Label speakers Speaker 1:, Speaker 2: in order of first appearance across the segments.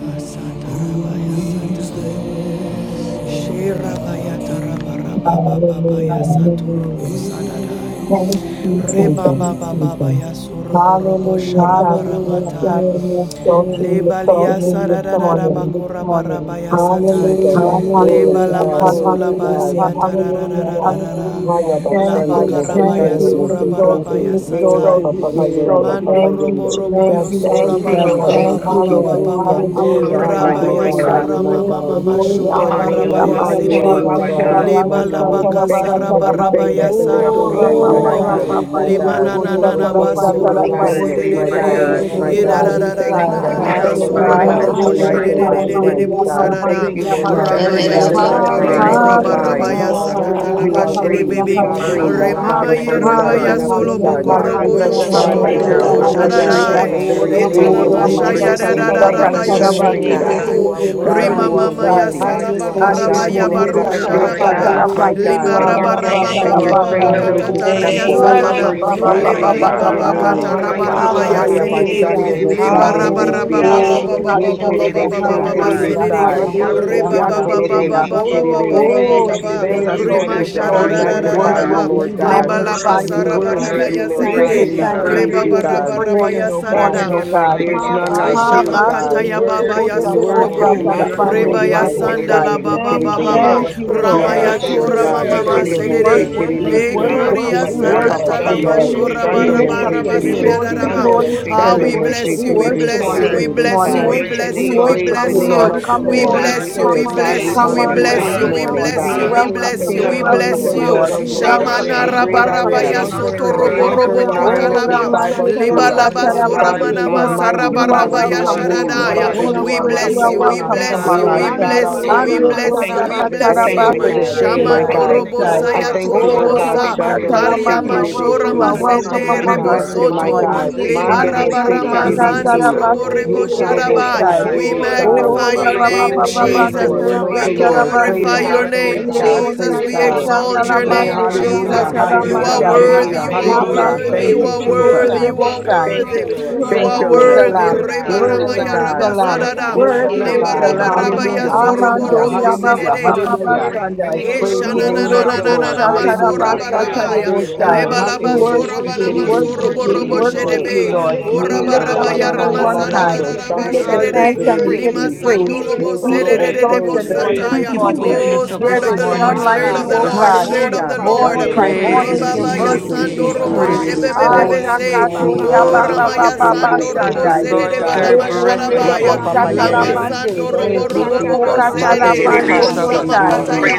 Speaker 1: Thank you, Jesus.
Speaker 2: Hallelujah. Thank you, Jesus.
Speaker 1: Hallelujah, God. We Satai. Hallelujah. We exalt
Speaker 2: Hallelujah, God. We bless your name. We exalt you. We lift up your name this
Speaker 1: bakura
Speaker 2: morning.
Speaker 1: barabaya satai.
Speaker 3: Thank you,
Speaker 1: Hallelujah.
Speaker 3: Jesus.
Speaker 1: Lebala
Speaker 2: Hallelujah.
Speaker 1: Hallelujah. masula
Speaker 3: Glory to
Speaker 1: Hallelujah.
Speaker 2: Hallelujah.
Speaker 3: God.
Speaker 1: basia Hallelujah.
Speaker 2: Hallelujah.
Speaker 1: tarararararara. Haya
Speaker 2: Hallelujah.
Speaker 1: Thank
Speaker 3: Haya
Speaker 2: Thank
Speaker 3: bashando
Speaker 2: you,
Speaker 1: sura
Speaker 3: mose
Speaker 1: exalt you.
Speaker 2: Jesus.
Speaker 1: barabaya We ye
Speaker 2: We
Speaker 3: terebe.
Speaker 1: satai. exalt
Speaker 2: exalt you.
Speaker 1: rapa you.
Speaker 3: Ye
Speaker 2: We
Speaker 1: papa yende.
Speaker 2: exalt
Speaker 3: rapa
Speaker 2: you.
Speaker 3: papa
Speaker 1: Mandoro you,
Speaker 3: yendo.
Speaker 2: Thank you,
Speaker 1: sura Thank
Speaker 2: Jesus. Thank
Speaker 3: Thank you,
Speaker 2: you, Lord.
Speaker 3: Jesus.
Speaker 2: Hallelujah.
Speaker 3: We
Speaker 1: Rabaya
Speaker 3: glorify
Speaker 2: Hallelujah.
Speaker 1: sura
Speaker 3: you, my
Speaker 1: mama
Speaker 3: God.
Speaker 1: mama We
Speaker 2: Yesu koria
Speaker 3: We
Speaker 1: barabaya lift korabasata
Speaker 3: honor
Speaker 1: you
Speaker 2: mande,
Speaker 3: you and we
Speaker 2: yosa
Speaker 3: lift you up, my
Speaker 2: tarabande,
Speaker 3: God.
Speaker 2: yobo
Speaker 1: sara
Speaker 3: We
Speaker 1: barabaya that
Speaker 3: thank you for
Speaker 1: Oh,
Speaker 3: this day that you
Speaker 2: Oh,
Speaker 3: have
Speaker 2: Ora
Speaker 3: made, my
Speaker 2: papandere
Speaker 3: God.
Speaker 1: Limana na na
Speaker 2: kerere
Speaker 1: na
Speaker 3: We
Speaker 2: robosta
Speaker 3: will
Speaker 4: Father,
Speaker 1: basuro
Speaker 2: tala
Speaker 1: Father,
Speaker 3: rejoice
Speaker 2: pandere
Speaker 3: and
Speaker 1: bose
Speaker 3: be glad
Speaker 1: that de de
Speaker 3: in
Speaker 1: my
Speaker 2: roboste
Speaker 1: de
Speaker 3: it, my
Speaker 1: de God, de. E da
Speaker 2: kerere
Speaker 1: da we da
Speaker 3: God.
Speaker 1: da thank da you na for na
Speaker 2: besai.
Speaker 1: na
Speaker 3: We
Speaker 1: health,
Speaker 3: thank you
Speaker 4: for
Speaker 1: basuro
Speaker 3: for
Speaker 1: divine
Speaker 3: health,
Speaker 1: boro
Speaker 4: Father,
Speaker 3: for
Speaker 1: boshe
Speaker 3: life,
Speaker 2: Hallelujah,
Speaker 4: for
Speaker 3: and
Speaker 1: strength, de
Speaker 3: for
Speaker 1: de de God. de
Speaker 4: everything
Speaker 1: de de
Speaker 3: strength,
Speaker 2: hallelujah,
Speaker 3: God.
Speaker 1: bosara Thank da.
Speaker 2: hallelujah,
Speaker 1: you,
Speaker 3: We
Speaker 4: that
Speaker 3: thank you,
Speaker 4: is
Speaker 2: hallelujah.
Speaker 4: good
Speaker 3: Lord
Speaker 4: and
Speaker 3: God, for
Speaker 1: Ramaya
Speaker 3: your
Speaker 4: perfect
Speaker 1: satore
Speaker 4: in
Speaker 3: love
Speaker 4: the
Speaker 1: boraba
Speaker 4: earth.
Speaker 3: divine.
Speaker 1: rabaya
Speaker 2: Hallelujah,
Speaker 1: Oh,
Speaker 4: Father
Speaker 1: sakata we
Speaker 2: Jesus,
Speaker 1: la give
Speaker 4: God,
Speaker 3: You
Speaker 1: bashe
Speaker 3: are
Speaker 1: de praise,
Speaker 3: worthy
Speaker 2: hallelujah,
Speaker 3: to
Speaker 1: bebe.
Speaker 3: be
Speaker 1: Father, for
Speaker 2: hallelujah.
Speaker 3: praised,
Speaker 4: Father.
Speaker 1: Remama
Speaker 3: Father,
Speaker 1: wholeness ye
Speaker 3: from
Speaker 1: and
Speaker 3: the
Speaker 1: rabaya
Speaker 3: rising
Speaker 1: God.
Speaker 3: of
Speaker 1: solo
Speaker 3: the
Speaker 2: Hallelujah,
Speaker 1: Hallelujah
Speaker 3: sun
Speaker 4: I
Speaker 2: hallelujah,
Speaker 4: bless your
Speaker 3: God,
Speaker 4: name,
Speaker 3: until the
Speaker 2: hallelujah,
Speaker 4: God. I
Speaker 3: going
Speaker 4: bless your
Speaker 3: down of
Speaker 4: name,
Speaker 2: hallelujah.
Speaker 3: the
Speaker 4: God, in the
Speaker 3: very
Speaker 4: beauty of
Speaker 3: same,
Speaker 2: Ora
Speaker 3: the name
Speaker 4: holiness.
Speaker 3: of the
Speaker 2: mandere
Speaker 3: Lord
Speaker 4: I
Speaker 3: is to
Speaker 4: bless
Speaker 3: be
Speaker 4: your
Speaker 2: sakatara
Speaker 4: name,
Speaker 3: praised.
Speaker 2: bandere
Speaker 4: God.
Speaker 2: sete
Speaker 1: robo.
Speaker 3: God,
Speaker 4: But
Speaker 1: Rima
Speaker 2: kerere
Speaker 3: you
Speaker 1: God,
Speaker 3: are
Speaker 1: mama ya
Speaker 2: besai.
Speaker 4: I
Speaker 3: worthy.
Speaker 1: Hallelujah. saraba
Speaker 4: face
Speaker 2: Ande
Speaker 1: karaba
Speaker 4: your
Speaker 3: God,
Speaker 1: ya
Speaker 3: you
Speaker 4: name,
Speaker 3: are
Speaker 2: kondere
Speaker 1: baro
Speaker 3: high
Speaker 4: our
Speaker 3: and
Speaker 4: Lord
Speaker 2: besai
Speaker 3: lifted up,
Speaker 2: tara
Speaker 4: God.
Speaker 3: my
Speaker 2: pandere
Speaker 1: Lima
Speaker 3: God,
Speaker 1: We
Speaker 4: Oh, we
Speaker 1: raba
Speaker 2: robosta
Speaker 4: thank you,
Speaker 2: tala
Speaker 3: and
Speaker 1: baba
Speaker 3: your
Speaker 1: you,
Speaker 4: Lord,
Speaker 1: baba Lord.
Speaker 3: train
Speaker 4: for a
Speaker 2: pandai.
Speaker 5: Hallelujah,
Speaker 3: fills
Speaker 4: new
Speaker 3: this
Speaker 1: katatari
Speaker 4: day. You
Speaker 3: temple.
Speaker 4: are
Speaker 5: hallelujah,
Speaker 2: Oh,
Speaker 4: good.
Speaker 2: rapa
Speaker 4: You
Speaker 2: pa
Speaker 4: are
Speaker 2: pa
Speaker 4: great.
Speaker 3: Glory
Speaker 2: pa
Speaker 4: You
Speaker 3: be
Speaker 2: pa
Speaker 4: are
Speaker 1: laba
Speaker 3: to
Speaker 2: pa
Speaker 3: your
Speaker 4: our
Speaker 2: pa pa,
Speaker 4: God
Speaker 1: kata
Speaker 4: and
Speaker 3: name.
Speaker 2: se
Speaker 4: our
Speaker 2: te
Speaker 1: raba
Speaker 2: te re
Speaker 4: Father,
Speaker 2: re
Speaker 6: Lord,
Speaker 4: our
Speaker 2: re,
Speaker 3: Haya
Speaker 2: se
Speaker 4: King.
Speaker 2: te
Speaker 1: sedede.
Speaker 2: re re
Speaker 6: worship,
Speaker 3: bashando
Speaker 2: re,
Speaker 3: bose
Speaker 1: Leba
Speaker 2: sai.
Speaker 1: raba raba Hallelujah. baba
Speaker 3: terebesi.
Speaker 4: Hallelujah.
Speaker 2: Oh,
Speaker 1: baba baba
Speaker 3: Ye
Speaker 1: Hallelujah.
Speaker 2: hallelujah,
Speaker 3: korobo
Speaker 1: baba
Speaker 3: so
Speaker 1: baba Hallelujah. baba
Speaker 2: hallelujah,
Speaker 1: sedede.
Speaker 3: terebesai.
Speaker 6: Lord,
Speaker 1: Hallelujah.
Speaker 2: hallelujah,
Speaker 1: Reba
Speaker 6: worship,
Speaker 3: Ya
Speaker 1: baba
Speaker 3: korobo
Speaker 1: baba baba
Speaker 2: hallelujah.
Speaker 1: Oh,
Speaker 3: si
Speaker 1: baba thank
Speaker 3: terebe.
Speaker 1: baba you,
Speaker 6: you
Speaker 2: Oh,
Speaker 1: Yes, Rima yes, name, Lord, Lord yes, Lord. Jesus.
Speaker 3: Thank
Speaker 2: Jesus,
Speaker 3: you,
Speaker 2: we
Speaker 3: Jesus. We
Speaker 2: exalt you, we
Speaker 3: magnify
Speaker 2: worship
Speaker 3: you,
Speaker 2: you,
Speaker 3: Lord
Speaker 2: we
Speaker 3: God.
Speaker 2: magnify your
Speaker 3: We
Speaker 2: name.
Speaker 3: worship you,
Speaker 2: We
Speaker 3: Lord
Speaker 2: give
Speaker 3: God,
Speaker 2: you
Speaker 3: and
Speaker 6: praise,
Speaker 3: we
Speaker 2: thanks
Speaker 6: you
Speaker 2: and
Speaker 3: praise
Speaker 2: we
Speaker 6: praise,
Speaker 3: you,
Speaker 2: give you
Speaker 6: you
Speaker 3: God.
Speaker 2: praise
Speaker 6: praise.
Speaker 2: this morning, oh
Speaker 6: Yeah,
Speaker 2: God.
Speaker 1: like
Speaker 3: There's none like
Speaker 2: Ha
Speaker 3: you,
Speaker 2: ba she
Speaker 3: God.
Speaker 2: te te
Speaker 1: Baba Robo,
Speaker 2: re re
Speaker 3: We
Speaker 2: re, bo
Speaker 3: worship
Speaker 2: sa
Speaker 1: Glory, Yasorobo,
Speaker 3: you
Speaker 2: ta ra
Speaker 3: this
Speaker 2: ba ne
Speaker 3: morning.
Speaker 2: re re, bo sai.
Speaker 3: Hakorobosi
Speaker 1: Baba Baba Ba, Lord.
Speaker 3: terebe.
Speaker 2: Thank you, Lord.
Speaker 3: Yes,
Speaker 1: Yes,
Speaker 2: Thank
Speaker 3: Lord
Speaker 2: you,
Speaker 6: Hallelujah,
Speaker 3: God.
Speaker 2: Jesus.
Speaker 3: Shando
Speaker 1: Mama We
Speaker 2: We
Speaker 3: mose
Speaker 6: hallelujah.
Speaker 2: worship
Speaker 1: Le
Speaker 2: you. We
Speaker 3: terebe
Speaker 6: Lord,
Speaker 1: Gloria
Speaker 6: we
Speaker 3: si.
Speaker 1: Papa
Speaker 6: worship
Speaker 2: worship
Speaker 1: worship you,
Speaker 2: you. We
Speaker 1: Yende.
Speaker 6: God.
Speaker 3: Rapa
Speaker 2: worship
Speaker 3: papa
Speaker 2: you, Lord.
Speaker 3: yende.
Speaker 2: We
Speaker 6: Yeah,
Speaker 3: Shando
Speaker 2: lift up
Speaker 3: mose
Speaker 2: your
Speaker 3: terebe
Speaker 2: name. Sweet
Speaker 3: si.
Speaker 2: Holy
Speaker 1: Ah, we
Speaker 3: Shando
Speaker 2: Spirit,
Speaker 1: bless
Speaker 3: mose
Speaker 1: you,
Speaker 2: we
Speaker 1: we
Speaker 3: terebe
Speaker 2: worship
Speaker 1: you,
Speaker 3: so
Speaker 2: you
Speaker 1: we
Speaker 2: this
Speaker 3: terebe
Speaker 1: bless you, we
Speaker 3: sai.
Speaker 5: hallelujah.
Speaker 2: morning.
Speaker 6: Worship,
Speaker 1: bless
Speaker 2: We
Speaker 1: you, we
Speaker 5: Yeah,
Speaker 3: Praise
Speaker 2: worship
Speaker 1: bless
Speaker 3: the
Speaker 2: you,
Speaker 3: name
Speaker 2: Lord.
Speaker 3: of the
Speaker 6: worship
Speaker 2: Come,
Speaker 3: Lord.
Speaker 2: Holy
Speaker 6: God.
Speaker 2: Spirit.
Speaker 3: God,
Speaker 6: Praise,
Speaker 3: we
Speaker 2: Come
Speaker 3: honor
Speaker 2: on
Speaker 3: you this
Speaker 6: praise.
Speaker 2: down this
Speaker 3: morning,
Speaker 2: morning. We
Speaker 3: God.
Speaker 6: Hallelujah,
Speaker 2: welcome you.
Speaker 3: King
Speaker 2: We
Speaker 3: of kings
Speaker 2: welcome
Speaker 3: and
Speaker 2: you,
Speaker 6: hallelujah.
Speaker 3: Lord
Speaker 2: Lord.
Speaker 3: of
Speaker 2: We
Speaker 3: lords,
Speaker 2: welcome
Speaker 6: Lord,
Speaker 2: you.
Speaker 3: the
Speaker 2: We
Speaker 3: great I
Speaker 2: welcome you,
Speaker 6: praise,
Speaker 3: am,
Speaker 2: Holy
Speaker 3: the
Speaker 2: Spirit.
Speaker 3: conquering lion of
Speaker 2: Oh,
Speaker 3: the tribe of Judah.
Speaker 2: Ramaniriosa
Speaker 3: Father,
Speaker 6: praise.
Speaker 3: you are
Speaker 2: Tarabasete.
Speaker 3: mighty.
Speaker 1: masaraba
Speaker 2: You are
Speaker 3: Father, you are
Speaker 2: welcome this
Speaker 3: holy.
Speaker 6: Lord,
Speaker 2: morning.
Speaker 3: Father,
Speaker 6: we
Speaker 2: Holy
Speaker 3: you are
Speaker 2: Spirit, you are
Speaker 3: righteous.
Speaker 2: welcomed among
Speaker 3: Oh
Speaker 2: us.
Speaker 3: God Almighty,
Speaker 2: Anderiosa
Speaker 3: I thank you
Speaker 7: Say,
Speaker 3: for
Speaker 2: katarabase
Speaker 3: this
Speaker 1: I
Speaker 3: day, my
Speaker 1: Shamando thank
Speaker 3: God.
Speaker 1: robo
Speaker 2: keterebesai.
Speaker 3: I thank you, oh God,
Speaker 2: Roboshka
Speaker 3: Sando Mose
Speaker 2: talamande. You
Speaker 7: Hallelujah,
Speaker 2: are
Speaker 3: Terebesi.
Speaker 2: welcome
Speaker 7: hallelujah.
Speaker 3: We
Speaker 7: We
Speaker 2: among us
Speaker 3: bless
Speaker 2: this
Speaker 7: Worship
Speaker 3: you, my
Speaker 7: you. We
Speaker 2: morning.
Speaker 3: God.
Speaker 7: thank you.
Speaker 3: Mando Mose
Speaker 2: Anderiosa
Speaker 7: We thank
Speaker 8: Yes.
Speaker 3: Terebesi.
Speaker 2: kantarabase
Speaker 3: Ye Korobo So
Speaker 2: keterebesai.
Speaker 3: Terebesi.
Speaker 2: Oh,
Speaker 6: praise,
Speaker 3: Oh,
Speaker 6: we
Speaker 5: Yanda
Speaker 6: praise,
Speaker 3: praise the name of
Speaker 2: rababababandiosa
Speaker 3: the
Speaker 6: praise,
Speaker 3: Lord. Praise
Speaker 2: tarabande.
Speaker 6: hallelujah.
Speaker 3: God, praise God,
Speaker 6: Glory to
Speaker 3: praise
Speaker 6: your
Speaker 3: God.
Speaker 6: name,
Speaker 2: Elekonerebosa
Speaker 6: Jesus.
Speaker 3: Oh,
Speaker 2: nalamandiosa
Speaker 6: Lord,
Speaker 3: hallelujah,
Speaker 6: first,
Speaker 3: hallelujah,
Speaker 6: you
Speaker 2: talamandai.
Speaker 3: hallelujah,
Speaker 6: all the
Speaker 3: hallelujah. Thank
Speaker 6: praise,
Speaker 3: you,
Speaker 6: give you all
Speaker 3: Jesus.
Speaker 6: the honor.
Speaker 2: Rabba-shake-it-it-it-it-it-bosai.
Speaker 1: Worthy, you,
Speaker 6: Give you all the
Speaker 3: Thank
Speaker 2: Worthy
Speaker 3: you,
Speaker 2: is the
Speaker 3: Lord.
Speaker 2: Lamb.
Speaker 1: Reba
Speaker 7: you.
Speaker 3: Glory
Speaker 7: We
Speaker 3: to
Speaker 1: ya
Speaker 2: Worthy is
Speaker 7: thank
Speaker 2: the
Speaker 1: raba
Speaker 3: God.
Speaker 7: you.
Speaker 2: Lamb.
Speaker 3: Glory
Speaker 2: Worthy
Speaker 3: to
Speaker 2: is the
Speaker 3: God.
Speaker 7: that We thank you. We thank you.
Speaker 2: Lamb.
Speaker 3: Hallelujah,
Speaker 7: We
Speaker 3: hallelujah,
Speaker 2: Amando
Speaker 7: thank
Speaker 3: hallelujah,
Speaker 7: you.
Speaker 6: we
Speaker 2: Yababa
Speaker 3: hallelujah.
Speaker 6: worship,
Speaker 1: Glory
Speaker 2: Shandai.
Speaker 3: Praise
Speaker 6: worship,
Speaker 3: the
Speaker 1: na na
Speaker 3: name of
Speaker 1: na na
Speaker 3: the Lord.
Speaker 6: praise,
Speaker 3: Hallelujah.
Speaker 6: praise.
Speaker 3: Praise
Speaker 1: leba
Speaker 2: Yendoroboshatarabashatareboshai.
Speaker 3: God.
Speaker 6: Hallelujah.
Speaker 2: We
Speaker 1: laba you. We soraba
Speaker 3: Hakorobo
Speaker 1: worship
Speaker 2: worship
Speaker 3: si
Speaker 2: you. We
Speaker 6: Glory to
Speaker 3: terebe
Speaker 2: worship
Speaker 3: si
Speaker 6: your
Speaker 2: you. We
Speaker 6: name.
Speaker 3: terebe
Speaker 2: worship
Speaker 1: shedebe,
Speaker 3: so.
Speaker 2: you, Lord.
Speaker 1: We
Speaker 2: We
Speaker 1: oraba
Speaker 3: Ye
Speaker 2: lift up
Speaker 3: araba
Speaker 1: ya
Speaker 2: your
Speaker 3: mama
Speaker 1: rama
Speaker 2: name on
Speaker 6: Hallelujah.
Speaker 3: mama
Speaker 1: sadada
Speaker 2: high.
Speaker 3: mando.
Speaker 7: Hallelujah.
Speaker 1: raba
Speaker 2: We
Speaker 7: There
Speaker 3: Shando
Speaker 2: give you
Speaker 3: mo
Speaker 7: is
Speaker 6: God,
Speaker 3: se
Speaker 1: shedede,
Speaker 6: we
Speaker 7: none
Speaker 2: thanks and
Speaker 7: like
Speaker 2: we
Speaker 6: worship
Speaker 3: terebe
Speaker 7: you,
Speaker 2: give
Speaker 1: lima
Speaker 2: you
Speaker 7: Lord.
Speaker 1: We
Speaker 3: si.
Speaker 6: you. We
Speaker 1: sando
Speaker 2: praise.
Speaker 6: worship
Speaker 3: Ye
Speaker 2: We
Speaker 6: you. God,
Speaker 3: kurobo
Speaker 1: I
Speaker 7: You're
Speaker 2: exalt
Speaker 6: we
Speaker 3: so.
Speaker 2: your
Speaker 7: worthy
Speaker 2: name
Speaker 6: praise,
Speaker 3: Thank
Speaker 2: this
Speaker 7: to
Speaker 1: Dedebosataya.
Speaker 3: you,
Speaker 7: be
Speaker 8: Thank you
Speaker 1: thank you
Speaker 8: for
Speaker 1: for your Oh,
Speaker 2: morning.
Speaker 3: Jesus.
Speaker 6: praise,
Speaker 8: waking
Speaker 7: praised.
Speaker 8: us
Speaker 1: name,
Speaker 8: up
Speaker 6: give
Speaker 2: There
Speaker 6: you
Speaker 8: this
Speaker 2: is
Speaker 6: praise.
Speaker 7: Hallelujah.
Speaker 8: morning,
Speaker 2: none
Speaker 7: You're
Speaker 2: like
Speaker 6: Hallelujah.
Speaker 2: you,
Speaker 7: worthy
Speaker 2: O
Speaker 7: to
Speaker 8: Jesus.
Speaker 6: Your
Speaker 2: God.
Speaker 7: be
Speaker 1: of
Speaker 3: Hallelujah.
Speaker 1: the Father
Speaker 7: lifted
Speaker 1: Lord.
Speaker 7: up.
Speaker 1: God
Speaker 2: Morning
Speaker 3: Shando
Speaker 6: name,
Speaker 1: in
Speaker 2: by
Speaker 3: mo
Speaker 1: praise.
Speaker 3: se
Speaker 8: Praise
Speaker 6: God.
Speaker 2: morning,
Speaker 8: is
Speaker 2: your
Speaker 3: terebe
Speaker 5: yeah,
Speaker 7: You're
Speaker 3: si
Speaker 8: due
Speaker 6: Hallelujah.
Speaker 7: worthy to be
Speaker 2: mercies
Speaker 8: to
Speaker 7: praised.
Speaker 2: we
Speaker 3: terebe
Speaker 8: you.
Speaker 3: so
Speaker 2: see.
Speaker 8: Praise is
Speaker 3: terebe
Speaker 2: Asha
Speaker 3: sai.
Speaker 8: owed to you, O
Speaker 3: Ye
Speaker 2: Ashakatoria
Speaker 3: kurobo
Speaker 8: God.
Speaker 2: baba
Speaker 3: so
Speaker 2: baba
Speaker 6: Praise,
Speaker 3: terebe si
Speaker 2: bashandai.
Speaker 3: terebe
Speaker 8: Lord, the
Speaker 3: sai.
Speaker 8: very
Speaker 2: Lepo
Speaker 8: breath we
Speaker 7: You're
Speaker 2: nerebo
Speaker 3: Rapa Papa
Speaker 8: breathe,
Speaker 6: praise,
Speaker 3: Yende.
Speaker 2: satalamande.
Speaker 6: praise,
Speaker 3: Thank
Speaker 1: Dededebandorobodomakataya
Speaker 3: you,
Speaker 2: Lepo
Speaker 6: honor,
Speaker 3: Jesus.
Speaker 6: Holy
Speaker 8: it's
Speaker 3: Makorobo
Speaker 6: Spirit.
Speaker 2: katalapande
Speaker 8: because
Speaker 3: si
Speaker 8: of you,
Speaker 2: diosai.
Speaker 3: terebesu.
Speaker 8: Lord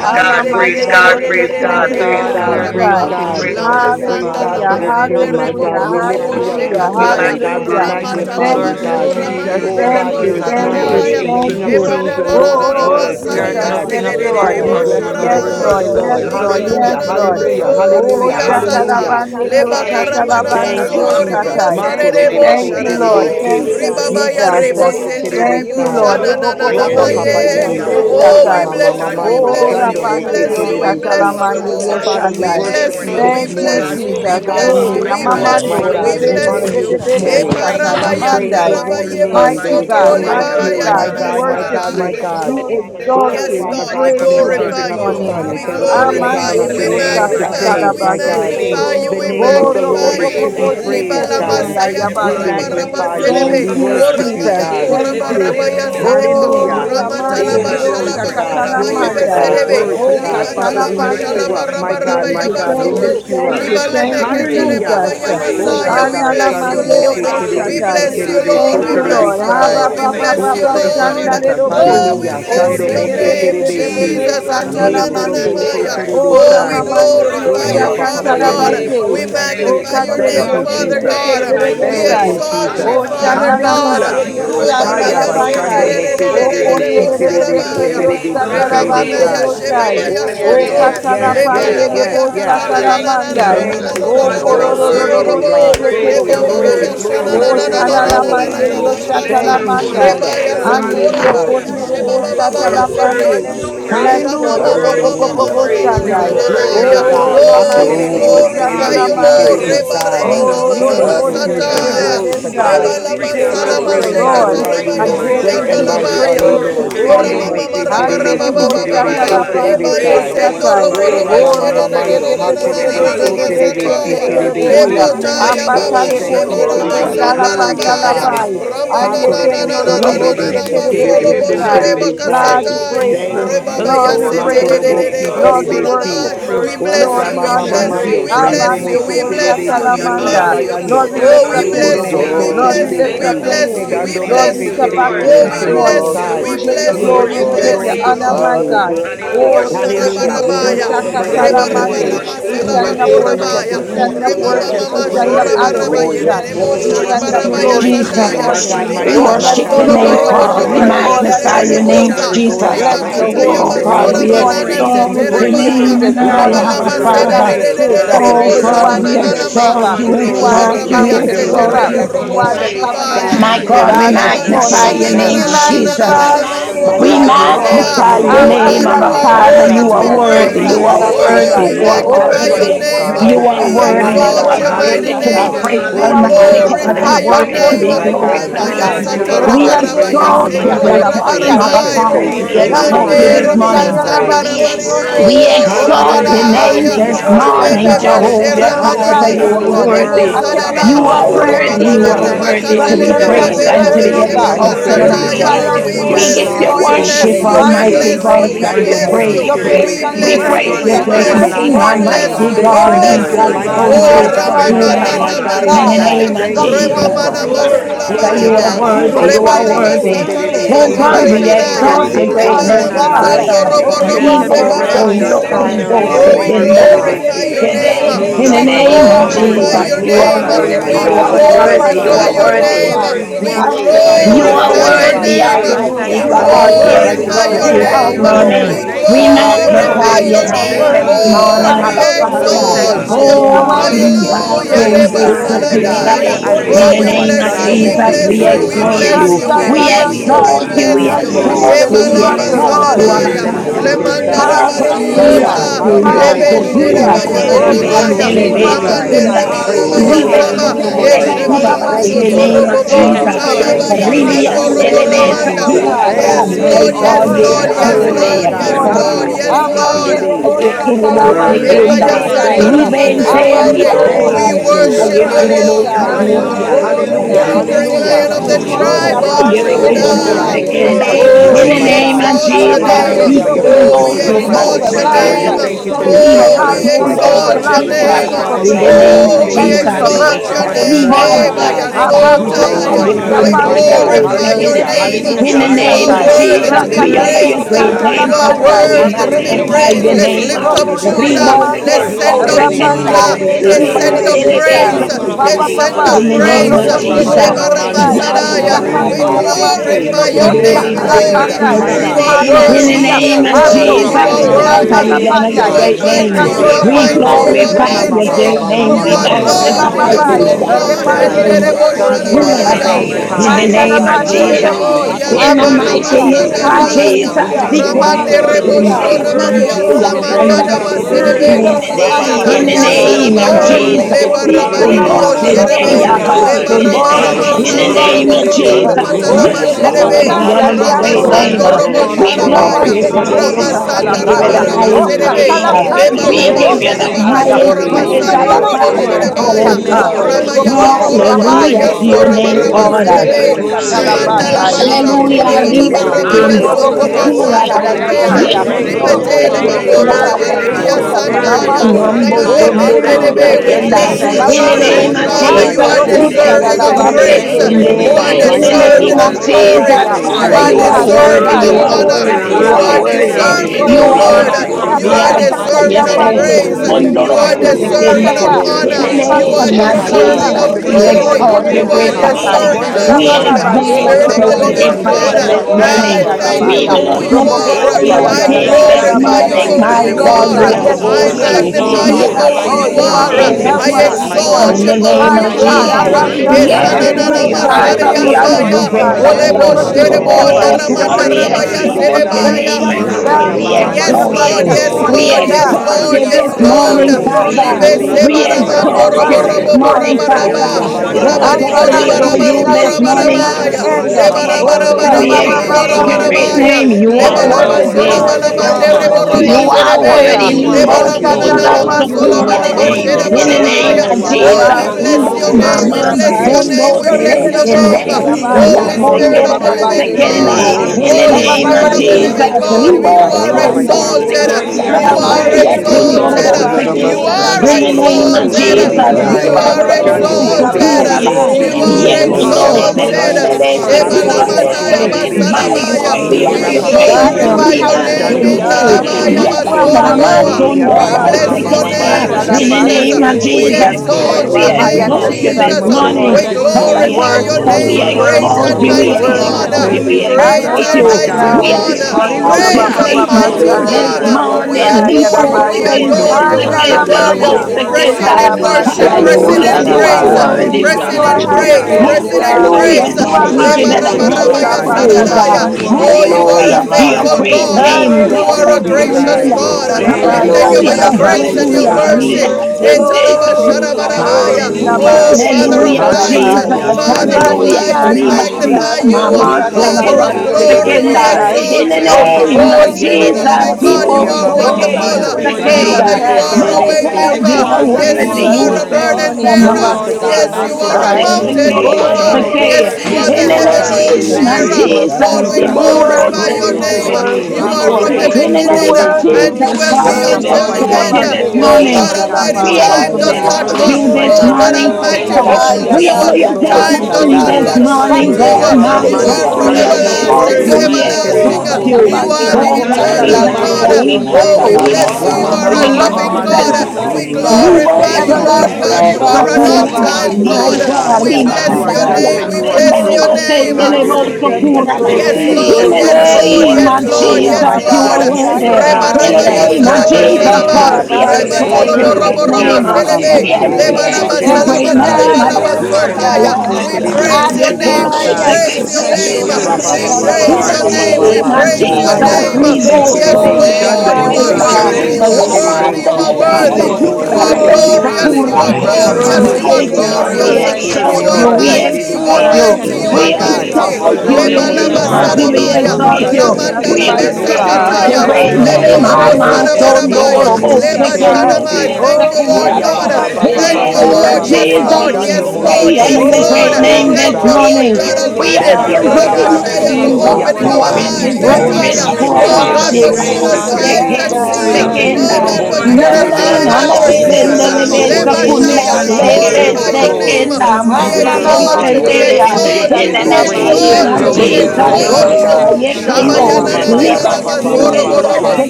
Speaker 3: Praise
Speaker 2: Alamande
Speaker 8: Jesus.
Speaker 3: God,
Speaker 6: God,
Speaker 2: diose
Speaker 3: praise
Speaker 7: worthy to be
Speaker 3: God,
Speaker 6: bless
Speaker 7: lifted
Speaker 3: praise
Speaker 8: God, we
Speaker 3: God,
Speaker 8: are
Speaker 6: your worship.
Speaker 3: praise
Speaker 2: kenterebesai.
Speaker 6: Give
Speaker 8: nothing
Speaker 6: you
Speaker 3: God.
Speaker 8: without
Speaker 6: the
Speaker 8: you,
Speaker 3: Praise God
Speaker 8: Father.
Speaker 2: Hallelujah,
Speaker 3: for
Speaker 8: We are
Speaker 3: this day, my
Speaker 8: nothing
Speaker 3: God.
Speaker 2: hallelujah,
Speaker 3: We
Speaker 8: without
Speaker 6: love,
Speaker 8: you,
Speaker 3: lift
Speaker 6: God.
Speaker 8: O
Speaker 3: you up
Speaker 7: You're
Speaker 3: this
Speaker 2: hallelujah,
Speaker 8: God.
Speaker 6: Your
Speaker 7: worthy
Speaker 3: morning.
Speaker 6: name,
Speaker 3: God, we
Speaker 2: hallelujah.
Speaker 8: In you,
Speaker 3: magnify
Speaker 2: Thank
Speaker 3: you,
Speaker 8: Lord
Speaker 2: you,
Speaker 3: God.
Speaker 1: Ramatalabasora
Speaker 2: Jesus.
Speaker 3: Oh,
Speaker 8: Jesus,
Speaker 2: Thank
Speaker 3: God,
Speaker 6: give
Speaker 8: we
Speaker 2: you,
Speaker 3: there
Speaker 6: you
Speaker 3: is
Speaker 8: have
Speaker 7: You're
Speaker 6: the
Speaker 3: none
Speaker 2: thank
Speaker 6: praise.
Speaker 3: like
Speaker 2: you,
Speaker 8: everything
Speaker 3: you,
Speaker 7: worthy
Speaker 8: we
Speaker 7: to
Speaker 2: thank
Speaker 3: King of
Speaker 2: you.
Speaker 7: receive
Speaker 3: kings
Speaker 8: need.
Speaker 3: and
Speaker 2: Oh,
Speaker 7: praise,
Speaker 3: Lord of
Speaker 2: oh,
Speaker 6: God,
Speaker 2: oh,
Speaker 7: glory, and
Speaker 3: lords,
Speaker 8: We
Speaker 6: worship,
Speaker 3: my
Speaker 8: are
Speaker 7: honor.
Speaker 2: Jesus,
Speaker 3: God.
Speaker 5: Hallelujah.
Speaker 2: yes,
Speaker 8: nothing
Speaker 7: I
Speaker 6: worship,
Speaker 2: Lord.
Speaker 3: Oh,
Speaker 8: apart
Speaker 3: we
Speaker 8: from
Speaker 3: bless
Speaker 7: exalt
Speaker 8: you,
Speaker 6: worship,
Speaker 3: the
Speaker 7: you,
Speaker 8: Lord
Speaker 2: Yes,
Speaker 3: name of
Speaker 2: Lord.
Speaker 3: the
Speaker 7: hallelujah,
Speaker 2: Yes,
Speaker 3: Lord.
Speaker 8: Jesus.
Speaker 7: in the
Speaker 2: Lord.
Speaker 6: praise,
Speaker 2: Yes,
Speaker 3: Hallelujah,
Speaker 7: fullness of
Speaker 1: Limananana
Speaker 7: your
Speaker 2: Lord.
Speaker 6: praise.
Speaker 3: hallelujah,
Speaker 7: power.
Speaker 2: Oh,
Speaker 3: hallelujah,
Speaker 7: I
Speaker 6: Hallelujah.
Speaker 7: exalt
Speaker 3: hallelujah.
Speaker 7: you in your
Speaker 2: Shatalabanelio,
Speaker 7: glory, your
Speaker 8: We nothing
Speaker 6: Hallelujah.
Speaker 2: Shatalabane,
Speaker 3: Thank you,
Speaker 8: without
Speaker 7: righteousness,
Speaker 8: you,
Speaker 7: and your
Speaker 3: Jesus.
Speaker 8: mighty
Speaker 2: Shatai.
Speaker 8: God.
Speaker 7: praise.
Speaker 6: God,
Speaker 2: Thank
Speaker 3: Makorobosto
Speaker 7: I
Speaker 2: you,
Speaker 6: we
Speaker 2: Lord.
Speaker 7: exalt
Speaker 3: terebesi.
Speaker 2: Thank
Speaker 7: you,
Speaker 2: you,
Speaker 7: Lord,
Speaker 3: Ye
Speaker 1: Ribabaya
Speaker 2: Jesus.
Speaker 1: Rebo
Speaker 7: hallelujah,
Speaker 3: korobosto
Speaker 1: Sete
Speaker 2: Thank
Speaker 1: Rebo
Speaker 2: you,
Speaker 7: hallelujah.
Speaker 3: terebesai.
Speaker 2: Lord.
Speaker 1: Shanana.
Speaker 2: Ebo bo bo
Speaker 3: Rapa
Speaker 2: bo
Speaker 7: Lord,
Speaker 6: praise,
Speaker 3: papa
Speaker 2: sherebebe
Speaker 3: yende.
Speaker 6: praise
Speaker 7: hallelujah,
Speaker 3: Oh,
Speaker 6: the Lord.
Speaker 3: yama
Speaker 2: satai.
Speaker 7: hallelujah.
Speaker 3: mama mando.
Speaker 7: You
Speaker 2: Oh,
Speaker 7: are
Speaker 6: Oh, we
Speaker 3: Shando
Speaker 6: lift up
Speaker 3: mose
Speaker 7: holy,
Speaker 6: your
Speaker 2: rapanderio
Speaker 6: name.
Speaker 7: you are
Speaker 3: terebesi.
Speaker 7: righteous,
Speaker 6: Jesus.
Speaker 7: you are
Speaker 2: satalamanderio
Speaker 1: you
Speaker 3: Father,
Speaker 6: Hallelujah,
Speaker 3: we
Speaker 1: We
Speaker 7: everlasting.
Speaker 2: sandai.
Speaker 1: bless
Speaker 3: worship you
Speaker 1: you,
Speaker 3: this
Speaker 6: hallelujah.
Speaker 1: we
Speaker 9: Glory
Speaker 2: Thank
Speaker 9: to
Speaker 1: bless
Speaker 2: you,
Speaker 9: God.
Speaker 3: morning.
Speaker 7: Hallelujah,
Speaker 1: you, we
Speaker 2: Jesus.
Speaker 3: God,
Speaker 7: glory
Speaker 9: Hallelujah.
Speaker 3: we
Speaker 2: Hey,
Speaker 3: lift you
Speaker 9: Hallelujah.
Speaker 7: God.
Speaker 3: up. My
Speaker 2: yamamando
Speaker 3: God, we
Speaker 2: rebende
Speaker 3: honor
Speaker 1: bless
Speaker 7: Hallelujah.
Speaker 9: We
Speaker 3: you
Speaker 1: you.
Speaker 3: this
Speaker 9: bless your
Speaker 2: rebebebe
Speaker 9: name.
Speaker 3: morning.
Speaker 7: Glory,
Speaker 3: We praise
Speaker 7: hallelujah,
Speaker 2: satalamandai.
Speaker 3: your
Speaker 6: Oh,
Speaker 3: holy name.
Speaker 7: hallelujah.
Speaker 2: Mighty
Speaker 3: There is
Speaker 2: God,
Speaker 3: none
Speaker 6: we bless
Speaker 3: like
Speaker 7: Glory
Speaker 6: your
Speaker 2: mighty
Speaker 6: name.
Speaker 3: you.
Speaker 7: to the
Speaker 2: God,
Speaker 3: My
Speaker 9: Lord,
Speaker 2: we
Speaker 6: Bless
Speaker 3: God,
Speaker 6: your
Speaker 7: matchless
Speaker 3: my
Speaker 2: worship
Speaker 3: God,
Speaker 7: name
Speaker 9: we
Speaker 6: name.
Speaker 3: my
Speaker 2: you.
Speaker 6: Bless
Speaker 7: of
Speaker 6: your
Speaker 3: God.
Speaker 2: We
Speaker 6: name.
Speaker 7: Jesus.
Speaker 6: Bless
Speaker 2: exalt
Speaker 6: your
Speaker 9: exalt
Speaker 1: Yes,
Speaker 3: Oh,
Speaker 2: you.
Speaker 9: your
Speaker 2: We
Speaker 3: Father
Speaker 7: Hallelujah.
Speaker 9: name.
Speaker 1: God, we
Speaker 3: God,
Speaker 2: praise
Speaker 3: from
Speaker 6: name.
Speaker 3: the
Speaker 2: you this
Speaker 5: Yes.
Speaker 1: glorify
Speaker 3: rising of
Speaker 1: you,
Speaker 3: the
Speaker 5: Lord,
Speaker 1: we
Speaker 7: Hallelujah.
Speaker 2: morning.
Speaker 3: sun
Speaker 5: we lift
Speaker 3: until the
Speaker 5: you
Speaker 3: going
Speaker 5: up,
Speaker 9: Hallelujah.
Speaker 1: glorify
Speaker 3: down
Speaker 5: Lord,
Speaker 1: you,
Speaker 3: of
Speaker 7: Hallelujah.
Speaker 5: we
Speaker 1: we
Speaker 3: the
Speaker 6: Hallelujah,
Speaker 2: Amanderio
Speaker 3: name
Speaker 9: Jesus,
Speaker 3: of
Speaker 5: magnify
Speaker 7: Yes,
Speaker 1: magnify
Speaker 3: the
Speaker 5: you,
Speaker 1: God,
Speaker 5: and
Speaker 6: hallelujah.
Speaker 5: we
Speaker 3: same,
Speaker 7: Lord,
Speaker 3: my
Speaker 7: you are
Speaker 9: We
Speaker 5: worship
Speaker 3: God,
Speaker 1: the
Speaker 5: you, and
Speaker 2: sakatalabasete.
Speaker 1: magnify
Speaker 6: Glory,
Speaker 7: holy.
Speaker 9: exalt
Speaker 1: you,
Speaker 3: the
Speaker 1: we
Speaker 9: you,
Speaker 3: name
Speaker 5: we
Speaker 6: glory,
Speaker 7: You
Speaker 3: of
Speaker 9: God.
Speaker 7: are
Speaker 3: the
Speaker 2: Woro
Speaker 1: magnify
Speaker 2: bo
Speaker 6: glory
Speaker 3: Lord
Speaker 2: bo
Speaker 3: is
Speaker 7: holy,
Speaker 6: to
Speaker 2: bo
Speaker 6: your
Speaker 3: to
Speaker 7: you
Speaker 2: bo
Speaker 3: be
Speaker 7: are
Speaker 9: Magnify
Speaker 6: name.
Speaker 2: se
Speaker 7: holy,
Speaker 9: you.
Speaker 3: praised,
Speaker 2: tere
Speaker 1: Bala
Speaker 7: you
Speaker 1: We
Speaker 7: are
Speaker 3: God.
Speaker 5: honor
Speaker 2: benda
Speaker 5: you.
Speaker 7: holy.
Speaker 5: We honor
Speaker 9: My
Speaker 5: you, and we
Speaker 3: We
Speaker 9: God,
Speaker 1: magnify you and
Speaker 2: yabande.
Speaker 1: we
Speaker 9: we
Speaker 1: Baraba
Speaker 9: worship
Speaker 3: magnify
Speaker 5: honor you.
Speaker 7: Hallelujah.
Speaker 1: worship
Speaker 9: you.
Speaker 3: you
Speaker 9: We
Speaker 7: We
Speaker 3: and
Speaker 5: We
Speaker 2: Thank
Speaker 3: we
Speaker 1: you,
Speaker 9: worship
Speaker 7: love you
Speaker 2: you,
Speaker 7: and
Speaker 3: worship
Speaker 9: you. We
Speaker 3: you,
Speaker 7: we
Speaker 2: Jesus.
Speaker 9: worship
Speaker 7: adore
Speaker 3: God.
Speaker 5: worship
Speaker 7: you,
Speaker 9: you,
Speaker 2: Thank you.
Speaker 7: Father
Speaker 5: you,
Speaker 9: Jesus.
Speaker 7: God.
Speaker 5: and
Speaker 7: We
Speaker 1: Sereba,
Speaker 7: love
Speaker 2: Oh,
Speaker 9: We
Speaker 3: Hallelujah.
Speaker 7: you,
Speaker 9: bless
Speaker 7: Holy
Speaker 9: your
Speaker 5: we honor you. We
Speaker 2: Ramande
Speaker 5: honor you, and
Speaker 3: Oh,
Speaker 5: we
Speaker 1: Matalaba
Speaker 9: name.
Speaker 6: Jesus.
Speaker 3: glory
Speaker 2: Riosa
Speaker 3: to
Speaker 1: shalaba
Speaker 9: Glory
Speaker 7: Hallelujah.
Speaker 9: to
Speaker 3: God,
Speaker 1: kotama
Speaker 9: God.
Speaker 7: We
Speaker 3: glory
Speaker 1: yebe
Speaker 3: to
Speaker 5: honor
Speaker 6: Yeah,
Speaker 2: Catalamandai.
Speaker 3: God,
Speaker 9: Hallelujah.
Speaker 3: glory
Speaker 7: exalt
Speaker 1: serebe.
Speaker 3: to
Speaker 2: Oh,
Speaker 7: you,
Speaker 6: yeah,
Speaker 3: God.
Speaker 1: Lipa
Speaker 6: yeah, yeah,
Speaker 3: Father, we
Speaker 1: talama
Speaker 6: yeah,
Speaker 7: hallelujah,
Speaker 6: yeah,
Speaker 3: lift
Speaker 6: yeah.
Speaker 3: you
Speaker 2: Catalapande.
Speaker 1: shalaba
Speaker 3: up, my
Speaker 1: raba
Speaker 7: hallelujah.
Speaker 3: God,
Speaker 1: raba
Speaker 2: Thank
Speaker 9: Hallelujah.
Speaker 3: my
Speaker 7: We
Speaker 2: you,
Speaker 1: yaba
Speaker 6: God,
Speaker 3: God, we
Speaker 2: thank
Speaker 9: Hallelujah.
Speaker 7: exalt
Speaker 2: you,
Speaker 1: soto.
Speaker 6: worship
Speaker 3: lift
Speaker 7: you,
Speaker 3: you up.
Speaker 6: you,
Speaker 2: thank
Speaker 7: Lord,
Speaker 6: God.
Speaker 2: you,
Speaker 1: Liba
Speaker 9: Glory
Speaker 5: you. We
Speaker 6: We
Speaker 9: to
Speaker 6: give
Speaker 1: lebe
Speaker 2: thank
Speaker 6: you
Speaker 2: you,
Speaker 5: honor
Speaker 7: hallelujah.
Speaker 6: praise,
Speaker 1: ketele
Speaker 3: Hallelujah.
Speaker 1: baba
Speaker 2: Jesus.
Speaker 6: we give you
Speaker 7: There's
Speaker 1: yaba
Speaker 6: praise, we
Speaker 9: glory
Speaker 3: Oh
Speaker 6: give
Speaker 7: and
Speaker 3: my
Speaker 1: saya.
Speaker 6: you
Speaker 7: like
Speaker 1: We
Speaker 3: God,
Speaker 7: unto
Speaker 6: praise.
Speaker 1: bless
Speaker 9: to
Speaker 1: you,
Speaker 7: thee,
Speaker 3: Shando
Speaker 2: Ananamande
Speaker 9: glory
Speaker 3: Mose
Speaker 7: Father.
Speaker 9: to
Speaker 1: Lord.
Speaker 9: God.
Speaker 1: We
Speaker 9: Thank
Speaker 3: Terebe Si
Speaker 9: you,
Speaker 2: Roboshatai.
Speaker 9: Lord.
Speaker 1: bless
Speaker 7: Hallelujah.
Speaker 6: Hallelujah.
Speaker 1: you,
Speaker 3: Terebe
Speaker 1: Lord.
Speaker 3: So
Speaker 2: Thank
Speaker 9: Jesus.
Speaker 1: We
Speaker 2: you,
Speaker 3: Terebe
Speaker 2: Lord.
Speaker 1: bless
Speaker 7: Hallelujah.
Speaker 1: you,
Speaker 3: Sai.
Speaker 2: Haba
Speaker 1: Lord.
Speaker 7: Thank
Speaker 1: We
Speaker 7: you
Speaker 9: Oh
Speaker 6: Namashikombobobo.
Speaker 2: Baba
Speaker 7: for
Speaker 1: bless you,
Speaker 3: Oh,
Speaker 2: Baba
Speaker 9: God,
Speaker 5: you,
Speaker 7: your
Speaker 9: we
Speaker 3: thank you,
Speaker 9: exalt
Speaker 7: word
Speaker 2: Shandale
Speaker 3: Jesus.
Speaker 7: and
Speaker 1: Lord.
Speaker 7: your
Speaker 9: your
Speaker 2: Robo.
Speaker 1: Oh,
Speaker 7: worship
Speaker 1: we
Speaker 3: Hallelujah.
Speaker 7: for
Speaker 2: Oh,
Speaker 7: you,
Speaker 1: bless
Speaker 3: Shando
Speaker 9: name.
Speaker 7: are the free, Lord
Speaker 6: Bless
Speaker 1: your
Speaker 6: your
Speaker 3: Mose
Speaker 7: God.
Speaker 6: name.
Speaker 1: name.
Speaker 3: Terebe
Speaker 6: Bless
Speaker 9: We
Speaker 6: your
Speaker 3: Si.
Speaker 2: Rebebebebebebe
Speaker 9: magnify
Speaker 6: name,
Speaker 1: Jesus,
Speaker 6: Lord.
Speaker 9: your
Speaker 3: Ye
Speaker 6: Bless
Speaker 9: name,
Speaker 5: and we
Speaker 6: your
Speaker 3: Korobo
Speaker 2: Sandalamande.
Speaker 7: Hallelujah,
Speaker 3: So
Speaker 6: name,
Speaker 9: Jesus. We
Speaker 7: God.
Speaker 5: honor
Speaker 3: Terebe
Speaker 9: bless
Speaker 2: Oh,
Speaker 1: Oh,
Speaker 5: you.
Speaker 9: your
Speaker 1: we
Speaker 3: Sai.
Speaker 9: name.
Speaker 2: Ramamande
Speaker 6: God.
Speaker 5: the
Speaker 1: glorify
Speaker 3: Oh,
Speaker 2: Riosa
Speaker 5: beginning
Speaker 1: you,
Speaker 3: Rapa
Speaker 5: and
Speaker 9: We
Speaker 6: Glorify
Speaker 7: Namakukurorororobashi,
Speaker 3: Papa
Speaker 1: Father
Speaker 6: your
Speaker 1: God.
Speaker 6: name,
Speaker 3: Yende.
Speaker 2: Cantarabase.
Speaker 1: We
Speaker 6: Holy
Speaker 9: glorify your
Speaker 7: kurirabashan,
Speaker 2: Oh,
Speaker 9: name,
Speaker 6: Spirit.
Speaker 1: magnify
Speaker 9: God.
Speaker 1: your
Speaker 3: Thank
Speaker 9: There
Speaker 1: name,
Speaker 9: is
Speaker 3: you,
Speaker 2: Katerebo
Speaker 6: God, we
Speaker 9: none
Speaker 1: Father
Speaker 7: kuriyababababasi.
Speaker 9: like
Speaker 6: lift
Speaker 3: Jesus.
Speaker 6: up
Speaker 9: you,
Speaker 6: your
Speaker 1: God.
Speaker 7: Oh,
Speaker 9: God.
Speaker 7: na
Speaker 1: We
Speaker 6: mighty
Speaker 7: na
Speaker 3: Thank
Speaker 7: na
Speaker 2: Seketerebesai.
Speaker 3: you,
Speaker 6: name.
Speaker 7: masi,
Speaker 6: Hallelujah.
Speaker 1: exalt
Speaker 9: We
Speaker 3: Jesus.
Speaker 1: you,
Speaker 2: O
Speaker 7: kana na
Speaker 1: Father
Speaker 9: exalt
Speaker 2: shandala
Speaker 7: masi.
Speaker 9: you,
Speaker 1: God.
Speaker 6: Lord,
Speaker 3: Hallelujah.
Speaker 6: we
Speaker 2: manderi
Speaker 9: Jesus.
Speaker 2: o
Speaker 7: Oh,
Speaker 9: We
Speaker 7: kana
Speaker 6: glorify
Speaker 7: na
Speaker 3: Haya
Speaker 2: shandala
Speaker 7: na
Speaker 6: you,
Speaker 9: exalt you.
Speaker 6: Lord.
Speaker 3: Bashando
Speaker 9: We
Speaker 2: bandai.
Speaker 7: masi,
Speaker 6: We
Speaker 3: Mose
Speaker 6: exalt
Speaker 9: exalt
Speaker 2: O
Speaker 7: kuriyana
Speaker 5: the
Speaker 6: your
Speaker 9: you.
Speaker 5: end,
Speaker 3: Terebe
Speaker 5: and I
Speaker 6: name.
Speaker 3: Si
Speaker 2: kondere
Speaker 7: masi.
Speaker 2: de
Speaker 9: We
Speaker 5: worship
Speaker 2: de
Speaker 9: exalt
Speaker 3: Terebe
Speaker 5: you.
Speaker 9: you.
Speaker 6: Jesus.
Speaker 3: So
Speaker 2: benderi
Speaker 7: Thank
Speaker 2: o
Speaker 3: Terebe
Speaker 7: you,
Speaker 9: My
Speaker 3: Si
Speaker 6: Lord,
Speaker 2: satara
Speaker 6: your
Speaker 1: Remama
Speaker 9: God,
Speaker 7: Jesus,
Speaker 3: Terebe
Speaker 9: you
Speaker 7: the
Speaker 5: Hallelujah,
Speaker 6: name is
Speaker 9: shall
Speaker 2: banderi
Speaker 3: Sai.
Speaker 2: o
Speaker 9: back your
Speaker 5: hallelujah.
Speaker 7: Lord.
Speaker 2: sai.
Speaker 6: great
Speaker 9: great
Speaker 1: ya
Speaker 6: and
Speaker 3: Oh,
Speaker 2: O
Speaker 9: name.
Speaker 7: It
Speaker 3: yes,
Speaker 6: greatly
Speaker 9: We
Speaker 7: is
Speaker 1: soto,
Speaker 9: shall
Speaker 3: yes,
Speaker 2: katala
Speaker 9: back
Speaker 1: le
Speaker 7: seen
Speaker 3: yes,
Speaker 7: that
Speaker 6: praised.
Speaker 9: you.
Speaker 2: panderi
Speaker 7: I
Speaker 2: o
Speaker 1: baba
Speaker 3: yes,
Speaker 7: can
Speaker 2: bo
Speaker 1: ya
Speaker 7: know
Speaker 3: yes.
Speaker 7: the
Speaker 6: Hallelujah.
Speaker 2: satara
Speaker 1: na
Speaker 7: Pandila
Speaker 9: We
Speaker 2: mandai.
Speaker 9: yada
Speaker 3: Thank
Speaker 7: Theatre.
Speaker 3: you,
Speaker 9: you
Speaker 2: O
Speaker 9: this
Speaker 6: Lord, you
Speaker 3: Jesus.
Speaker 6: are
Speaker 7: Lord,
Speaker 9: morning,
Speaker 2: kororo
Speaker 7: I
Speaker 2: do
Speaker 6: worthy,
Speaker 2: do
Speaker 9: God.
Speaker 7: thank
Speaker 6: of
Speaker 2: bo
Speaker 3: Glory,
Speaker 7: you to
Speaker 3: Lord.
Speaker 7: your
Speaker 6: praise,
Speaker 1: le
Speaker 2: seketere
Speaker 3: Glory,
Speaker 6: you
Speaker 2: de
Speaker 6: are
Speaker 9: My
Speaker 2: de
Speaker 7: grace
Speaker 9: God,
Speaker 1: baba
Speaker 7: to
Speaker 3: glory,
Speaker 9: we
Speaker 6: worthy,
Speaker 1: ya
Speaker 6: you are
Speaker 1: shana
Speaker 3: glory,
Speaker 9: exalt
Speaker 1: na
Speaker 2: O
Speaker 7: thanksgiving.
Speaker 1: na
Speaker 6: worthy,
Speaker 1: na
Speaker 9: you.
Speaker 3: glory,
Speaker 1: na
Speaker 6: Lord.
Speaker 2: shandala
Speaker 9: Oh,
Speaker 1: na,
Speaker 7: Father, we
Speaker 3: glory.
Speaker 9: God, we
Speaker 2: manderi
Speaker 7: thank
Speaker 6: Oh, we
Speaker 9: worship
Speaker 7: you to
Speaker 6: bless
Speaker 2: satala
Speaker 3: Thank
Speaker 7: your
Speaker 6: your
Speaker 9: you.
Speaker 3: you,
Speaker 7: court
Speaker 6: holy
Speaker 7: with
Speaker 2: mandai.
Speaker 1: reba
Speaker 3: Jesus.
Speaker 1: ya
Speaker 6: name.
Speaker 7: praise.
Speaker 3: Glory
Speaker 9: Oh,
Speaker 6: Hallelujah.
Speaker 3: to
Speaker 2: Anneri
Speaker 1: sakora
Speaker 2: o
Speaker 9: Jesus,
Speaker 3: God.
Speaker 7: Lord,
Speaker 1: maria
Speaker 7: we
Speaker 6: You
Speaker 9: there is
Speaker 2: kondere
Speaker 1: she
Speaker 9: none
Speaker 2: bo
Speaker 7: bless
Speaker 1: baba
Speaker 9: like
Speaker 7: your
Speaker 9: you,
Speaker 1: baba ya
Speaker 9: God.
Speaker 6: are
Speaker 2: satala
Speaker 7: holy
Speaker 9: There
Speaker 1: seto,
Speaker 6: worthy,
Speaker 7: name.
Speaker 9: is
Speaker 2: pande.
Speaker 9: none like
Speaker 6: of
Speaker 7: Hallelujah.
Speaker 2: Bless
Speaker 6: praise, you are
Speaker 2: Lord, e
Speaker 1: mama
Speaker 3: Hallelujah.
Speaker 9: you.
Speaker 2: bo
Speaker 6: worthy,
Speaker 2: bo
Speaker 1: mama
Speaker 2: bo bo
Speaker 7: Hallelujah.
Speaker 6: of praise, you
Speaker 9: Glory
Speaker 6: are
Speaker 7: Hallelujah.
Speaker 1: na
Speaker 9: to
Speaker 6: worthy,
Speaker 3: Glory
Speaker 9: God.
Speaker 1: ya,
Speaker 3: to
Speaker 6: God,
Speaker 7: Hallelujah.
Speaker 6: you
Speaker 2: O
Speaker 3: God.
Speaker 6: are
Speaker 1: oh
Speaker 9: Hallelujah.
Speaker 6: worthy.
Speaker 2: ramanderi bo
Speaker 7: Glory
Speaker 1: glory
Speaker 7: be
Speaker 1: to
Speaker 9: Hallelujah.
Speaker 1: you
Speaker 7: to
Speaker 6: Hallelujah,
Speaker 7: God,
Speaker 1: Lord,
Speaker 2: mande.
Speaker 7: God
Speaker 6: Jesus.
Speaker 5: Yes,
Speaker 7: the
Speaker 5: Lord,
Speaker 3: Hakorobosoterebesiterebesai.
Speaker 1: reba
Speaker 7: Father,
Speaker 1: baba.
Speaker 5: yes,
Speaker 2: Oh,
Speaker 5: Lord, I
Speaker 3: Thank
Speaker 9: Hallelujah,
Speaker 7: God
Speaker 3: you,
Speaker 5: praise
Speaker 7: the
Speaker 5: you,
Speaker 7: Son,
Speaker 3: Jesus.
Speaker 6: Hallelujah.
Speaker 5: Lord,
Speaker 7: and
Speaker 9: hallelujah.
Speaker 1: Kataya.
Speaker 7: God
Speaker 3: Glory
Speaker 7: the
Speaker 3: to
Speaker 9: Thank
Speaker 5: I
Speaker 9: you,
Speaker 7: Holy
Speaker 3: God.
Speaker 2: Rodoboshetelelebesai.
Speaker 1: Leba
Speaker 5: magnify
Speaker 6: Hallelujah.
Speaker 1: laba
Speaker 5: you,
Speaker 7: Spirit.
Speaker 2: Great
Speaker 9: Jesus.
Speaker 3: Oh,
Speaker 2: is
Speaker 7: Oh,
Speaker 1: salama
Speaker 3: great
Speaker 2: the
Speaker 5: You
Speaker 3: and
Speaker 7: yes,
Speaker 5: are
Speaker 1: sheka
Speaker 6: Hallelujah.
Speaker 5: the
Speaker 3: mighty
Speaker 2: Lord
Speaker 9: Thank
Speaker 7: Lord,
Speaker 3: are
Speaker 9: you
Speaker 5: Alpha
Speaker 1: taraba
Speaker 3: you,
Speaker 7: you
Speaker 5: and
Speaker 9: for
Speaker 5: the
Speaker 2: and
Speaker 3: Lord.
Speaker 9: another
Speaker 1: yasia
Speaker 6: Glory,
Speaker 5: Omega,
Speaker 3: Great
Speaker 2: greatly
Speaker 7: magnify
Speaker 5: the
Speaker 3: and
Speaker 2: to
Speaker 9: day,
Speaker 7: you.
Speaker 2: be
Speaker 5: beginning
Speaker 3: mighty
Speaker 6: glory,
Speaker 9: God.
Speaker 3: are
Speaker 5: and
Speaker 1: talabaya.
Speaker 7: You
Speaker 3: you,
Speaker 5: the
Speaker 7: are
Speaker 9: Thank you
Speaker 2: praised
Speaker 6: glory
Speaker 5: end.
Speaker 9: for
Speaker 2: this
Speaker 3: Lord.
Speaker 6: to
Speaker 9: another
Speaker 7: holy,
Speaker 6: your
Speaker 7: you
Speaker 1: Ora
Speaker 5: Hallelujah.
Speaker 3: Shando
Speaker 6: name,
Speaker 2: morning.
Speaker 7: are
Speaker 1: mama
Speaker 7: righteous.
Speaker 1: bara
Speaker 6: Jesus.
Speaker 1: bara baba
Speaker 7: Hallelujah.
Speaker 9: above
Speaker 1: baba
Speaker 6: Lord,
Speaker 1: baba.
Speaker 6: I
Speaker 7: You're
Speaker 6: give
Speaker 9: ground,
Speaker 6: you
Speaker 1: Eba
Speaker 9: God.
Speaker 7: everlasting,
Speaker 6: praise,
Speaker 3: moseterebesiterebesoterebesai.
Speaker 7: you're
Speaker 6: I give you
Speaker 9: Glory
Speaker 1: yesendo
Speaker 9: to
Speaker 2: Hanelebosatalapandeliosai.
Speaker 1: robo
Speaker 7: wonderful,
Speaker 3: Oh,
Speaker 6: praise,
Speaker 9: God.
Speaker 7: you're
Speaker 6: I
Speaker 1: robo
Speaker 6: give you
Speaker 2: Oh,
Speaker 7: great,
Speaker 1: shere na na
Speaker 6: praise.
Speaker 7: and
Speaker 1: na
Speaker 3: Ramamamamando.
Speaker 1: na na
Speaker 7: greatly
Speaker 1: na
Speaker 7: to
Speaker 1: na
Speaker 7: be
Speaker 1: na
Speaker 6: Hallelujah.
Speaker 1: na.
Speaker 9: Hallelujah.
Speaker 7: praised, Father
Speaker 1: Taya.
Speaker 7: God, in
Speaker 6: I
Speaker 7: this
Speaker 9: Oh,
Speaker 1: Lebo
Speaker 2: rebebebebebebebebebebebesheteleleboya.
Speaker 6: bless
Speaker 3: Hakorobosoterebesiterebesi.
Speaker 7: city of
Speaker 6: your
Speaker 9: God,
Speaker 7: our
Speaker 6: name,
Speaker 1: taya
Speaker 9: oh,
Speaker 6: God.
Speaker 7: God.
Speaker 1: baba
Speaker 3: Oh, thank
Speaker 1: sheba
Speaker 9: Jesus,
Speaker 3: you,
Speaker 7: Lord, in
Speaker 1: raba
Speaker 7: the
Speaker 3: Jesus.
Speaker 9: Jesus,
Speaker 1: sanda
Speaker 7: mountain of
Speaker 3: Glory to
Speaker 7: this
Speaker 6: Hallelujah.
Speaker 9: Jesus.
Speaker 1: labaya.
Speaker 7: city,
Speaker 3: God.
Speaker 2: Apataleponelebonalapandalapai.
Speaker 7: yes,
Speaker 1: Mama na na na
Speaker 7: hallelujah,
Speaker 1: na na
Speaker 3: Hakoroboso
Speaker 1: na na
Speaker 9: Glory
Speaker 1: na
Speaker 9: to
Speaker 1: na
Speaker 7: hallelujah,
Speaker 3: terebesi
Speaker 9: God.
Speaker 1: solo bo
Speaker 7: hallelujah,
Speaker 3: terebeso
Speaker 7: you're
Speaker 2: Andekenoroboshetelelebesai.
Speaker 1: shere
Speaker 9: Hallelujah.
Speaker 1: ba
Speaker 7: beautiful,
Speaker 3: terebesai.
Speaker 2: Lord,
Speaker 7: for
Speaker 2: we
Speaker 1: kasatai.
Speaker 9: My
Speaker 2: praise
Speaker 3: Thank
Speaker 2: you.
Speaker 9: God,
Speaker 1: Re
Speaker 3: you,
Speaker 7: the
Speaker 9: my
Speaker 1: baba
Speaker 2: Lord,
Speaker 3: Jesus.
Speaker 9: God,
Speaker 2: we
Speaker 7: Lord,
Speaker 9: I
Speaker 1: yasete
Speaker 7: you're
Speaker 9: bless
Speaker 1: de
Speaker 7: the
Speaker 2: praise
Speaker 1: de
Speaker 9: you.
Speaker 2: you.
Speaker 1: de
Speaker 7: hope
Speaker 9: I
Speaker 1: de
Speaker 7: of
Speaker 3: Makorobosi
Speaker 6: Lord,
Speaker 7: the
Speaker 1: bo
Speaker 9: bless
Speaker 6: we
Speaker 2: Lord, we
Speaker 6: worship
Speaker 7: world,
Speaker 1: sanana.
Speaker 6: you.
Speaker 3: terebesi.
Speaker 2: worship
Speaker 6: We
Speaker 9: you.
Speaker 2: you.
Speaker 1: We
Speaker 7: hallelujah.
Speaker 6: worship you,
Speaker 1: bless
Speaker 3: Oh,
Speaker 2: Lord,
Speaker 1: you,
Speaker 6: God.
Speaker 2: we
Speaker 1: we
Speaker 9: I
Speaker 2: honor
Speaker 6: We
Speaker 1: bless
Speaker 2: you.
Speaker 7: And we
Speaker 1: you,
Speaker 9: worship
Speaker 3: Ramamamamando.
Speaker 6: praise.
Speaker 1: we
Speaker 9: your
Speaker 7: praise
Speaker 1: bless
Speaker 3: Shando
Speaker 7: you,
Speaker 9: name,
Speaker 1: you,
Speaker 7: we
Speaker 1: we
Speaker 3: mose
Speaker 2: Abanderio
Speaker 9: Jesus.
Speaker 7: praise
Speaker 1: bless
Speaker 7: you,
Speaker 1: you, we
Speaker 7: we
Speaker 9: There
Speaker 1: bless
Speaker 9: is
Speaker 1: you.
Speaker 3: terebesi. Hey,
Speaker 9: none
Speaker 7: praise
Speaker 9: like
Speaker 7: you,
Speaker 2: Satalamanda.
Speaker 7: we
Speaker 9: you, God.
Speaker 7: praise
Speaker 3: yabayando.
Speaker 2: Lord, we
Speaker 7: you.
Speaker 6: Hallelujah.
Speaker 1: Oh,
Speaker 2: lift
Speaker 1: we
Speaker 2: up
Speaker 3: Ye
Speaker 2: your
Speaker 7: We
Speaker 1: bless you,
Speaker 2: name.
Speaker 1: we
Speaker 6: Hallelujah.
Speaker 9: My
Speaker 3: koroboso
Speaker 7: exalt
Speaker 2: Lord, we
Speaker 7: you,
Speaker 9: God,
Speaker 1: bless
Speaker 7: we
Speaker 1: you,
Speaker 2: lift
Speaker 9: my
Speaker 6: Thank
Speaker 2: up
Speaker 1: we
Speaker 3: terebesi.
Speaker 5: Jesus,
Speaker 2: your
Speaker 5: I
Speaker 9: God,
Speaker 7: exalt
Speaker 1: bless
Speaker 9: we
Speaker 7: you,
Speaker 2: name.
Speaker 5: will
Speaker 1: you,
Speaker 7: we
Speaker 6: you.
Speaker 9: lift
Speaker 1: we
Speaker 3: Shando
Speaker 9: up
Speaker 2: Lord,
Speaker 6: Thank
Speaker 7: exalt
Speaker 9: your
Speaker 1: bless
Speaker 2: we
Speaker 3: mose
Speaker 5: appear
Speaker 7: you.
Speaker 6: you,
Speaker 2: step
Speaker 5: more
Speaker 2: back
Speaker 1: you.
Speaker 5: than
Speaker 6: Lord.
Speaker 2: you
Speaker 7: We
Speaker 1: Oh,
Speaker 3: terebesi
Speaker 2: this
Speaker 1: we
Speaker 9: name.
Speaker 2: morning.
Speaker 7: exalt
Speaker 1: bless
Speaker 5: Jesus,
Speaker 6: Hallelujah.
Speaker 5: I
Speaker 1: you,
Speaker 7: you,
Speaker 3: terebesai.
Speaker 1: we
Speaker 2: We give
Speaker 7: Lord,
Speaker 2: you
Speaker 1: bless
Speaker 3: We
Speaker 9: We
Speaker 7: we
Speaker 1: you,
Speaker 6: Glory to
Speaker 2: glory.
Speaker 3: worship
Speaker 2: We
Speaker 7: exalt
Speaker 3: the
Speaker 9: exalt
Speaker 6: your
Speaker 2: give
Speaker 5: will
Speaker 7: you.
Speaker 1: bless
Speaker 2: you
Speaker 9: your
Speaker 3: Lord
Speaker 6: name,
Speaker 1: you.
Speaker 3: this
Speaker 2: honor,
Speaker 9: name,
Speaker 5: Jesus.
Speaker 2: my
Speaker 7: Father,
Speaker 3: morning.
Speaker 6: Jesus.
Speaker 2: God.
Speaker 7: you're
Speaker 9: Jesus.
Speaker 7: high
Speaker 2: Oh,
Speaker 7: and
Speaker 1: Oh,
Speaker 6: Hallelujah.
Speaker 7: lifted
Speaker 3: Hallelujah.
Speaker 9: We
Speaker 7: up,
Speaker 3: We
Speaker 5: Yes,
Speaker 2: rebebebebe
Speaker 1: Shabaya,
Speaker 7: Lord.
Speaker 9: bless
Speaker 5: Lord,
Speaker 3: worship
Speaker 6: Oh,
Speaker 3: the
Speaker 9: your
Speaker 6: we
Speaker 5: yes,
Speaker 3: Lord
Speaker 6: bless
Speaker 3: this
Speaker 5: Lord,
Speaker 9: name,
Speaker 7: Lord,
Speaker 6: your
Speaker 7: you're
Speaker 1: Rebaraba
Speaker 5: yes, Lord,
Speaker 2: Sakatalamande.
Speaker 3: morning.
Speaker 6: name. We
Speaker 9: Almighty
Speaker 2: We
Speaker 5: yes,
Speaker 3: We
Speaker 6: bless
Speaker 7: transcendent.
Speaker 1: Masalaba
Speaker 6: your
Speaker 9: God.
Speaker 5: Lord,
Speaker 2: send up
Speaker 3: worship
Speaker 6: name,
Speaker 3: the
Speaker 5: Jesus,
Speaker 2: worship.
Speaker 3: Lord
Speaker 1: Korabaya,
Speaker 3: this
Speaker 2: We
Speaker 6: Jesus.
Speaker 2: send
Speaker 5: Hallelujah.
Speaker 9: Glory
Speaker 2: up
Speaker 3: morning. We
Speaker 9: to
Speaker 1: Remama
Speaker 2: worship.
Speaker 9: God.
Speaker 3: worship the
Speaker 2: We send
Speaker 3: Lord
Speaker 2: up
Speaker 3: this
Speaker 1: Shoraba.
Speaker 9: Hallelujah.
Speaker 7: Oh,
Speaker 3: morning.
Speaker 7: yes,
Speaker 6: Hallelujah.
Speaker 2: adoration.
Speaker 1: Nebo
Speaker 3: Oh,
Speaker 7: Lord,
Speaker 3: we
Speaker 2: We
Speaker 7: we
Speaker 6: Glory to
Speaker 2: send
Speaker 3: worship
Speaker 7: bow
Speaker 2: up
Speaker 6: your
Speaker 3: the
Speaker 10: Lord
Speaker 3: Lord
Speaker 1: Sharabarabaya
Speaker 6: name.
Speaker 7: before
Speaker 2: glory
Speaker 3: this
Speaker 2: this
Speaker 9: Hallelujah.
Speaker 10: Jesus,
Speaker 3: morning.
Speaker 1: Sadaya,
Speaker 3: My
Speaker 2: morning.
Speaker 6: Jesus.
Speaker 3: God, my
Speaker 10: we
Speaker 9: Hallelujah.
Speaker 2: Oh,
Speaker 7: you.
Speaker 3: God,
Speaker 1: Limalaba
Speaker 3: my
Speaker 2: bless
Speaker 10: worship your
Speaker 2: the
Speaker 3: God.
Speaker 1: Solo
Speaker 2: Lord,
Speaker 6: Lord,
Speaker 10: name,
Speaker 2: oh
Speaker 9: Jesus.
Speaker 2: my
Speaker 3: From
Speaker 7: Exalt
Speaker 3: the
Speaker 10: God.
Speaker 7: you,
Speaker 2: soul,
Speaker 1: Boroborobo,
Speaker 10: We
Speaker 2: and
Speaker 9: Glory.
Speaker 3: rising of
Speaker 2: all
Speaker 3: the
Speaker 7: Karadama.
Speaker 2: that
Speaker 10: magnify
Speaker 2: is
Speaker 3: sun
Speaker 7: You
Speaker 10: your
Speaker 3: until the
Speaker 10: name,
Speaker 2: within
Speaker 7: Karadama.
Speaker 1: Sherebosa,
Speaker 2: me.
Speaker 3: very going
Speaker 9: Glory.
Speaker 10: Jesus.
Speaker 2: Bless
Speaker 3: down of
Speaker 5: Yes,
Speaker 3: the
Speaker 6: we
Speaker 2: your
Speaker 7: Praise
Speaker 5: Lord,
Speaker 6: lift
Speaker 5: we
Speaker 9: Glory.
Speaker 1: Limakataya
Speaker 6: up
Speaker 2: holy
Speaker 3: same,
Speaker 10: Oh
Speaker 7: you,
Speaker 6: your
Speaker 3: the
Speaker 7: the
Speaker 2: name
Speaker 11: We
Speaker 5: bless
Speaker 3: name
Speaker 10: God,
Speaker 2: this
Speaker 9: Glory.
Speaker 1: Basura
Speaker 6: name
Speaker 3: of
Speaker 5: you,
Speaker 3: the
Speaker 7: Lord.
Speaker 10: we
Speaker 6: this
Speaker 9: Thank
Speaker 11: acknowledge
Speaker 3: Lord
Speaker 5: Lord, in
Speaker 1: Manana
Speaker 3: is
Speaker 9: you,
Speaker 2: morning.
Speaker 5: the
Speaker 7: Praise
Speaker 3: to
Speaker 11: your
Speaker 5: name
Speaker 6: morning,
Speaker 3: be
Speaker 7: you,
Speaker 2: We
Speaker 5: of
Speaker 10: exalt
Speaker 6: Holy
Speaker 10: your
Speaker 9: Jesus.
Speaker 3: praised.
Speaker 2: worship
Speaker 5: Jesus,
Speaker 11: throne.
Speaker 5: we
Speaker 1: Seterebaya,
Speaker 2: you
Speaker 7: praise
Speaker 6: Spirit.
Speaker 10: name
Speaker 2: this
Speaker 10: and
Speaker 5: lift you
Speaker 3: What
Speaker 10: I
Speaker 3: an
Speaker 7: Anama
Speaker 5: up,
Speaker 2: morning
Speaker 10: have
Speaker 11: We
Speaker 2: in
Speaker 6: we
Speaker 10: a
Speaker 3: awesome
Speaker 1: Libalaba
Speaker 6: give
Speaker 5: Lord, in
Speaker 11: give
Speaker 3: God
Speaker 5: the
Speaker 2: spirit
Speaker 1: Sede
Speaker 3: we
Speaker 7: Kukuradama.
Speaker 2: and
Speaker 5: name
Speaker 10: father.
Speaker 6: thanks
Speaker 2: in
Speaker 11: you
Speaker 5: of
Speaker 3: serve. What
Speaker 2: truth.
Speaker 3: a
Speaker 6: and
Speaker 5: Jesus,
Speaker 7: You're
Speaker 1: Debo
Speaker 10: Oh
Speaker 3: faithful
Speaker 2: For
Speaker 11: reverence.
Speaker 6: praise,
Speaker 2: you
Speaker 7: great,
Speaker 3: God
Speaker 5: magnify
Speaker 11: We
Speaker 7: Lord.
Speaker 10: God,
Speaker 2: are
Speaker 3: we
Speaker 5: you,
Speaker 10: we
Speaker 2: a
Speaker 6: Lord.
Speaker 5: Lord,
Speaker 7: You're
Speaker 2: way
Speaker 11: give
Speaker 3: serve.
Speaker 5: in
Speaker 1: Shanananama,
Speaker 5: the
Speaker 11: you
Speaker 5: name
Speaker 10: exalt
Speaker 7: great.
Speaker 2: maker.
Speaker 3: He's
Speaker 6: Lord,
Speaker 5: of
Speaker 3: the
Speaker 10: you,
Speaker 6: you
Speaker 7: You're
Speaker 11: honor.
Speaker 6: are
Speaker 2: You
Speaker 1: Riba
Speaker 3: same
Speaker 7: great.
Speaker 5: Jesus,
Speaker 2: are a
Speaker 6: worthy,
Speaker 10: exalt
Speaker 6: God.
Speaker 10: you,
Speaker 3: yesterday,
Speaker 10: we
Speaker 9: Hallelujah.
Speaker 7: You're
Speaker 2: mountain
Speaker 6: You
Speaker 5: hallelujah,
Speaker 3: today,
Speaker 6: are
Speaker 3: and
Speaker 7: great.
Speaker 10: exalt
Speaker 2: mover.
Speaker 6: worthy of
Speaker 10: you.
Speaker 1: Barabaya
Speaker 9: Hallelujah.
Speaker 2: You
Speaker 6: all
Speaker 5: hallelujah,
Speaker 11: Hallelujah.
Speaker 1: my
Speaker 2: are
Speaker 3: forevermore.
Speaker 2: the
Speaker 6: praise.
Speaker 5: hallelujah,
Speaker 1: God,
Speaker 2: covenant
Speaker 6: Hallelujah.
Speaker 3: God,
Speaker 10: My
Speaker 3: you
Speaker 2: keeping
Speaker 10: God,
Speaker 3: change
Speaker 9: Happy
Speaker 10: we
Speaker 2: God
Speaker 3: not.
Speaker 2: this
Speaker 8: Who
Speaker 9: Father,
Speaker 3: You
Speaker 8: can
Speaker 9: we
Speaker 10: magnify
Speaker 3: change
Speaker 2: morning.
Speaker 10: your
Speaker 7: You're
Speaker 5: hallelujah,
Speaker 6: Thank
Speaker 9: worship
Speaker 8: compare
Speaker 3: not.
Speaker 2: We
Speaker 10: name,
Speaker 8: to
Speaker 9: you.
Speaker 3: You
Speaker 8: you,
Speaker 3: change
Speaker 5: hallelujah, thank
Speaker 3: not.
Speaker 10: Jesus.
Speaker 5: you,
Speaker 2: magnify your
Speaker 8: Jesus?
Speaker 6: you,
Speaker 5: Lord
Speaker 9: We
Speaker 3: My
Speaker 6: Lord.
Speaker 10: We
Speaker 2: name
Speaker 3: God,
Speaker 8: God,
Speaker 2: this
Speaker 5: Jesus,
Speaker 8: you
Speaker 3: you are
Speaker 8: are
Speaker 9: magnify
Speaker 6: Bless
Speaker 9: your
Speaker 8: all
Speaker 6: and
Speaker 11: Blessed
Speaker 2: morning.
Speaker 3: awesome
Speaker 9: great
Speaker 10: magnify
Speaker 3: in
Speaker 5: hallelujah.
Speaker 10: your
Speaker 3: all of
Speaker 1: Oh
Speaker 9: name,
Speaker 8: powerful,
Speaker 7: great.
Speaker 6: glorify
Speaker 3: your
Speaker 8: oh
Speaker 10: name,
Speaker 1: God,
Speaker 6: your
Speaker 1: you
Speaker 9: God.
Speaker 2: Abasha
Speaker 10: our
Speaker 11: Redeemer,
Speaker 9: We
Speaker 3: ways.
Speaker 6: name,
Speaker 1: are
Speaker 7: Lord,
Speaker 9: bless
Speaker 8: God.
Speaker 3: Father
Speaker 10: Father.
Speaker 9: your
Speaker 6: Lord.
Speaker 3: God,
Speaker 11: Prince
Speaker 1: worthy
Speaker 10: You
Speaker 1: to
Speaker 8: You
Speaker 11: of
Speaker 10: are
Speaker 3: you
Speaker 1: be
Speaker 2: katalabande
Speaker 9: name,
Speaker 3: are
Speaker 8: are
Speaker 2: Dios
Speaker 10: worthy,
Speaker 6: Lord,
Speaker 1: praised.
Speaker 10: you
Speaker 3: faithful.
Speaker 11: Peace,
Speaker 6: your
Speaker 3: You
Speaker 9: Jesus.
Speaker 8: wonderful,
Speaker 10: are
Speaker 3: are
Speaker 1: Oh
Speaker 6: name is
Speaker 11: Lily of
Speaker 1: Lord,
Speaker 10: worthy,
Speaker 3: faithful.
Speaker 2: katalabandai.
Speaker 8: Jesus.
Speaker 1: we
Speaker 10: you
Speaker 8: You
Speaker 11: the
Speaker 3: You are
Speaker 8: are
Speaker 6: great
Speaker 10: are
Speaker 2: Oh,
Speaker 6: and
Speaker 9: Glory
Speaker 3: just.
Speaker 1: magnify
Speaker 11: Valley.
Speaker 9: to
Speaker 8: awesome,
Speaker 1: your
Speaker 6: greatly
Speaker 10: worthy.
Speaker 6: to
Speaker 8: oh
Speaker 9: God.
Speaker 6: be
Speaker 1: name.
Speaker 3: You are
Speaker 2: rebebebebe
Speaker 8: God.
Speaker 3: the
Speaker 10: You
Speaker 1: We
Speaker 10: are
Speaker 3: true
Speaker 9: Hallelujah.
Speaker 6: praised.
Speaker 3: and
Speaker 7: your
Speaker 10: worthy,
Speaker 3: living
Speaker 10: you
Speaker 1: exalt
Speaker 2: shadnalamande
Speaker 3: God.
Speaker 10: are
Speaker 8: Lord,
Speaker 1: your
Speaker 8: we
Speaker 9: Thank you,
Speaker 6: Hallelujah.
Speaker 1: mighty
Speaker 10: worthy
Speaker 8: lift
Speaker 10: to
Speaker 8: your
Speaker 5: Hallelujah.
Speaker 3: Hallelujah.
Speaker 10: be
Speaker 2: rebostatai.
Speaker 1: name.
Speaker 11: Hallelujah.
Speaker 9: Jesus.
Speaker 10: praised,
Speaker 8: name
Speaker 2: You
Speaker 3: Oh,
Speaker 1: We
Speaker 8: on
Speaker 2: are
Speaker 3: we
Speaker 9: Thank
Speaker 5: ಈ
Speaker 9: you for
Speaker 8: high,
Speaker 10: Almighty
Speaker 6: Hallelujah.
Speaker 9: your
Speaker 3: worship
Speaker 8: oh
Speaker 2: worthy.
Speaker 3: the
Speaker 10: God,
Speaker 9: goodness,
Speaker 1: glorify
Speaker 3: Lord
Speaker 10: and
Speaker 8: God.
Speaker 3: this
Speaker 1: your
Speaker 6: Thank,
Speaker 10: worthy
Speaker 9: God.
Speaker 10: to
Speaker 1: name.
Speaker 3: morning.
Speaker 10: be
Speaker 2: Hapakote
Speaker 8: Lord,
Speaker 11: Hallelujah.
Speaker 3: My
Speaker 8: you are
Speaker 3: God,
Speaker 9: Thank
Speaker 1: Maya
Speaker 10: glorified.
Speaker 9: you
Speaker 2: rebostatai.
Speaker 3: we
Speaker 6: thank
Speaker 9: for
Speaker 8: worthy
Speaker 9: your
Speaker 6: you,
Speaker 8: of
Speaker 1: satara
Speaker 11: Glory
Speaker 8: all
Speaker 10: We
Speaker 3: glorify
Speaker 6: Lord.
Speaker 3: the
Speaker 9: mercy,
Speaker 11: to
Speaker 2: Brakande
Speaker 1: baraba
Speaker 3: name
Speaker 11: your
Speaker 3: of
Speaker 1: ya
Speaker 3: the
Speaker 8: praise,
Speaker 10: exalt
Speaker 11: name.
Speaker 10: your
Speaker 3: Lord.
Speaker 9: Jesus.
Speaker 10: great
Speaker 3: Thank you for your
Speaker 8: Jesus.
Speaker 10: name,
Speaker 2: rebostatalapanda
Speaker 6: Hallelujah.
Speaker 10: Abba
Speaker 3: presence.
Speaker 2: yendo.
Speaker 9: Thank
Speaker 3: Thank
Speaker 10: Father.
Speaker 8: Who
Speaker 11: Glory,
Speaker 3: you
Speaker 8: is
Speaker 10: We
Speaker 6: Lord,
Speaker 3: for this
Speaker 6: you
Speaker 9: Your
Speaker 8: like
Speaker 6: are
Speaker 11: glory,
Speaker 3: day.
Speaker 10: exalt
Speaker 2: Lamande
Speaker 10: you
Speaker 8: unto
Speaker 6: worthy of
Speaker 3: Thank
Speaker 10: this
Speaker 2: Dios
Speaker 11: glory.
Speaker 3: you,
Speaker 9: grace,
Speaker 8: you,
Speaker 3: Lord
Speaker 10: morning.
Speaker 9: Almighty
Speaker 8: God?
Speaker 3: God.
Speaker 6: praise. You
Speaker 9: God,
Speaker 2: sandalabande
Speaker 6: are
Speaker 9: your
Speaker 11: Lord
Speaker 6: worthy,
Speaker 9: grace
Speaker 2: Dios.
Speaker 10: We
Speaker 9: is
Speaker 6: God.
Speaker 11: God
Speaker 6: You
Speaker 2: Oh,
Speaker 6: are
Speaker 10: exalt
Speaker 9: sufficient,
Speaker 6: worthy.
Speaker 3: Hallelujah.
Speaker 10: your
Speaker 9: my
Speaker 11: Almighty,
Speaker 8: Jesus, we
Speaker 10: name
Speaker 2: shadalabande
Speaker 9: God.
Speaker 8: give
Speaker 2: Dios,
Speaker 3: Hallelujah.
Speaker 10: this
Speaker 5: Yes,
Speaker 8: you
Speaker 2: oh,
Speaker 6: Hallelujah.
Speaker 9: Keep
Speaker 11: you
Speaker 5: Lord.
Speaker 10: morning,
Speaker 3: Hallelujah.
Speaker 9: us.
Speaker 5: Hey,
Speaker 8: thanks.
Speaker 11: alone
Speaker 3: Hallelujah.
Speaker 10: Jehovah
Speaker 2: Hear
Speaker 5: Yadananda
Speaker 8: We
Speaker 2: our
Speaker 10: Father.
Speaker 2: cry
Speaker 8: thank
Speaker 11: deserve
Speaker 8: you
Speaker 3: Hallelujah.
Speaker 10: You
Speaker 2: this
Speaker 11: the
Speaker 8: for
Speaker 5: Safira
Speaker 10: are
Speaker 8: the
Speaker 9: Glory
Speaker 6: Hallelujah.
Speaker 9: to
Speaker 2: morning.
Speaker 11: glory.
Speaker 8: work
Speaker 9: God.
Speaker 10: worthy.
Speaker 5: Wadananda
Speaker 8: of
Speaker 3: Oh,
Speaker 8: the
Speaker 3: ya
Speaker 2: Attend
Speaker 3: ba
Speaker 10: You
Speaker 2: unto
Speaker 3: Mama,
Speaker 2: our
Speaker 10: are
Speaker 8: cross.
Speaker 11: You
Speaker 9: Hallelujah.
Speaker 6: You
Speaker 3: Mama, ma
Speaker 2: prayers
Speaker 6: are
Speaker 10: worthy.
Speaker 2: this
Speaker 10: You
Speaker 8: We
Speaker 9: Glory,
Speaker 10: are
Speaker 6: worthy,
Speaker 11: alone
Speaker 2: morning.
Speaker 3: mando.
Speaker 8: thank
Speaker 6: God. You
Speaker 5: worthy
Speaker 8: you,
Speaker 10: worthy
Speaker 9: glory,
Speaker 6: are
Speaker 2: From
Speaker 5: to
Speaker 10: to
Speaker 8: O
Speaker 11: deserve
Speaker 2: the
Speaker 3: Ye
Speaker 5: be
Speaker 10: be
Speaker 12: Lord,
Speaker 2: ends
Speaker 11: the
Speaker 6: worthy.
Speaker 11: honor.
Speaker 2: of
Speaker 9: glory.
Speaker 10: praised
Speaker 6: You
Speaker 3: korobo
Speaker 5: praised,
Speaker 2: the
Speaker 8: God,
Speaker 10: and
Speaker 6: are
Speaker 3: si
Speaker 10: to
Speaker 2: earth,
Speaker 12: and
Speaker 10: be
Speaker 8: when
Speaker 2: O
Speaker 8: we
Speaker 6: worthy.
Speaker 3: terebe
Speaker 5: magnified.
Speaker 6: You
Speaker 8: were
Speaker 6: are
Speaker 2: God,
Speaker 3: si
Speaker 9: There is
Speaker 10: exalted and
Speaker 2: will
Speaker 6: worthy.
Speaker 11: You
Speaker 8: dead
Speaker 3: terebe
Speaker 2: we
Speaker 6: You are
Speaker 9: none
Speaker 5: Hallelujah,
Speaker 2: cry
Speaker 9: like
Speaker 10: higher.
Speaker 3: sai.
Speaker 9: you,
Speaker 2: out
Speaker 6: worthy,
Speaker 8: and
Speaker 1: we
Speaker 8: we
Speaker 2: to
Speaker 11: alone
Speaker 6: Lord.
Speaker 8: were
Speaker 3: Ya
Speaker 2: you
Speaker 9: God.
Speaker 10: We
Speaker 5: hallelujah,
Speaker 2: this
Speaker 1: bless
Speaker 10: give
Speaker 9: There is
Speaker 1: you,
Speaker 11: deserve
Speaker 10: you
Speaker 3: korobo
Speaker 1: we
Speaker 8: lost
Speaker 11: the
Speaker 8: in
Speaker 6: Oh, we
Speaker 3: so
Speaker 2: morning.
Speaker 9: none
Speaker 5: hallelujah.
Speaker 9: to
Speaker 10: worship,
Speaker 1: bless
Speaker 8: sin,
Speaker 5: Thank
Speaker 1: you,
Speaker 3: terebe
Speaker 5: you,
Speaker 8: you
Speaker 1: we
Speaker 11: praise.
Speaker 5: Lord
Speaker 6: praise,
Speaker 9: compare
Speaker 3: si.
Speaker 1: bless
Speaker 10: Almighty
Speaker 2: Mandiri
Speaker 8: came
Speaker 9: to
Speaker 1: you
Speaker 8: and you
Speaker 5: Jesus.
Speaker 10: God.
Speaker 9: you,
Speaker 7: great
Speaker 10: We give you
Speaker 3: Dando
Speaker 6: praise,
Speaker 7: Lord,
Speaker 9: God.
Speaker 2: Bosatai.
Speaker 3: mo
Speaker 8: rescued
Speaker 1: bless
Speaker 5: Hallelujah.
Speaker 1: you.
Speaker 2: Your
Speaker 8: us.
Speaker 10: praise.
Speaker 11: Hallelujah.
Speaker 5: Yanda
Speaker 6: praise.
Speaker 7: your
Speaker 2: grace
Speaker 3: terebe
Speaker 1: We
Speaker 5: take
Speaker 2: and
Speaker 8: We
Speaker 3: si
Speaker 5: up
Speaker 2: your
Speaker 10: We
Speaker 1: bless
Speaker 5: to
Speaker 8: thank
Speaker 1: you.
Speaker 8: you
Speaker 9: Glory.
Speaker 3: terebe
Speaker 10: praise
Speaker 6: Lord,
Speaker 8: for
Speaker 2: mercies
Speaker 1: We
Speaker 10: your
Speaker 8: your
Speaker 6: we
Speaker 3: so
Speaker 9: Thank
Speaker 2: on
Speaker 5: Shayana
Speaker 9: you,
Speaker 11: Hallelujah.
Speaker 2: you
Speaker 6: honor
Speaker 10: great
Speaker 6: you,
Speaker 3: terebe
Speaker 1: bless
Speaker 2: every
Speaker 1: you.
Speaker 10: name,
Speaker 5: Yadana
Speaker 1: We
Speaker 9: Jesus.
Speaker 3: sai.
Speaker 2: morning.
Speaker 6: Jesus.
Speaker 8: everlasting
Speaker 1: bless
Speaker 9: Thank
Speaker 10: Almighty
Speaker 9: you
Speaker 1: you.
Speaker 8: love,
Speaker 1: We
Speaker 9: for
Speaker 3: Thank
Speaker 5: Yadana
Speaker 10: God.
Speaker 3: you,
Speaker 9: your
Speaker 11: King
Speaker 2: Oh,
Speaker 7: Hallelujah,
Speaker 1: bless
Speaker 6: Hallelujah.
Speaker 11: of
Speaker 9: goodness.
Speaker 3: Lord.
Speaker 1: you.
Speaker 8: your
Speaker 10: Ribo
Speaker 3: My
Speaker 2: Jesus,
Speaker 8: love,
Speaker 11: kings
Speaker 2: you
Speaker 6: We
Speaker 3: God,
Speaker 7: hallelujah.
Speaker 1: Oh
Speaker 9: morning.
Speaker 3: my
Speaker 2: are
Speaker 6: lift
Speaker 8: Lord
Speaker 11: and
Speaker 5: Yes,
Speaker 10: sondo
Speaker 2: the
Speaker 6: up
Speaker 5: Lord,
Speaker 3: God,
Speaker 11: Lord
Speaker 5: I
Speaker 6: your
Speaker 2: bright
Speaker 3: my
Speaker 11: of
Speaker 7: Yes,
Speaker 1: Ramana
Speaker 2: and
Speaker 3: God,
Speaker 5: worship
Speaker 6: name.
Speaker 9: Thank
Speaker 3: my
Speaker 1: Nana
Speaker 5: you,
Speaker 8: Jesus,
Speaker 10: sokuraba.
Speaker 9: you,
Speaker 2: morning
Speaker 7: Lord,
Speaker 3: God,
Speaker 11: lords.
Speaker 5: adore
Speaker 9: God,
Speaker 6: Hallelujah,
Speaker 10: In
Speaker 3: my
Speaker 5: you,
Speaker 2: star.
Speaker 9: that
Speaker 10: the
Speaker 7: yes,
Speaker 5: I
Speaker 8: that
Speaker 9: you
Speaker 3: God.
Speaker 1: Marabaya.
Speaker 10: name
Speaker 8: took
Speaker 9: have
Speaker 10: of
Speaker 8: you
Speaker 3: Thank
Speaker 7: hallelujah,
Speaker 2: From
Speaker 5: magnify
Speaker 8: to
Speaker 9: life
Speaker 3: you,
Speaker 8: the
Speaker 5: you,
Speaker 2: the
Speaker 7: thank
Speaker 9: and
Speaker 10: Jesus.
Speaker 7: you.
Speaker 6: Jesus.
Speaker 9: you
Speaker 2: ends
Speaker 9: have
Speaker 11: Conquering
Speaker 2: of
Speaker 3: Jesus.
Speaker 9: it
Speaker 1: Remamana
Speaker 2: the
Speaker 11: lion
Speaker 8: cross
Speaker 9: more
Speaker 10: Abba,
Speaker 2: earth
Speaker 11: of
Speaker 7: Yes,
Speaker 5: hallelujah,
Speaker 6: Glory
Speaker 2: this
Speaker 1: Masula
Speaker 5: I
Speaker 11: the
Speaker 9: than
Speaker 5: lift
Speaker 6: to
Speaker 10: Father,
Speaker 6: your
Speaker 8: to
Speaker 5: you
Speaker 3: Glory
Speaker 10: you
Speaker 5: are
Speaker 7: Lord,
Speaker 6: name,
Speaker 2: morning,
Speaker 11: tribe
Speaker 3: to
Speaker 10: are
Speaker 8: die
Speaker 1: Balaba.
Speaker 5: great,
Speaker 11: of
Speaker 8: in
Speaker 2: we
Speaker 3: God.
Speaker 6: Lord.
Speaker 5: na
Speaker 9: abundantly.
Speaker 10: worthy.
Speaker 2: will
Speaker 5: na
Speaker 8: our
Speaker 10: You
Speaker 5: na
Speaker 10: are
Speaker 2: cry
Speaker 11: Judah.
Speaker 3: Hakorobo
Speaker 2: out
Speaker 7: hallelujah,
Speaker 1: Rebalaba
Speaker 5: na
Speaker 8: place
Speaker 2: to
Speaker 5: na
Speaker 3: so
Speaker 8: so
Speaker 5: na
Speaker 10: worthy.
Speaker 5: na
Speaker 2: you.
Speaker 3: terebe
Speaker 5: na na.
Speaker 1: Sataraba
Speaker 10: Oh
Speaker 8: that
Speaker 3: si
Speaker 9: Glory
Speaker 5: na.
Speaker 8: we
Speaker 1: Jaba
Speaker 10: God,
Speaker 6: Glory,
Speaker 8: have
Speaker 9: to
Speaker 8: a
Speaker 2: great
Speaker 10: we
Speaker 3: terebe
Speaker 2: and
Speaker 3: si
Speaker 9: God.
Speaker 7: thank
Speaker 6: glory,
Speaker 1: Sharaya.
Speaker 11: Hallelujah.
Speaker 7: you.
Speaker 8: chance
Speaker 10: exalt
Speaker 3: terebe
Speaker 10: your
Speaker 8: at
Speaker 9: Worthy
Speaker 2: mighty
Speaker 6: glory
Speaker 5: Yonder
Speaker 9: is
Speaker 10: great
Speaker 2: are
Speaker 3: so.
Speaker 9: the
Speaker 6: to
Speaker 2: you,
Speaker 6: your
Speaker 10: name,
Speaker 1: Lebalama
Speaker 9: name
Speaker 5: Kushabiya
Speaker 9: of
Speaker 6: name.
Speaker 8: eternal
Speaker 5: da
Speaker 2: God.
Speaker 5: da
Speaker 7: Hallelujah,
Speaker 3: Oh,
Speaker 5: da
Speaker 1: Sando
Speaker 8: life,
Speaker 10: Father.
Speaker 5: da
Speaker 3: Rapa
Speaker 5: da
Speaker 9: Jesus.
Speaker 1: Robo
Speaker 5: da
Speaker 2: Oh,
Speaker 3: Papa
Speaker 11: Hallelujah.
Speaker 8: so
Speaker 5: yeah,
Speaker 2: you
Speaker 8: we
Speaker 1: Robo
Speaker 7: Jesus,
Speaker 5: da
Speaker 2: are
Speaker 8: can
Speaker 5: da
Speaker 8: be
Speaker 3: Yende.
Speaker 9: You
Speaker 10: Ribo
Speaker 5: thank you,
Speaker 9: are
Speaker 1: Sebaba.
Speaker 3: Yes,
Speaker 2: forever
Speaker 6: God,
Speaker 5: Lord
Speaker 7: everlasting
Speaker 3: Lord
Speaker 10: sondo
Speaker 7: God.
Speaker 6: bless
Speaker 9: worthy
Speaker 2: faithful
Speaker 3: God.
Speaker 6: your
Speaker 9: to
Speaker 2: this
Speaker 5: Jesus,
Speaker 9: be
Speaker 10: rubo
Speaker 11: Great
Speaker 8: reconciled
Speaker 6: name.
Speaker 3: Shando
Speaker 8: to
Speaker 1: Oh,
Speaker 6: We
Speaker 2: morning.
Speaker 7: Right,
Speaker 1: we
Speaker 9: praised,
Speaker 8: our
Speaker 3: Mose
Speaker 6: bless
Speaker 5: hallelujah,
Speaker 10: sekenda
Speaker 6: your
Speaker 2: O
Speaker 9: Almighty
Speaker 6: name.
Speaker 3: terebe
Speaker 11: Redeemer.
Speaker 10: labo
Speaker 8: God.
Speaker 1: glorify
Speaker 6: We
Speaker 5: hallelujah,
Speaker 7: everlasting
Speaker 3: si.
Speaker 1: your
Speaker 6: bless your
Speaker 9: God.
Speaker 1: name.
Speaker 7: God,
Speaker 10: sekenda.
Speaker 5: hallelujah.
Speaker 6: name.
Speaker 2: rebebebebe
Speaker 3: Yea,
Speaker 10: In
Speaker 3: ya
Speaker 10: the
Speaker 11: Prince
Speaker 1: We
Speaker 8: Jesus,
Speaker 11: of
Speaker 8: we
Speaker 7: everlasting
Speaker 3: Mama
Speaker 5: Yeah,
Speaker 9: My
Speaker 10: name of
Speaker 7: God,
Speaker 3: Mama
Speaker 8: bless
Speaker 5: yeah,
Speaker 8: your
Speaker 9: God,
Speaker 3: Mando.
Speaker 9: we
Speaker 11: peace.
Speaker 1: glorify
Speaker 5: da da
Speaker 3: We
Speaker 2: satalabandeya.
Speaker 10: Jesus,
Speaker 7: everlasting.
Speaker 1: your
Speaker 5: da
Speaker 10: you
Speaker 8: name
Speaker 5: da
Speaker 6: Hallelujah.
Speaker 9: worship
Speaker 10: are
Speaker 2: O
Speaker 5: da
Speaker 1: name.
Speaker 3: glorify
Speaker 9: you.
Speaker 5: yeah,
Speaker 8: for
Speaker 7: Yes,
Speaker 3: you,
Speaker 9: We
Speaker 5: da
Speaker 8: your
Speaker 3: my
Speaker 10: worthy,
Speaker 2: nerebo
Speaker 9: worship
Speaker 1: We
Speaker 10: you
Speaker 11: Mighty
Speaker 3: God.
Speaker 6: Hallelujah.
Speaker 9: you.
Speaker 3: We
Speaker 10: are
Speaker 8: awesome
Speaker 7: Lord,
Speaker 5: da
Speaker 2: kandala
Speaker 9: We
Speaker 5: yeah,
Speaker 7: yes,
Speaker 11: God.
Speaker 5: da
Speaker 10: worthy,
Speaker 5: da yeah, da
Speaker 3: glorify
Speaker 5: da
Speaker 9: worship
Speaker 10: you
Speaker 1: glorify
Speaker 3: you,
Speaker 5: da
Speaker 2: pandere
Speaker 6: God,
Speaker 7: Lord,
Speaker 10: are
Speaker 3: my
Speaker 8: sacrifice.
Speaker 5: yeah,
Speaker 1: your
Speaker 5: da da da da
Speaker 7: yes,
Speaker 6: you
Speaker 11: Mighty
Speaker 9: you.
Speaker 6: are
Speaker 3: God.
Speaker 10: worthy.
Speaker 9: Jesus.
Speaker 1: name.
Speaker 5: yeah,
Speaker 7: Lord.
Speaker 11: God.
Speaker 8: We
Speaker 2: robosaya.
Speaker 6: worthy.
Speaker 3: We
Speaker 5: da
Speaker 1: We
Speaker 5: da yeah, da.
Speaker 8: worship
Speaker 2: Andere
Speaker 3: glorify
Speaker 8: you,
Speaker 3: you.
Speaker 6: Your
Speaker 9: Glorify
Speaker 10: You
Speaker 3: We
Speaker 8: O
Speaker 11: Glory
Speaker 10: are
Speaker 6: word
Speaker 11: to
Speaker 7: Glory
Speaker 1: glorify
Speaker 6: is
Speaker 2: kondelele
Speaker 9: your
Speaker 7: to
Speaker 1: your
Speaker 11: your
Speaker 3: glorify
Speaker 8: God.
Speaker 10: worthy,
Speaker 3: you.
Speaker 7: God,
Speaker 1: name.
Speaker 5: Yes,
Speaker 8: We
Speaker 6: praise.
Speaker 11: name.
Speaker 9: mighty
Speaker 2: besekre.
Speaker 1: We
Speaker 10: Almighty
Speaker 8: thank
Speaker 7: everlasting
Speaker 3: Hallelujah.
Speaker 8: you,
Speaker 2: You
Speaker 9: name.
Speaker 5: Lord,
Speaker 7: God,
Speaker 5: we
Speaker 8: Lord
Speaker 2: are
Speaker 10: God.
Speaker 6: Your
Speaker 5: give you
Speaker 10: We
Speaker 3: Hallelujah.
Speaker 1: glorify
Speaker 6: word,
Speaker 7: everlasting.
Speaker 11: Glory
Speaker 5: praise,
Speaker 2: worthy.
Speaker 8: Jesus,
Speaker 6: your
Speaker 10: exalt
Speaker 8: that
Speaker 1: your
Speaker 3: Hallelujah.
Speaker 2: You
Speaker 11: to
Speaker 10: you
Speaker 9: Glory
Speaker 8: you
Speaker 6: word,
Speaker 10: this
Speaker 1: name.
Speaker 2: are
Speaker 9: to
Speaker 11: your
Speaker 8: got
Speaker 5: hallelujah,
Speaker 6: your
Speaker 9: God.
Speaker 8: up
Speaker 11: name.
Speaker 6: word
Speaker 3: Yes,
Speaker 10: morning.
Speaker 2: worthy.
Speaker 6: is
Speaker 7: Hallelujah.
Speaker 1: Thank
Speaker 5: hallelujah,
Speaker 1: you,
Speaker 3: Lord
Speaker 10: We
Speaker 8: with
Speaker 2: You
Speaker 3: God.
Speaker 2: are
Speaker 8: all
Speaker 7: Jesus,
Speaker 9: Hallelujah.
Speaker 5: hallelujah.
Speaker 11: We
Speaker 3: Thank
Speaker 1: glorify
Speaker 3: you,
Speaker 2: worthy.
Speaker 9: Thank
Speaker 7: Father,
Speaker 8: power
Speaker 10: magnify
Speaker 9: you,
Speaker 8: in
Speaker 2: You
Speaker 10: your
Speaker 1: your
Speaker 7: God,
Speaker 3: Jesus.
Speaker 8: your
Speaker 11: worship
Speaker 2: are
Speaker 10: name
Speaker 1: name,
Speaker 6: hallelujah,
Speaker 11: and
Speaker 3: Thank
Speaker 9: Jesus.
Speaker 10: this
Speaker 5: Hallelujah,
Speaker 3: you,
Speaker 8: hands,
Speaker 7: Hanamashi.
Speaker 2: worthy.
Speaker 8: O
Speaker 11: adore
Speaker 1: Lord.
Speaker 3: Jesus.
Speaker 10: morning,
Speaker 7: I
Speaker 1: We
Speaker 11: you.
Speaker 7: bless
Speaker 6: hallelujah.
Speaker 8: God.
Speaker 2: Ando
Speaker 10: Abba
Speaker 7: you,
Speaker 9: Thank
Speaker 8: We
Speaker 9: you,
Speaker 7: Lord,
Speaker 10: Father.
Speaker 7: and
Speaker 3: Hallelujah.
Speaker 2: Andorobose.
Speaker 7: my
Speaker 8: thank
Speaker 9: Lord.
Speaker 1: exalt
Speaker 11: We
Speaker 8: you,
Speaker 1: you.
Speaker 7: blessed
Speaker 9: Thank you,
Speaker 11: bow
Speaker 3: Hallelujah.
Speaker 11: at
Speaker 10: Oh,
Speaker 9: Lord.
Speaker 6: God
Speaker 11: your
Speaker 7: Savior,
Speaker 2: Yamande
Speaker 1: Hallelujah.
Speaker 8: Jesus,
Speaker 9: Thank you,
Speaker 10: riba
Speaker 1: Glory
Speaker 8: that
Speaker 7: Hanamashi.
Speaker 11: throne.
Speaker 8: we
Speaker 9: Lord.
Speaker 6: praise,
Speaker 10: sondo
Speaker 3: Glory
Speaker 2: kendorobosatai.
Speaker 8: worship
Speaker 3: to
Speaker 8: the
Speaker 11: We
Speaker 6: praise,
Speaker 9: Thank
Speaker 11: give
Speaker 3: God.
Speaker 8: true
Speaker 7: Hallelujah,
Speaker 9: you,
Speaker 10: sokuraba.
Speaker 11: you
Speaker 8: and
Speaker 6: praise,
Speaker 10: in
Speaker 1: Oh,
Speaker 7: Hanamashi.
Speaker 10: the
Speaker 1: we
Speaker 3: Haya
Speaker 9: Jesus.
Speaker 10: name
Speaker 7: We
Speaker 8: living
Speaker 1: bless
Speaker 2: Rekondelebose
Speaker 10: of
Speaker 1: you.
Speaker 11: reverence.
Speaker 3: bashando
Speaker 1: Thank
Speaker 6: praise,
Speaker 8: God
Speaker 1: We
Speaker 7: give
Speaker 3: mo
Speaker 11: We
Speaker 9: Lord
Speaker 1: you.
Speaker 8: this
Speaker 3: se
Speaker 10: Jesus,
Speaker 12: magnificent
Speaker 7: you
Speaker 11: give
Speaker 1: bless
Speaker 5: hallelujah,
Speaker 1: you
Speaker 10: we
Speaker 11: you
Speaker 3: terebe
Speaker 2: kendelebe.
Speaker 9: God,
Speaker 7: praise,
Speaker 12: God,
Speaker 3: si
Speaker 9: we
Speaker 5: hallelujah.
Speaker 8: morning.
Speaker 10: exalt
Speaker 6: hallelujah,
Speaker 7: glory,
Speaker 1: bless
Speaker 7: and
Speaker 3: terebe
Speaker 9: thank
Speaker 12: Lord,
Speaker 11: honor.
Speaker 1: you,
Speaker 10: you.
Speaker 1: we
Speaker 3: so
Speaker 7: honor this
Speaker 12: thank
Speaker 10: We
Speaker 9: you.
Speaker 1: bless
Speaker 12: us.
Speaker 8: Thank
Speaker 9: We
Speaker 11: We
Speaker 3: terebe
Speaker 5: Yes,
Speaker 9: bless
Speaker 1: you,
Speaker 8: you,
Speaker 2: Hasanamande.
Speaker 11: give
Speaker 1: we
Speaker 3: sai.
Speaker 7: morning.
Speaker 8: O
Speaker 5: Lord,
Speaker 10: exalt
Speaker 9: you.
Speaker 10: you.
Speaker 5: thank
Speaker 11: you
Speaker 1: bless
Speaker 7: We
Speaker 10: We
Speaker 5: you,
Speaker 12: We
Speaker 1: you.
Speaker 8: God.
Speaker 2: Blessed
Speaker 6: hallelujah.
Speaker 9: We
Speaker 2: be
Speaker 3: Yakorobo
Speaker 12: will
Speaker 5: Jesus.
Speaker 10: exalt
Speaker 2: the
Speaker 12: lift
Speaker 7: exalt
Speaker 11: praise.
Speaker 10: you.
Speaker 9: honor
Speaker 3: so
Speaker 2: name
Speaker 10: We
Speaker 7: you,
Speaker 12: you
Speaker 9: you,
Speaker 12: up
Speaker 2: of
Speaker 6: God,
Speaker 1: Ebalaba
Speaker 2: the
Speaker 3: terebe
Speaker 5: Hallelujah.
Speaker 12: this
Speaker 9: God.
Speaker 3: si
Speaker 8: Jesus,
Speaker 6: your
Speaker 10: exalt
Speaker 9: We
Speaker 7: hallelujah.
Speaker 2: Lord.
Speaker 8: we
Speaker 10: you,
Speaker 12: morning.
Speaker 3: terebe
Speaker 10: Abba
Speaker 1: Sadadaya,
Speaker 6: word,
Speaker 3: si
Speaker 12: We
Speaker 8: bless
Speaker 9: magnify
Speaker 12: will
Speaker 6: your
Speaker 10: Father.
Speaker 9: your
Speaker 11: Hallelujah.
Speaker 3: terebe
Speaker 8: you.
Speaker 12: worship
Speaker 6: word
Speaker 1: Lemanda
Speaker 6: is
Speaker 5: Hallelujah.
Speaker 9: name,
Speaker 7: Hallelujah,
Speaker 3: sai.
Speaker 12: you,
Speaker 7: we
Speaker 10: Oh,
Speaker 6: God.
Speaker 7: love
Speaker 9: Jesus.
Speaker 12: Lord,
Speaker 6: Your
Speaker 10: God,
Speaker 7: you,
Speaker 12: with
Speaker 3: My
Speaker 9: But
Speaker 6: word
Speaker 12: you.
Speaker 7: Lord.
Speaker 2: Hallelujah.
Speaker 6: is
Speaker 1: Rabariota,
Speaker 3: God,
Speaker 7: We
Speaker 10: riba
Speaker 8: Jesus, we
Speaker 12: We
Speaker 7: bow
Speaker 9: there
Speaker 11: Hallelujah.
Speaker 12: will
Speaker 9: is
Speaker 6: praise.
Speaker 10: sondo
Speaker 3: hakorobo
Speaker 1: Lebe
Speaker 7: before
Speaker 3: si
Speaker 8: worship
Speaker 5: I
Speaker 9: none
Speaker 7: you
Speaker 9: like
Speaker 11: Let
Speaker 8: you.
Speaker 2: Hallelujah.
Speaker 3: terebe
Speaker 9: you,
Speaker 6: Your
Speaker 11: the
Speaker 7: in
Speaker 5: worship
Speaker 1: Shedabaya
Speaker 3: si
Speaker 10: sokuraba.
Speaker 9: God.
Speaker 5: you,
Speaker 6: word
Speaker 5: I
Speaker 2: Oh,
Speaker 9: There
Speaker 6: is
Speaker 8: God,
Speaker 9: is
Speaker 3: terebe
Speaker 2: bless
Speaker 6: Lord
Speaker 11: redeemed
Speaker 8: because
Speaker 5: adore
Speaker 3: so
Speaker 1: Bakamaya,
Speaker 2: the
Speaker 5: you.
Speaker 7: adoration,
Speaker 11: of
Speaker 9: none.
Speaker 8: you
Speaker 2: name
Speaker 9: There
Speaker 3: terebe
Speaker 10: ribandelebe
Speaker 11: the
Speaker 2: of
Speaker 9: is
Speaker 3: sai.
Speaker 1: Lamande
Speaker 11: Lord
Speaker 7: hallelujah.
Speaker 8: live,
Speaker 9: none,
Speaker 6: exalted.
Speaker 12: worship
Speaker 5: Hallelujah.
Speaker 2: Jesus.
Speaker 10: sokunda.
Speaker 12: you,
Speaker 11: say
Speaker 3: Praise the
Speaker 12: Lord,
Speaker 1: Rebarabaya
Speaker 11: so.
Speaker 7: Oh,
Speaker 12: with
Speaker 9: none
Speaker 8: because
Speaker 9: to
Speaker 6: Hallelujah.
Speaker 3: name
Speaker 10: Libes
Speaker 1: Saba,
Speaker 3: of
Speaker 7: sing
Speaker 8: you
Speaker 12: you.
Speaker 3: the
Speaker 9: compare
Speaker 8: live,
Speaker 7: thanks
Speaker 10: kerebes
Speaker 9: to
Speaker 3: Lord.
Speaker 7: be
Speaker 6: Thank,
Speaker 7: to
Speaker 12: Mighty
Speaker 1: Eshebo
Speaker 8: Lord,
Speaker 10: kuraba.
Speaker 7: God.
Speaker 9: you,
Speaker 3: Thank
Speaker 10: in
Speaker 12: God,
Speaker 3: you,
Speaker 10: the
Speaker 1: Yosoto
Speaker 2: Rokonereboshatalamande.
Speaker 5: Yes,
Speaker 11: Hallelujah.
Speaker 7: God
Speaker 10: name
Speaker 9: Almighty
Speaker 12: mighty
Speaker 7: the
Speaker 3: Jesus.
Speaker 10: of
Speaker 12: God.
Speaker 1: Robobo,
Speaker 8: we
Speaker 5: Lord,
Speaker 6: thank
Speaker 2: Thank
Speaker 6: you,
Speaker 8: can
Speaker 2: you
Speaker 5: yes,
Speaker 7: Father,
Speaker 9: God.
Speaker 10: Jesus.
Speaker 2: for
Speaker 12: We
Speaker 7: God
Speaker 5: Lord,
Speaker 8: face
Speaker 7: the
Speaker 6: Lord.
Speaker 3: Thank
Speaker 2: grace
Speaker 12: give
Speaker 3: you,
Speaker 1: Tayabaya
Speaker 12: you
Speaker 2: and
Speaker 7: Son,
Speaker 5: yes,
Speaker 7: and God
Speaker 8: tomorrow.
Speaker 5: Lord,
Speaker 7: the
Speaker 3: Jesus.
Speaker 1: Sendo
Speaker 11: Jesus,
Speaker 2: mercies
Speaker 5: yes.
Speaker 6: Oh, we
Speaker 12: glory
Speaker 9: Glory
Speaker 2: this
Speaker 1: Robo
Speaker 9: to
Speaker 7: Holy
Speaker 3: Thank
Speaker 12: and
Speaker 10: Ribiandelebe
Speaker 6: bless
Speaker 3: you,
Speaker 7: Ghost.
Speaker 9: God.
Speaker 2: morning,
Speaker 8: Jesus,
Speaker 11: Jesus,
Speaker 12: honor
Speaker 1: Ramanda.
Speaker 2: oh
Speaker 6: your name,
Speaker 3: Jesus.
Speaker 12: and
Speaker 8: because
Speaker 2: God.
Speaker 8: you
Speaker 6: bless
Speaker 3: Thank
Speaker 10: Sakuraba.
Speaker 1: Yes,
Speaker 11: Jesus.
Speaker 6: your
Speaker 9: Hallelujah.
Speaker 3: you,
Speaker 12: praise
Speaker 8: live,
Speaker 12: this
Speaker 10: My
Speaker 6: name.
Speaker 1: Lord,
Speaker 2: Grace
Speaker 9: Hallelujah.
Speaker 8: all
Speaker 3: Jesus.
Speaker 2: and
Speaker 1: yes,
Speaker 7: Hallelujah,
Speaker 10: God,
Speaker 12: morning.
Speaker 11: There
Speaker 10: you
Speaker 8: fear
Speaker 1: Lord,
Speaker 10: are
Speaker 2: mercies
Speaker 11: is
Speaker 2: are
Speaker 8: is
Speaker 1: yes,
Speaker 12: And
Speaker 11: none
Speaker 7: hallelujah.
Speaker 2: new
Speaker 12: you
Speaker 3: Glory
Speaker 12: are
Speaker 10: worthy.
Speaker 3: to
Speaker 8: gone.
Speaker 1: Lord,
Speaker 2: every
Speaker 11: like
Speaker 1: yes,
Speaker 3: God.
Speaker 6: Hallelujah,
Speaker 11: you,
Speaker 12: worthy,
Speaker 2: morning.
Speaker 1: Lord,
Speaker 10: Rabababa
Speaker 9: Hallelujah.
Speaker 7: Praise
Speaker 3: Hakorobo
Speaker 1: yes,
Speaker 7: you,
Speaker 12: worthy,
Speaker 3: si
Speaker 6: hallelujah.
Speaker 1: Lord.
Speaker 12: King,
Speaker 3: terebe.
Speaker 7: Jesus.
Speaker 6: Lord,
Speaker 12: King,
Speaker 6: you
Speaker 12: King.
Speaker 10: Yekurubo
Speaker 6: are
Speaker 3: Yes,
Speaker 6: worthy,
Speaker 9: Hallelujah.
Speaker 3: Lord
Speaker 8: Jesus,
Speaker 7: Worship
Speaker 8: we
Speaker 12: You
Speaker 6: your
Speaker 12: are
Speaker 1: Epaya
Speaker 10: Sekenda.
Speaker 7: you,
Speaker 3: God.
Speaker 8: thank
Speaker 6: word
Speaker 8: you
Speaker 6: is
Speaker 1: Santa
Speaker 8: for
Speaker 2: Amandereboshatalamandebosai.
Speaker 12: King,
Speaker 3: Thank
Speaker 8: the
Speaker 2: Ha.
Speaker 3: you,
Speaker 7: Jesus.
Speaker 1: Ramana
Speaker 8: hope
Speaker 3: Jesus.
Speaker 6: praised,
Speaker 8: that
Speaker 10: Libense
Speaker 6: your
Speaker 8: we
Speaker 12: everlasting,
Speaker 8: have
Speaker 1: Nore.
Speaker 6: word
Speaker 10: Riba
Speaker 6: is
Speaker 8: in
Speaker 3: Thank
Speaker 1: We
Speaker 7: Exalt
Speaker 3: you,
Speaker 8: you.
Speaker 10: Baba
Speaker 7: you,
Speaker 12: everlasting,
Speaker 3: Jesus.
Speaker 1: worship
Speaker 6: glorified.
Speaker 1: you,
Speaker 12: King.
Speaker 7: Jesus.
Speaker 8: Oh
Speaker 10: Yekurubo
Speaker 9: Thank
Speaker 2: Amandereboshekenkerebesai.
Speaker 8: God,
Speaker 1: Lord
Speaker 8: a
Speaker 9: you,
Speaker 7: Hallelujah,
Speaker 3: Hallelujah,
Speaker 12: Being
Speaker 8: hope
Speaker 10: Sakuraba.
Speaker 6: Hallelujah,
Speaker 8: that
Speaker 2: Oh,
Speaker 12: no
Speaker 8: is
Speaker 12: eat
Speaker 9: Lord.
Speaker 11: worthy.
Speaker 3: hallelujah,
Speaker 8: not
Speaker 12: burgers,
Speaker 8: being
Speaker 10: Rabababa
Speaker 1: conquering
Speaker 7: hallelujah,
Speaker 9: My
Speaker 8: put
Speaker 9: God,
Speaker 3: hallelujah.
Speaker 6: Jesus.
Speaker 1: lion
Speaker 8: to
Speaker 12: being
Speaker 5: Hallelujah.
Speaker 1: of the
Speaker 12: no
Speaker 11: You
Speaker 9: I give
Speaker 2: rebebebebebesoto
Speaker 9: my
Speaker 8: shame.
Speaker 3: Oh,
Speaker 7: hallelujah.
Speaker 3: we
Speaker 12: burn
Speaker 1: tribe
Speaker 12: or
Speaker 1: of
Speaker 11: alone
Speaker 3: worship the
Speaker 12: meat,
Speaker 11: are
Speaker 3: Lord in
Speaker 8: Oh
Speaker 10: Yekurubo
Speaker 3: spirit
Speaker 6: Hallelujah.
Speaker 12: being
Speaker 3: and
Speaker 8: God,
Speaker 1: Judah.
Speaker 11: holy.
Speaker 3: in
Speaker 2: rabanderebosai.
Speaker 7: Hallelujah,
Speaker 12: no
Speaker 8: because
Speaker 3: truth
Speaker 8: we
Speaker 3: this
Speaker 10: Sekenda.
Speaker 6: Glory
Speaker 8: put our
Speaker 6: to
Speaker 5: Yeah,
Speaker 12: kingdom,
Speaker 10: In
Speaker 1: Oh,
Speaker 6: your
Speaker 3: morning,
Speaker 10: the
Speaker 11: You
Speaker 3: my
Speaker 1: we
Speaker 7: hallelujah,
Speaker 8: trust
Speaker 11: are
Speaker 8: and
Speaker 6: name,
Speaker 12: being
Speaker 10: name
Speaker 3: God.
Speaker 8: our
Speaker 10: of
Speaker 9: give
Speaker 1: exalt
Speaker 12: no
Speaker 11: God,
Speaker 9: my
Speaker 6: Jesus.
Speaker 1: your
Speaker 12: for
Speaker 11: and
Speaker 10: Jesus,
Speaker 9: heart
Speaker 12: your
Speaker 8: confidence
Speaker 1: name.
Speaker 11: you
Speaker 9: to
Speaker 8: in
Speaker 9: you,
Speaker 11: are
Speaker 3: Hallelujah. We
Speaker 9: God.
Speaker 12: son,
Speaker 7: hallelujah,
Speaker 8: you.
Speaker 9: I
Speaker 11: God
Speaker 6: Hallelujah.
Speaker 1: Oh,
Speaker 3: thank
Speaker 2: Endorobosandalapanderobos.
Speaker 12: every
Speaker 11: all
Speaker 3: you
Speaker 1: we
Speaker 3: for
Speaker 10: Ikundo
Speaker 11: by
Speaker 3: your
Speaker 12: knee
Speaker 8: Lord,
Speaker 2: Thank
Speaker 7: hallelujah.
Speaker 8: you
Speaker 2: you
Speaker 10: Turbo
Speaker 8: will
Speaker 12: bow,
Speaker 1: exalt
Speaker 3: presence,
Speaker 2: for
Speaker 3: my
Speaker 1: your
Speaker 11: yourself.
Speaker 8: never
Speaker 3: God.
Speaker 2: life.
Speaker 3: We
Speaker 1: name.
Speaker 12: your
Speaker 10: Sekenda.
Speaker 7: Oh,
Speaker 3: thank
Speaker 8: fail
Speaker 3: you for
Speaker 8: us,
Speaker 2: Thank
Speaker 3: your
Speaker 6: Hallelujah,
Speaker 2: you
Speaker 7: glory
Speaker 8: oh
Speaker 1: Oh,
Speaker 2: for
Speaker 7: be
Speaker 10: Libo
Speaker 1: we
Speaker 6: Jesus.
Speaker 2: life.
Speaker 3: faithfulness,
Speaker 8: God.
Speaker 7: to
Speaker 12: kitchen,
Speaker 3: my
Speaker 2: Thank you
Speaker 7: God,
Speaker 6: Bless
Speaker 8: We
Speaker 10: tondo
Speaker 3: God.
Speaker 2: for
Speaker 1: exalt
Speaker 9: give
Speaker 6: your
Speaker 12: you
Speaker 1: your
Speaker 8: thank
Speaker 9: everything
Speaker 6: name,
Speaker 2: life.
Speaker 8: you for
Speaker 9: to
Speaker 7: hallelujah.
Speaker 2: Thank
Speaker 1: name.
Speaker 6: God.
Speaker 3: Oh,
Speaker 8: being
Speaker 2: you
Speaker 9: you.
Speaker 5: yeah,
Speaker 10: tokuraba
Speaker 2: for
Speaker 3: Father
Speaker 8: our
Speaker 6: Hallelujah.
Speaker 10: in the
Speaker 9: I
Speaker 3: God,
Speaker 2: grace.
Speaker 3: you
Speaker 8: firm
Speaker 9: honor
Speaker 3: are
Speaker 9: you,
Speaker 6: We
Speaker 10: name
Speaker 3: the
Speaker 10: of
Speaker 1: Oh,
Speaker 9: my
Speaker 1: we
Speaker 7: Glory
Speaker 3: same
Speaker 2: Thank
Speaker 7: to
Speaker 2: you
Speaker 6: Glorify
Speaker 10: Jesus.
Speaker 8: foundation,
Speaker 7: your
Speaker 2: for
Speaker 8: oh
Speaker 6: you,
Speaker 3: yesterday
Speaker 1: exalt
Speaker 3: and
Speaker 2: mercies
Speaker 1: your
Speaker 7: matchless
Speaker 6: Lord.
Speaker 2: this
Speaker 8: God.
Speaker 7: name,
Speaker 1: name.
Speaker 3: forevermore,
Speaker 10: Arriba
Speaker 7: Lord
Speaker 8: We
Speaker 3: my
Speaker 2: morning.
Speaker 12: lift
Speaker 1: Eba
Speaker 10: ba
Speaker 6: Hallelujah.
Speaker 8: thank
Speaker 3: God.
Speaker 12: up
Speaker 8: you
Speaker 7: Jesus.
Speaker 10: ba
Speaker 12: your
Speaker 8: for being
Speaker 10: ba
Speaker 9: soul,
Speaker 3: We
Speaker 8: our
Speaker 11: Mighty
Speaker 1: Yasota.
Speaker 10: ba
Speaker 12: name
Speaker 9: God.
Speaker 3: thank
Speaker 10: ba
Speaker 12: this
Speaker 9: I
Speaker 3: you,
Speaker 8: solid
Speaker 11: God,
Speaker 2: Habasoto
Speaker 9: thank
Speaker 7: Glory,
Speaker 12: morning
Speaker 8: rock,
Speaker 1: We
Speaker 6: Hallelujah.
Speaker 3: Jesus,
Speaker 12: in
Speaker 10: yekundo
Speaker 3: my
Speaker 8: Lord
Speaker 3: God.
Speaker 2: yapande
Speaker 7: hallelujah,
Speaker 9: you.
Speaker 10: rabo
Speaker 12: praise.
Speaker 1: glorify
Speaker 11: Prince
Speaker 9: I
Speaker 8: Jesus.
Speaker 11: of
Speaker 1: your
Speaker 3: Hallelujah,
Speaker 12: Lord,
Speaker 6: Hallelujah.
Speaker 7: hallelujah,
Speaker 10: sekenda.
Speaker 12: I
Speaker 8: We
Speaker 1: name.
Speaker 2: lepende
Speaker 9: God,
Speaker 12: lift
Speaker 2: de
Speaker 8: can
Speaker 10: In
Speaker 11: Peace,
Speaker 3: hallelujah,
Speaker 12: you
Speaker 10: the
Speaker 8: put
Speaker 1: You
Speaker 6: Worthy
Speaker 12: to
Speaker 8: our
Speaker 9: I,
Speaker 1: are
Speaker 10: name
Speaker 12: the
Speaker 6: is
Speaker 10: of
Speaker 2: bostatai
Speaker 3: hallelujah.
Speaker 6: the
Speaker 7: hallelujah,
Speaker 12: Son.
Speaker 8: trust
Speaker 1: worthy
Speaker 6: Lamb.
Speaker 8: in
Speaker 1: to
Speaker 10: Jesus,
Speaker 8: you,
Speaker 1: be
Speaker 12: But
Speaker 10: we
Speaker 11: Lily
Speaker 7: hallelujah.
Speaker 8: oh
Speaker 2: brakate
Speaker 6: Worthy
Speaker 10: honor
Speaker 2: de
Speaker 11: of
Speaker 12: Lord,
Speaker 8: God.
Speaker 6: is
Speaker 10: your
Speaker 11: the
Speaker 1: praised.
Speaker 6: the
Speaker 9: I,
Speaker 12: God,
Speaker 10: great
Speaker 2: bokanda
Speaker 6: Lamb.
Speaker 3: Glory
Speaker 9: God,
Speaker 1: You
Speaker 2: la
Speaker 8: We
Speaker 10: name,
Speaker 3: be
Speaker 11: Valley,
Speaker 3: to
Speaker 8: can
Speaker 1: are
Speaker 8: put
Speaker 12: to
Speaker 10: Father.
Speaker 2: pandai
Speaker 3: God.
Speaker 9: for
Speaker 12: give
Speaker 10: We
Speaker 7: Praise
Speaker 8: our
Speaker 1: worthy
Speaker 7: your
Speaker 1: to
Speaker 8: hope
Speaker 12: you
Speaker 8: and
Speaker 3: Hakorobo
Speaker 1: be
Speaker 7: name,
Speaker 8: our
Speaker 11: Bright
Speaker 3: si
Speaker 10: magnify
Speaker 6: Thank
Speaker 1: praised.
Speaker 7: Lord
Speaker 10: your
Speaker 12: glory
Speaker 8: faith
Speaker 2: breketete
Speaker 1: Let's
Speaker 11: and
Speaker 3: terebe
Speaker 8: in
Speaker 10: name.
Speaker 12: and
Speaker 8: you,
Speaker 3: si
Speaker 6: you,
Speaker 1: lift
Speaker 9: everything.
Speaker 7: Jesus,
Speaker 1: up
Speaker 8: Lord
Speaker 11: Morning
Speaker 6: Jesus.
Speaker 3: terebe
Speaker 12: praise.
Speaker 6: Thank
Speaker 2: rokotoria
Speaker 3: so.
Speaker 1: Judah.
Speaker 6: you,
Speaker 11: Star,
Speaker 10: Ribo
Speaker 8: Jesus.
Speaker 7: hallelujah,
Speaker 1: Let's
Speaker 2: mande
Speaker 6: Lord.
Speaker 8: And
Speaker 3: Ye
Speaker 8: we
Speaker 9: My
Speaker 10: tondo
Speaker 1: send
Speaker 9: God,
Speaker 8: know
Speaker 1: up
Speaker 8: we
Speaker 3: korobo
Speaker 8: will
Speaker 9: I
Speaker 3: si
Speaker 11: you
Speaker 2: rapande
Speaker 8: not
Speaker 12: Lord,
Speaker 7: hallelujah.
Speaker 1: Judah.
Speaker 2: de
Speaker 9: receive
Speaker 10: sekenda.
Speaker 8: be
Speaker 3: terebe
Speaker 12: bless
Speaker 9: that
Speaker 7: We
Speaker 8: let
Speaker 9: this
Speaker 12: this
Speaker 3: sai
Speaker 1: Let's
Speaker 11: alone
Speaker 6: Hallelujah.
Speaker 2: bestete
Speaker 12: your
Speaker 1: send
Speaker 10: Liba
Speaker 7: praise
Speaker 3: terebe
Speaker 2: de
Speaker 1: up
Speaker 8: down
Speaker 7: you,
Speaker 12: people,
Speaker 3: si
Speaker 11: deserve the
Speaker 9: God
Speaker 10: nelebe
Speaker 1: praise.
Speaker 2: besai
Speaker 12: Lord,
Speaker 6: Hallelujah.
Speaker 3: terebe
Speaker 8: because you are
Speaker 3: si
Speaker 7: Jesus.
Speaker 9: very
Speaker 8: a
Speaker 12: I
Speaker 11: glory.
Speaker 2: papa
Speaker 9: house
Speaker 1: Let's
Speaker 3: terebe
Speaker 7: We
Speaker 1: send
Speaker 10: sokuraba
Speaker 12: lift
Speaker 6: God,
Speaker 1: the
Speaker 2: papa
Speaker 3: so.
Speaker 8: faithful
Speaker 10: in
Speaker 12: you
Speaker 10: the
Speaker 9: here.
Speaker 7: praise
Speaker 12: to the
Speaker 6: worship
Speaker 10: name
Speaker 1: praise.
Speaker 11: You
Speaker 12: Lord,
Speaker 8: God.
Speaker 10: of
Speaker 7: you,
Speaker 3: Oh,
Speaker 6: you,
Speaker 12: this
Speaker 2: roponde
Speaker 10: Jesus.
Speaker 2: de
Speaker 8: What you
Speaker 6: worship,
Speaker 11: alone
Speaker 10: Jesus.
Speaker 1: Sheba
Speaker 12: morning,
Speaker 3: Ramamama
Speaker 7: Jesus.
Speaker 8: said
Speaker 9: Let
Speaker 8: that
Speaker 3: Mando.
Speaker 9: my
Speaker 2: robostai
Speaker 8: you
Speaker 11: deserve
Speaker 7: We
Speaker 6: worship
Speaker 9: whole
Speaker 8: would do,
Speaker 1: Sadaya.
Speaker 11: the
Speaker 9: life
Speaker 6: you.
Speaker 3: Hakorobo
Speaker 8: oh
Speaker 3: si
Speaker 1: We
Speaker 11: honor.
Speaker 12: in
Speaker 7: praise
Speaker 2: yakandoria
Speaker 8: God,
Speaker 3: terebe
Speaker 7: you,
Speaker 2: mande
Speaker 9: respond
Speaker 8: is
Speaker 9: as
Speaker 6: Bless
Speaker 3: si.
Speaker 2: de
Speaker 1: glorify
Speaker 6: your
Speaker 1: your
Speaker 7: Jesus.
Speaker 9: I
Speaker 8: exactly
Speaker 11: You
Speaker 6: name,
Speaker 2: robosta
Speaker 8: what
Speaker 3: Thank
Speaker 9: remind
Speaker 1: name,
Speaker 8: you
Speaker 3: you,
Speaker 9: you.
Speaker 6: bless
Speaker 8: are
Speaker 6: your
Speaker 9: Let
Speaker 7: We
Speaker 1: Lord.
Speaker 8: going
Speaker 11: alone
Speaker 6: name,
Speaker 3: Jesus.
Speaker 8: to
Speaker 2: pandai
Speaker 3: My
Speaker 8: do,
Speaker 1: You
Speaker 11: deserve
Speaker 3: God,
Speaker 9: let
Speaker 7: praise
Speaker 8: Lord
Speaker 11: the
Speaker 1: are
Speaker 3: my
Speaker 9: my
Speaker 7: you,
Speaker 3: God.
Speaker 10: In
Speaker 1: worthy,
Speaker 10: the
Speaker 9: heart
Speaker 8: Jesus.
Speaker 2: Hallelujah.
Speaker 1: you
Speaker 5: yeah.
Speaker 11: praise.
Speaker 1: are
Speaker 10: name
Speaker 6: hallelujah.
Speaker 7: Jesus.
Speaker 9: just
Speaker 10: of
Speaker 3: Oh,
Speaker 8: Because you
Speaker 1: worthy,
Speaker 2: Ando,
Speaker 8: are a
Speaker 9: receive
Speaker 1: you
Speaker 3: Hakorobo,
Speaker 1: are
Speaker 10: Jesus,
Speaker 9: Jesus.
Speaker 2: mande,
Speaker 6: Glory to
Speaker 7: Hallelujah.
Speaker 3: so
Speaker 5: Works
Speaker 8: promise
Speaker 1: worthy.
Speaker 6: your
Speaker 10: Father,
Speaker 2: kata
Speaker 11: Praise
Speaker 3: terebe,
Speaker 2: la
Speaker 10: we
Speaker 6: name,
Speaker 11: and
Speaker 3: si
Speaker 10: honor
Speaker 8: keeping
Speaker 1: You
Speaker 10: your
Speaker 2: pandai,
Speaker 9: Glory
Speaker 1: are
Speaker 6: Lord,
Speaker 3: terebe,
Speaker 10: great
Speaker 8: God.
Speaker 9: to
Speaker 3: si
Speaker 11: worship
Speaker 1: mighty,
Speaker 7: We
Speaker 8: You
Speaker 10: name.
Speaker 9: God.
Speaker 8: are
Speaker 2: yekando
Speaker 11: and
Speaker 1: you
Speaker 8: a
Speaker 3: terebe,
Speaker 1: are
Speaker 7: bless
Speaker 6: hallelujah.
Speaker 2: robo
Speaker 7: you,
Speaker 10: We
Speaker 11: honor
Speaker 3: sai.
Speaker 1: mighty,
Speaker 11: be
Speaker 8: covenant
Speaker 9: Hallelujah.
Speaker 1: you
Speaker 2: sede
Speaker 7: Lord
Speaker 2: de
Speaker 1: are
Speaker 11: unto
Speaker 6: Thank,
Speaker 10: glorify
Speaker 3: Rama,
Speaker 8: keeping
Speaker 10: your
Speaker 3: mama,
Speaker 7: Jesus.
Speaker 11: you.
Speaker 1: mighty.
Speaker 9: Thank
Speaker 2: besete,
Speaker 10: great
Speaker 8: God.
Speaker 3: mama,
Speaker 10: name.
Speaker 3: mama,
Speaker 9: you,
Speaker 1: You
Speaker 10: We
Speaker 9: Jesus.
Speaker 2: ropo
Speaker 1: are
Speaker 6: thank
Speaker 2: popo
Speaker 3: mando.
Speaker 7: Hallelujah.
Speaker 6: you,
Speaker 11: Lord,
Speaker 8: Lord,
Speaker 2: reba
Speaker 11: we
Speaker 9: Thank
Speaker 8: and
Speaker 3: Shando,
Speaker 9: you,
Speaker 10: magnify
Speaker 8: we
Speaker 3: mo,
Speaker 6: Lord.
Speaker 1: glorious,
Speaker 11: give
Speaker 9: Lord.
Speaker 2: papai,
Speaker 3: se
Speaker 11: you
Speaker 10: you.
Speaker 1: oh
Speaker 11: all
Speaker 8: bless
Speaker 11: the
Speaker 3: terebe,
Speaker 1: God.
Speaker 8: your
Speaker 7: Hallelujah.
Speaker 6: Worship
Speaker 1: And
Speaker 12: Rondo
Speaker 2: repande
Speaker 3: sai.
Speaker 2: de
Speaker 9: Thank
Speaker 11: glory.
Speaker 12: Koro.
Speaker 6: you,
Speaker 8: name.
Speaker 2: popo
Speaker 9: you,
Speaker 2: po
Speaker 3: God,
Speaker 7: Hallelujah.
Speaker 6: worship
Speaker 8: You
Speaker 9: Almighty
Speaker 3: you
Speaker 8: are
Speaker 11: We
Speaker 2: sede
Speaker 6: you,
Speaker 3: are
Speaker 2: de
Speaker 8: the
Speaker 11: give
Speaker 6: God.
Speaker 11: you
Speaker 2: rebe,
Speaker 3: exalted
Speaker 7: Thank
Speaker 8: same
Speaker 11: all
Speaker 10: In
Speaker 3: high.
Speaker 10: the
Speaker 7: you,
Speaker 8: God
Speaker 11: the
Speaker 6: Praise,
Speaker 2: manda
Speaker 3: My
Speaker 8: from
Speaker 2: la
Speaker 10: name
Speaker 3: God,
Speaker 10: of
Speaker 11: honor.
Speaker 7: Lord
Speaker 3: you
Speaker 2: pande
Speaker 3: are
Speaker 2: de
Speaker 10: Jesus.
Speaker 6: praise,
Speaker 7: Jesus.
Speaker 3: worthy.
Speaker 2: roboi.
Speaker 8: yesterday,
Speaker 11: We
Speaker 10: In
Speaker 11: give
Speaker 10: the
Speaker 3: Hakorobo,
Speaker 11: you
Speaker 3: so
Speaker 8: today,
Speaker 6: hallelujah,
Speaker 11: all the
Speaker 10: mighty
Speaker 8: and
Speaker 2: Hallelujah,
Speaker 12: We
Speaker 3: terebe,
Speaker 10: name of
Speaker 3: si.
Speaker 12: glorify
Speaker 11: praise.
Speaker 1: Sharabaya.
Speaker 10: Jesus.
Speaker 8: forevermore.
Speaker 12: the
Speaker 2: hallelujah,
Speaker 9: God.
Speaker 6: hallelujah.
Speaker 7: Hallelujah.
Speaker 3: Rikando,
Speaker 12: name
Speaker 3: mo,
Speaker 12: of
Speaker 1: Ramande
Speaker 3: se
Speaker 9: Jesus,
Speaker 6: God,
Speaker 8: Immutable
Speaker 1: rebo
Speaker 7: Thank
Speaker 6: you
Speaker 3: terebe,
Speaker 12: Jehovah.
Speaker 7: you
Speaker 10: Sende,
Speaker 2: hallelujah.
Speaker 8: God,
Speaker 9: I
Speaker 7: for
Speaker 6: are
Speaker 3: si.
Speaker 1: shora
Speaker 8: we
Speaker 11: Hallelujah.
Speaker 7: your
Speaker 2: You
Speaker 9: lean
Speaker 12: We
Speaker 9: on
Speaker 6: worthy
Speaker 10: sende,
Speaker 1: maria
Speaker 6: to
Speaker 9: you,
Speaker 3: Ye
Speaker 12: honor
Speaker 8: trust
Speaker 2: deserve
Speaker 8: in
Speaker 12: your
Speaker 7: love,
Speaker 2: the
Speaker 9: God.
Speaker 8: you,
Speaker 3: korobo,
Speaker 12: name
Speaker 1: samanda
Speaker 6: praise,
Speaker 3: so
Speaker 8: Lord
Speaker 12: this
Speaker 1: da
Speaker 7: Jesus.
Speaker 6: you
Speaker 2: glory.
Speaker 6: are
Speaker 10: yakandalaba,
Speaker 9: I
Speaker 3: terebe,
Speaker 12: morning,
Speaker 2: You
Speaker 6: worthy
Speaker 1: baserebe
Speaker 3: si.
Speaker 9: depend
Speaker 6: to
Speaker 7: Thank
Speaker 8: Jesus.
Speaker 12: Rabbi
Speaker 11: Hallelujah.
Speaker 2: deserve
Speaker 7: you
Speaker 6: be
Speaker 2: the
Speaker 1: le
Speaker 7: for
Speaker 10: sukuraba.
Speaker 3: Rapa,
Speaker 12: Sassi.
Speaker 2: honor this
Speaker 3: papa,
Speaker 10: In
Speaker 6: glorified,
Speaker 7: dying
Speaker 10: the
Speaker 8: Holy
Speaker 7: for
Speaker 3: yende.
Speaker 11: Blessed
Speaker 7: us,
Speaker 2: morning.
Speaker 6: you
Speaker 8: God,
Speaker 6: are
Speaker 10: name
Speaker 8: we
Speaker 1: saraba
Speaker 10: of
Speaker 7: Lord
Speaker 9: on
Speaker 12: Rabbi
Speaker 9: our
Speaker 2: Oh,
Speaker 6: worthy
Speaker 3: Shando,
Speaker 6: to
Speaker 3: mo,
Speaker 9: God.
Speaker 10: Jesus,
Speaker 7: Jesus.
Speaker 1: le
Speaker 11: Redeemer,
Speaker 9: I
Speaker 3: se
Speaker 6: be
Speaker 8: worship
Speaker 2: nerebosa
Speaker 12: Sassi,
Speaker 9: rest
Speaker 3: terebe,
Speaker 9: in
Speaker 2: sata
Speaker 1: barabani
Speaker 9: your
Speaker 8: you.
Speaker 12: Sassi,
Speaker 2: la
Speaker 6: exalted,
Speaker 3: si.
Speaker 10: sikundo,
Speaker 1: dio
Speaker 7: Oh,
Speaker 9: arms,
Speaker 11: Prince
Speaker 2: pande
Speaker 7: you're
Speaker 11: of
Speaker 2: de
Speaker 12: Sassi.
Speaker 10: sende,
Speaker 1: sherebe
Speaker 7: high
Speaker 8: Faithful
Speaker 9: God.
Speaker 3: Makorobo,
Speaker 7: and
Speaker 6: hallelujah.
Speaker 8: God,
Speaker 3: so
Speaker 11: Peace.
Speaker 1: le
Speaker 10: yaba,
Speaker 8: we
Speaker 12: Rabbi
Speaker 7: lifted up
Speaker 3: terebe,
Speaker 9: I
Speaker 1: baraba
Speaker 8: lift
Speaker 2: All
Speaker 10: sundo.
Speaker 12: Sassi,
Speaker 6: Thank,
Speaker 2: the
Speaker 7: upon
Speaker 9: rest
Speaker 8: your
Speaker 9: in
Speaker 3: sai.
Speaker 7: the
Speaker 1: rama
Speaker 9: your
Speaker 2: glory
Speaker 10: in
Speaker 8: name
Speaker 10: the
Speaker 1: sando
Speaker 8: on
Speaker 7: cross.
Speaker 12: Sassi.
Speaker 3: Rebe,
Speaker 9: arms,
Speaker 2: belongs
Speaker 10: name
Speaker 3: be,
Speaker 1: robo
Speaker 2: to
Speaker 10: of
Speaker 8: high
Speaker 3: be,
Speaker 11: Hallelujah.
Speaker 3: be,
Speaker 1: robo
Speaker 2: you.
Speaker 6: thank
Speaker 8: this
Speaker 3: be,
Speaker 12: Yes,
Speaker 10: Jesus,
Speaker 3: be,
Speaker 6: you,
Speaker 12: we
Speaker 3: be,
Speaker 12: do.
Speaker 1: kopatala
Speaker 8: morning.
Speaker 3: be.
Speaker 6: Lord.
Speaker 10: yeah,
Speaker 2: Onde
Speaker 7: Hallelujah.
Speaker 11: Mighty
Speaker 2: de
Speaker 9: God.
Speaker 1: masherebe
Speaker 3: Oh,
Speaker 8: Father
Speaker 12: Rabbi
Speaker 10: God,
Speaker 11: God,
Speaker 7: Glory,
Speaker 10: we
Speaker 3: Rama,
Speaker 8: God,
Speaker 2: bostanda
Speaker 10: honor
Speaker 12: Sassi.
Speaker 8: you
Speaker 6: Worship
Speaker 10: your
Speaker 3: mama,
Speaker 9: My
Speaker 8: are
Speaker 11: mighty
Speaker 1: rama
Speaker 6: the
Speaker 3: mama,
Speaker 10: great
Speaker 2: liando,
Speaker 9: God,
Speaker 6: Holy
Speaker 11: God,
Speaker 7: glory,
Speaker 10: name.
Speaker 1: sando
Speaker 9: my
Speaker 12: Rabbi,
Speaker 8: worthy
Speaker 3: mando.
Speaker 10: uh.
Speaker 8: of
Speaker 12: we
Speaker 1: robo
Speaker 2: onda
Speaker 6: Spirit.
Speaker 8: all
Speaker 7: glory,
Speaker 9: God,
Speaker 12: lift
Speaker 9: I
Speaker 10: We
Speaker 8: our
Speaker 3: Shando
Speaker 12: it
Speaker 9: give
Speaker 12: up, O
Speaker 7: glory
Speaker 3: Mose
Speaker 1: sharabaya
Speaker 11: worthy
Speaker 2: catalapande
Speaker 8: praise,
Speaker 11: to
Speaker 7: to
Speaker 12: Lord,
Speaker 2: de
Speaker 9: myself.
Speaker 10: glorify
Speaker 12: we
Speaker 7: God.
Speaker 8: oh
Speaker 10: you,
Speaker 1: rama
Speaker 3: Terebesi,
Speaker 2: bosta
Speaker 11: receive
Speaker 12: lift
Speaker 10: God.
Speaker 8: God.
Speaker 10: We
Speaker 6: Hallelujah.
Speaker 12: you
Speaker 1: Santa
Speaker 12: up.
Speaker 3: Ye
Speaker 10: give you
Speaker 11: glory
Speaker 1: raba
Speaker 10: the
Speaker 2: talapaya,
Speaker 11: and
Speaker 9: Oh
Speaker 8: Lord,
Speaker 2: o
Speaker 8: if
Speaker 9: God,
Speaker 3: Korobosi
Speaker 12: Rabbi
Speaker 8: we
Speaker 10: highest
Speaker 11: honor,
Speaker 8: had
Speaker 9: my
Speaker 6: Hallelujah.
Speaker 7: Hallelujah.
Speaker 8: a
Speaker 1: serebe
Speaker 12: Sassi,
Speaker 10: praise.
Speaker 9: mind,
Speaker 10: uh.
Speaker 7: Thank
Speaker 9: my
Speaker 3: Terebesai,
Speaker 1: le
Speaker 8: thousand
Speaker 12: Sassi,
Speaker 7: you,
Speaker 2: catalapande
Speaker 9: body,
Speaker 8: tongues,
Speaker 2: de
Speaker 10: We
Speaker 8: we
Speaker 3: Ye
Speaker 9: my
Speaker 6: Thank,
Speaker 11: worthy
Speaker 12: Sassi.
Speaker 1: balaba
Speaker 10: give
Speaker 11: to
Speaker 7: Lord.
Speaker 10: you
Speaker 8: couldn't
Speaker 2: bosta
Speaker 10: the
Speaker 8: tell
Speaker 9: soul.
Speaker 12: Yes,
Speaker 8: of
Speaker 3: Korobosi
Speaker 12: we
Speaker 8: your
Speaker 11: receive
Speaker 2: taya,
Speaker 10: highest
Speaker 1: Katora
Speaker 12: do.
Speaker 9: My
Speaker 3: Terebe,
Speaker 10: praise,
Speaker 2: mindo
Speaker 8: greatness.
Speaker 1: masando
Speaker 2: no
Speaker 6: thank
Speaker 11: praise.
Speaker 12: Glory
Speaker 10: our
Speaker 7: Hallelujah.
Speaker 9: spirit,
Speaker 3: Ye
Speaker 6: you,
Speaker 1: robo
Speaker 2: mosce
Speaker 8: You
Speaker 12: and honor
Speaker 2: de
Speaker 9: God,
Speaker 6: Lord.
Speaker 8: are
Speaker 7: Praise
Speaker 10: Father.
Speaker 2: le
Speaker 3: Terebesi
Speaker 7: be to
Speaker 1: sherebaya
Speaker 11: Oh,
Speaker 12: belongs
Speaker 8: excellent,
Speaker 2: bocata,
Speaker 12: to
Speaker 10: Hallelujah.
Speaker 7: God.
Speaker 8: Lord
Speaker 3: Terebeso,
Speaker 12: you,
Speaker 6: Worship,
Speaker 9: all
Speaker 1: raba ya
Speaker 12: Lord,
Speaker 9: belongs
Speaker 8: Jesus.
Speaker 11: Jesus,
Speaker 2: roconde
Speaker 9: to
Speaker 3: Yapa
Speaker 8: You
Speaker 12: and
Speaker 2: de
Speaker 11: we
Speaker 9: you,
Speaker 12: the
Speaker 1: baba
Speaker 8: are
Speaker 6: worship,
Speaker 3: Papa
Speaker 9: God.
Speaker 12: Sassi,
Speaker 1: baba
Speaker 2: papà
Speaker 10: Hallelujah
Speaker 1: ya
Speaker 9: Father
Speaker 2: e
Speaker 6: we
Speaker 11: worship
Speaker 10: to
Speaker 3: Yende.
Speaker 12: Sassi.
Speaker 9: God,
Speaker 8: awesome.
Speaker 11: and
Speaker 10: your
Speaker 9: let me
Speaker 6: worship,
Speaker 1: sora
Speaker 2: corre
Speaker 10: name,
Speaker 2: be
Speaker 3: Thank
Speaker 8: You
Speaker 11: adore
Speaker 9: walk
Speaker 12: You
Speaker 2: be
Speaker 1: baraba
Speaker 3: you,
Speaker 8: are
Speaker 9: in
Speaker 2: be
Speaker 7: Praise
Speaker 9: your
Speaker 2: be
Speaker 11: you.
Speaker 7: and
Speaker 12: deserve
Speaker 10: God.
Speaker 2: be
Speaker 3: Jesus.
Speaker 1: selebe
Speaker 2: be sta
Speaker 7: praise
Speaker 8: holy,
Speaker 12: all
Speaker 7: and
Speaker 3: Glory be
Speaker 11: We
Speaker 12: the
Speaker 6: praise.
Speaker 3: to
Speaker 8: God.
Speaker 1: limanda
Speaker 9: presence.
Speaker 7: praise
Speaker 11: honor
Speaker 12: mercy,
Speaker 1: la
Speaker 7: and
Speaker 3: God.
Speaker 2: talapandai,
Speaker 9: God,
Speaker 8: You
Speaker 3: Ha
Speaker 9: let
Speaker 8: are
Speaker 11: you,
Speaker 8: a
Speaker 9: me
Speaker 1: basato
Speaker 12: you
Speaker 2: me me
Speaker 9: talk
Speaker 11: Lord.
Speaker 10: Hallelujah.
Speaker 3: Korobosi
Speaker 2: be
Speaker 8: good
Speaker 11: We
Speaker 7: praise
Speaker 1: baba
Speaker 2: be
Speaker 12: deserve
Speaker 9: and
Speaker 12: the
Speaker 7: the
Speaker 11: give
Speaker 2: be
Speaker 10: Riba
Speaker 9: to
Speaker 1: raba
Speaker 11: you
Speaker 3: Terebe.
Speaker 8: God.
Speaker 7: name
Speaker 2: soto
Speaker 11: all
Speaker 7: of
Speaker 11: the
Speaker 12: glory,
Speaker 10: sendo
Speaker 9: you.
Speaker 8: Your
Speaker 7: the
Speaker 9: walk
Speaker 1: ya
Speaker 2: robo bobo
Speaker 6: Hallelujah.
Speaker 12: thank
Speaker 8: thoughts
Speaker 11: glory.
Speaker 12: you,
Speaker 7: Lord.
Speaker 6: Thank
Speaker 2: bosta
Speaker 9: and
Speaker 2: da
Speaker 10: kuraba.
Speaker 8: towards
Speaker 3: Thank
Speaker 6: you,
Speaker 2: da
Speaker 8: your
Speaker 9: move
Speaker 3: you,
Speaker 12: Lord.
Speaker 9: on
Speaker 11: We
Speaker 1: Matea,
Speaker 6: Lord.
Speaker 3: Lord.
Speaker 9: and
Speaker 2: daia,
Speaker 8: children
Speaker 9: move.
Speaker 11: give
Speaker 8: are
Speaker 3: Thank
Speaker 11: you
Speaker 3: you,
Speaker 12: Lord,
Speaker 10: Yekondo
Speaker 8: good
Speaker 11: all
Speaker 2: robo
Speaker 5: to
Speaker 1: Lipete,
Speaker 3: Lord.
Speaker 7: Hallelujah.
Speaker 2: che
Speaker 11: the
Speaker 6: You
Speaker 2: te
Speaker 3: Thank
Speaker 8: thoughts,
Speaker 6: are
Speaker 2: le
Speaker 10: sende
Speaker 3: you,
Speaker 9: Oh
Speaker 11: honor.
Speaker 1: Labaloba,
Speaker 8: Lord
Speaker 7: Glory,
Speaker 10: ya
Speaker 9: God,
Speaker 3: Lord.
Speaker 12: we
Speaker 6: worthy,
Speaker 9: let
Speaker 12: thank
Speaker 10: ba
Speaker 2: decanda
Speaker 9: me
Speaker 3: Thank
Speaker 2: le
Speaker 11: We
Speaker 7: glory.
Speaker 3: you,
Speaker 6: God.
Speaker 10: ba
Speaker 9: eat
Speaker 1: Labalibia
Speaker 6: You
Speaker 8: Jesus.
Speaker 10: ba
Speaker 11: give
Speaker 6: are
Speaker 3: Lord.
Speaker 2: bosta
Speaker 12: you,
Speaker 10: ba
Speaker 11: you
Speaker 3: Thank
Speaker 9: Jesus,
Speaker 8: You
Speaker 10: ba.
Speaker 8: are
Speaker 3: you,
Speaker 6: worthy,
Speaker 11: all
Speaker 9: let
Speaker 12: thank
Speaker 1: Sandaya,
Speaker 11: the
Speaker 9: me
Speaker 8: not
Speaker 12: you.
Speaker 2: talamande,
Speaker 7: Praise
Speaker 3: Lord.
Speaker 9: drink
Speaker 8: like
Speaker 7: the
Speaker 9: the
Speaker 10: Nambo
Speaker 6: Jesus.
Speaker 9: blood
Speaker 12: We
Speaker 2: o
Speaker 8: man,
Speaker 11: praise.
Speaker 7: name
Speaker 8: oh
Speaker 6: We
Speaker 2: che
Speaker 7: of
Speaker 10: sondo
Speaker 1: Labalebe,
Speaker 7: the
Speaker 6: bless
Speaker 12: praise
Speaker 2: te
Speaker 10: lobo
Speaker 12: you,
Speaker 8: God.
Speaker 1: Dedebe.
Speaker 3: Hallelujah.
Speaker 6: your
Speaker 2: le
Speaker 12: we
Speaker 1: We
Speaker 7: Lord.
Speaker 6: name.
Speaker 9: of
Speaker 3: Blessed
Speaker 9: Jesus.
Speaker 12: praise
Speaker 8: You
Speaker 2: besta
Speaker 3: be
Speaker 1: bless
Speaker 10: sekenda.
Speaker 3: the
Speaker 12: you.
Speaker 1: you,
Speaker 8: don't
Speaker 5: Hallelujah,
Speaker 3: name
Speaker 10: In
Speaker 8: tell
Speaker 11: Jesus,
Speaker 12: We
Speaker 3: of
Speaker 10: the
Speaker 1: Lord.
Speaker 3: the
Speaker 6: Bless
Speaker 12: lift
Speaker 2: talamande,
Speaker 10: name
Speaker 3: Lord
Speaker 8: lies,
Speaker 5: hallelujah,
Speaker 6: and
Speaker 10: of
Speaker 12: you
Speaker 3: God
Speaker 12: up,
Speaker 8: Lord
Speaker 9: Hallelujah.
Speaker 1: Father,
Speaker 7: Hallelujah.
Speaker 5: hallelujah.
Speaker 1: you
Speaker 11: Jesus,
Speaker 2: Hando
Speaker 3: Almighty,
Speaker 12: mighty
Speaker 6: glorify
Speaker 1: are
Speaker 10: Jesus,
Speaker 6: your
Speaker 2: robo
Speaker 12: God,
Speaker 8: Jesus.
Speaker 3: who
Speaker 2: sta
Speaker 12: we
Speaker 6: name,
Speaker 10: libo
Speaker 9: My
Speaker 2: da
Speaker 7: Hallelujah.
Speaker 3: was
Speaker 1: deserving
Speaker 12: bless
Speaker 6: Holy
Speaker 8: So
Speaker 1: of
Speaker 11: Jesus.
Speaker 9: God,
Speaker 8: we
Speaker 3: and
Speaker 12: you, up,
Speaker 3: is
Speaker 9: my
Speaker 12: we
Speaker 6: Spirit.
Speaker 10: korbe
Speaker 3: and
Speaker 9: God,
Speaker 1: praise.
Speaker 9: let
Speaker 8: bless
Speaker 3: still
Speaker 8: your
Speaker 3: is
Speaker 9: me
Speaker 3: to
Speaker 12: praise
Speaker 9: not
Speaker 10: sende.
Speaker 1: You
Speaker 12: you.
Speaker 8: name
Speaker 12: up,
Speaker 1: are
Speaker 2: Onde
Speaker 8: and
Speaker 3: come.
Speaker 6: Thank
Speaker 7: Hallelujah.
Speaker 2: de
Speaker 8: we
Speaker 10: In
Speaker 3: My
Speaker 2: do
Speaker 6: you,
Speaker 12: we
Speaker 11: Worthy
Speaker 10: the
Speaker 2: do
Speaker 11: is
Speaker 3: God,
Speaker 2: do
Speaker 11: the
Speaker 2: do
Speaker 3: you
Speaker 1: deserving
Speaker 10: name
Speaker 8: lift
Speaker 2: bo
Speaker 3: are
Speaker 12: lift
Speaker 1: of
Speaker 10: of
Speaker 6: Jesus.
Speaker 8: you
Speaker 7: Hallelujah.
Speaker 12: you
Speaker 3: worthy
Speaker 11: Lamb.
Speaker 8: up.
Speaker 3: to
Speaker 9: look
Speaker 12: up.
Speaker 6: Thank
Speaker 3: be
Speaker 1: glory.
Speaker 9: to
Speaker 6: you,
Speaker 9: the
Speaker 10: Jesus,
Speaker 2: sanaya.
Speaker 9: left,
Speaker 3: praised.
Speaker 8: We
Speaker 1: You
Speaker 3: You
Speaker 9: not
Speaker 10: Father,
Speaker 3: are
Speaker 9: to
Speaker 6: Lord.
Speaker 2: My
Speaker 1: are
Speaker 9: the
Speaker 10: you
Speaker 9: right,
Speaker 12: Jesus,
Speaker 7: Glory,
Speaker 9: but
Speaker 10: are
Speaker 3: worthy
Speaker 9: let
Speaker 2: God,
Speaker 3: to
Speaker 9: me
Speaker 12: Jesus,
Speaker 3: be
Speaker 9: look
Speaker 2: my
Speaker 8: worship
Speaker 11: Worthy
Speaker 7: glory,
Speaker 9: to
Speaker 10: worthy.
Speaker 8: you
Speaker 1: deserving
Speaker 2: God,
Speaker 8: and
Speaker 11: is
Speaker 3: lifted
Speaker 1: of
Speaker 10: You
Speaker 11: the
Speaker 6: Hallelujah.
Speaker 8: we
Speaker 3: up.
Speaker 9: you,
Speaker 10: are
Speaker 12: Jesus.
Speaker 2: Ebo
Speaker 1: honor.
Speaker 9: God.
Speaker 11: Lamb.
Speaker 7: glory.
Speaker 10: worthy.
Speaker 8: adore
Speaker 9: Father,
Speaker 10: You
Speaker 1: You
Speaker 3: Oh,
Speaker 9: let
Speaker 10: are
Speaker 9: me
Speaker 1: are
Speaker 8: you.
Speaker 9: thank you
Speaker 3: Shando
Speaker 2: Satalamande,
Speaker 6: Hallelujah.
Speaker 9: for
Speaker 10: worthy.
Speaker 8: All
Speaker 3: Mose
Speaker 9: faith.
Speaker 1: deserving,
Speaker 10: You
Speaker 1: oh
Speaker 3: Terebe,
Speaker 8: glory,
Speaker 3: Si
Speaker 10: are
Speaker 7: Hallelujah.
Speaker 6: Lord,
Speaker 1: Lord.
Speaker 2: Rokote,
Speaker 11: Hallelujah.
Speaker 8: all
Speaker 6: you
Speaker 7: Hallelujah.
Speaker 3: Terebe
Speaker 6: are
Speaker 1: You
Speaker 8: honor,
Speaker 10: worthy.
Speaker 1: are
Speaker 6: worthy. of
Speaker 3: Sai,
Speaker 8: all
Speaker 9: Oh
Speaker 10: By
Speaker 2: Rakatatata
Speaker 3: Ye
Speaker 12: We
Speaker 1: deserving
Speaker 9: God,
Speaker 1: of
Speaker 10: yourself.
Speaker 6: Praise.
Speaker 7: Hallelujah.
Speaker 3: Korobo
Speaker 8: majesty
Speaker 12: thank
Speaker 2: Yapande,
Speaker 3: So
Speaker 11: Hallelujah.
Speaker 1: praise.
Speaker 8: is
Speaker 9: lean
Speaker 12: you, Lord
Speaker 10: Yakondo
Speaker 3: Terebe,
Speaker 1: You
Speaker 9: upon
Speaker 7: Hallelujah.
Speaker 3: Si
Speaker 9: you,
Speaker 1: are
Speaker 6: Hallelujah.
Speaker 8: ascribed
Speaker 10: lobo
Speaker 2: Yekonda
Speaker 6: We
Speaker 8: to
Speaker 12: God
Speaker 8: your
Speaker 9: the
Speaker 3: Terebe,
Speaker 9: mirror.
Speaker 3: Si
Speaker 11: Glory,
Speaker 1: deserving
Speaker 6: praise
Speaker 8: name
Speaker 1: of
Speaker 12: Almighty,
Speaker 10: sekenda.
Speaker 2: Sekatata,
Speaker 8: this
Speaker 3: Terebe
Speaker 6: your
Speaker 10: In
Speaker 12: that
Speaker 1: honor.
Speaker 10: the
Speaker 6: name.
Speaker 11: glory,
Speaker 3: So.
Speaker 12: you
Speaker 1: You
Speaker 8: morning.
Speaker 2: Rikaska
Speaker 1: are
Speaker 10: name
Speaker 12: are
Speaker 3: Oh,
Speaker 12: the
Speaker 10: of
Speaker 3: my
Speaker 7: Hallelujah,
Speaker 11: glory.
Speaker 6: Jesus.
Speaker 12: King
Speaker 3: God,
Speaker 1: deserving
Speaker 2: Telepondai,
Speaker 10: Jesus,
Speaker 12: of
Speaker 1: of
Speaker 12: this
Speaker 8: Jesus,
Speaker 10: we
Speaker 9: God,
Speaker 3: wonderful
Speaker 7: hallelujah,
Speaker 8: we
Speaker 3: Lord,
Speaker 1: glory.
Speaker 9: my
Speaker 8: lift
Speaker 12: world,
Speaker 10: exalt
Speaker 2: Lebonele
Speaker 1: You
Speaker 8: your
Speaker 10: you,
Speaker 9: God,
Speaker 6: Praise
Speaker 12: the
Speaker 3: wonderful
Speaker 6: your
Speaker 1: are
Speaker 10: great
Speaker 8: name
Speaker 6: name.
Speaker 12: King of
Speaker 8: on
Speaker 11: Hallelujah.
Speaker 9: let me
Speaker 2: Lebosatai,
Speaker 3: counselor,
Speaker 10: Father.
Speaker 9: not be
Speaker 12: the
Speaker 1: deserving,
Speaker 6: Praise
Speaker 9: so
Speaker 1: oh
Speaker 8: high.
Speaker 6: your
Speaker 3: wonderful,
Speaker 12: King,
Speaker 6: name,
Speaker 10: We
Speaker 2: Lama
Speaker 3: my
Speaker 1: Lord.
Speaker 6: God.
Speaker 9: peaceful,
Speaker 2: Lava
Speaker 11: Mighty
Speaker 3: God.
Speaker 2: de do
Speaker 7: Hallelujah,
Speaker 9: mighty
Speaker 12: Rabbi,
Speaker 11: God,
Speaker 1: Spirit
Speaker 2: do
Speaker 10: exalt
Speaker 8: Jesus,
Speaker 1: of
Speaker 8: we
Speaker 2: do
Speaker 9: God.
Speaker 1: the
Speaker 3: Thank
Speaker 12: the
Speaker 10: our
Speaker 2: do
Speaker 3: you,
Speaker 2: do
Speaker 12: King
Speaker 6: Hallelujah.
Speaker 10: great
Speaker 1: living
Speaker 11: mighty
Speaker 8: place
Speaker 2: se
Speaker 9: of
Speaker 8: you
Speaker 7: hallelujah.
Speaker 3: Jesus.
Speaker 2: de
Speaker 1: God,
Speaker 10: Father
Speaker 9: the
Speaker 8: at
Speaker 2: de
Speaker 3: You
Speaker 8: the
Speaker 11: God.
Speaker 2: do
Speaker 3: are
Speaker 12: of
Speaker 10: this
Speaker 9: things of
Speaker 12: the
Speaker 2: posta
Speaker 6: Glory to
Speaker 9: this
Speaker 2: da
Speaker 1: I
Speaker 8: highest
Speaker 10: morning.
Speaker 3: Emmanuel.
Speaker 2: da
Speaker 6: your
Speaker 2: da
Speaker 9: world.
Speaker 3: God
Speaker 1: thank
Speaker 9: Let
Speaker 3: is
Speaker 6: name,
Speaker 8: place,
Speaker 9: me
Speaker 12: King,
Speaker 1: you
Speaker 10: We
Speaker 1: for
Speaker 9: not
Speaker 2: baya,
Speaker 8: oh
Speaker 3: with
Speaker 7: Glory
Speaker 6: Holy
Speaker 7: to
Speaker 3: us.
Speaker 1: who
Speaker 9: lose
Speaker 1: you
Speaker 7: God,
Speaker 8: God.
Speaker 5: Hallelujah.
Speaker 2: Robobo
Speaker 12: Jesus.
Speaker 6: Spirit.
Speaker 11: Jesus,
Speaker 9: focus
Speaker 1: are.
Speaker 10: magnify
Speaker 3: Oh,
Speaker 9: of
Speaker 8: Be
Speaker 2: posta
Speaker 9: what
Speaker 3: Father
Speaker 2: da
Speaker 12: We
Speaker 10: our
Speaker 9: is
Speaker 7: glory
Speaker 2: da
Speaker 1: I
Speaker 7: to
Speaker 3: God,
Speaker 2: da
Speaker 12: bless
Speaker 7: God,
Speaker 2: da
Speaker 3: you're
Speaker 9: going
Speaker 10: King
Speaker 3: the
Speaker 2: da
Speaker 12: the
Speaker 11: Jesus,
Speaker 9: on.
Speaker 2: da
Speaker 10: this
Speaker 2: da
Speaker 3: same
Speaker 8: exalted,
Speaker 1: glorify you
Speaker 12: Master's
Speaker 9: Let
Speaker 1: for
Speaker 9: me
Speaker 10: morning.
Speaker 2: bandai.
Speaker 3: yesterday,
Speaker 8: Lord
Speaker 11: Jesus.
Speaker 1: who
Speaker 9: not
Speaker 10: My
Speaker 1: you
Speaker 12: name
Speaker 3: today,
Speaker 2: Yes,
Speaker 7: glory
Speaker 9: lose
Speaker 3: and
Speaker 12: this
Speaker 10: God,
Speaker 8: Jesus.
Speaker 7: to
Speaker 1: are.
Speaker 10: you
Speaker 2: God,
Speaker 11: There
Speaker 9: focus,
Speaker 10: are
Speaker 7: God,
Speaker 2: yes
Speaker 11: is
Speaker 12: morning.
Speaker 2: to
Speaker 1: I
Speaker 2: your
Speaker 8: Be
Speaker 11: none
Speaker 3: forevermore.
Speaker 2: will
Speaker 9: Almighty
Speaker 10: worthy.
Speaker 2: and
Speaker 7: glory
Speaker 11: like
Speaker 2: to
Speaker 7: to
Speaker 3: Oh,
Speaker 7: God.
Speaker 9: God.
Speaker 2: your
Speaker 12: Rabbi,
Speaker 1: magnify
Speaker 11: you,
Speaker 3: God,
Speaker 1: you
Speaker 2: way.
Speaker 12: the
Speaker 8: exalted,
Speaker 1: for
Speaker 3: you
Speaker 11: Lord.
Speaker 1: who
Speaker 2: Oh,
Speaker 12: King
Speaker 3: change
Speaker 9: In
Speaker 1: you
Speaker 8: mighty
Speaker 9: the
Speaker 2: you
Speaker 3: not.
Speaker 2: are
Speaker 7: Be
Speaker 12: of
Speaker 1: are.
Speaker 3: You
Speaker 10: Yabatende
Speaker 2: my
Speaker 9: name
Speaker 11: There
Speaker 12: the
Speaker 9: of
Speaker 7: thou
Speaker 3: change
Speaker 8: God.
Speaker 1: I
Speaker 11: is
Speaker 12: King,
Speaker 2: helper this
Speaker 11: none
Speaker 3: not,
Speaker 8: We
Speaker 3: my
Speaker 9: Jesus,
Speaker 7: exalted,
Speaker 11: like
Speaker 10: sekuraba
Speaker 3: God.
Speaker 1: exalt
Speaker 10: In
Speaker 2: morning.
Speaker 1: you
Speaker 7: Lord.
Speaker 10: the
Speaker 9: glory
Speaker 12: Jesus,
Speaker 11: you.
Speaker 1: for
Speaker 9: to
Speaker 6: God,
Speaker 3: We
Speaker 1: who
Speaker 10: name
Speaker 12: we
Speaker 2: My
Speaker 8: magnify
Speaker 10: of
Speaker 1: you
Speaker 9: God.
Speaker 6: worship
Speaker 8: your
Speaker 2: God,
Speaker 3: worship
Speaker 12: glorify your
Speaker 1: are.
Speaker 3: you
Speaker 10: Jesus.
Speaker 6: you.
Speaker 11: You
Speaker 3: this
Speaker 7: Be
Speaker 8: holy
Speaker 7: thou
Speaker 6: We
Speaker 3: morning.
Speaker 12: name.
Speaker 2: Abashaka
Speaker 7: lifted
Speaker 10: Yes,
Speaker 11: alone
Speaker 7: up,
Speaker 8: name.
Speaker 6: praise.
Speaker 9: Hallelujah.
Speaker 10: great
Speaker 7: Lord.
Speaker 11: deserve
Speaker 8: We
Speaker 12: We
Speaker 6: We
Speaker 3: Hallelujah.
Speaker 11: the
Speaker 9: Thank
Speaker 2: Terebosai,
Speaker 12: bless
Speaker 10: Father,
Speaker 9: you,
Speaker 6: praise.
Speaker 12: you
Speaker 2: the
Speaker 10: we
Speaker 3: Oh,
Speaker 12: in the
Speaker 11: glory.
Speaker 2: good,
Speaker 10: honor
Speaker 8: glorify
Speaker 2: good
Speaker 10: you,
Speaker 3: Rapa
Speaker 7: Be
Speaker 8: your
Speaker 9: Jesus.
Speaker 10: great
Speaker 3: Papa
Speaker 7: thou
Speaker 12: name
Speaker 2: father,
Speaker 12: of
Speaker 5: Hallelujah,
Speaker 8: holy
Speaker 2: the
Speaker 11: You
Speaker 3: Yende,
Speaker 10: Father.
Speaker 2: good,
Speaker 12: Jesus.
Speaker 7: magnified,
Speaker 2: good
Speaker 5: hallelujah,
Speaker 8: name.
Speaker 9: Glory
Speaker 3: Hakorobo
Speaker 12: We
Speaker 7: Lord.
Speaker 9: to
Speaker 12: are
Speaker 11: alone
Speaker 3: So
Speaker 5: hallelujah.
Speaker 2: shepherd,
Speaker 6: Hallelujah.
Speaker 10: Oh
Speaker 8: We
Speaker 9: God.
Speaker 2: the
Speaker 12: grateful
Speaker 10: God,
Speaker 11: deserve
Speaker 3: Terebe
Speaker 10: we
Speaker 2: prince
Speaker 8: honor
Speaker 9: Glory
Speaker 11: the
Speaker 3: Si
Speaker 2: of
Speaker 9: to
Speaker 8: your
Speaker 11: honor.
Speaker 3: Terebe
Speaker 9: God.
Speaker 7: Hallelujah,
Speaker 2: peace,
Speaker 10: exalt
Speaker 8: name
Speaker 10: your
Speaker 2: the
Speaker 12: to
Speaker 3: Sai,
Speaker 8: this
Speaker 9: Glory
Speaker 2: lily
Speaker 10: name
Speaker 12: you
Speaker 9: to
Speaker 7: Jesus.
Speaker 2: of
Speaker 6: Glory to
Speaker 10: and
Speaker 2: the
Speaker 12: in
Speaker 11: You
Speaker 9: God.
Speaker 6: your
Speaker 3: Ye
Speaker 12: this
Speaker 10: I.
Speaker 8: morning,
Speaker 3: Ya
Speaker 6: name,
Speaker 2: valley,
Speaker 9: Thank
Speaker 10: We
Speaker 9: you,
Speaker 3: Mama
Speaker 11: alone
Speaker 1: Yes,
Speaker 8: God.
Speaker 6: Lord.
Speaker 2: the
Speaker 3: Mando,
Speaker 9: Lord.
Speaker 10: exalt
Speaker 11: deserve
Speaker 12: opportunity.
Speaker 2: bright
Speaker 1: Lord,
Speaker 7: Hallelujah,
Speaker 11: the
Speaker 10: you.
Speaker 3: Shando
Speaker 6: Hallelujah.
Speaker 2: and
Speaker 1: yes,
Speaker 7: Lord
Speaker 12: We
Speaker 8: Lord,
Speaker 12: are
Speaker 3: Mose
Speaker 2: morning
Speaker 10: We
Speaker 8: you
Speaker 9: My
Speaker 12: grateful
Speaker 7: God.
Speaker 1: Lord,
Speaker 12: to
Speaker 8: are
Speaker 11: praise.
Speaker 1: yes,
Speaker 3: Terebe
Speaker 12: you
Speaker 9: God,
Speaker 12: for
Speaker 2: star.
Speaker 12: the
Speaker 10: exalt
Speaker 3: Si,
Speaker 9: my
Speaker 1: Lord,
Speaker 10: you
Speaker 7: Hallelujah.
Speaker 8: worthy of
Speaker 1: yes,
Speaker 10: this
Speaker 2: You
Speaker 9: God,
Speaker 6: Hallelujah.
Speaker 9: my
Speaker 12: blessing.
Speaker 2: deserve
Speaker 1: Lord.
Speaker 8: praise
Speaker 10: morning,
Speaker 2: the
Speaker 3: Yakorobo
Speaker 9: God.
Speaker 11: Hallelujah.
Speaker 3: Si
Speaker 6: Hallelujah.
Speaker 2: glory.
Speaker 9: Thank
Speaker 12: We
Speaker 10: Father.
Speaker 1: Libe
Speaker 8: who
Speaker 12: are
Speaker 9: you,
Speaker 7: Hallelujah,
Speaker 8: is
Speaker 3: Terebe,
Speaker 2: You
Speaker 1: seba
Speaker 7: Lord
Speaker 12: grateful
Speaker 10: We
Speaker 8: like
Speaker 6: God,
Speaker 3: Shepe
Speaker 7: God.
Speaker 9: Jesus.
Speaker 2: deserve
Speaker 12: to
Speaker 8: our
Speaker 6: your
Speaker 3: Rapa
Speaker 1: ramando
Speaker 2: all
Speaker 10: exalt
Speaker 3: Papa
Speaker 1: robo
Speaker 10: you
Speaker 9: Glory
Speaker 6: word
Speaker 2: honor
Speaker 10: this
Speaker 9: to
Speaker 6: is
Speaker 7: Hallelujah.
Speaker 2: this
Speaker 8: God.
Speaker 1: robo
Speaker 11: Hallelujah.
Speaker 1: bo
Speaker 3: Yende,
Speaker 9: God.
Speaker 10: morning,
Speaker 2: morning.
Speaker 8: There
Speaker 1: raba
Speaker 8: is
Speaker 6: praise.
Speaker 1: raba.
Speaker 3: Oh
Speaker 10: Father.
Speaker 8: no
Speaker 6: Your
Speaker 8: one
Speaker 12: you
Speaker 7: Hallelujah,
Speaker 8: who
Speaker 6: word
Speaker 12: for
Speaker 1: Raba
Speaker 6: is
Speaker 10: Oh
Speaker 9: My
Speaker 3: Yabayando,
Speaker 8: can
Speaker 6: your
Speaker 2: Alpha
Speaker 1: ribo
Speaker 11: Jesus,
Speaker 10: God,
Speaker 9: God,
Speaker 3: Shando
Speaker 12: the
Speaker 10: we
Speaker 7: hallelujah.
Speaker 8: stand
Speaker 1: raba
Speaker 2: and
Speaker 6: word is
Speaker 9: my
Speaker 10: honor
Speaker 3: Mose
Speaker 1: raba
Speaker 8: against
Speaker 10: you
Speaker 2: Omega,
Speaker 1: ribo
Speaker 9: God.
Speaker 2: the
Speaker 12: protection.
Speaker 8: our
Speaker 11: Jesus,
Speaker 10: this
Speaker 3: Terebe
Speaker 1: raba
Speaker 8: King,
Speaker 3: Si,
Speaker 2: beginning
Speaker 10: morning,
Speaker 12: We
Speaker 2: and
Speaker 1: raba
Speaker 8: Lord
Speaker 12: are
Speaker 7: Hallelujah,
Speaker 2: the
Speaker 1: ya.
Speaker 11: Jesus.
Speaker 10: Abba.
Speaker 3: Ye
Speaker 2: end.
Speaker 3: Ya
Speaker 1: Leba
Speaker 12: grateful
Speaker 8: Jesus.
Speaker 3: Mama
Speaker 10: Abba,
Speaker 7: hallelujah.
Speaker 9: Yeshua,
Speaker 1: raba
Speaker 9: I
Speaker 12: to
Speaker 2: Oh,
Speaker 12: you
Speaker 1: raba
Speaker 3: Mando,
Speaker 10: Father,
Speaker 8: You
Speaker 10: we
Speaker 1: raba
Speaker 9: worship
Speaker 7: Praise
Speaker 2: rababa
Speaker 8: are
Speaker 6: Hallelujah.
Speaker 3: Hakorobo
Speaker 1: ribo
Speaker 9: you.
Speaker 12: in
Speaker 10: exalt
Speaker 2: baba
Speaker 3: So
Speaker 1: raba
Speaker 12: the
Speaker 10: your
Speaker 11: Hallelujah.
Speaker 9: Yeshua.
Speaker 8: God,
Speaker 10: great
Speaker 1: raba
Speaker 6: Hallelujah.
Speaker 3: Terebe.
Speaker 12: name
Speaker 1: ya.
Speaker 10: name.
Speaker 2: bebe.
Speaker 7: the
Speaker 8: and
Speaker 12: of
Speaker 10: You
Speaker 7: Lord.
Speaker 8: you are
Speaker 10: are
Speaker 1: Leba
Speaker 9: My
Speaker 2: Oh,
Speaker 3: Yes,
Speaker 1: la
Speaker 9: God,
Speaker 11: Glory
Speaker 12: Jesus
Speaker 6: Glory
Speaker 9: we
Speaker 8: God
Speaker 11: to
Speaker 3: Lord
Speaker 6: to
Speaker 9: gather
Speaker 1: basola
Speaker 6: your
Speaker 10: worthy.
Speaker 9: you
Speaker 12: Christ
Speaker 11: your
Speaker 8: all
Speaker 3: God,
Speaker 9: this
Speaker 12: of
Speaker 1: bala
Speaker 6: name,
Speaker 8: by
Speaker 12: Nazareth.
Speaker 3: Ya
Speaker 1: borobo
Speaker 7: Hallelujah,
Speaker 6: Lord.
Speaker 11: name.
Speaker 12: We
Speaker 1: rebo
Speaker 3: Mama
Speaker 9: morning.
Speaker 1: robo
Speaker 10: You
Speaker 2: rebebebebebebebebe
Speaker 9: Glory
Speaker 8: yourself.
Speaker 7: hallelujah.
Speaker 3: Mando.
Speaker 9: to
Speaker 10: are
Speaker 1: serebe ya.
Speaker 2: bostata.
Speaker 10: worthy,
Speaker 7: We
Speaker 9: God.
Speaker 12: are
Speaker 8: You
Speaker 11: Glory
Speaker 8: are
Speaker 7: worship
Speaker 1: Leba
Speaker 11: to
Speaker 10: Libo
Speaker 3: Thank
Speaker 1: la
Speaker 12: grateful
Speaker 11: your
Speaker 3: you,
Speaker 7: you,
Speaker 2: Bostata
Speaker 9: Now,
Speaker 1: manana
Speaker 8: King,
Speaker 2: la
Speaker 6: Thank
Speaker 1: na
Speaker 3: Jesus.
Speaker 12: to
Speaker 10: Sondo
Speaker 7: Lord.
Speaker 9: God,
Speaker 11: name.
Speaker 12: you
Speaker 9: take
Speaker 6: you,
Speaker 8: you
Speaker 1: masola
Speaker 2: pande.
Speaker 9: away
Speaker 6: Lord.
Speaker 8: are
Speaker 3: You are
Speaker 1: bala
Speaker 12: for
Speaker 2: Oh,
Speaker 12: the blessing. You can be
Speaker 7: Kalamakasun
Speaker 10: Sokuraba.
Speaker 3: worthy.
Speaker 9: everything
Speaker 1: bashera
Speaker 8: ruler,
Speaker 3: You
Speaker 12: thankful.
Speaker 10: In
Speaker 7: Tiriya
Speaker 3: are
Speaker 10: the
Speaker 11: Wonderful
Speaker 9: inside of
Speaker 8: you
Speaker 1: baraba
Speaker 7: Basa
Speaker 3: worthy.
Speaker 8: are
Speaker 6: Hallelujah.
Speaker 10: name
Speaker 9: me
Speaker 1: ya.
Speaker 2: sererebe.
Speaker 12: My
Speaker 10: of
Speaker 3: You
Speaker 9: that
Speaker 7: Tiri
Speaker 3: are
Speaker 9: doesn't
Speaker 12: God,
Speaker 8: Lord
Speaker 11: counselor,
Speaker 1: Oh,
Speaker 2: Yaraba
Speaker 1: we
Speaker 3: worthy.
Speaker 9: belong
Speaker 7: Tiriya
Speaker 9: to
Speaker 10: Jesus,
Speaker 8: above
Speaker 9: you,
Speaker 12: we
Speaker 7: Basa
Speaker 9: that
Speaker 8: all
Speaker 1: bless
Speaker 12: are
Speaker 10: nda
Speaker 1: your
Speaker 6: Hallelujah.
Speaker 2: sororobo
Speaker 9: doesn't
Speaker 1: name,
Speaker 7: Tiriya
Speaker 9: line
Speaker 12: grateful
Speaker 11: Prince
Speaker 1: we
Speaker 9: up
Speaker 8: lords,
Speaker 10: Mama
Speaker 11: of
Speaker 12: to
Speaker 9: with
Speaker 7: Basa
Speaker 1: bless
Speaker 9: you,
Speaker 2: sererabai.
Speaker 1: your
Speaker 7: Tiri.
Speaker 8: Jesus.
Speaker 1: name,
Speaker 10: Sondo
Speaker 11: Peace,
Speaker 12: we
Speaker 1: we
Speaker 9: that
Speaker 1: bless
Speaker 12: lift
Speaker 9: doesn't
Speaker 6: Thank
Speaker 1: your
Speaker 12: you
Speaker 2: Ronderebo
Speaker 12: up
Speaker 3: Hakorobositerebeso.
Speaker 9: match
Speaker 1: name.
Speaker 7: Kalamakasun
Speaker 10: Serekende,
Speaker 9: you.
Speaker 11: Lily
Speaker 12: this
Speaker 11: of
Speaker 7: Tiriya
Speaker 8: King
Speaker 9: God,
Speaker 2: saraba
Speaker 11: the
Speaker 3: Thank
Speaker 9: take
Speaker 1: Holy
Speaker 7: Basa
Speaker 3: you,
Speaker 8: above
Speaker 9: it
Speaker 1: Spirit.
Speaker 12: morning,
Speaker 8: all
Speaker 6: you,
Speaker 7: Tiri
Speaker 9: away,
Speaker 11: Valley,
Speaker 3: Jesus.
Speaker 2: yendo.
Speaker 1: Spirit of
Speaker 2: Baba
Speaker 12: Father.
Speaker 1: the
Speaker 6: Lord.
Speaker 8: kings,
Speaker 9: Jesus.
Speaker 10: Yabondorobo
Speaker 7: Tiriya
Speaker 2: ba ba,
Speaker 3: Glory
Speaker 1: Living
Speaker 8: O
Speaker 9: We're
Speaker 3: be
Speaker 6: Let's
Speaker 1: God.
Speaker 3: to
Speaker 9: not to
Speaker 12: God.
Speaker 3: God.
Speaker 12: We
Speaker 10: Sekenda.
Speaker 8: God.
Speaker 11: bright
Speaker 7: Basa
Speaker 2: yendo.
Speaker 7: Tiri.
Speaker 9: sin,
Speaker 11: and
Speaker 10: In the
Speaker 6: glorify
Speaker 9: God.
Speaker 1: Holy
Speaker 12: praise
Speaker 8: Where
Speaker 6: your
Speaker 2: Baba
Speaker 12: your
Speaker 10: name
Speaker 8: would
Speaker 7: Jesus, Jesus, Jesus,
Speaker 11: morning
Speaker 6: name,
Speaker 2: baba
Speaker 10: of
Speaker 1: Spirit
Speaker 8: we
Speaker 1: of the
Speaker 9: Father
Speaker 8: be
Speaker 9: God,
Speaker 3: Hakorobositerebe.
Speaker 9: that
Speaker 12: matchless
Speaker 1: Living
Speaker 11: star.
Speaker 9: we
Speaker 10: Jesus,
Speaker 9: be
Speaker 8: without
Speaker 1: God,
Speaker 2: yenderebo
Speaker 8: you,
Speaker 3: Oh,
Speaker 9: dead
Speaker 12: name
Speaker 1: you
Speaker 12: this morning,
Speaker 8: O
Speaker 9: to
Speaker 10: Libo
Speaker 3: Rapa
Speaker 1: are
Speaker 7: Jesus,
Speaker 6: Lord.
Speaker 2: saraba
Speaker 3: Papa
Speaker 12: Heavenly
Speaker 9: sin,
Speaker 6: You
Speaker 8: God?
Speaker 11: Worthy
Speaker 10: Sondo
Speaker 6: are
Speaker 12: Father.
Speaker 11: is
Speaker 3: Yende.
Speaker 1: exalted.
Speaker 11: the
Speaker 9: Almighty
Speaker 2: yande.
Speaker 8: Lord,
Speaker 6: worthy,
Speaker 10: Sekenda
Speaker 8: we
Speaker 9: God,
Speaker 12: We
Speaker 8: are
Speaker 11: Lamb.
Speaker 1: You
Speaker 9: in
Speaker 3: Shando
Speaker 9: the
Speaker 1: are
Speaker 10: Raba
Speaker 2: Lamande
Speaker 9: name
Speaker 6: praise.
Speaker 12: glorify
Speaker 8: nothing
Speaker 9: of
Speaker 6: You are
Speaker 2: debo
Speaker 3: Moseterebe
Speaker 12: the
Speaker 8: without
Speaker 1: exalted.
Speaker 6: worthy,
Speaker 10: Yekundorobo
Speaker 8: you,
Speaker 9: Jesus.
Speaker 11: Worthy
Speaker 12: name
Speaker 11: is
Speaker 6: God.
Speaker 11: the
Speaker 12: of
Speaker 6: You
Speaker 3: Siterebe.
Speaker 6: are
Speaker 2: sarabande
Speaker 12: the
Speaker 1: You
Speaker 9: Glory
Speaker 10: Seke.
Speaker 9: to
Speaker 11: Lamb.
Speaker 1: are
Speaker 10: In
Speaker 6: worthy.
Speaker 8: Jesus.
Speaker 10: the
Speaker 12: Master
Speaker 9: God.
Speaker 12: God
Speaker 10: name
Speaker 2: yarabando.
Speaker 10: of
Speaker 8: In
Speaker 12: this
Speaker 11: Let the
Speaker 1: exalted.
Speaker 8: you
Speaker 6: Hallelujah,
Speaker 3: Yekorobosoterebe
Speaker 10: Jesus,
Speaker 8: we
Speaker 12: morning.
Speaker 8: have
Speaker 1: You
Speaker 3: Sai.
Speaker 11: redeemed
Speaker 10: Ribo
Speaker 11: of
Speaker 1: are
Speaker 9: Hallelujah.
Speaker 12: Yes,
Speaker 2: Yenororobo
Speaker 11: the
Speaker 8: everything
Speaker 12: my
Speaker 3: Shando
Speaker 8: we
Speaker 11: Lord
Speaker 6: hallelujah.
Speaker 11: say
Speaker 8: need.
Speaker 9: In
Speaker 12: God,
Speaker 1: exalted.
Speaker 12: you
Speaker 9: the
Speaker 12: are
Speaker 3: Moseterebe
Speaker 11: so.
Speaker 1: Yes,
Speaker 10: Sokuraba,
Speaker 1: You
Speaker 9: name
Speaker 6: Thank
Speaker 3: Si.
Speaker 9: of
Speaker 2: Sarabayeno.
Speaker 9: Jesus.
Speaker 12: exalted
Speaker 1: are
Speaker 8: You
Speaker 9: we
Speaker 8: are
Speaker 3: Ye
Speaker 12: and honored.
Speaker 10: Yekondo,
Speaker 6: you,
Speaker 8: our
Speaker 9: Bless
Speaker 3: Yamama
Speaker 8: good
Speaker 9: you,
Speaker 6: thank
Speaker 12: You
Speaker 1: exalted.
Speaker 12: are
Speaker 6: you,
Speaker 3: Mando.
Speaker 9: God.
Speaker 10: Sendelebe,
Speaker 12: high
Speaker 8: shepherd,
Speaker 6: Lord.
Speaker 1: Sheba
Speaker 12: and
Speaker 8: mighty
Speaker 5: I
Speaker 11: Hallelujah.
Speaker 1: lamataya
Speaker 9: Thank
Speaker 12: lifted
Speaker 6: Bless
Speaker 12: up
Speaker 9: you,
Speaker 10: Sokurabende.
Speaker 8: God.
Speaker 3: Hakorobosoterebe
Speaker 6: your
Speaker 12: in our
Speaker 3: Si.
Speaker 6: name,
Speaker 10: My
Speaker 8: You
Speaker 9: Almighty
Speaker 1: basalabaya.
Speaker 10: God,
Speaker 8: are our
Speaker 12: time,
Speaker 10: we
Speaker 6: Jesus.
Speaker 3: Ye
Speaker 9: God.
Speaker 1: We
Speaker 10: honor
Speaker 8: good
Speaker 12: and
Speaker 10: your
Speaker 3: Rapa
Speaker 11: Hallelujah.
Speaker 3: Papa
Speaker 10: great
Speaker 9: Glory
Speaker 8: shepherd,
Speaker 2: God,
Speaker 10: name.
Speaker 9: to
Speaker 12: you
Speaker 2: you
Speaker 8: Lord
Speaker 3: Yende.
Speaker 2: are
Speaker 1: glorify
Speaker 11: You
Speaker 12: will
Speaker 6: Bless
Speaker 8: Jesus.
Speaker 2: high
Speaker 1: your
Speaker 10: Riba
Speaker 6: your
Speaker 2: and
Speaker 12: stick
Speaker 6: name,
Speaker 1: name
Speaker 3: Shando
Speaker 2: lifted
Speaker 12: your
Speaker 1: in
Speaker 11: alone
Speaker 6: bless
Speaker 10: Sende,
Speaker 2: up.
Speaker 5: worship
Speaker 11: are
Speaker 6: your
Speaker 7: Jesus,
Speaker 5: you,
Speaker 12: foot in
Speaker 8: Help
Speaker 6: name,
Speaker 1: Dalabaya
Speaker 8: us
Speaker 3: Moseterebe
Speaker 5: adore
Speaker 9: God.
Speaker 12: the
Speaker 2: You
Speaker 8: to
Speaker 5: you,
Speaker 7: Jesus,
Speaker 6: bless
Speaker 11: worthy.
Speaker 2: are
Speaker 3: Si.
Speaker 10: Yabada,
Speaker 6: your
Speaker 7: Jesus,
Speaker 2: high
Speaker 6: name.
Speaker 8: hear
Speaker 12: There's
Speaker 5: magnify
Speaker 2: and
Speaker 5: you,
Speaker 1: Basoroboa.
Speaker 12: no
Speaker 8: your
Speaker 3: Yea,
Speaker 2: lifted
Speaker 5: lift
Speaker 3: yeah,
Speaker 11: You
Speaker 5: you
Speaker 1: We
Speaker 5: up.
Speaker 3: mama,
Speaker 12: God
Speaker 2: up.
Speaker 10: Masundorobo,
Speaker 8: voice.
Speaker 3: mama,
Speaker 6: Hallelujah,
Speaker 7: Jesus,
Speaker 1: bless your
Speaker 12: like
Speaker 11: alone
Speaker 3: mama,
Speaker 2: Yerobo
Speaker 5: Hallelujah,
Speaker 12: you,
Speaker 11: are
Speaker 8: Help
Speaker 10: Sekenda.
Speaker 1: name,
Speaker 3: mando.
Speaker 6: to
Speaker 8: us
Speaker 3: Yes,
Speaker 5: hallelujah.
Speaker 8: to
Speaker 10: In
Speaker 6: your
Speaker 12: Father.
Speaker 10: the
Speaker 11: holy.
Speaker 3: Lord.
Speaker 6: name.
Speaker 10: name
Speaker 12: You
Speaker 10: of
Speaker 3: Yes,
Speaker 8: listen
Speaker 12: are
Speaker 1: Jesus.
Speaker 5: Thank
Speaker 2: Sandalapande.
Speaker 8: to
Speaker 1: We
Speaker 3: Lord.
Speaker 5: you,
Speaker 12: the Master God,
Speaker 8: your
Speaker 3: Yes,
Speaker 10: Jesus,
Speaker 11: You
Speaker 10: Father,
Speaker 5: Jesus.
Speaker 3: Lord.
Speaker 2: You
Speaker 6: Praise,
Speaker 1: exalt
Speaker 8: voice,
Speaker 10: we
Speaker 12: like
Speaker 2: are
Speaker 1: your
Speaker 9: Thank
Speaker 8: O
Speaker 12: you
Speaker 2: high
Speaker 1: name
Speaker 11: alone
Speaker 3: We
Speaker 12: are
Speaker 2: and
Speaker 3: bless
Speaker 10: exalt
Speaker 12: the
Speaker 5: Hallelujah.
Speaker 8: God.
Speaker 3: the
Speaker 10: you
Speaker 2: lifted
Speaker 11: deserve the
Speaker 5: Yes,
Speaker 2: up
Speaker 10: this
Speaker 3: name
Speaker 1: Jesus.
Speaker 3: of
Speaker 12: King
Speaker 2: this
Speaker 3: the
Speaker 6: glorify
Speaker 12: of
Speaker 8: So,
Speaker 10: morning.
Speaker 8: God,
Speaker 1: We
Speaker 3: Lord
Speaker 5: Lord.
Speaker 11: glory.
Speaker 12: Thank
Speaker 8: that
Speaker 2: morning.
Speaker 6: you,
Speaker 3: this
Speaker 8: you may
Speaker 6: Lord.
Speaker 10: Abba
Speaker 2: We
Speaker 3: morning.
Speaker 1: glorify
Speaker 8: know
Speaker 9: you,
Speaker 5: Yeah,
Speaker 1: your
Speaker 2: worship
Speaker 10: Father,
Speaker 3: Oh,
Speaker 2: you.
Speaker 5: yeah,
Speaker 10: we
Speaker 2: We
Speaker 8: us.
Speaker 1: name,
Speaker 5: da,
Speaker 11: Glory,
Speaker 3: rabba,
Speaker 5: da,
Speaker 6: Hallelujah,
Speaker 3: ba,
Speaker 5: da,
Speaker 1: great
Speaker 3: ba,
Speaker 2: worship
Speaker 5: wa,
Speaker 10: exalt
Speaker 3: ba,
Speaker 1: and
Speaker 5: da,
Speaker 10: you,
Speaker 2: you.
Speaker 3: ba,
Speaker 11: glory,
Speaker 5: da,
Speaker 2: We
Speaker 10: we
Speaker 3: ba,
Speaker 8: Oh
Speaker 5: da,
Speaker 3: ba,
Speaker 1: mighty
Speaker 5: da,
Speaker 8: God,
Speaker 5: da,
Speaker 3: ba.
Speaker 2: worship
Speaker 1: one,
Speaker 5: da.
Speaker 8: help
Speaker 10: exalt
Speaker 6: hallelujah.
Speaker 2: you.
Speaker 8: us
Speaker 10: you,
Speaker 3: Thank
Speaker 11: glory.
Speaker 8: to
Speaker 10: we
Speaker 3: you,
Speaker 2: High
Speaker 1: great
Speaker 3: Jesus.
Speaker 2: and
Speaker 8: live
Speaker 10: exalt
Speaker 1: and
Speaker 8: in
Speaker 6: God,
Speaker 3: My
Speaker 10: you.
Speaker 6: you
Speaker 2: lifted
Speaker 1: mighty
Speaker 6: are
Speaker 3: God.
Speaker 2: up
Speaker 10: We
Speaker 1: one,
Speaker 2: this
Speaker 6: worthy,
Speaker 8: obedience to
Speaker 11: Glory,
Speaker 5: Yes.
Speaker 2: morning.
Speaker 10: exalt
Speaker 8: you
Speaker 2: Abba,
Speaker 10: your
Speaker 6: praise.
Speaker 1: great
Speaker 3: Hallelujah.
Speaker 2: Abba,
Speaker 1: and
Speaker 11: glory,
Speaker 10: great
Speaker 2: Abba,
Speaker 6: You
Speaker 8: because
Speaker 6: are
Speaker 3: Glory
Speaker 1: mighty
Speaker 8: you
Speaker 10: name
Speaker 3: to
Speaker 8: are
Speaker 2: Sunday,
Speaker 6: worthy,
Speaker 10: this
Speaker 1: one.
Speaker 11: glory.
Speaker 6: you
Speaker 3: God.
Speaker 2: little
Speaker 6: are
Speaker 2: boy,
Speaker 1: We
Speaker 10: morning.
Speaker 6: worthy,
Speaker 8: worthy.
Speaker 6: you are
Speaker 1: adore
Speaker 8: You
Speaker 10: Libo
Speaker 1: you,
Speaker 6: worthy,
Speaker 8: are
Speaker 1: we
Speaker 2: Sarabai.
Speaker 11: Mighty
Speaker 3: Thank you,
Speaker 11: God,
Speaker 1: adore
Speaker 10: Sondo
Speaker 5: Yeah,
Speaker 1: you,
Speaker 8: worthy
Speaker 6: you
Speaker 5: da,
Speaker 1: we
Speaker 3: Jesus.
Speaker 6: are
Speaker 8: of our
Speaker 5: da,
Speaker 6: worthy.
Speaker 10: Sekenda
Speaker 11: mighty
Speaker 5: da,
Speaker 1: adore
Speaker 5: da,
Speaker 2: Handalaman,
Speaker 1: you.
Speaker 8: true
Speaker 10: Lobo
Speaker 3: Hallelujah.
Speaker 2: diddy,
Speaker 5: yeah,
Speaker 11: God.
Speaker 5: da,
Speaker 2: bo,
Speaker 5: sha,
Speaker 8: worship.
Speaker 5: da,
Speaker 1: Pressing
Speaker 6: Hallelujah.
Speaker 10: Sekenda.
Speaker 5: da,
Speaker 1: in
Speaker 5: da,
Speaker 3: Hallelujah.
Speaker 2: Saraban,
Speaker 8: You
Speaker 5: da, da,
Speaker 1: worship,
Speaker 2: diddy,
Speaker 8: are
Speaker 5: da, da,
Speaker 2: bo,
Speaker 1: pressing
Speaker 3: Hallelujah.
Speaker 10: Hallelujah,
Speaker 1: in
Speaker 5: da.
Speaker 8: worthy
Speaker 10: you
Speaker 11: Hallelujah.
Speaker 8: of
Speaker 6: Hallelujah.
Speaker 10: are
Speaker 1: praise,
Speaker 3: Hallelujah.
Speaker 8: our
Speaker 2: Sarabai.
Speaker 10: worthy,
Speaker 3: Hallelujah.
Speaker 6: Lord,
Speaker 2: You
Speaker 1: pressing in
Speaker 2: are
Speaker 9: Lord.
Speaker 8: obedience.
Speaker 5: And
Speaker 10: Father.
Speaker 5: da,
Speaker 2: high
Speaker 3: Hallelujah.
Speaker 2: and
Speaker 1: praise,
Speaker 8: You
Speaker 5: da,
Speaker 6: praise,
Speaker 8: are
Speaker 11: Hallelujah.
Speaker 5: da,
Speaker 2: lifted
Speaker 1: pressing
Speaker 5: da,
Speaker 1: in
Speaker 8: worthy
Speaker 5: da,
Speaker 2: up.
Speaker 3: Oh,
Speaker 5: da,
Speaker 8: of
Speaker 5: da,
Speaker 6: praise,
Speaker 8: our
Speaker 3: thank
Speaker 1: praise.
Speaker 10: Hallelujah,
Speaker 7: Jesus,
Speaker 11: We
Speaker 5: da,
Speaker 3: you,
Speaker 2: You are
Speaker 10: God, we
Speaker 3: Jesus.
Speaker 2: high
Speaker 10: give
Speaker 8: loyalty,
Speaker 5: yeah,
Speaker 6: praise.
Speaker 10: you
Speaker 5: da, da,
Speaker 2: and
Speaker 10: the
Speaker 8: oh
Speaker 11: worship
Speaker 3: Glory
Speaker 11: and
Speaker 3: be to
Speaker 7: Hallelujah,
Speaker 2: lifted
Speaker 8: God,
Speaker 2: up.
Speaker 10: highest
Speaker 11: adore
Speaker 1: Lebarabarabayas-
Speaker 3: God.
Speaker 7: hallelujah,
Speaker 6: Thank,
Speaker 11: you,
Speaker 10: praise.
Speaker 8: because
Speaker 10: Uh,
Speaker 1: Sadadaya.
Speaker 3: Hakorobo
Speaker 2: Andalapan,
Speaker 7: hallelujah,
Speaker 8: you
Speaker 3: si
Speaker 8: are
Speaker 2: diddy,
Speaker 1: Oh,
Speaker 2: bo,
Speaker 1: you
Speaker 6: thank
Speaker 8: God.
Speaker 1: are
Speaker 11: bow
Speaker 6: you,
Speaker 1: a
Speaker 3: terebesi.
Speaker 10: hallelujah
Speaker 5: da, yeah, da, da, da, da, da, da, da.
Speaker 7: hallelujah,
Speaker 10: to
Speaker 11: at
Speaker 8: And
Speaker 11: your
Speaker 5: Yeah,
Speaker 8: we
Speaker 10: your
Speaker 6: Lord.
Speaker 2: Sarabai.
Speaker 1: faithful
Speaker 8: were
Speaker 5: yeah,
Speaker 3: Ye
Speaker 5: da,
Speaker 10: great
Speaker 1: God.
Speaker 5: da,
Speaker 3: korobo
Speaker 11: throne.
Speaker 5: hand,
Speaker 10: name,
Speaker 5: da,
Speaker 8: created
Speaker 1: You
Speaker 3: so
Speaker 2: Adelo,
Speaker 8: to
Speaker 5: sha, da,
Speaker 1: are a
Speaker 10: God.
Speaker 5: da,
Speaker 11: We
Speaker 6: Hallelujah.
Speaker 8: serve
Speaker 5: da, da,
Speaker 11: give
Speaker 1: gracious
Speaker 8: you.
Speaker 3: terebesai.
Speaker 2: bo,
Speaker 10: Hallelujah,
Speaker 11: you
Speaker 5: da,
Speaker 1: God.
Speaker 8: We were
Speaker 5: da,
Speaker 3: Thank
Speaker 1: We
Speaker 6: Worship,
Speaker 5: da,
Speaker 2: Sarabai,
Speaker 3: you,
Speaker 1: thank you
Speaker 11: reverence,
Speaker 5: da, da,
Speaker 1: for
Speaker 8: created
Speaker 1: your
Speaker 8: to
Speaker 3: Jesus.
Speaker 7: hallelujah,
Speaker 10: hallelujah,
Speaker 6: worship,
Speaker 11: give
Speaker 5: da.
Speaker 2: Andalapan,
Speaker 1: grace
Speaker 3: Glory
Speaker 1: and
Speaker 8: praise
Speaker 11: you
Speaker 3: to
Speaker 1: your
Speaker 8: and
Speaker 6: God.
Speaker 10: hallelujah.
Speaker 3: God.
Speaker 2: diddy,
Speaker 1: mercy.
Speaker 8: worship
Speaker 6: Worship,
Speaker 10: Riba
Speaker 12: you.
Speaker 8: you.
Speaker 10: Sende
Speaker 5: Yes,
Speaker 8: So,
Speaker 7: hallelujah,
Speaker 12: Mighty
Speaker 5: Lord,
Speaker 2: Glory,
Speaker 5: in
Speaker 6: thank
Speaker 11: honor.
Speaker 10: Sakuraba.
Speaker 8: Lord,
Speaker 12: God,
Speaker 5: the name
Speaker 2: glory,
Speaker 12: you
Speaker 8: we
Speaker 5: of Jesus, I
Speaker 12: are
Speaker 6: you,
Speaker 3: Hallelujah.
Speaker 12: the
Speaker 1: Oh,
Speaker 5: worship
Speaker 6: thank
Speaker 8: bless
Speaker 2: Labanderio
Speaker 1: Father
Speaker 5: you.
Speaker 1: of
Speaker 5: I
Speaker 6: you,
Speaker 10: Hallelujah,
Speaker 8: you.
Speaker 12: worthy
Speaker 5: adore
Speaker 6: Lord.
Speaker 5: you.
Speaker 1: light.
Speaker 5: I
Speaker 12: God.
Speaker 11: Hallelujah.
Speaker 2: Sarabai.
Speaker 3: Hallelujah.
Speaker 10: Jesus.
Speaker 8: Lord,
Speaker 5: magnify
Speaker 12: You
Speaker 1: Father
Speaker 8: we
Speaker 12: are
Speaker 3: Shando
Speaker 1: of
Speaker 12: the
Speaker 2: Mighty
Speaker 5: you. I
Speaker 3: mose
Speaker 1: light,
Speaker 10: Hallelujah.
Speaker 2: God,
Speaker 1: we
Speaker 8: worship
Speaker 5: adore you.
Speaker 12: mountain
Speaker 2: mighty
Speaker 8: you.
Speaker 12: God.
Speaker 3: terebesi.
Speaker 2: God,
Speaker 10: Ribanda,
Speaker 1: magnify you.
Speaker 6: Hallelujah.
Speaker 12: You
Speaker 2: Ebo
Speaker 12: are the
Speaker 8: Oh
Speaker 10: mama,
Speaker 3: Ye
Speaker 8: God,
Speaker 5: Hallelujah.
Speaker 8: we
Speaker 1: Father
Speaker 3: korobo
Speaker 1: of
Speaker 6: Hallelujah.
Speaker 3: so
Speaker 8: lay
Speaker 10: sondorobo,
Speaker 5: Hallelujah.
Speaker 12: magnificent
Speaker 1: glory,
Speaker 12: and
Speaker 1: we
Speaker 8: ourselves
Speaker 10: sekenda.
Speaker 8: at
Speaker 12: the
Speaker 8: the
Speaker 3: terebesai.
Speaker 6: Glory and
Speaker 12: righteous
Speaker 2: Shatalapandebosai.
Speaker 8: foot
Speaker 10: In
Speaker 8: of
Speaker 1: exalt
Speaker 10: the
Speaker 8: the
Speaker 6: honor and
Speaker 3: Rapa
Speaker 1: you.
Speaker 2: Open
Speaker 8: cross
Speaker 10: name
Speaker 6: praise
Speaker 2: the
Speaker 3: papa
Speaker 1: Oh,
Speaker 8: this
Speaker 10: of
Speaker 6: is
Speaker 12: God.
Speaker 1: Spirit
Speaker 2: windows
Speaker 8: morning
Speaker 6: your
Speaker 1: of the
Speaker 2: of
Speaker 3: yende.
Speaker 13: You
Speaker 12: There
Speaker 6: name.
Speaker 1: living
Speaker 10: Jesus,
Speaker 12: is
Speaker 13: are worthy
Speaker 1: God,
Speaker 3: O
Speaker 1: you
Speaker 8: and
Speaker 2: heaven.
Speaker 10: Ibo,
Speaker 12: no
Speaker 8: we
Speaker 1: are
Speaker 3: yama
Speaker 13: of
Speaker 12: God
Speaker 3: mama
Speaker 8: bow
Speaker 2: Open
Speaker 1: wonderful.
Speaker 13: worship.
Speaker 6: Bless
Speaker 12: like
Speaker 2: the
Speaker 10: sondorobo,
Speaker 3: mando.
Speaker 6: your
Speaker 12: your
Speaker 8: before
Speaker 6: name.
Speaker 8: you,
Speaker 2: windows
Speaker 3: Shando
Speaker 2: of
Speaker 12: Father.
Speaker 1: Father,
Speaker 10: sekeya.
Speaker 8: oh
Speaker 6: Bless
Speaker 1: you
Speaker 3: mose
Speaker 6: your
Speaker 13: Thank
Speaker 6: name.
Speaker 1: are
Speaker 13: you.
Speaker 12: There
Speaker 1: a
Speaker 12: is no
Speaker 2: heaven.
Speaker 10: My
Speaker 8: God,
Speaker 13: Lord.
Speaker 1: way
Speaker 6: Bless
Speaker 12: God
Speaker 10: God,
Speaker 2: The
Speaker 6: your
Speaker 3: terebesi.
Speaker 12: like
Speaker 1: maker.
Speaker 10: you
Speaker 6: name.
Speaker 12: your
Speaker 10: are
Speaker 6: God.
Speaker 2: windows
Speaker 8: because
Speaker 2: of
Speaker 1: Yes,
Speaker 8: you
Speaker 3: Thank
Speaker 10: worthy.
Speaker 1: you
Speaker 8: are
Speaker 3: you,
Speaker 13: Thank you,
Speaker 10: You
Speaker 2: heaven
Speaker 1: are
Speaker 2: this
Speaker 1: a
Speaker 10: are
Speaker 3: Jesus.
Speaker 13: Father.
Speaker 6: Thank,
Speaker 12: Father
Speaker 1: burden
Speaker 8: worthy.
Speaker 2: morning,
Speaker 10: awesome.
Speaker 12: in
Speaker 1: bearer.
Speaker 3: Glory
Speaker 12: law.
Speaker 3: to
Speaker 8: Lord,
Speaker 2: abande
Speaker 10: Rabba,
Speaker 2: do
Speaker 8: our
Speaker 6: thank
Speaker 3: God.
Speaker 1: Yes,
Speaker 3: Ha
Speaker 1: you
Speaker 6: you,
Speaker 8: minds
Speaker 1: are
Speaker 10: baba,
Speaker 1: a
Speaker 6: Lord.
Speaker 8: cannot
Speaker 3: korobo
Speaker 2: Abandebosai.
Speaker 3: so
Speaker 13: Thank
Speaker 8: even
Speaker 1: mountain
Speaker 9: In
Speaker 13: you
Speaker 5: Praise
Speaker 13: for the
Speaker 6: God,
Speaker 10: sekundolobo,
Speaker 5: be
Speaker 8: attain
Speaker 5: to
Speaker 6: you
Speaker 12: There
Speaker 1: mover.
Speaker 8: or
Speaker 12: is The
Speaker 3: terebesai.
Speaker 6: are
Speaker 5: the
Speaker 13: living
Speaker 2: Oh,
Speaker 10: sekeya.
Speaker 5: Lord.
Speaker 8: contain
Speaker 6: worthy.
Speaker 1: You
Speaker 8: who
Speaker 3: Yes,
Speaker 1: are
Speaker 6: You are
Speaker 10: In
Speaker 8: you
Speaker 1: the
Speaker 10: the
Speaker 13: God.
Speaker 3: Lord
Speaker 5: Hallelujah.
Speaker 2: Jesus,
Speaker 1: heavy
Speaker 8: are,
Speaker 6: worthy.
Speaker 3: God,
Speaker 12: God
Speaker 8: oh
Speaker 1: load
Speaker 3: in
Speaker 12: like
Speaker 2: Jesus,
Speaker 3: the
Speaker 10: name
Speaker 7: Hallelujah,
Speaker 12: your
Speaker 10: of
Speaker 8: God.
Speaker 5: Hallelujah.
Speaker 13: Thank
Speaker 6: Praise.
Speaker 1: sharer.
Speaker 3: name
Speaker 13: you,
Speaker 12: Father.
Speaker 3: of
Speaker 2: Jesus.
Speaker 1: Lord,
Speaker 10: Jesus,
Speaker 1: we
Speaker 13: Lord.
Speaker 3: Jesus.
Speaker 5: Hallelujah.
Speaker 6: Your
Speaker 7: Hallelujah,
Speaker 2: We
Speaker 12: Jesus,
Speaker 8: Lord,
Speaker 6: word
Speaker 1: glorify
Speaker 10: Ibondo,
Speaker 8: you
Speaker 12: we
Speaker 8: are
Speaker 13: You
Speaker 2: worship
Speaker 6: is
Speaker 3: Glory
Speaker 1: your
Speaker 2: you,
Speaker 12: praise
Speaker 2: we
Speaker 3: to
Speaker 5: Thank
Speaker 13: are
Speaker 12: you.
Speaker 1: name.
Speaker 3: your
Speaker 7: You're
Speaker 5: you,
Speaker 10: sendelebe,
Speaker 8: powerful.
Speaker 6: exalted.
Speaker 3: name.
Speaker 8: You
Speaker 5: Lord
Speaker 1: You
Speaker 2: worship
Speaker 8: are
Speaker 7: worthy
Speaker 6: Your
Speaker 1: are
Speaker 12: Jesus,
Speaker 10: seku.
Speaker 8: all
Speaker 7: to
Speaker 5: Jesus.
Speaker 13: worthy.
Speaker 1: from
Speaker 2: you.
Speaker 1: the
Speaker 12: we
Speaker 7: be
Speaker 3: Hakorobo
Speaker 6: word
Speaker 10: in the
Speaker 2: We
Speaker 12: glorify
Speaker 8: powerful,
Speaker 13: We
Speaker 6: is
Speaker 10: name
Speaker 8: oh
Speaker 1: beginning.
Speaker 10: of
Speaker 5: Hallelujah.
Speaker 7: exalted.
Speaker 8: God.
Speaker 2: worship
Speaker 3: Sitebesi.
Speaker 12: you
Speaker 13: glorify
Speaker 1: You
Speaker 6: Lord.
Speaker 5: Hallelujah.
Speaker 2: you,
Speaker 10: Jesus,
Speaker 2: we
Speaker 1: will
Speaker 7: You're
Speaker 13: you.
Speaker 1: be
Speaker 10: Father,
Speaker 13: You
Speaker 3: Rapa
Speaker 13: are
Speaker 10: we
Speaker 7: worthy
Speaker 2: worship
Speaker 1: until
Speaker 7: to
Speaker 3: Papa
Speaker 8: Lord,
Speaker 2: you,
Speaker 1: the
Speaker 8: you
Speaker 12: empathy
Speaker 6: Hallelujah.
Speaker 10: exalt
Speaker 8: are
Speaker 1: end.
Speaker 10: you
Speaker 7: be
Speaker 3: Yende.
Speaker 13: worthy.
Speaker 10: this
Speaker 12: and
Speaker 2: Rabandirio
Speaker 12: will
Speaker 1: Oh
Speaker 3: Oh
Speaker 7: magnified
Speaker 1: God
Speaker 10: morning.
Speaker 8: holy.
Speaker 3: my
Speaker 7: and
Speaker 12: only
Speaker 3: God,
Speaker 13: You
Speaker 1: Almighty,
Speaker 3: you
Speaker 12: come
Speaker 3: are
Speaker 10: We
Speaker 13: are
Speaker 7: glorified.
Speaker 1: time
Speaker 12: from You
Speaker 3: welcome
Speaker 1: does
Speaker 2: Satalapandaya.
Speaker 3: in
Speaker 9: the
Speaker 6: Hallelujah.
Speaker 3: this
Speaker 9: name
Speaker 1: not,
Speaker 7: You're
Speaker 10: exalt
Speaker 6: Hallelujah.
Speaker 12: You
Speaker 3: place,
Speaker 8: Lord,
Speaker 10: you
Speaker 13: faithful,
Speaker 8: you
Speaker 12: are
Speaker 1: uh,
Speaker 3: my
Speaker 12: the
Speaker 2: Lepone
Speaker 10: this
Speaker 8: are
Speaker 6: Jesus,
Speaker 1: oh
Speaker 13: God.
Speaker 3: God.
Speaker 7: worthy,
Speaker 1: God
Speaker 10: morning,
Speaker 13: Oh,
Speaker 2: lebo
Speaker 8: holy,
Speaker 12: everlasting
Speaker 6: you're
Speaker 1: Almighty,
Speaker 3: Thank
Speaker 7: hallelujah,
Speaker 3: you,
Speaker 9: of
Speaker 12: God.
Speaker 8: oh
Speaker 10: Father.
Speaker 13: thank
Speaker 12: You
Speaker 1: hold
Speaker 2: saraya
Speaker 8: God
Speaker 3: Jesus.
Speaker 10: We
Speaker 6: worthy.
Speaker 1: you.
Speaker 2: da
Speaker 10: honor
Speaker 13: you.
Speaker 12: are
Speaker 7: hallelujah.
Speaker 12: the
Speaker 10: your
Speaker 2: ya
Speaker 3: Makorobo
Speaker 10: great
Speaker 2: da
Speaker 1: Time
Speaker 7: There
Speaker 12: Creator.
Speaker 13: Thank
Speaker 1: does
Speaker 7: is
Speaker 6: You're
Speaker 10: name
Speaker 13: you,
Speaker 1: not
Speaker 7: no
Speaker 3: Sitebe.
Speaker 10: this
Speaker 2: sataya.
Speaker 6: worthy.
Speaker 13: Father.
Speaker 8: omnipotent,
Speaker 12: You
Speaker 7: like
Speaker 12: are
Speaker 6: You're
Speaker 12: the
Speaker 7: you,
Speaker 1: constrict
Speaker 8: O
Speaker 10: morning,
Speaker 1: you.
Speaker 2: Bande
Speaker 3: Ye
Speaker 12: God
Speaker 6: worthy.
Speaker 7: Lord,
Speaker 10: God.
Speaker 2: de
Speaker 12: of
Speaker 6: You're
Speaker 3: Yamama
Speaker 12: all
Speaker 8: God,
Speaker 10: My
Speaker 1: You
Speaker 2: bende
Speaker 12: things.
Speaker 2: di
Speaker 1: are
Speaker 6: worthy,
Speaker 3: Mando.
Speaker 12: You
Speaker 10: God,
Speaker 7: hallelujah.
Speaker 12: are
Speaker 1: from
Speaker 8: all
Speaker 10: we
Speaker 6: God.
Speaker 12: the
Speaker 3: Sando
Speaker 6: You're
Speaker 3: Mose
Speaker 2: bose.
Speaker 13: Thank
Speaker 7: Oh,
Speaker 1: everlasting
Speaker 10: exalt
Speaker 8: powerful,
Speaker 6: worthy.
Speaker 1: to
Speaker 10: you.
Speaker 3: Terebe
Speaker 7: great
Speaker 12: Creator.
Speaker 13: you.
Speaker 10: We
Speaker 2: Bonne
Speaker 7: is
Speaker 8: mighty
Speaker 7: thy
Speaker 2: lobo
Speaker 6: praise.
Speaker 3: Sitebe
Speaker 1: everlasting.
Speaker 13: Thank you
Speaker 7: name,
Speaker 10: exalt
Speaker 13: for
Speaker 3: So
Speaker 8: God.
Speaker 7: O
Speaker 10: you.
Speaker 13: you
Speaker 1: You
Speaker 3: Terebe
Speaker 7: Lord.
Speaker 12: You
Speaker 13: are
Speaker 2: satapande
Speaker 1: are
Speaker 8: You
Speaker 3: Sai.
Speaker 2: de
Speaker 6: We
Speaker 8: are
Speaker 1: the
Speaker 10: Oh
Speaker 2: po
Speaker 13: great
Speaker 6: bless
Speaker 10: God,
Speaker 13: and
Speaker 10: we
Speaker 7: Great
Speaker 6: your
Speaker 12: are
Speaker 3: Ye
Speaker 1: eternal
Speaker 12: the
Speaker 7: is
Speaker 8: everywhere,
Speaker 5: Yanda
Speaker 7: thy
Speaker 1: God.
Speaker 6: name,
Speaker 10: bow,
Speaker 13: greatly
Speaker 3: Korobo
Speaker 2: catalamandirio
Speaker 10: we
Speaker 13: to
Speaker 12: Creator.
Speaker 13: be
Speaker 7: praise,
Speaker 1: Oh,
Speaker 10: bow,
Speaker 1: we
Speaker 6: Jesus.
Speaker 3: Sitebe.
Speaker 8: Jesus.
Speaker 10: we
Speaker 1: bless
Speaker 10: bow
Speaker 1: you.
Speaker 13: praised.
Speaker 7: hallelujah.
Speaker 8: You
Speaker 1: You
Speaker 2: catalamandai.
Speaker 6: Hallelujah.
Speaker 3: Rama
Speaker 8: are
Speaker 12: Thank
Speaker 1: are
Speaker 10: down
Speaker 3: Mama
Speaker 10: in
Speaker 1: a
Speaker 8: our
Speaker 13: Thank
Speaker 10: your
Speaker 13: you,
Speaker 3: Mama
Speaker 1: loving
Speaker 2: Mighty
Speaker 8: all
Speaker 13: Lord.
Speaker 1: God.
Speaker 3: Mando.
Speaker 10: presence,
Speaker 2: God,
Speaker 10: Abba.
Speaker 8: knowing
Speaker 1: We
Speaker 2: mighty
Speaker 6: Thank you,
Speaker 7: Hallelujah,
Speaker 8: God.
Speaker 2: God,
Speaker 10: Libo
Speaker 1: glorify
Speaker 3: Thank
Speaker 1: you,
Speaker 6: Lord.
Speaker 3: you,
Speaker 7: hallelujah.
Speaker 8: And
Speaker 1: Lord
Speaker 13: You
Speaker 6: Thank
Speaker 8: so
Speaker 3: Jesus.
Speaker 8: we
Speaker 1: God.
Speaker 2: everlasting
Speaker 13: are
Speaker 6: you,
Speaker 10: sondorobo
Speaker 1: You
Speaker 8: put our
Speaker 1: are
Speaker 6: Lord.
Speaker 1: an
Speaker 2: Father,
Speaker 7: Lord,
Speaker 1: on
Speaker 7: in the
Speaker 8: trust
Speaker 3: Faithful
Speaker 8: in
Speaker 3: are
Speaker 10: sokuraba,
Speaker 1: time
Speaker 13: who
Speaker 2: Labandiri
Speaker 8: you,
Speaker 7: city
Speaker 3: you,
Speaker 2: de
Speaker 7: of
Speaker 10: my
Speaker 3: Lord
Speaker 1: God.
Speaker 7: our
Speaker 2: bo
Speaker 8: O
Speaker 3: God.
Speaker 10: God,
Speaker 7: family,
Speaker 8: God.
Speaker 1: We
Speaker 7: I'm
Speaker 1: bless
Speaker 3: You
Speaker 13: no
Speaker 7: not
Speaker 6: Hallelujah.
Speaker 3: are
Speaker 7: the
Speaker 1: your
Speaker 10: ribanda
Speaker 3: just
Speaker 10: ya
Speaker 13: is
Speaker 2: satalamandai.
Speaker 7: city
Speaker 1: name.
Speaker 13: to
Speaker 3: and
Speaker 1: We
Speaker 7: of
Speaker 3: you
Speaker 6: You
Speaker 7: our
Speaker 3: are
Speaker 10: panda
Speaker 1: bless
Speaker 7: feet.
Speaker 8: God.
Speaker 13: come.
Speaker 1: your
Speaker 3: true.
Speaker 2: Oh,
Speaker 7: In the
Speaker 8: Jesus,
Speaker 13: Lord
Speaker 6: are
Speaker 13: God,
Speaker 3: God,
Speaker 1: name.
Speaker 8: we
Speaker 3: you're the
Speaker 10: basendelebo
Speaker 7: mountain
Speaker 6: worthy.
Speaker 7: of
Speaker 8: thank
Speaker 7: his
Speaker 2: Jesus,
Speaker 3: same
Speaker 8: you.
Speaker 13: thank
Speaker 2: from
Speaker 13: you,
Speaker 3: yesterday,
Speaker 7: glory,
Speaker 6: praise.
Speaker 10: sokuraba.
Speaker 2: glory
Speaker 1: Yes,
Speaker 2: to
Speaker 10: In
Speaker 3: today,
Speaker 1: Lord,
Speaker 13: Lord.
Speaker 8: Holy
Speaker 3: and
Speaker 6: You are
Speaker 10: the
Speaker 2: glory.
Speaker 7: you
Speaker 1: yes,
Speaker 7: are
Speaker 6: worthy.
Speaker 8: Spirit,
Speaker 13: Thank
Speaker 7: still
Speaker 1: Lord,
Speaker 8: we
Speaker 13: you,
Speaker 3: forevermore.
Speaker 10: name
Speaker 1: yes,
Speaker 10: of
Speaker 13: Lord
Speaker 8: lift
Speaker 2: Yendo
Speaker 7: the
Speaker 1: Lord,
Speaker 8: you
Speaker 6: Exalted.
Speaker 3: Oh
Speaker 13: God.
Speaker 10: Jesus,
Speaker 7: Son
Speaker 1: yes,
Speaker 8: on
Speaker 3: my
Speaker 7: of
Speaker 11: Hallelujah.
Speaker 10: you
Speaker 13: You
Speaker 3: God,
Speaker 1: Lord.
Speaker 10: are
Speaker 3: you
Speaker 8: high.
Speaker 13: are
Speaker 7: the
Speaker 3: change
Speaker 10: worthy.
Speaker 11: Salam.
Speaker 1: Reba
Speaker 3: not,
Speaker 8: Holy
Speaker 10: In
Speaker 3: you
Speaker 10: the
Speaker 7: Resurrection.
Speaker 1: raba
Speaker 6: Oh,
Speaker 2: rabababasandaya.
Speaker 6: we
Speaker 1: ya
Speaker 8: Spirit,
Speaker 3: change
Speaker 6: lift
Speaker 8: we
Speaker 10: name of
Speaker 6: up
Speaker 3: not,
Speaker 7: You
Speaker 1: salaba
Speaker 6: your
Speaker 3: you
Speaker 7: light
Speaker 8: thank
Speaker 7: it,
Speaker 3: change
Speaker 10: Jesus,
Speaker 6: name.
Speaker 2: Oh,
Speaker 6: We
Speaker 8: you.
Speaker 10: God,
Speaker 7: Lord,
Speaker 6: lift
Speaker 3: not.
Speaker 11: Worthy
Speaker 6: up
Speaker 10: we
Speaker 7: the
Speaker 6: your
Speaker 8: We
Speaker 1: shalama
Speaker 6: name.
Speaker 3: Oh,
Speaker 11: Salam.
Speaker 10: exalt
Speaker 8: thank you
Speaker 10: your
Speaker 1: tolobo
Speaker 7: everlasting.
Speaker 2: rabayane
Speaker 8: for
Speaker 6: Hallelujah.
Speaker 3: Sando
Speaker 1: robo
Speaker 10: great
Speaker 3: Mose
Speaker 1: robo
Speaker 7: Your
Speaker 8: being
Speaker 2: yando
Speaker 10: name.
Speaker 8: with
Speaker 10: uh,
Speaker 8: us.
Speaker 3: Terebe,
Speaker 7: powerful,
Speaker 3: Si
Speaker 1: selebe.
Speaker 10: We
Speaker 8: We
Speaker 7: Lord,
Speaker 3: Terebe,
Speaker 1: Leba
Speaker 2: rababaya.
Speaker 6: Thank you.
Speaker 3: So
Speaker 11: Hallelujah.
Speaker 8: thank
Speaker 1: laba
Speaker 10: exalt
Speaker 8: you
Speaker 10: your
Speaker 8: for
Speaker 2: El
Speaker 3: Terebe
Speaker 8: your
Speaker 7: Hallelujah.
Speaker 1: salama
Speaker 10: great
Speaker 13: everything.
Speaker 3: Sai.
Speaker 1: talaba
Speaker 10: name,
Speaker 6: Thank
Speaker 7: Your
Speaker 2: Shaddai,
Speaker 10: Abba
Speaker 8: presence.
Speaker 6: you,
Speaker 11: Mighty
Speaker 2: El
Speaker 7: word,
Speaker 13: You
Speaker 3: Ye
Speaker 6: Lord.
Speaker 10: Father.
Speaker 11: God,
Speaker 7: you
Speaker 13: can
Speaker 8: We
Speaker 3: Korobo,
Speaker 1: sokaya.
Speaker 7: will be
Speaker 3: So
Speaker 2: Shaddai.
Speaker 13: do
Speaker 11: mighty
Speaker 1: We
Speaker 8: thank
Speaker 10: Laba,
Speaker 8: you for
Speaker 7: firmly
Speaker 3: Terebe,
Speaker 8: your
Speaker 11: God.
Speaker 10: baba,
Speaker 1: praise
Speaker 3: Si
Speaker 1: your
Speaker 10: ye
Speaker 1: name
Speaker 7: believed to
Speaker 3: Terebe
Speaker 7: the
Speaker 13: everything.
Speaker 8: peace.
Speaker 10: korobo
Speaker 2: Adonai.
Speaker 3: Sai.
Speaker 6: Thank
Speaker 8: We
Speaker 1: praise
Speaker 7: resurrection.
Speaker 10: sekende
Speaker 1: your
Speaker 8: thank
Speaker 11: Jesus,
Speaker 8: you
Speaker 3: Ye
Speaker 7: I
Speaker 8: for
Speaker 2: Yendo
Speaker 1: name.
Speaker 3: Ya
Speaker 6: you.
Speaker 8: your
Speaker 3: Ba
Speaker 7: honor
Speaker 3: Ba
Speaker 1: We
Speaker 7: you,
Speaker 3: Ba
Speaker 6: Thank
Speaker 11: Jesus,
Speaker 10: today
Speaker 8: gifts.
Speaker 3: Ba
Speaker 6: you,
Speaker 5: Worship you,
Speaker 3: Ba
Speaker 7: Lord,
Speaker 1: praise
Speaker 10: In
Speaker 3: Ba
Speaker 6: Lord.
Speaker 10: the
Speaker 7: there
Speaker 5: adore
Speaker 1: your
Speaker 7: is
Speaker 3: Ba
Speaker 11: Jesus.
Speaker 5: you,
Speaker 8: We
Speaker 3: Ba
Speaker 2: sakatalapandiri
Speaker 1: name.
Speaker 7: no
Speaker 3: Ba
Speaker 1: We
Speaker 10: name
Speaker 8: thank
Speaker 3: Ba.
Speaker 7: you,
Speaker 5: magnify
Speaker 8: you,
Speaker 10: of
Speaker 5: you,
Speaker 7: Lord.
Speaker 1: praise
Speaker 13: You
Speaker 5: lift
Speaker 3: Ha
Speaker 1: your
Speaker 13: are
Speaker 5: you
Speaker 11: Wonderful
Speaker 5: up,
Speaker 7: I
Speaker 10: Jesus,
Speaker 2: besataya.
Speaker 8: Jesus,
Speaker 13: worthy.
Speaker 1: name.
Speaker 3: Korobo,
Speaker 5: thank
Speaker 7: believe
Speaker 5: you,
Speaker 3: Si
Speaker 7: with
Speaker 5: Lord
Speaker 10: Libo
Speaker 2: Lepo
Speaker 8: for
Speaker 7: God,
Speaker 1: Yes,
Speaker 11: counselor,
Speaker 5: Jesus.
Speaker 3: Terebe,
Speaker 7: you,
Speaker 8: leaving
Speaker 10: Sondo
Speaker 6: Thank
Speaker 8: the
Speaker 7: Lord,
Speaker 1: Lord,
Speaker 3: Sando
Speaker 1: you
Speaker 6: you,
Speaker 2: shaddai
Speaker 8: Holy
Speaker 7: who
Speaker 11: Prince
Speaker 1: are
Speaker 12: you.
Speaker 3: Mose
Speaker 5: Only to
Speaker 7: will
Speaker 11: of
Speaker 6: God.
Speaker 8: Spirit,
Speaker 10: Sekenda,
Speaker 7: give
Speaker 8: our
Speaker 6: Thank
Speaker 3: Terebe,
Speaker 2: yendo
Speaker 1: worthy. You
Speaker 7: thanks
Speaker 12: We
Speaker 3: Si
Speaker 6: you,
Speaker 1: are
Speaker 12: glorify
Speaker 11: Peace,
Speaker 7: unto
Speaker 6: Lord.
Speaker 7: the
Speaker 2: lidobo
Speaker 12: your
Speaker 1: worthy.
Speaker 3: Terebe.
Speaker 1: You
Speaker 8: comforter,
Speaker 7: Lord.
Speaker 1: are
Speaker 3: Ha
Speaker 11: Lily
Speaker 10: Labandelebe
Speaker 11: of
Speaker 1: worthy.
Speaker 2: shaddai.
Speaker 8: our
Speaker 11: the
Speaker 7: you
Speaker 3: Korobo,
Speaker 1: You
Speaker 7: are
Speaker 10: Sakunda
Speaker 2: We
Speaker 3: So
Speaker 1: are
Speaker 8: guide,
Speaker 11: Valley,
Speaker 7: good,
Speaker 10: Lebe
Speaker 3: Terebe,
Speaker 7: your
Speaker 12: name.
Speaker 8: oh
Speaker 7: mercy,
Speaker 1: glorious.
Speaker 3: Si.
Speaker 6: Hallelujah.
Speaker 1: You
Speaker 2: worship
Speaker 7: and
Speaker 1: are
Speaker 12: We
Speaker 2: you,
Speaker 7: your
Speaker 8: God.
Speaker 2: we
Speaker 11: bright
Speaker 3: Rapa
Speaker 12: glorify
Speaker 10: Sakuraba.
Speaker 5: be
Speaker 1: glorious.
Speaker 3: Papa
Speaker 6: Hallelujah.
Speaker 11: and
Speaker 1: You
Speaker 12: your
Speaker 1: are
Speaker 2: worship
Speaker 5: praised
Speaker 10: My
Speaker 3: Yende
Speaker 5: and
Speaker 2: you, we
Speaker 10: God,
Speaker 8: Lord,
Speaker 12: name.
Speaker 3: Mando
Speaker 10: we
Speaker 1: glorious.
Speaker 5: magnified
Speaker 7: Hallelujah,
Speaker 2: worship
Speaker 5: and
Speaker 3: Mose
Speaker 8: life
Speaker 6: Hallelujah.
Speaker 8: is
Speaker 2: you,
Speaker 1: You
Speaker 7: hallelujah.
Speaker 10: exalt
Speaker 5: lifted
Speaker 1: are
Speaker 10: you,
Speaker 3: Terebe
Speaker 5: up.
Speaker 2: Lord.
Speaker 3: Si
Speaker 10: we
Speaker 8: heavy.
Speaker 5: Thank you,
Speaker 1: mighty.
Speaker 3: Terebe
Speaker 2: We
Speaker 1: You are
Speaker 5: Jesus.
Speaker 10: exalt
Speaker 3: Sai.
Speaker 8: Life
Speaker 10: you,
Speaker 1: mighty.
Speaker 8: can
Speaker 1: You
Speaker 11: deserve
Speaker 8: be
Speaker 2: worship
Speaker 7: Hallelujah,
Speaker 3: My
Speaker 11: the
Speaker 10: we
Speaker 1: are
Speaker 6: Thank,
Speaker 2: the
Speaker 5: Hallelujah.
Speaker 3: God,
Speaker 2: King
Speaker 8: big,
Speaker 2: of
Speaker 11: glory.
Speaker 8: but
Speaker 1: mighty.
Speaker 7: hallelujah,
Speaker 3: awesome
Speaker 10: exalt
Speaker 8: Lord,
Speaker 3: in
Speaker 2: Kings.
Speaker 8: you
Speaker 10: you,
Speaker 3: all
Speaker 8: are
Speaker 10: we
Speaker 3: your
Speaker 6: thank
Speaker 1: Leba
Speaker 7: hallelujah.
Speaker 2: We
Speaker 12: Lord,
Speaker 8: bigger
Speaker 6: you,
Speaker 3: ways,
Speaker 1: laba
Speaker 8: than
Speaker 5: Thank
Speaker 12: we
Speaker 2: lift
Speaker 5: you,
Speaker 8: all
Speaker 10: exalt
Speaker 7: Hallelujah,
Speaker 12: Thank
Speaker 6: Lord.
Speaker 11: You
Speaker 2: up
Speaker 3: God.
Speaker 10: you,
Speaker 8: our
Speaker 2: the
Speaker 10: we
Speaker 12: you.
Speaker 5: Lord
Speaker 1: sarabaya.
Speaker 2: name
Speaker 3: Oh
Speaker 11: alone
Speaker 2: of
Speaker 10: exalt
Speaker 5: Jesus.
Speaker 7: hallelujah,
Speaker 8: problems.
Speaker 12: for
Speaker 3: Shando
Speaker 10: you,
Speaker 5: Thank
Speaker 1: Lama
Speaker 11: deserve
Speaker 5: you,
Speaker 12: your
Speaker 7: hallelujah.
Speaker 2: Jesus,
Speaker 3: Mose
Speaker 11: the
Speaker 5: Lord
Speaker 10: we
Speaker 1: dalaba
Speaker 8: There's
Speaker 6: Bless
Speaker 12: mercy,
Speaker 2: mighty
Speaker 3: Terebe
Speaker 8: no
Speaker 11: honor.
Speaker 6: your
Speaker 5: Jesus.
Speaker 12: for
Speaker 3: Si.
Speaker 6: name.
Speaker 10: exalt
Speaker 12: your
Speaker 10: the
Speaker 1: zakataya.
Speaker 8: burden
Speaker 6: Bless
Speaker 12: mercy.
Speaker 8: that
Speaker 3: Oh
Speaker 10: great
Speaker 11: You
Speaker 6: your
Speaker 2: God.
Speaker 8: we
Speaker 3: Rapa
Speaker 1: Lebo
Speaker 12: And
Speaker 6: name.
Speaker 10: name,
Speaker 6: We
Speaker 5: Hallelujah.
Speaker 12: we
Speaker 3: Papa
Speaker 12: have
Speaker 1: lobo
Speaker 6: bless
Speaker 8: carry,
Speaker 12: your
Speaker 11: alone
Speaker 6: your
Speaker 3: Yende.
Speaker 10: Ama
Speaker 6: name.
Speaker 2: Yea,
Speaker 11: deserve
Speaker 8: God,
Speaker 11: the
Speaker 3: Ye
Speaker 8: that
Speaker 10: Sondo
Speaker 1: sarabarabaya.
Speaker 12: mercy, for
Speaker 9: Jesus,
Speaker 3: Korobo
Speaker 2: Norobo
Speaker 8: you
Speaker 12: your
Speaker 10: Robo
Speaker 3: Si
Speaker 11: praise.
Speaker 1: Leba
Speaker 3: Terebe
Speaker 10: Sekende
Speaker 2: Shakai.
Speaker 8: cannot
Speaker 3: Si.
Speaker 5: Hallelujah.
Speaker 1: shanamai.
Speaker 6: Thank
Speaker 12: mercy,
Speaker 1: Thank
Speaker 8: bear.
Speaker 10: lebesakuraba
Speaker 12: for
Speaker 1: you,
Speaker 3: Ye
Speaker 1: Lord
Speaker 2: Open
Speaker 6: us.
Speaker 8: We
Speaker 12: your
Speaker 11: Hallelujah.
Speaker 3: ya
Speaker 2: the
Speaker 3: ba
Speaker 1: God.
Speaker 10: kuraba.
Speaker 12: mercy.
Speaker 3: ba
Speaker 8: thank
Speaker 6: Bless
Speaker 8: you
Speaker 3: ba
Speaker 8: that
Speaker 6: your
Speaker 10: In
Speaker 8: you
Speaker 3: ba
Speaker 8: are
Speaker 10: the
Speaker 2: floodgates
Speaker 8: a
Speaker 3: ba
Speaker 1: Thank
Speaker 6: name.
Speaker 2: of
Speaker 1: you,
Speaker 3: ba
Speaker 6: We
Speaker 10: name
Speaker 3: ba
Speaker 12: And we
Speaker 6: bless
Speaker 10: of
Speaker 1: Lord.
Speaker 3: ba
Speaker 2: heaven
Speaker 12: thank
Speaker 3: ba
Speaker 2: this
Speaker 6: your
Speaker 1: Yes,
Speaker 8: burden
Speaker 11: Hallelujah.
Speaker 12: you
Speaker 6: name.
Speaker 3: ba.
Speaker 12: for
Speaker 1: Lord.
Speaker 10: Jesus,
Speaker 1: Yes,
Speaker 3: Shando
Speaker 8: bearing
Speaker 12: your
Speaker 10: Father,
Speaker 2: morning.
Speaker 3: Mose
Speaker 1: Lord.
Speaker 8: God.
Speaker 10: we
Speaker 6: Oh,
Speaker 11: Have
Speaker 1: Yes,
Speaker 10: honor
Speaker 6: we
Speaker 12: mercy,
Speaker 10: your
Speaker 3: Terebe
Speaker 12: for
Speaker 11: your
Speaker 8: We
Speaker 3: Si
Speaker 1: Lord.
Speaker 10: great
Speaker 6: glorify
Speaker 11: way,
Speaker 12: your
Speaker 6: your
Speaker 2: Oh,
Speaker 10: name
Speaker 3: Terebe
Speaker 12: mercy,
Speaker 8: cast
Speaker 6: name,
Speaker 11: Lord.
Speaker 10: this
Speaker 12: for
Speaker 1: Thank you,
Speaker 8: every
Speaker 2: Robo
Speaker 6: Holy
Speaker 3: Sai.
Speaker 1: Lord
Speaker 10: morning.
Speaker 8: care
Speaker 6: Spirit.
Speaker 1: God
Speaker 8: on you
Speaker 12: your
Speaker 2: Serebo
Speaker 10: We
Speaker 8: this
Speaker 1: Almighty.
Speaker 11: Have
Speaker 10: honor
Speaker 3: Thank
Speaker 6: God,
Speaker 3: you,
Speaker 10: your
Speaker 8: morning
Speaker 6: we
Speaker 12: mercy.
Speaker 11: your
Speaker 3: Lord
Speaker 6: lift
Speaker 10: great
Speaker 6: up
Speaker 3: God.
Speaker 11: way.
Speaker 6: your
Speaker 1: Ramashaya
Speaker 2: Satalabandi
Speaker 6: name.
Speaker 12: Lord,
Speaker 1: for
Speaker 8: because
Speaker 10: name,
Speaker 3: Oh
Speaker 8: your
Speaker 2: Robo
Speaker 3: ya
Speaker 10: God.
Speaker 12: let
Speaker 1: opening
Speaker 12: us
Speaker 11: Let
Speaker 10: You
Speaker 1: our
Speaker 8: words
Speaker 11: the
Speaker 3: Korobo
Speaker 2: Sai.
Speaker 8: tell
Speaker 10: are
Speaker 8: us
Speaker 3: Si
Speaker 1: eyes.
Speaker 8: that you
Speaker 12: glorify
Speaker 3: Terebe
Speaker 12: the
Speaker 6: Holy
Speaker 11: redeemed
Speaker 10: deserving
Speaker 8: care
Speaker 1: Etaya.
Speaker 2: Open
Speaker 3: Si
Speaker 11: of
Speaker 10: of
Speaker 12: Lord.
Speaker 2: the
Speaker 8: for
Speaker 6: Spirit,
Speaker 11: the
Speaker 10: our
Speaker 6: your
Speaker 3: Terebe.
Speaker 1: Oh
Speaker 6: name
Speaker 8: us.
Speaker 6: is
Speaker 11: Lord
Speaker 12: We
Speaker 1: God, for
Speaker 10: worship.
Speaker 3: Shando
Speaker 11: say
Speaker 1: giving
Speaker 6: great
Speaker 12: praise
Speaker 10: Abba,
Speaker 3: Mose
Speaker 2: floodgates
Speaker 6: and
Speaker 11: so.
Speaker 1: us
Speaker 8: God,
Speaker 12: your
Speaker 2: of
Speaker 8: we
Speaker 10: ye
Speaker 6: great
Speaker 1: eyes
Speaker 12: name.
Speaker 3: Terebe
Speaker 6: to be
Speaker 1: that
Speaker 3: So.
Speaker 10: kurobo
Speaker 8: thank you
Speaker 1: see.
Speaker 8: for
Speaker 12: Oh,
Speaker 6: praised.
Speaker 3: Ye
Speaker 1: Oh
Speaker 2: heaven.
Speaker 8: lifting the
Speaker 12: mercy,
Speaker 10: sekenda.
Speaker 1: God,
Speaker 5: Thank
Speaker 3: Korobo
Speaker 5: you.
Speaker 1: for
Speaker 8: heavy
Speaker 12: thank
Speaker 6: Lord,
Speaker 11: Hallelujah.
Speaker 3: Si
Speaker 6: you
Speaker 1: giving
Speaker 6: are
Speaker 1: us
Speaker 12: you,
Speaker 6: from
Speaker 10: Nama
Speaker 3: Terebe.
Speaker 12: thank
Speaker 8: burdens.
Speaker 1: eyes
Speaker 3: My
Speaker 1: that
Speaker 12: you.
Speaker 7: In
Speaker 2: Let
Speaker 6: everlasting
Speaker 10: mamo
Speaker 3: God,
Speaker 8: We
Speaker 7: your
Speaker 1: perceive.
Speaker 3: you
Speaker 6: to
Speaker 7: life,
Speaker 10: sende
Speaker 2: it
Speaker 8: thank you
Speaker 3: deserve
Speaker 7: in
Speaker 8: for
Speaker 7: the
Speaker 11: Jesus,
Speaker 3: the
Speaker 11: Jesus,
Speaker 10: lebe
Speaker 12: Thank
Speaker 6: everlasting.
Speaker 7: name of
Speaker 3: worship.
Speaker 5: worship you,
Speaker 8: freedom
Speaker 2: rain,
Speaker 1: Lebashaya,
Speaker 7: Jesus,
Speaker 11: Jesus.
Speaker 10: sakunda
Speaker 1: we
Speaker 6: And
Speaker 8: that
Speaker 5: adore
Speaker 8: we
Speaker 6: we
Speaker 3: You
Speaker 7: if
Speaker 5: you,
Speaker 7: you
Speaker 6: worship,
Speaker 8: have
Speaker 7: don't know
Speaker 10: lebe
Speaker 3: deserve
Speaker 7: the
Speaker 8: in
Speaker 3: the
Speaker 1: glorify
Speaker 7: Lord,
Speaker 1: your
Speaker 5: magnify
Speaker 8: you.
Speaker 2: Amande.
Speaker 7: thank
Speaker 5: you,
Speaker 1: name.
Speaker 3: glory.
Speaker 5: lift
Speaker 6: you.
Speaker 8: We
Speaker 10: sekenda.
Speaker 7: you,
Speaker 5: you up.
Speaker 6: we
Speaker 1: We
Speaker 3: You
Speaker 8: thank you
Speaker 5: Thank
Speaker 8: for
Speaker 11: Glory,
Speaker 10: Mama
Speaker 5: you,
Speaker 6: worship,
Speaker 7: Lord.
Speaker 8: the
Speaker 3: deserve
Speaker 10: mo
Speaker 3: the
Speaker 5: Lord
Speaker 6: you. we
Speaker 1: exalt you,
Speaker 3: honor.
Speaker 2: Analamande
Speaker 5: Jesus.
Speaker 1: we
Speaker 8: victory
Speaker 11: glory,
Speaker 6: worship
Speaker 10: sende
Speaker 8: that
Speaker 2: de
Speaker 10: ya.
Speaker 8: we
Speaker 3: You
Speaker 6: you.
Speaker 1: exalt
Speaker 11: glory.
Speaker 8: have
Speaker 10: In
Speaker 8: in
Speaker 1: you,
Speaker 3: deserve
Speaker 10: the
Speaker 1: we
Speaker 3: the
Speaker 7: Oh,
Speaker 8: you.
Speaker 3: praise.
Speaker 5: Thank
Speaker 7: glory
Speaker 10: name
Speaker 6: Bless
Speaker 5: you.
Speaker 7: to
Speaker 1: exalt
Speaker 10: of
Speaker 6: your
Speaker 7: the
Speaker 5: Lord
Speaker 1: you, we
Speaker 3: You
Speaker 8: Lord,
Speaker 6: name,
Speaker 2: bosatalamande.
Speaker 8: we
Speaker 7: Master,
Speaker 10: Jesus,
Speaker 6: God.
Speaker 7: glory
Speaker 3: deserve
Speaker 7: to
Speaker 8: thank
Speaker 3: it,
Speaker 7: the
Speaker 8: you
Speaker 11: Hallelujah.
Speaker 3: my
Speaker 8: for
Speaker 1: exalt
Speaker 6: Hallelujah.
Speaker 1: you.
Speaker 10: Taba
Speaker 3: God.
Speaker 7: Master.
Speaker 2: Oh,
Speaker 8: setting us
Speaker 2: Jesus,
Speaker 3: Oh,
Speaker 10: Yekondo,
Speaker 1: Shabayana
Speaker 8: free.
Speaker 7: Glory
Speaker 3: rabba,
Speaker 1: na
Speaker 7: to
Speaker 3: ba,
Speaker 1: na
Speaker 6: Thank,
Speaker 3: ba,
Speaker 1: na
Speaker 2: Jesus,
Speaker 7: God,
Speaker 1: na
Speaker 11: Hallelujah.
Speaker 3: ba,
Speaker 10: Liba
Speaker 8: God,
Speaker 3: ba, ba, ba,
Speaker 8: whom
Speaker 2: Jesus,
Speaker 3: ba,
Speaker 1: masoro
Speaker 8: you
Speaker 7: glory
Speaker 8: have
Speaker 3: ba,
Speaker 10: Kundalabo
Speaker 7: to
Speaker 8: set
Speaker 1: borobo
Speaker 2: Jesus,
Speaker 3: ba.
Speaker 7: God,
Speaker 6: thank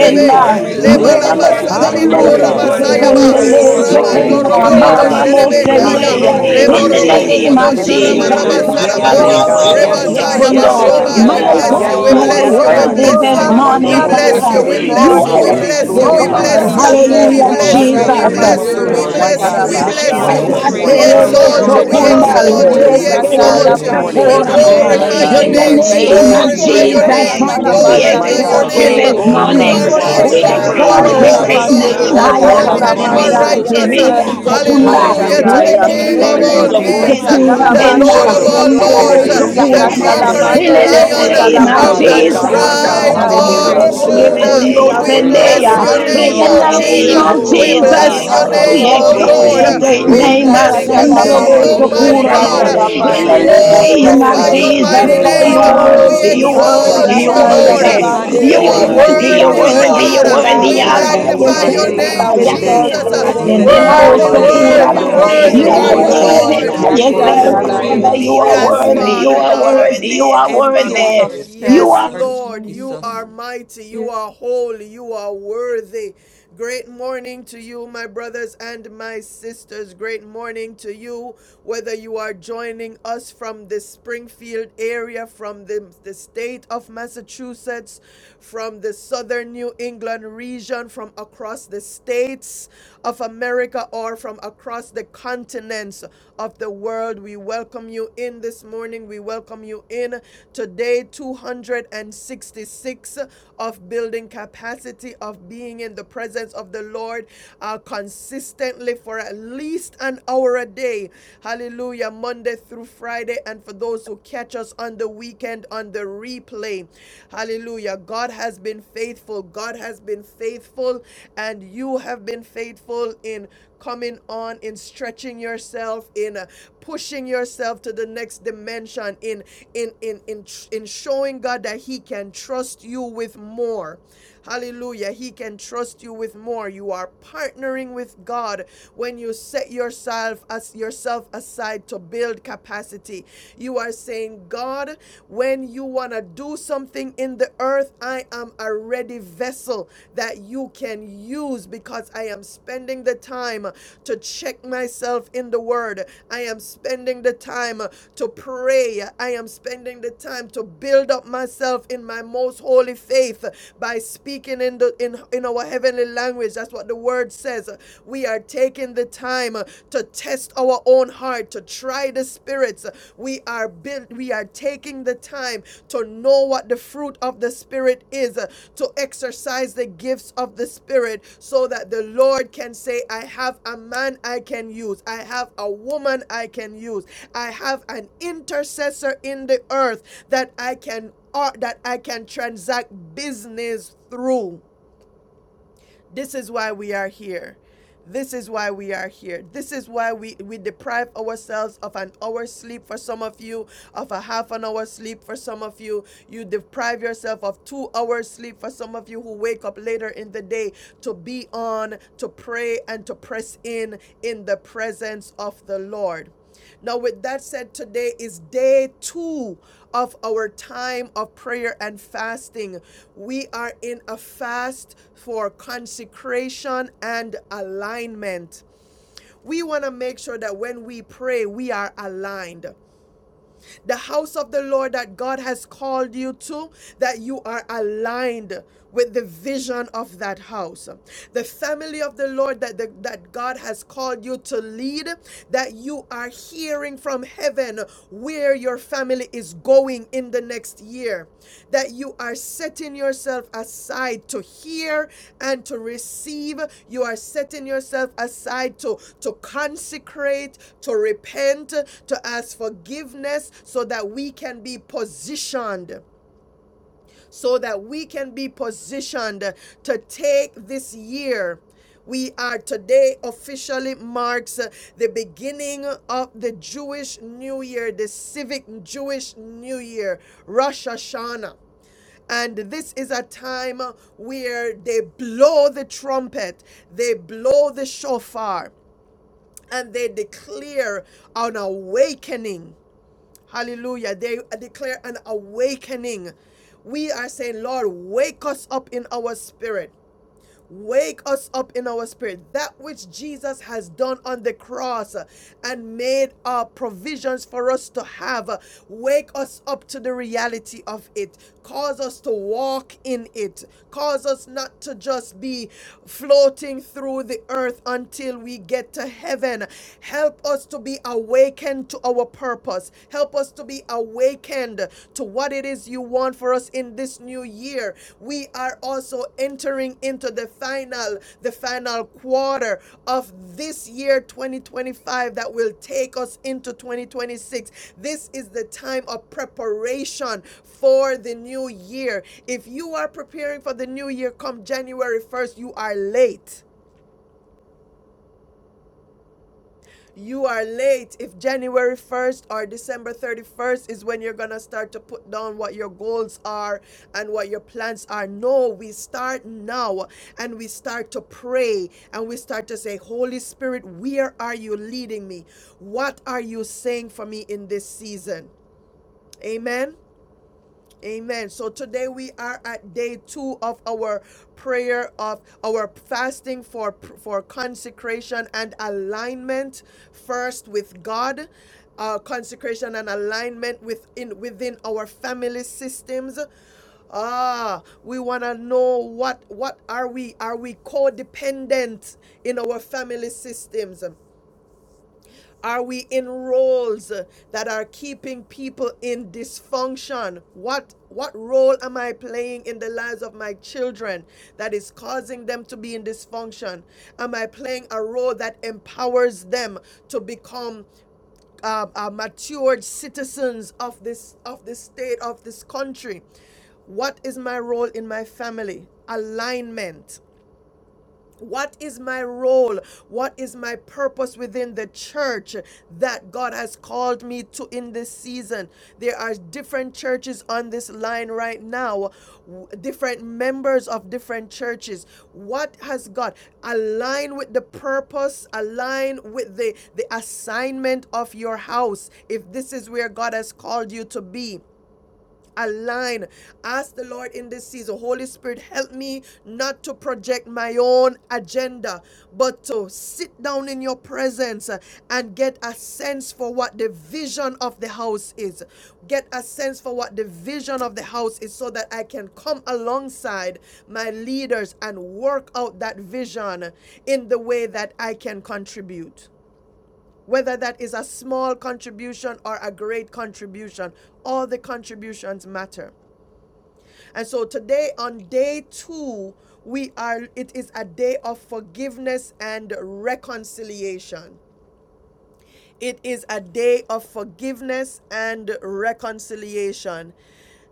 Speaker 6: you,
Speaker 3: you,
Speaker 8: is
Speaker 6: Lord.
Speaker 8: free
Speaker 14: Thank
Speaker 3: Jesus.
Speaker 10: Mama
Speaker 7: glory
Speaker 8: indeed.
Speaker 10: Mo
Speaker 7: to
Speaker 1: Lebalabas.
Speaker 6: Lord,
Speaker 2: Rain,
Speaker 7: God,
Speaker 6: your
Speaker 8: And this
Speaker 6: word,
Speaker 1: Kora
Speaker 3: Hallelujah.
Speaker 10: Sendelebe
Speaker 2: Jesus,
Speaker 7: glory
Speaker 6: God,
Speaker 7: to
Speaker 8: morning, we
Speaker 6: your
Speaker 1: Masayaba,
Speaker 7: God,
Speaker 6: word
Speaker 8: thank
Speaker 6: is
Speaker 8: you
Speaker 11: Yes.
Speaker 8: for
Speaker 10: Sekundele
Speaker 8: the
Speaker 3: Glory
Speaker 2: rain.
Speaker 3: be
Speaker 6: praised.
Speaker 1: Mando
Speaker 3: to
Speaker 7: glory
Speaker 8: peace
Speaker 3: your
Speaker 10: Sekenda,
Speaker 6: Your
Speaker 1: robo
Speaker 7: to
Speaker 8: that we
Speaker 3: name,
Speaker 7: His
Speaker 8: have
Speaker 1: robo
Speaker 6: word
Speaker 2: Rain,
Speaker 8: in
Speaker 10: Mama
Speaker 3: God.
Speaker 10: Mo
Speaker 7: righteous
Speaker 8: your
Speaker 11: Worship,
Speaker 6: is
Speaker 2: Jesus,
Speaker 7: holy
Speaker 8: presence.
Speaker 1: sherebekaya,
Speaker 6: exalted.
Speaker 11: adore
Speaker 10: Sendeya,
Speaker 3: Hakorobo
Speaker 7: name.
Speaker 11: you.
Speaker 2: rain.
Speaker 1: lebo
Speaker 10: in
Speaker 8: We
Speaker 10: the
Speaker 1: robo
Speaker 6: Oh,
Speaker 2: Rain,
Speaker 3: soterebe
Speaker 8: thank
Speaker 6: we
Speaker 8: you
Speaker 6: lift
Speaker 7: Hallelujah,
Speaker 8: for
Speaker 1: bobo
Speaker 10: name
Speaker 8: the
Speaker 1: bo
Speaker 10: of
Speaker 2: Jesus,
Speaker 11: give
Speaker 6: your
Speaker 3: siterebe.
Speaker 10: Jesus,
Speaker 8: freedom
Speaker 6: great
Speaker 11: you
Speaker 8: that
Speaker 1: sharabaraba
Speaker 6: and
Speaker 11: the
Speaker 8: we
Speaker 2: rain.
Speaker 7: Praise
Speaker 8: have
Speaker 6: mighty
Speaker 3: Yes,
Speaker 7: the
Speaker 8: in
Speaker 10: Taba
Speaker 8: your
Speaker 3: Lord
Speaker 1: sarabaya.
Speaker 6: name.
Speaker 7: name
Speaker 13: Jesus.
Speaker 11: highest
Speaker 7: of
Speaker 3: God.
Speaker 10: Baba
Speaker 3: Yes,
Speaker 8: presence.
Speaker 11: praise.
Speaker 3: God.
Speaker 1: Taya
Speaker 7: Jesus.
Speaker 8: We
Speaker 3: Yes,
Speaker 10: Yekondo,
Speaker 2: Dore
Speaker 8: thank you
Speaker 3: God.
Speaker 8: for
Speaker 1: bashoba,
Speaker 3: Yes,
Speaker 8: the
Speaker 1: We
Speaker 7: Hallelujah.
Speaker 6: Hallelujah.
Speaker 10: my
Speaker 3: God.
Speaker 1: bless
Speaker 3: Yes,
Speaker 11: Hallelujah.
Speaker 1: you,
Speaker 10: God,
Speaker 1: we
Speaker 10: you
Speaker 3: God.
Speaker 8: joy,
Speaker 7: Praise
Speaker 10: are
Speaker 3: Yes,
Speaker 1: bless
Speaker 2: sarabande.
Speaker 6: Hallelujah.
Speaker 1: you,
Speaker 7: God.
Speaker 1: we
Speaker 11: We
Speaker 3: God.
Speaker 8: oh
Speaker 10: worthy
Speaker 1: bless
Speaker 11: give
Speaker 7: Praise
Speaker 10: this
Speaker 6: Thank,
Speaker 8: God,
Speaker 2: Open
Speaker 11: you
Speaker 8: that
Speaker 2: the
Speaker 7: God.
Speaker 8: we
Speaker 1: you,
Speaker 10: morning,
Speaker 1: we
Speaker 8: have
Speaker 3: Hakorobo
Speaker 8: in your
Speaker 1: bless
Speaker 2: floodgates
Speaker 11: glory.
Speaker 1: you,
Speaker 10: Father.
Speaker 2: this
Speaker 1: we
Speaker 6: thank
Speaker 12: you.
Speaker 7: Praise
Speaker 3: siterebe
Speaker 6: you,
Speaker 10: You
Speaker 7: God.
Speaker 1: bless
Speaker 8: presence,
Speaker 1: you,
Speaker 7: I
Speaker 11: We
Speaker 10: are
Speaker 1: we
Speaker 6: Lord.
Speaker 7: got
Speaker 2: morning.
Speaker 11: give
Speaker 3: siterebe
Speaker 7: two
Speaker 1: bless you,
Speaker 12: Thank
Speaker 10: worthy,
Speaker 13: Thank
Speaker 7: more
Speaker 11: you
Speaker 1: we
Speaker 8: Jesus.
Speaker 2: Open
Speaker 3: soterebe
Speaker 10: God.
Speaker 2: the
Speaker 1: bless
Speaker 8: Be
Speaker 7: directions
Speaker 6: Your
Speaker 3: sai.
Speaker 11: honor.
Speaker 7: to
Speaker 1: you,
Speaker 6: word is
Speaker 8: pleased
Speaker 1: we
Speaker 2: floodgates
Speaker 8: with
Speaker 10: Hallelujah,
Speaker 7: you.
Speaker 2: of
Speaker 8: our
Speaker 3: Oh,
Speaker 11: We
Speaker 1: bless
Speaker 3: lift
Speaker 6: praised.
Speaker 1: you,
Speaker 3: up
Speaker 2: heaven,
Speaker 11: give
Speaker 1: we
Speaker 3: the
Speaker 8: praise
Speaker 10: Jesus.
Speaker 3: name
Speaker 6: Your
Speaker 11: you
Speaker 3: of
Speaker 7: Praise
Speaker 8: this
Speaker 2: Amande
Speaker 1: bless
Speaker 7: the
Speaker 3: the
Speaker 1: you,
Speaker 6: word
Speaker 7: Lord.
Speaker 1: we
Speaker 2: Dios
Speaker 6: is
Speaker 3: Lord. My
Speaker 1: bless
Speaker 11: praise.
Speaker 3: God,
Speaker 1: you,
Speaker 8: morning.
Speaker 3: we
Speaker 1: we
Speaker 7: Praise
Speaker 6: praised.
Speaker 3: lift
Speaker 7: the
Speaker 1: bless
Speaker 3: you up
Speaker 2: Sakarabasai.
Speaker 3: this
Speaker 1: you, we
Speaker 11: Glory,
Speaker 2: Oh,
Speaker 8: Consecrate
Speaker 5: Jesus.
Speaker 7: Lord.
Speaker 3: morning.
Speaker 8: us this
Speaker 6: Your
Speaker 2: Oro
Speaker 3: We
Speaker 6: word,
Speaker 1: exalt
Speaker 2: bobo
Speaker 11: glory,
Speaker 1: you,
Speaker 3: lift
Speaker 1: we
Speaker 7: Praise
Speaker 3: you
Speaker 5: Yeah.
Speaker 2: bobo
Speaker 6: God.
Speaker 8: morning.
Speaker 3: up
Speaker 7: the
Speaker 6: Your
Speaker 3: this
Speaker 1: exalt
Speaker 2: shende
Speaker 7: Father,
Speaker 11: glory.
Speaker 1: you,
Speaker 3: morning.
Speaker 6: word,
Speaker 3: We
Speaker 1: we
Speaker 7: Son,
Speaker 6: your
Speaker 3: lift
Speaker 7: and
Speaker 3: you
Speaker 2: yanda
Speaker 3: up
Speaker 1: exalt
Speaker 6: word,
Speaker 1: you.
Speaker 2: la
Speaker 3: this
Speaker 7: Holy
Speaker 6: your
Speaker 11: Lord
Speaker 3: morning.
Speaker 2: pande
Speaker 7: Ghost.
Speaker 1: We
Speaker 2: de
Speaker 11: God
Speaker 6: word,
Speaker 2: do
Speaker 6: your
Speaker 3: Thank
Speaker 11: Almighty.
Speaker 8: God,
Speaker 1: glorify
Speaker 6: word.
Speaker 3: you,
Speaker 8: just
Speaker 1: your
Speaker 10: In
Speaker 8: be
Speaker 2: sataya.
Speaker 10: the
Speaker 1: name.
Speaker 3: Jesus.
Speaker 7: Hallelujah.
Speaker 1: We
Speaker 8: pleased
Speaker 3: Thank
Speaker 8: with
Speaker 10: name
Speaker 7: Praise
Speaker 3: you,
Speaker 2: Boko
Speaker 8: our
Speaker 10: of
Speaker 7: the
Speaker 2: te
Speaker 1: glorify
Speaker 2: de
Speaker 3: Jesus.
Speaker 8: praise
Speaker 1: your
Speaker 6: Hallelujah.
Speaker 2: bo
Speaker 7: Jesus.
Speaker 8: this
Speaker 3: Thank
Speaker 10: Jesus,
Speaker 1: name.
Speaker 3: you,
Speaker 2: sata
Speaker 6: Hallelujah.
Speaker 1: We
Speaker 2: la
Speaker 10: Father,
Speaker 3: Jesus.
Speaker 10: we
Speaker 8: morning.
Speaker 2: panda
Speaker 7: Praise
Speaker 3: My
Speaker 2: le
Speaker 1: glorify
Speaker 7: the
Speaker 1: your
Speaker 3: God.
Speaker 10: exalt you
Speaker 7: praise
Speaker 6: Hallelujah.
Speaker 1: name.
Speaker 8: Oh
Speaker 2: ponde.
Speaker 10: this
Speaker 7: the
Speaker 3: Oh,
Speaker 8: God,
Speaker 1: You
Speaker 8: we
Speaker 3: God,
Speaker 1: are
Speaker 11: Glory
Speaker 10: morning.
Speaker 3: you
Speaker 6: Word
Speaker 11: to
Speaker 3: are
Speaker 8: invite
Speaker 2: Rokonde
Speaker 11: the
Speaker 3: our
Speaker 6: is
Speaker 8: your
Speaker 2: de
Speaker 1: mighty
Speaker 10: We
Speaker 6: the
Speaker 11: King
Speaker 8: very
Speaker 2: bo
Speaker 1: God. You
Speaker 6: Lamb.
Speaker 11: of
Speaker 3: shepherd,
Speaker 1: are a
Speaker 3: my
Speaker 10: exalt
Speaker 7: praise
Speaker 2: sata
Speaker 10: your
Speaker 6: Word
Speaker 11: Kings
Speaker 2: la
Speaker 7: you,
Speaker 1: holy
Speaker 3: God.
Speaker 7: the
Speaker 8: presence
Speaker 6: is
Speaker 11: and
Speaker 10: great
Speaker 11: the
Speaker 2: pande
Speaker 6: the
Speaker 1: God.
Speaker 2: de
Speaker 1: You
Speaker 6: Lamb.
Speaker 10: name.
Speaker 11: Lord
Speaker 7: beauty
Speaker 2: da
Speaker 7: of
Speaker 8: to
Speaker 1: are
Speaker 11: of
Speaker 3: Oh,
Speaker 8: dwell
Speaker 2: kata
Speaker 1: worthy
Speaker 2: la
Speaker 1: and
Speaker 7: holiness.
Speaker 1: you
Speaker 8: among
Speaker 11: Lords.
Speaker 10: Ayakarabase
Speaker 6: Hallelujah.
Speaker 1: are
Speaker 8: us,
Speaker 3: Ramamamamando.
Speaker 8: oh
Speaker 2: mandaya.
Speaker 8: God.
Speaker 1: righteous.
Speaker 7: Praise
Speaker 10: lebe
Speaker 7: the
Speaker 2: Ande de
Speaker 7: praise
Speaker 2: bo
Speaker 7: the
Speaker 6: Bless
Speaker 10: sokunda
Speaker 8: Lord, your
Speaker 7: praise.
Speaker 1: Hallelujah
Speaker 6: your
Speaker 1: to
Speaker 3: Hallelujah.
Speaker 7: you.
Speaker 6: name.
Speaker 1: the
Speaker 8: words
Speaker 2: sataya.
Speaker 10: lebe
Speaker 8: tell
Speaker 1: King
Speaker 8: us
Speaker 6: Bless
Speaker 8: you
Speaker 10: nde
Speaker 1: of
Speaker 6: your name.
Speaker 3: Thank you,
Speaker 2: Indo
Speaker 1: all
Speaker 2: do
Speaker 7: Praise
Speaker 10: lebe
Speaker 7: you
Speaker 8: inhabit
Speaker 2: bo
Speaker 8: the
Speaker 7: for
Speaker 6: Bless
Speaker 3: Jesus.
Speaker 1: kings,
Speaker 6: your name,
Speaker 7: your
Speaker 2: sata la
Speaker 10: sokura
Speaker 8: praises
Speaker 1: the
Speaker 7: worthy,
Speaker 3: Oh,
Speaker 2: mande
Speaker 11: Jesus,
Speaker 12: you.
Speaker 1: Lord
Speaker 10: benda
Speaker 7: Lord.
Speaker 1: of
Speaker 2: de
Speaker 6: Lord.
Speaker 3: Shando
Speaker 2: do
Speaker 1: all
Speaker 2: do
Speaker 3: Mose
Speaker 2: bo.
Speaker 10: Kandala
Speaker 7: Your are
Speaker 1: lords,
Speaker 6: By
Speaker 11: Jesus,
Speaker 3: Terebe,
Speaker 6: your
Speaker 7: worthy
Speaker 3: Si
Speaker 6: name,
Speaker 7: to
Speaker 1: the
Speaker 2: Yakanda
Speaker 3: Terebe,
Speaker 11: Jesus.
Speaker 7: receive
Speaker 12: Thank
Speaker 2: la
Speaker 3: so
Speaker 6: Jesus.
Speaker 3: my
Speaker 1: conquering
Speaker 10: in the
Speaker 7: glory
Speaker 2: mande
Speaker 7: and
Speaker 3: God.
Speaker 2: de
Speaker 8: of
Speaker 7: honor.
Speaker 1: lion
Speaker 8: your
Speaker 2: ponda la
Speaker 10: name
Speaker 3: Oh,
Speaker 10: of
Speaker 7: you
Speaker 1: of
Speaker 11: Worthy
Speaker 6: Hallelujah.
Speaker 3: God,
Speaker 2: pande
Speaker 8: people.
Speaker 11: is
Speaker 3: my
Speaker 2: de
Speaker 11: the
Speaker 10: Jesus.
Speaker 2: do
Speaker 7: worthy
Speaker 1: the
Speaker 3: God,
Speaker 2: bo
Speaker 7: to
Speaker 3: my
Speaker 8: So,
Speaker 7: be
Speaker 11: Lamb.
Speaker 3: God.
Speaker 10: ah,
Speaker 8: God,
Speaker 1: tribe
Speaker 8: as
Speaker 2: sandai.
Speaker 7: exalted,
Speaker 8: the
Speaker 10: ba,
Speaker 6: Hallelujah.
Speaker 1: of
Speaker 10: ba,
Speaker 3: Hallelujah.
Speaker 2: Eh,
Speaker 10: ba,
Speaker 8: praises
Speaker 7: Lord.
Speaker 10: ye,
Speaker 1: Judah.
Speaker 8: go up
Speaker 2: eh, be
Speaker 11: Worthy
Speaker 8: this
Speaker 10: kundo,
Speaker 7: You're
Speaker 2: thou
Speaker 11: is
Speaker 6: You
Speaker 1: We
Speaker 11: the
Speaker 6: are
Speaker 7: worthy,
Speaker 8: morning,
Speaker 7: Your are
Speaker 1: bless
Speaker 10: sendeya.
Speaker 11: Lamb.
Speaker 1: your
Speaker 2: exalted.
Speaker 6: worthy.
Speaker 7: worthy,
Speaker 10: In
Speaker 1: name,
Speaker 2: Be
Speaker 10: the
Speaker 7: you're
Speaker 8: Lord,
Speaker 3: Hallelujah.
Speaker 1: O
Speaker 2: thou
Speaker 8: be
Speaker 7: worthy.
Speaker 1: King.
Speaker 10: name of
Speaker 11: Worthy
Speaker 8: pleased
Speaker 2: exalted,
Speaker 8: to
Speaker 11: to
Speaker 3: Glory
Speaker 1: We
Speaker 3: to
Speaker 2: Lord.
Speaker 1: bless
Speaker 10: Jesus,
Speaker 2: Be
Speaker 8: dwell
Speaker 3: God.
Speaker 11: receive
Speaker 2: thou
Speaker 1: your
Speaker 10: Father,
Speaker 7: Your
Speaker 10: we
Speaker 1: name,
Speaker 8: among
Speaker 11: honor.
Speaker 7: are
Speaker 1: O
Speaker 8: us
Speaker 10: exalt
Speaker 7: worthy,
Speaker 2: exalted.
Speaker 1: Lord.
Speaker 8: this
Speaker 10: your
Speaker 7: you're
Speaker 10: great
Speaker 1: We
Speaker 8: morning.
Speaker 3: Hakorobosoterebesi.
Speaker 7: worthy.
Speaker 10: name.
Speaker 11: worthy to
Speaker 6: Thank
Speaker 1: bless your
Speaker 3: Thank
Speaker 2: Oshakatala
Speaker 7: Hallelujah.
Speaker 3: you,
Speaker 8: Be
Speaker 11: receive
Speaker 1: name,
Speaker 10: Akandalobo,
Speaker 3: Lord.
Speaker 2: mandere
Speaker 6: you.
Speaker 7: You're
Speaker 1: Almighty
Speaker 11: glory.
Speaker 8: pleased,
Speaker 6: Thank
Speaker 3: Thank
Speaker 6: you,
Speaker 10: Sokuraba.
Speaker 3: you,
Speaker 1: God.
Speaker 8: oh
Speaker 2: bosatala
Speaker 7: Lord, Your
Speaker 6: Lord.
Speaker 10: In
Speaker 1: We
Speaker 7: are
Speaker 1: You
Speaker 3: Jesus.
Speaker 8: God,
Speaker 2: pandere
Speaker 7: worthy, you're
Speaker 10: the
Speaker 11: Worthy
Speaker 10: name
Speaker 11: is
Speaker 7: worthy.
Speaker 10: of
Speaker 3: Glory
Speaker 1: glorify
Speaker 11: the
Speaker 8: Holy
Speaker 2: bosatai.
Speaker 1: your
Speaker 5: Hallelujah. Would
Speaker 3: be to
Speaker 11: Lamb.
Speaker 3: your
Speaker 10: Jesus,
Speaker 1: mighty
Speaker 7: Hallelujah.
Speaker 3: name,
Speaker 2: Lebo
Speaker 10: for
Speaker 8: Spirit,
Speaker 3: my
Speaker 1: name.
Speaker 10: you
Speaker 1: We
Speaker 3: God.
Speaker 10: worthy, you
Speaker 7: Worthy,
Speaker 11: Jesus,
Speaker 1: exalt
Speaker 10: worthy,
Speaker 8: be
Speaker 10: you
Speaker 7: Hallelujah,
Speaker 1: you,
Speaker 7: you're
Speaker 2: sarabaya
Speaker 8: pleased
Speaker 1: Lord.
Speaker 11: Jesus,
Speaker 8: to
Speaker 10: worthy.
Speaker 11: you
Speaker 7: worthy.
Speaker 3: Hakorobositerebesi
Speaker 11: are
Speaker 1: You're
Speaker 10: You
Speaker 1: worthy.
Speaker 2: rabande.
Speaker 8: manifest
Speaker 7: Your are
Speaker 10: worthy,
Speaker 2: Be
Speaker 11: worthy.
Speaker 10: you
Speaker 2: thou
Speaker 7: worthy, you're
Speaker 1: Lord
Speaker 10: worthy,
Speaker 3: terebesoterebesai.
Speaker 7: worthy,
Speaker 10: you
Speaker 2: exalted,
Speaker 6: Thank
Speaker 7: you're
Speaker 11: You
Speaker 8: this
Speaker 1: God.
Speaker 6: you,
Speaker 2: God.
Speaker 10: worthy.
Speaker 11: are
Speaker 1: We
Speaker 2: Be
Speaker 6: Lord.
Speaker 2: thou
Speaker 8: morning,
Speaker 10: Abba,
Speaker 7: worthy.
Speaker 8: oh
Speaker 1: magnify
Speaker 11: holy.
Speaker 8: God.
Speaker 1: your
Speaker 8: May
Speaker 10: yourself,
Speaker 2: exalted.
Speaker 8: we
Speaker 2: Be
Speaker 6: Hallelujah.
Speaker 7: Hallelujah,
Speaker 3: Yekorobosoterebesi
Speaker 2: thou
Speaker 10: Abba,
Speaker 1: name,
Speaker 11: You
Speaker 8: experience
Speaker 11: are
Speaker 3: terebe.
Speaker 7: hallelujah.
Speaker 1: Jesus.
Speaker 8: the
Speaker 10: Yakaraba,
Speaker 2: exalted.
Speaker 3: Ye
Speaker 11: faithful
Speaker 8: manifest
Speaker 11: and
Speaker 10: Sendelabo,
Speaker 1: Worthy,
Speaker 11: just
Speaker 2: Hallowed
Speaker 11: in
Speaker 7: Glory
Speaker 3: yamamamando.
Speaker 8: presence
Speaker 7: to
Speaker 6: Glorify
Speaker 11: all
Speaker 6: your,
Speaker 1: worthy, worthy
Speaker 7: God.
Speaker 2: be
Speaker 3: Shando
Speaker 11: of
Speaker 10: Sokuraba.
Speaker 2: your
Speaker 11: your
Speaker 5: you
Speaker 8: of your
Speaker 10: You
Speaker 2: name,
Speaker 9: Lord,
Speaker 6: name.
Speaker 1: are
Speaker 10: are
Speaker 2: O
Speaker 1: you,
Speaker 8: Holy
Speaker 1: Yes,
Speaker 11: ways.
Speaker 3: moseterebesi.
Speaker 2: Lord.
Speaker 1: Lord.
Speaker 10: worthy
Speaker 7: Hallelujah,
Speaker 10: by
Speaker 6: your
Speaker 2: Ebo
Speaker 8: Spirit.
Speaker 6: name is
Speaker 10: yourself,
Speaker 9: this
Speaker 6: great,
Speaker 8: Fill
Speaker 11: Worthy.
Speaker 10: Father. You
Speaker 8: us
Speaker 10: are
Speaker 6: great,
Speaker 7: hallelujah.
Speaker 8: up,
Speaker 1: Yes,
Speaker 10: worthy.
Speaker 1: Father
Speaker 8: oh
Speaker 10: You
Speaker 8: God.
Speaker 6: great.
Speaker 7: Hallelujah.
Speaker 10: are
Speaker 1: God.
Speaker 10: worthy. You are
Speaker 8: Empty us
Speaker 6: Hallelujah.
Speaker 10: worthy.
Speaker 8: of
Speaker 7: Hallelujah,
Speaker 10: You
Speaker 1: Yes,
Speaker 8: self,
Speaker 10: are
Speaker 7: hallelujah,
Speaker 8: Lord
Speaker 1: Lord,
Speaker 13: you.
Speaker 9: morning,
Speaker 1: you are
Speaker 8: Jesus.
Speaker 9: God.
Speaker 1: mighty, you
Speaker 8: Fill
Speaker 1: are holy, you are worthy. Great morning to you, my brothers and my sisters. Great morning to you, whether you are joining us from the Springfield area, from the, the state of Massachusetts, from the southern New England region, from across the states of America, or from across the continents voice of the world. We welcome you in this morning. We welcome you in today, 266 of building capacity, of being in the presence of the Lord uh, consistently for at least an hour a day. Hallelujah. Monday through Friday. And for those who catch us on the weekend on the replay. Hallelujah. God has been faithful. God has been faithful. And you have been faithful in coming on in stretching yourself in uh, pushing yourself to the next dimension in in in in in showing God that he can trust you with more hallelujah he can trust you with more you are partnering with God when you set yourself as yourself aside to build capacity you are saying God when you want to do something in in the earth, I am a ready vessel that you can use because I am spending the time to check myself in the word. I am spending the time to pray. I am spending the time to build up myself in my most holy faith by speaking in the in, in our heavenly language. That's what the word says. We are taking the time to test our own own heart to try the spirits. We are built, we are taking the time to know what the fruit of the spirit is, uh, to exercise the gifts of the spirit so that the Lord can say, I have a man I can use, I have a woman I can use, I have an intercessor in the earth that I can or that I can transact business through. This is why we are here. This is why we are here. This is why we, we deprive ourselves of an hour sleep for some of you, of a half an hour sleep for some of you. You deprive yourself of two hours sleep for some of you who wake up later in the day to be on, to pray, and to press in in the presence of the Lord. Now, with that said, today is day two of our time of prayer and fasting. We are in a fast for consecration and alignment. We want to make sure that when we pray, we are aligned the house of the Lord that God has called you to, that you are aligned with the vision of that house. The family of the Lord that, the, that God has called you to lead, that you are hearing from heaven where your family is going doing in the next year. That you are setting yourself aside to hear and to receive. You are setting yourself aside to, to consecrate, to repent, to ask forgiveness so that we can be positioned so that we can be positioned to take this year. We are today officially marks uh, the beginning of the Jewish New Year, the civic Jewish New Year, Rosh Hashanah. And this is a time where they blow the trumpet, they blow the shofar, and they declare an awakening Hallelujah. They uh, declare an awakening. We are saying, Lord, wake us up in our spirit. Wake us up in our spirit. That which Jesus has done on the cross uh, and made our provisions for us to have. uh, Wake us up to the reality of it. Cause us to walk in it. Cause us not to just be floating through the earth until we get to heaven. Help us to be awakened to our purpose. Help us to be be awakened to what it is you want for us in this new year. We are also entering into the final, the final quarter of this year 2025 that will take us into 2026. This is the time of preparation for the new year. If you are preparing for the new year come January 1st, you are late. You are late. If January 1st or December 31st is when you're going to start to put down what your goals are and what your plans are, no, we start now and we start to pray and we start to say, Holy Spirit, where are you leading me? What are you saying for me in this season? Amen. Amen. So today we are at day two of our prayer of our fasting for for consecration and alignment first with God. Uh, consecration and alignment within within our family systems. Ah, we want to know what what are we? Are we codependent in our family systems? Are we in roles uh, that are keeping people in dysfunction? What what role am I playing in the lives of my children that is causing them to be in dysfunction? Am I playing a role that empowers them to become uh, uh, matured citizens of this of this state of this country? What is my role in my family? Alignment what is my role? What is my purpose within the church that God has called me to in this season? There are different churches on this line right now, w- different members of different churches. What has God align with the purpose, align with the, the assignment of your house if this is where God has called you to be? align. Ask the Lord in this season, Holy Spirit, help me not to project my own agenda, but to sit down in your presence uh, and get a sense for what the vision of the house is. Get a sense for what the vision of the house is so that I can come alongside my leaders and work out that vision in the way that I can contribute whether that is a small contribution or a great contribution all the contributions matter and so today on day two, we are it is a day of forgiveness and reconciliation. It is a day of forgiveness and reconciliation.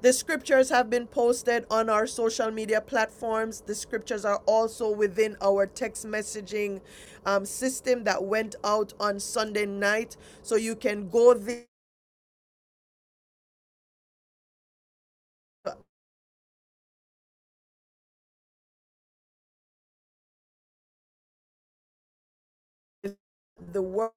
Speaker 1: The scriptures have been posted on our social media platforms. The scriptures are also within our text messaging um, system that went out on Sunday night. So you can go there. The word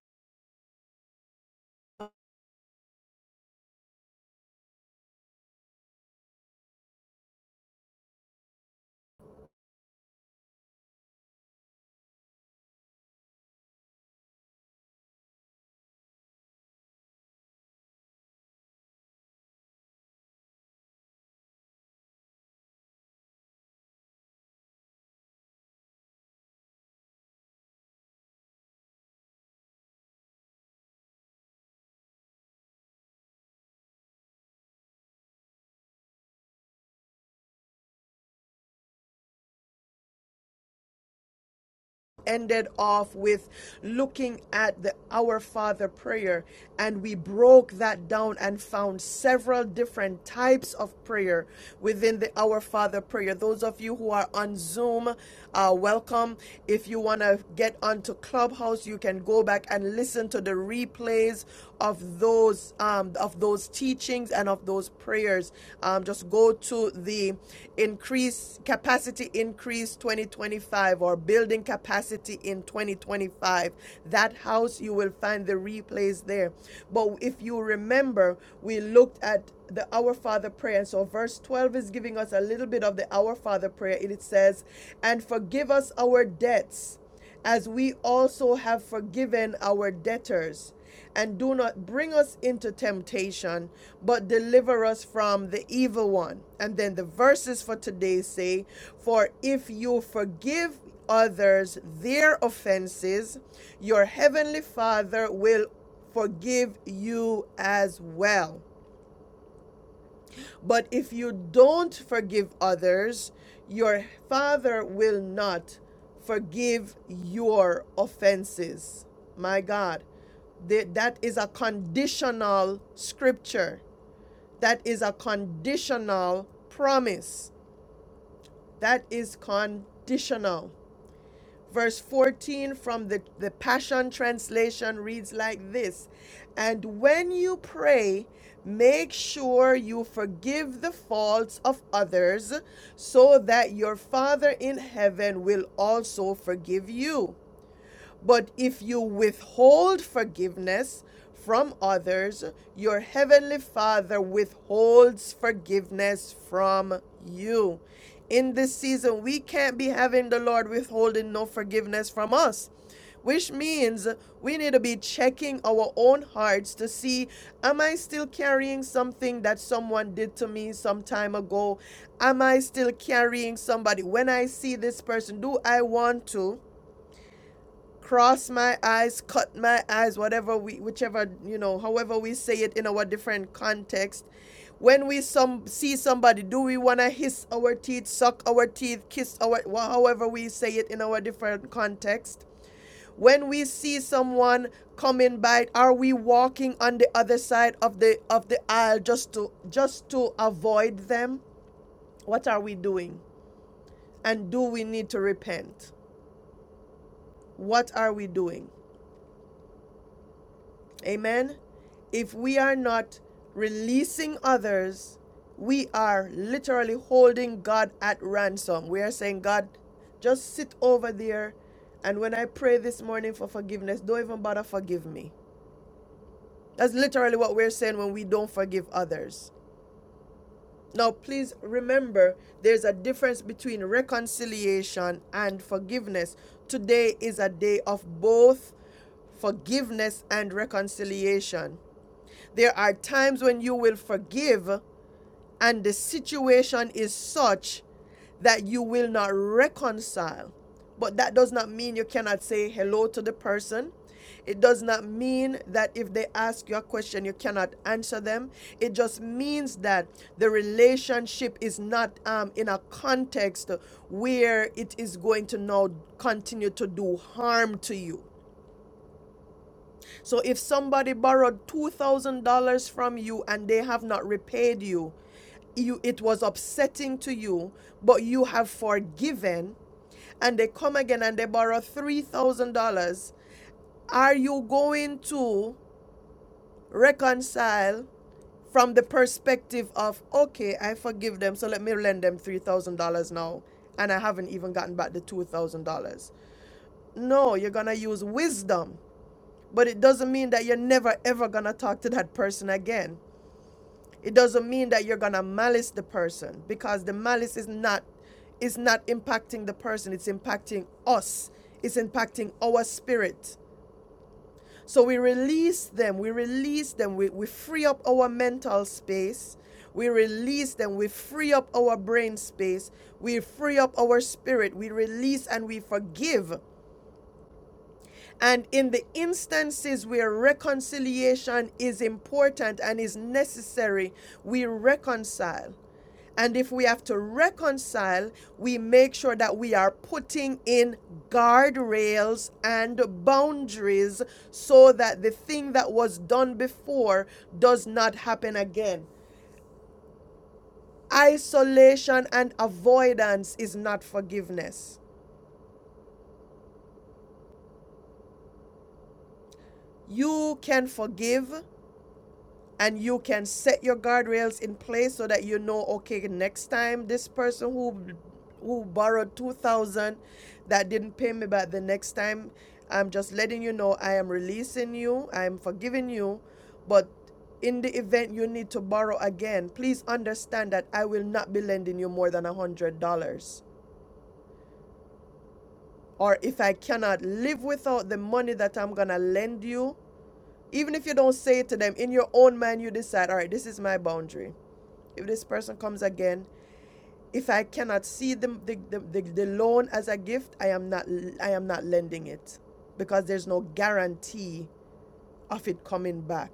Speaker 1: ended off with looking at the Our Father prayer, and we broke that down and found several different types of prayer within the Our Father prayer. Those of you who are on Zoom, uh, welcome. If you want to get onto Clubhouse, you can go back and listen to the replays of those um, of those teachings and of those prayers, um, just go to the increase capacity increase 2025 or building capacity in 2025. That house you will find the replays there. But if you remember, we looked at the Our Father prayer. And so verse 12 is giving us a little bit of the Our Father prayer. It says, And forgive us our debts as we also have forgiven our debtors. And do not bring us into temptation, but deliver us from the evil one. And then the verses for today say, For if you forgive others their offenses, your heavenly Father will forgive you as well. But if you don't forgive others, your Father will not forgive your offenses. My God, Th- that is a conditional scripture. That is a conditional promise. That is conditional. Verse 14 from the, the Passion Translation reads like this And when you pray, make sure you forgive the faults of others, so that your Father in heaven will also forgive you. But if you withhold forgiveness from others, your heavenly Father withholds forgiveness from you. In this season, we can't be having the Lord withholding no forgiveness from us which means we need to be checking our own hearts to see am i still carrying something that someone did to me some time ago am i still carrying somebody when i see this person do i want to cross my eyes, cut my eyes, whatever we, whichever, you know, however we say it in our different context. When we some see somebody, do we want to hiss our teeth, suck our teeth, kiss our, wha- however we say it in our different context? When we see someone coming by, are we walking on the other side of the of the aisle just to just to avoid them? What are we doing? And do we need to repent? What are we doing? Amen. If we are not releasing others, we are literally holding God at ransom. We are saying, God, just sit over there. And when I pray this morning for forgiveness, don't even bother forgive me. That's literally what we're saying when we don't forgive others. Now, please remember there's a difference between reconciliation and forgiveness. Today is a day of both forgiveness and reconciliation. There are times when you will forgive, and the situation is such that you will not reconcile. But that does not mean you cannot say hello to the person. It does not mean that if they ask you a question, you cannot answer them. It just means that the relationship is not um, in a context where it is going to now continue to do harm to you. So if somebody borrowed $2,000 from you and they have not repaid you, you it was upsetting to you, but you have forgiven and they come again and they borrow $3,000, are you going to reconcile from the perspective of, okay, I forgive them, so let me lend them $3,000 now, and I haven't even gotten back the $2,000? No, you're going to use wisdom but it doesn't mean that you're never ever gonna talk to that person again. It doesn't mean that you're gonna malice the person because the malice is not is not impacting the person, it's impacting us. It's impacting our spirit. So we release them, we release them, we, we free up our mental space, we release them, we free up our brain space, we free up our spirit, we release and we forgive And in the instances where reconciliation is important and is necessary, we reconcile. And if we have to reconcile, we make sure that we are putting in guardrails and boundaries so that the thing that was done before does not happen again. Isolation and avoidance is not forgiveness. You can forgive and you can set your guardrails in place so that you know okay next time this person who who borrowed 2000 that didn't pay me back the next time i'm just letting you know i am releasing you i am forgiving you but in the event you need to borrow again please understand that i will not be lending you more than a hundred dollars or if i cannot live without the money that i'm gonna lend you even if you don't say it to them in your own mind you decide all right this is my boundary If this person comes again, if I cannot see the, the, the, the, loan as a gift, I am not I am not lending it because there's no guarantee of it coming back.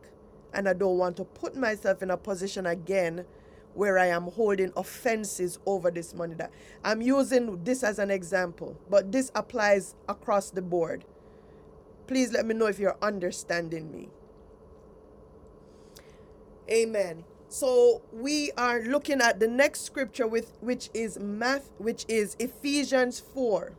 Speaker 1: And I don't want to put myself in a position again where I am holding offenses over this money that I'm using this as an example, but this applies across the board. Please let me know if you're understanding me. Amen. So we are looking at the next scripture with which is math which is Ephesians 4.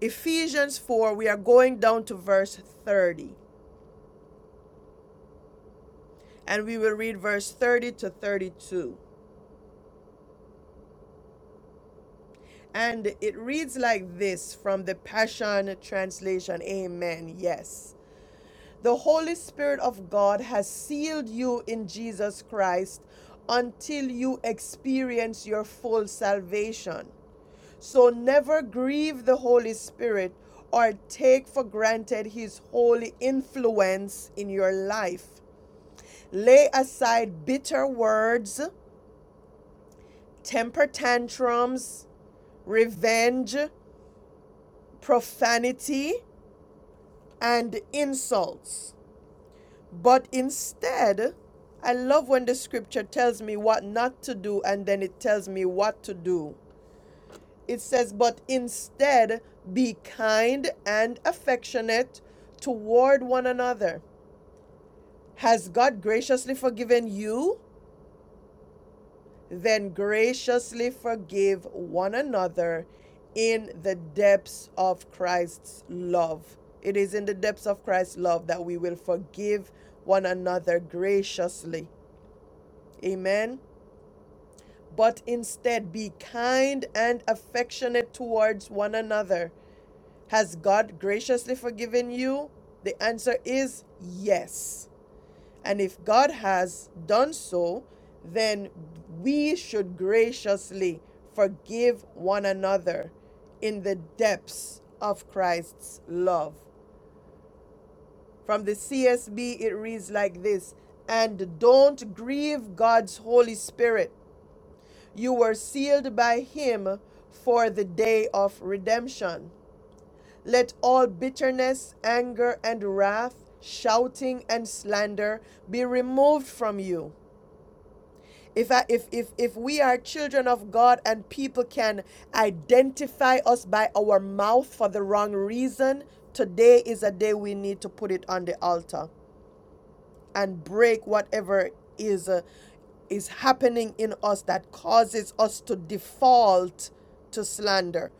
Speaker 1: Ephesians 4 we are going down to verse 30 and we will read verse 30 to 32. And it reads like this from the Passion translation. Amen. Yes. The Holy Spirit of God has sealed you in Jesus Christ until you experience your full salvation. So never grieve the Holy Spirit or take for granted his holy influence in your life. Lay aside bitter words, temper tantrums, revenge, profanity, and insults. But instead, I love when the scripture tells me what not to do and then it tells me what to do. It says, but instead be kind and affectionate toward one another. Has God graciously forgiven you? Then graciously forgive one another in the depths of Christ's love. It is in the depths of Christ's love that we will forgive one another graciously. Amen. But instead, be kind and affectionate towards one another Has God graciously forgiven you? The answer is yes. And if God has done so, then we should graciously forgive one another in the depths of Christ's love. From the CSB, it reads like this And don't grieve God's Holy Spirit. You were sealed by Him for the day of redemption. Let all bitterness, anger, and wrath, shouting and slander be removed from you. If, I, if, if, if we are children of God and people can identify us by our mouth for the wrong reason, today is a day we need to put it on the altar and break whatever is uh, is happening in us that causes us to default to slander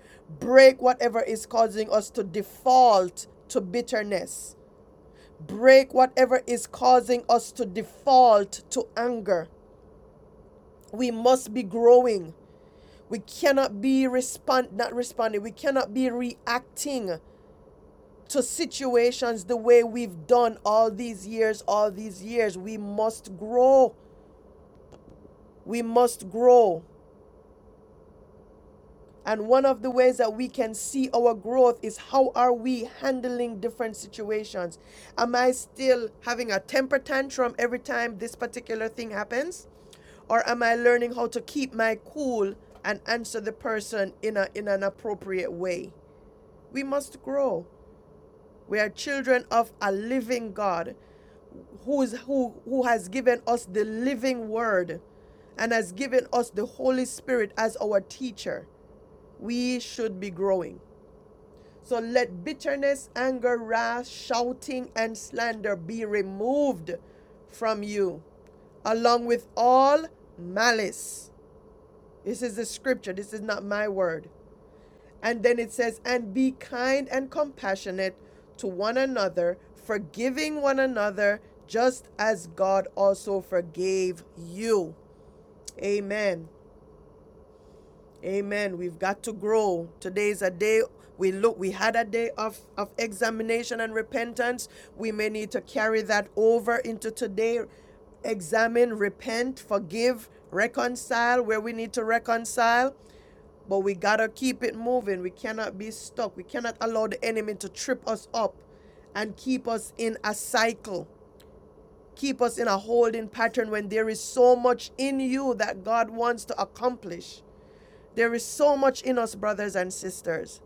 Speaker 1: break whatever is causing us to default to bitterness break whatever is causing us to default to anger we must be growing we cannot be respond not responding we cannot be reacting to situations the way we've done all these years all these years we must grow We must grow. And one of the ways that we can see our growth is how are we handling different situations? Am I still having a temper tantrum every time this particular thing happens? Or am I learning how to keep my cool and answer the person in, a, in an appropriate way? We must grow. We are children of a living God who, is, who, who has given us the living word and has given us the Holy Spirit as our teacher. we should be growing. So let bitterness, anger, wrath, shouting, and slander be removed from you, along with all malice. This is the scripture, this is not my word. And then it says, and be kind and compassionate to one another, forgiving one another, just as God also forgave you. Amen. Amen. We've got to grow. Today is a day we look we had a day of, of examination and repentance. We may need to carry that over into today. Examine, repent, forgive, reconcile where we need to reconcile. But we gotta keep it moving. We cannot be stuck. We cannot allow the enemy to trip us up and keep us in a cycle. Keep us in a holding pattern when there is so much in you that God wants to accomplish there is so much in us, brothers and sisters.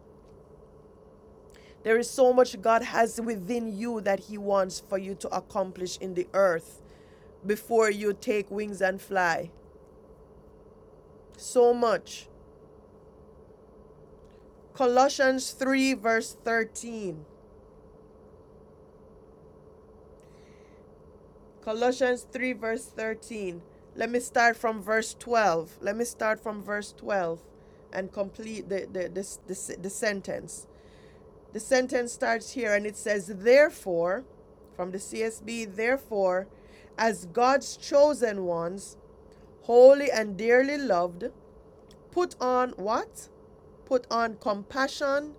Speaker 1: There is so much God has within you that He wants for you to accomplish in the earth before you take wings and fly. So much. Colossians 3, verse 13. Colossians 3, verse 13. Let me start from verse 12. Let me start from verse 12 and complete the, the, the, the, the sentence. The sentence starts here and it says, Therefore, from the CSB, therefore, as God's chosen ones, holy and dearly loved, put on what? Put on compassion,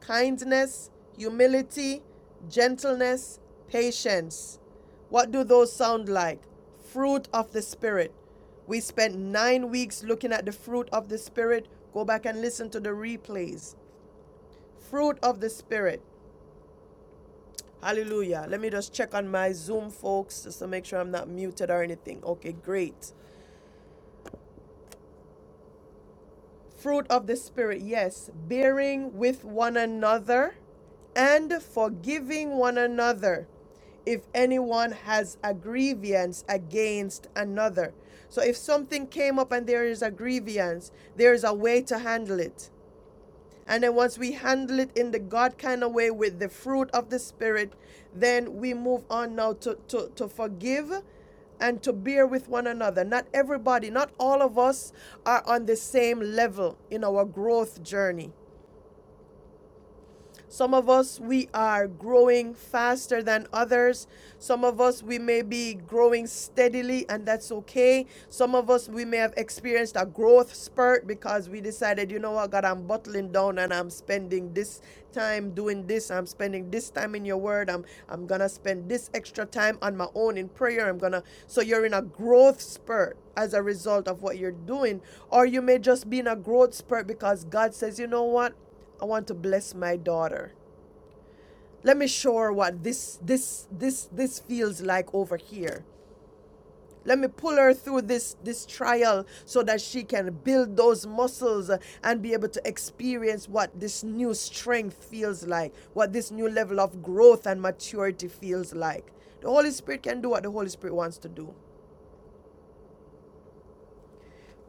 Speaker 1: kindness, humility, gentleness, patience. What do those sound like? Fruit of the Spirit. We spent nine weeks looking at the fruit of the Spirit. Go back and listen to the replays. Fruit of the Spirit. Hallelujah. Let me just check on my Zoom, folks, just to make sure I'm not muted or anything. Okay, great. Fruit of the Spirit, yes. Bearing with one another and forgiving one another if anyone has a grievance against another. So if something came up and there is a grievance, there is a way to handle it. And then once we handle it in the God kind of way with the fruit of the Spirit, then we move on now to, to, to forgive and to bear with one another. Not everybody, not all of us are on the same level in our growth journey. Some of us, we are growing faster than others. Some of us, we may be growing steadily, and that's okay. Some of us, we may have experienced a growth spurt because we decided, you know what, God, I'm bottling down and I'm spending this time doing this. I'm spending this time in your word. I'm, I'm going to spend this extra time on my own in prayer. I'm going to. So you're in a growth spurt as a result of what you're doing. Or you may just be in a growth spurt because God says, you know what? I want to bless my daughter. Let me show her what this this this this feels like over here. Let me pull her through this this trial so that she can build those muscles uh, and be able to experience what this new strength feels like, what this new level of growth and maturity feels like. The Holy Spirit can do what the Holy Spirit wants to do.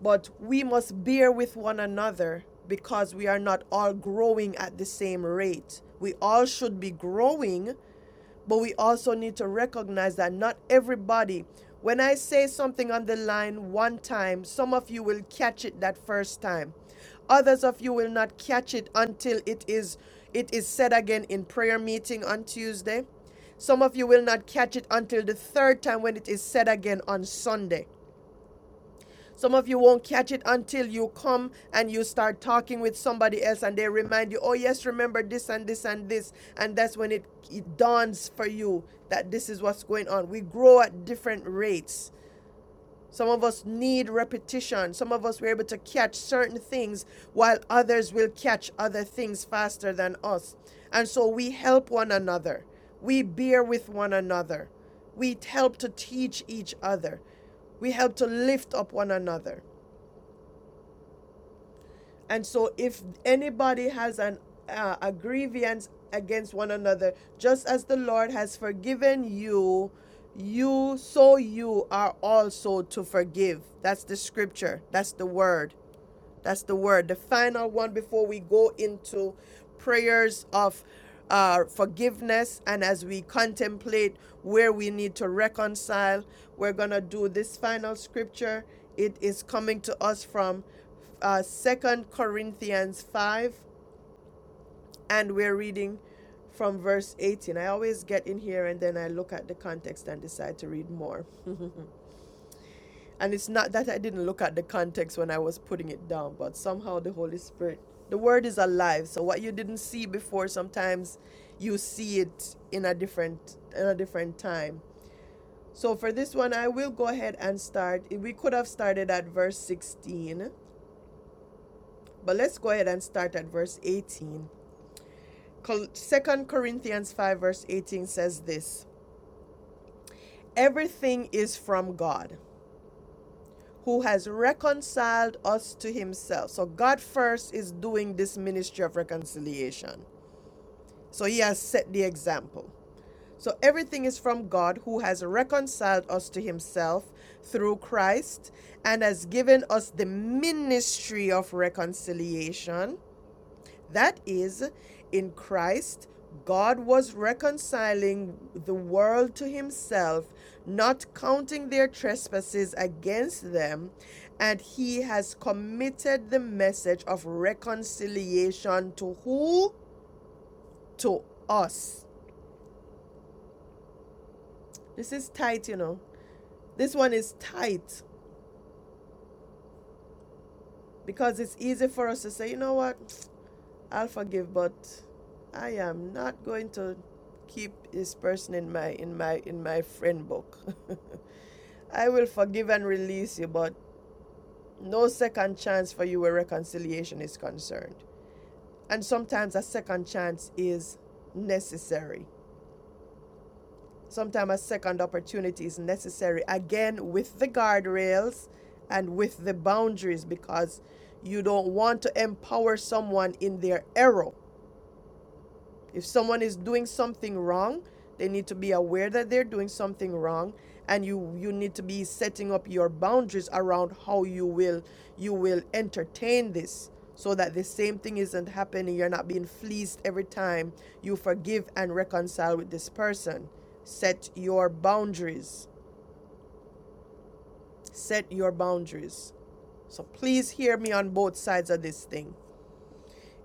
Speaker 1: But we must bear with one another because we are not all growing at the same rate. We all should be growing, But we also need to recognize that not everybody, when I say something on the line one time, some of you will catch it that first time. Others of you will not catch it until it is it is said again in prayer meeting on Tuesday. Some of you will not catch it until the third time when it is said again on Sunday. Some of you won't catch it until you come and you start talking with somebody else and they remind you, oh, yes, remember this and this and this. And that's when it, it dawns for you that this is what's going on. We grow at different rates. Some of us need repetition. Some of us were able to catch certain things while others will catch other things faster than us. And so we help one another. We bear with one another. We help to teach each other. We help to lift up one another. And so, if anybody has an uh, a grievance against one another, just as the Lord has forgiven you, you so you are also to forgive. That's the scripture. That's the word. That's the word. The final one before we go into prayers of uh, forgiveness and as we contemplate where we need to reconcile, we're going to do this final scripture. It is coming to us from uh, 2 Corinthians 5, and we're reading from verse 18. I always get in here and then I look at the context and decide to read more. And it's not that I didn't look at the context when I was putting it down, but somehow the Holy Spirit, the word is alive. So what you didn't see before, sometimes you see it in a different in a different time. So for this one, I will go ahead and start. We could have started at verse 16, but let's go ahead and start at verse 18. Second Corinthians 5 verse 18 says this, everything is from God who has reconciled us to himself. So God first is doing this ministry of reconciliation. So he has set the example. So everything is from God who has reconciled us to himself through Christ and has given us the ministry of reconciliation that is, in Christ, God was reconciling the world to himself, not counting their trespasses against them, and he has committed the message of reconciliation to who? To us. This is tight, you know. This one is tight because it's easy for us to say, you know what? I'll forgive, but I am not going to keep this person in my in my in my friend book. I will forgive and release you, but no second chance for you where reconciliation is concerned. And sometimes a second chance is necessary. Sometimes a second opportunity is necessary again with the guardrails and with the boundaries because you don't want to empower someone in their error If someone is doing something wrong, they need to be aware that they're doing something wrong and you you need to be setting up your boundaries around how you will you will entertain this so that the same thing isn't happening. You're not being fleeced every time you forgive and reconcile with this person. Set your boundaries. Set your boundaries. So please hear me on both sides of this thing.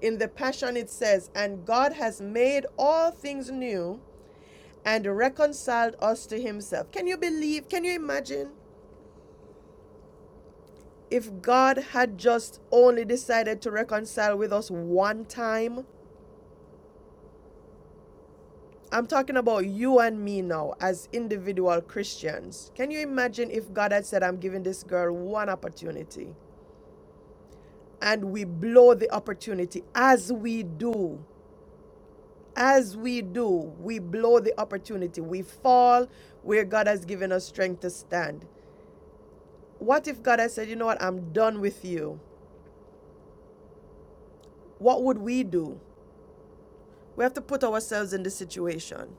Speaker 1: In the Passion, it says, And God has made all things new and reconciled us to himself. Can you believe? Can you imagine if God had just only decided to reconcile with us one time? I'm talking about you and me now as individual Christians. Can you imagine if God had said, I'm giving this girl one opportunity and we blow the opportunity as we do? As we do, we blow the opportunity. We fall where God has given us strength to stand. What if God had said, You know what? I'm done with you. what would we do? We have to put ourselves in the situation.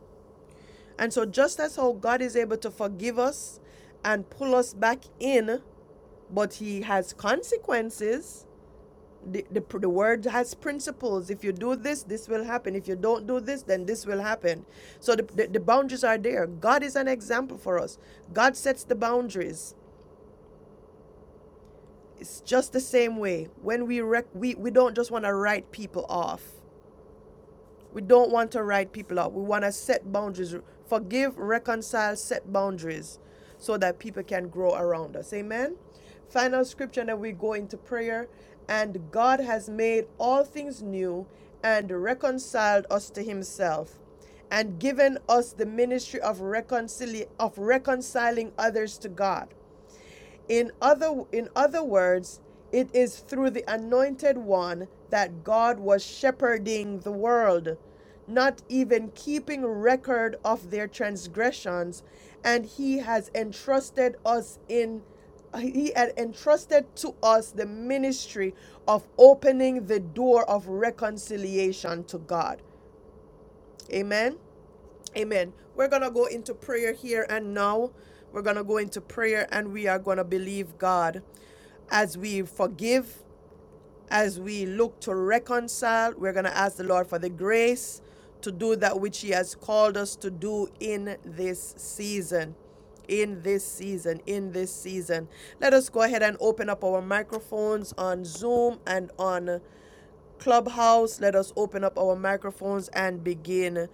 Speaker 1: And so, just as how God is able to forgive us and pull us back in, but He has consequences, the, the, the word has principles. If you do this, this will happen. If you don't do this, then this will happen. So, the, the, the boundaries are there. God is an example for us, God sets the boundaries. It's just the same way. When we, rec- we, we don't just want to write people off We don't want to write people out. We want to set boundaries. Forgive, reconcile, set boundaries so that people can grow around us. Amen. Final scripture, and then we go into prayer. And God has made all things new and reconciled us to himself and given us the ministry of, reconcili- of reconciling others to God. In other, in other words, it is through the anointed one that God was shepherding the world, not even keeping record of their transgressions, and he has entrusted us in he had entrusted to us the ministry of opening the door of reconciliation to God. Amen. Amen. We're going to go into prayer here and now. We're going to go into prayer and we are going to believe God as we forgive, as we look to reconcile. We're going to ask the Lord for the grace to do that which He has called us to do in this season. In this season, in this season. Let us go ahead and open up our microphones on Zoom and on Clubhouse, let us open up our microphones and begin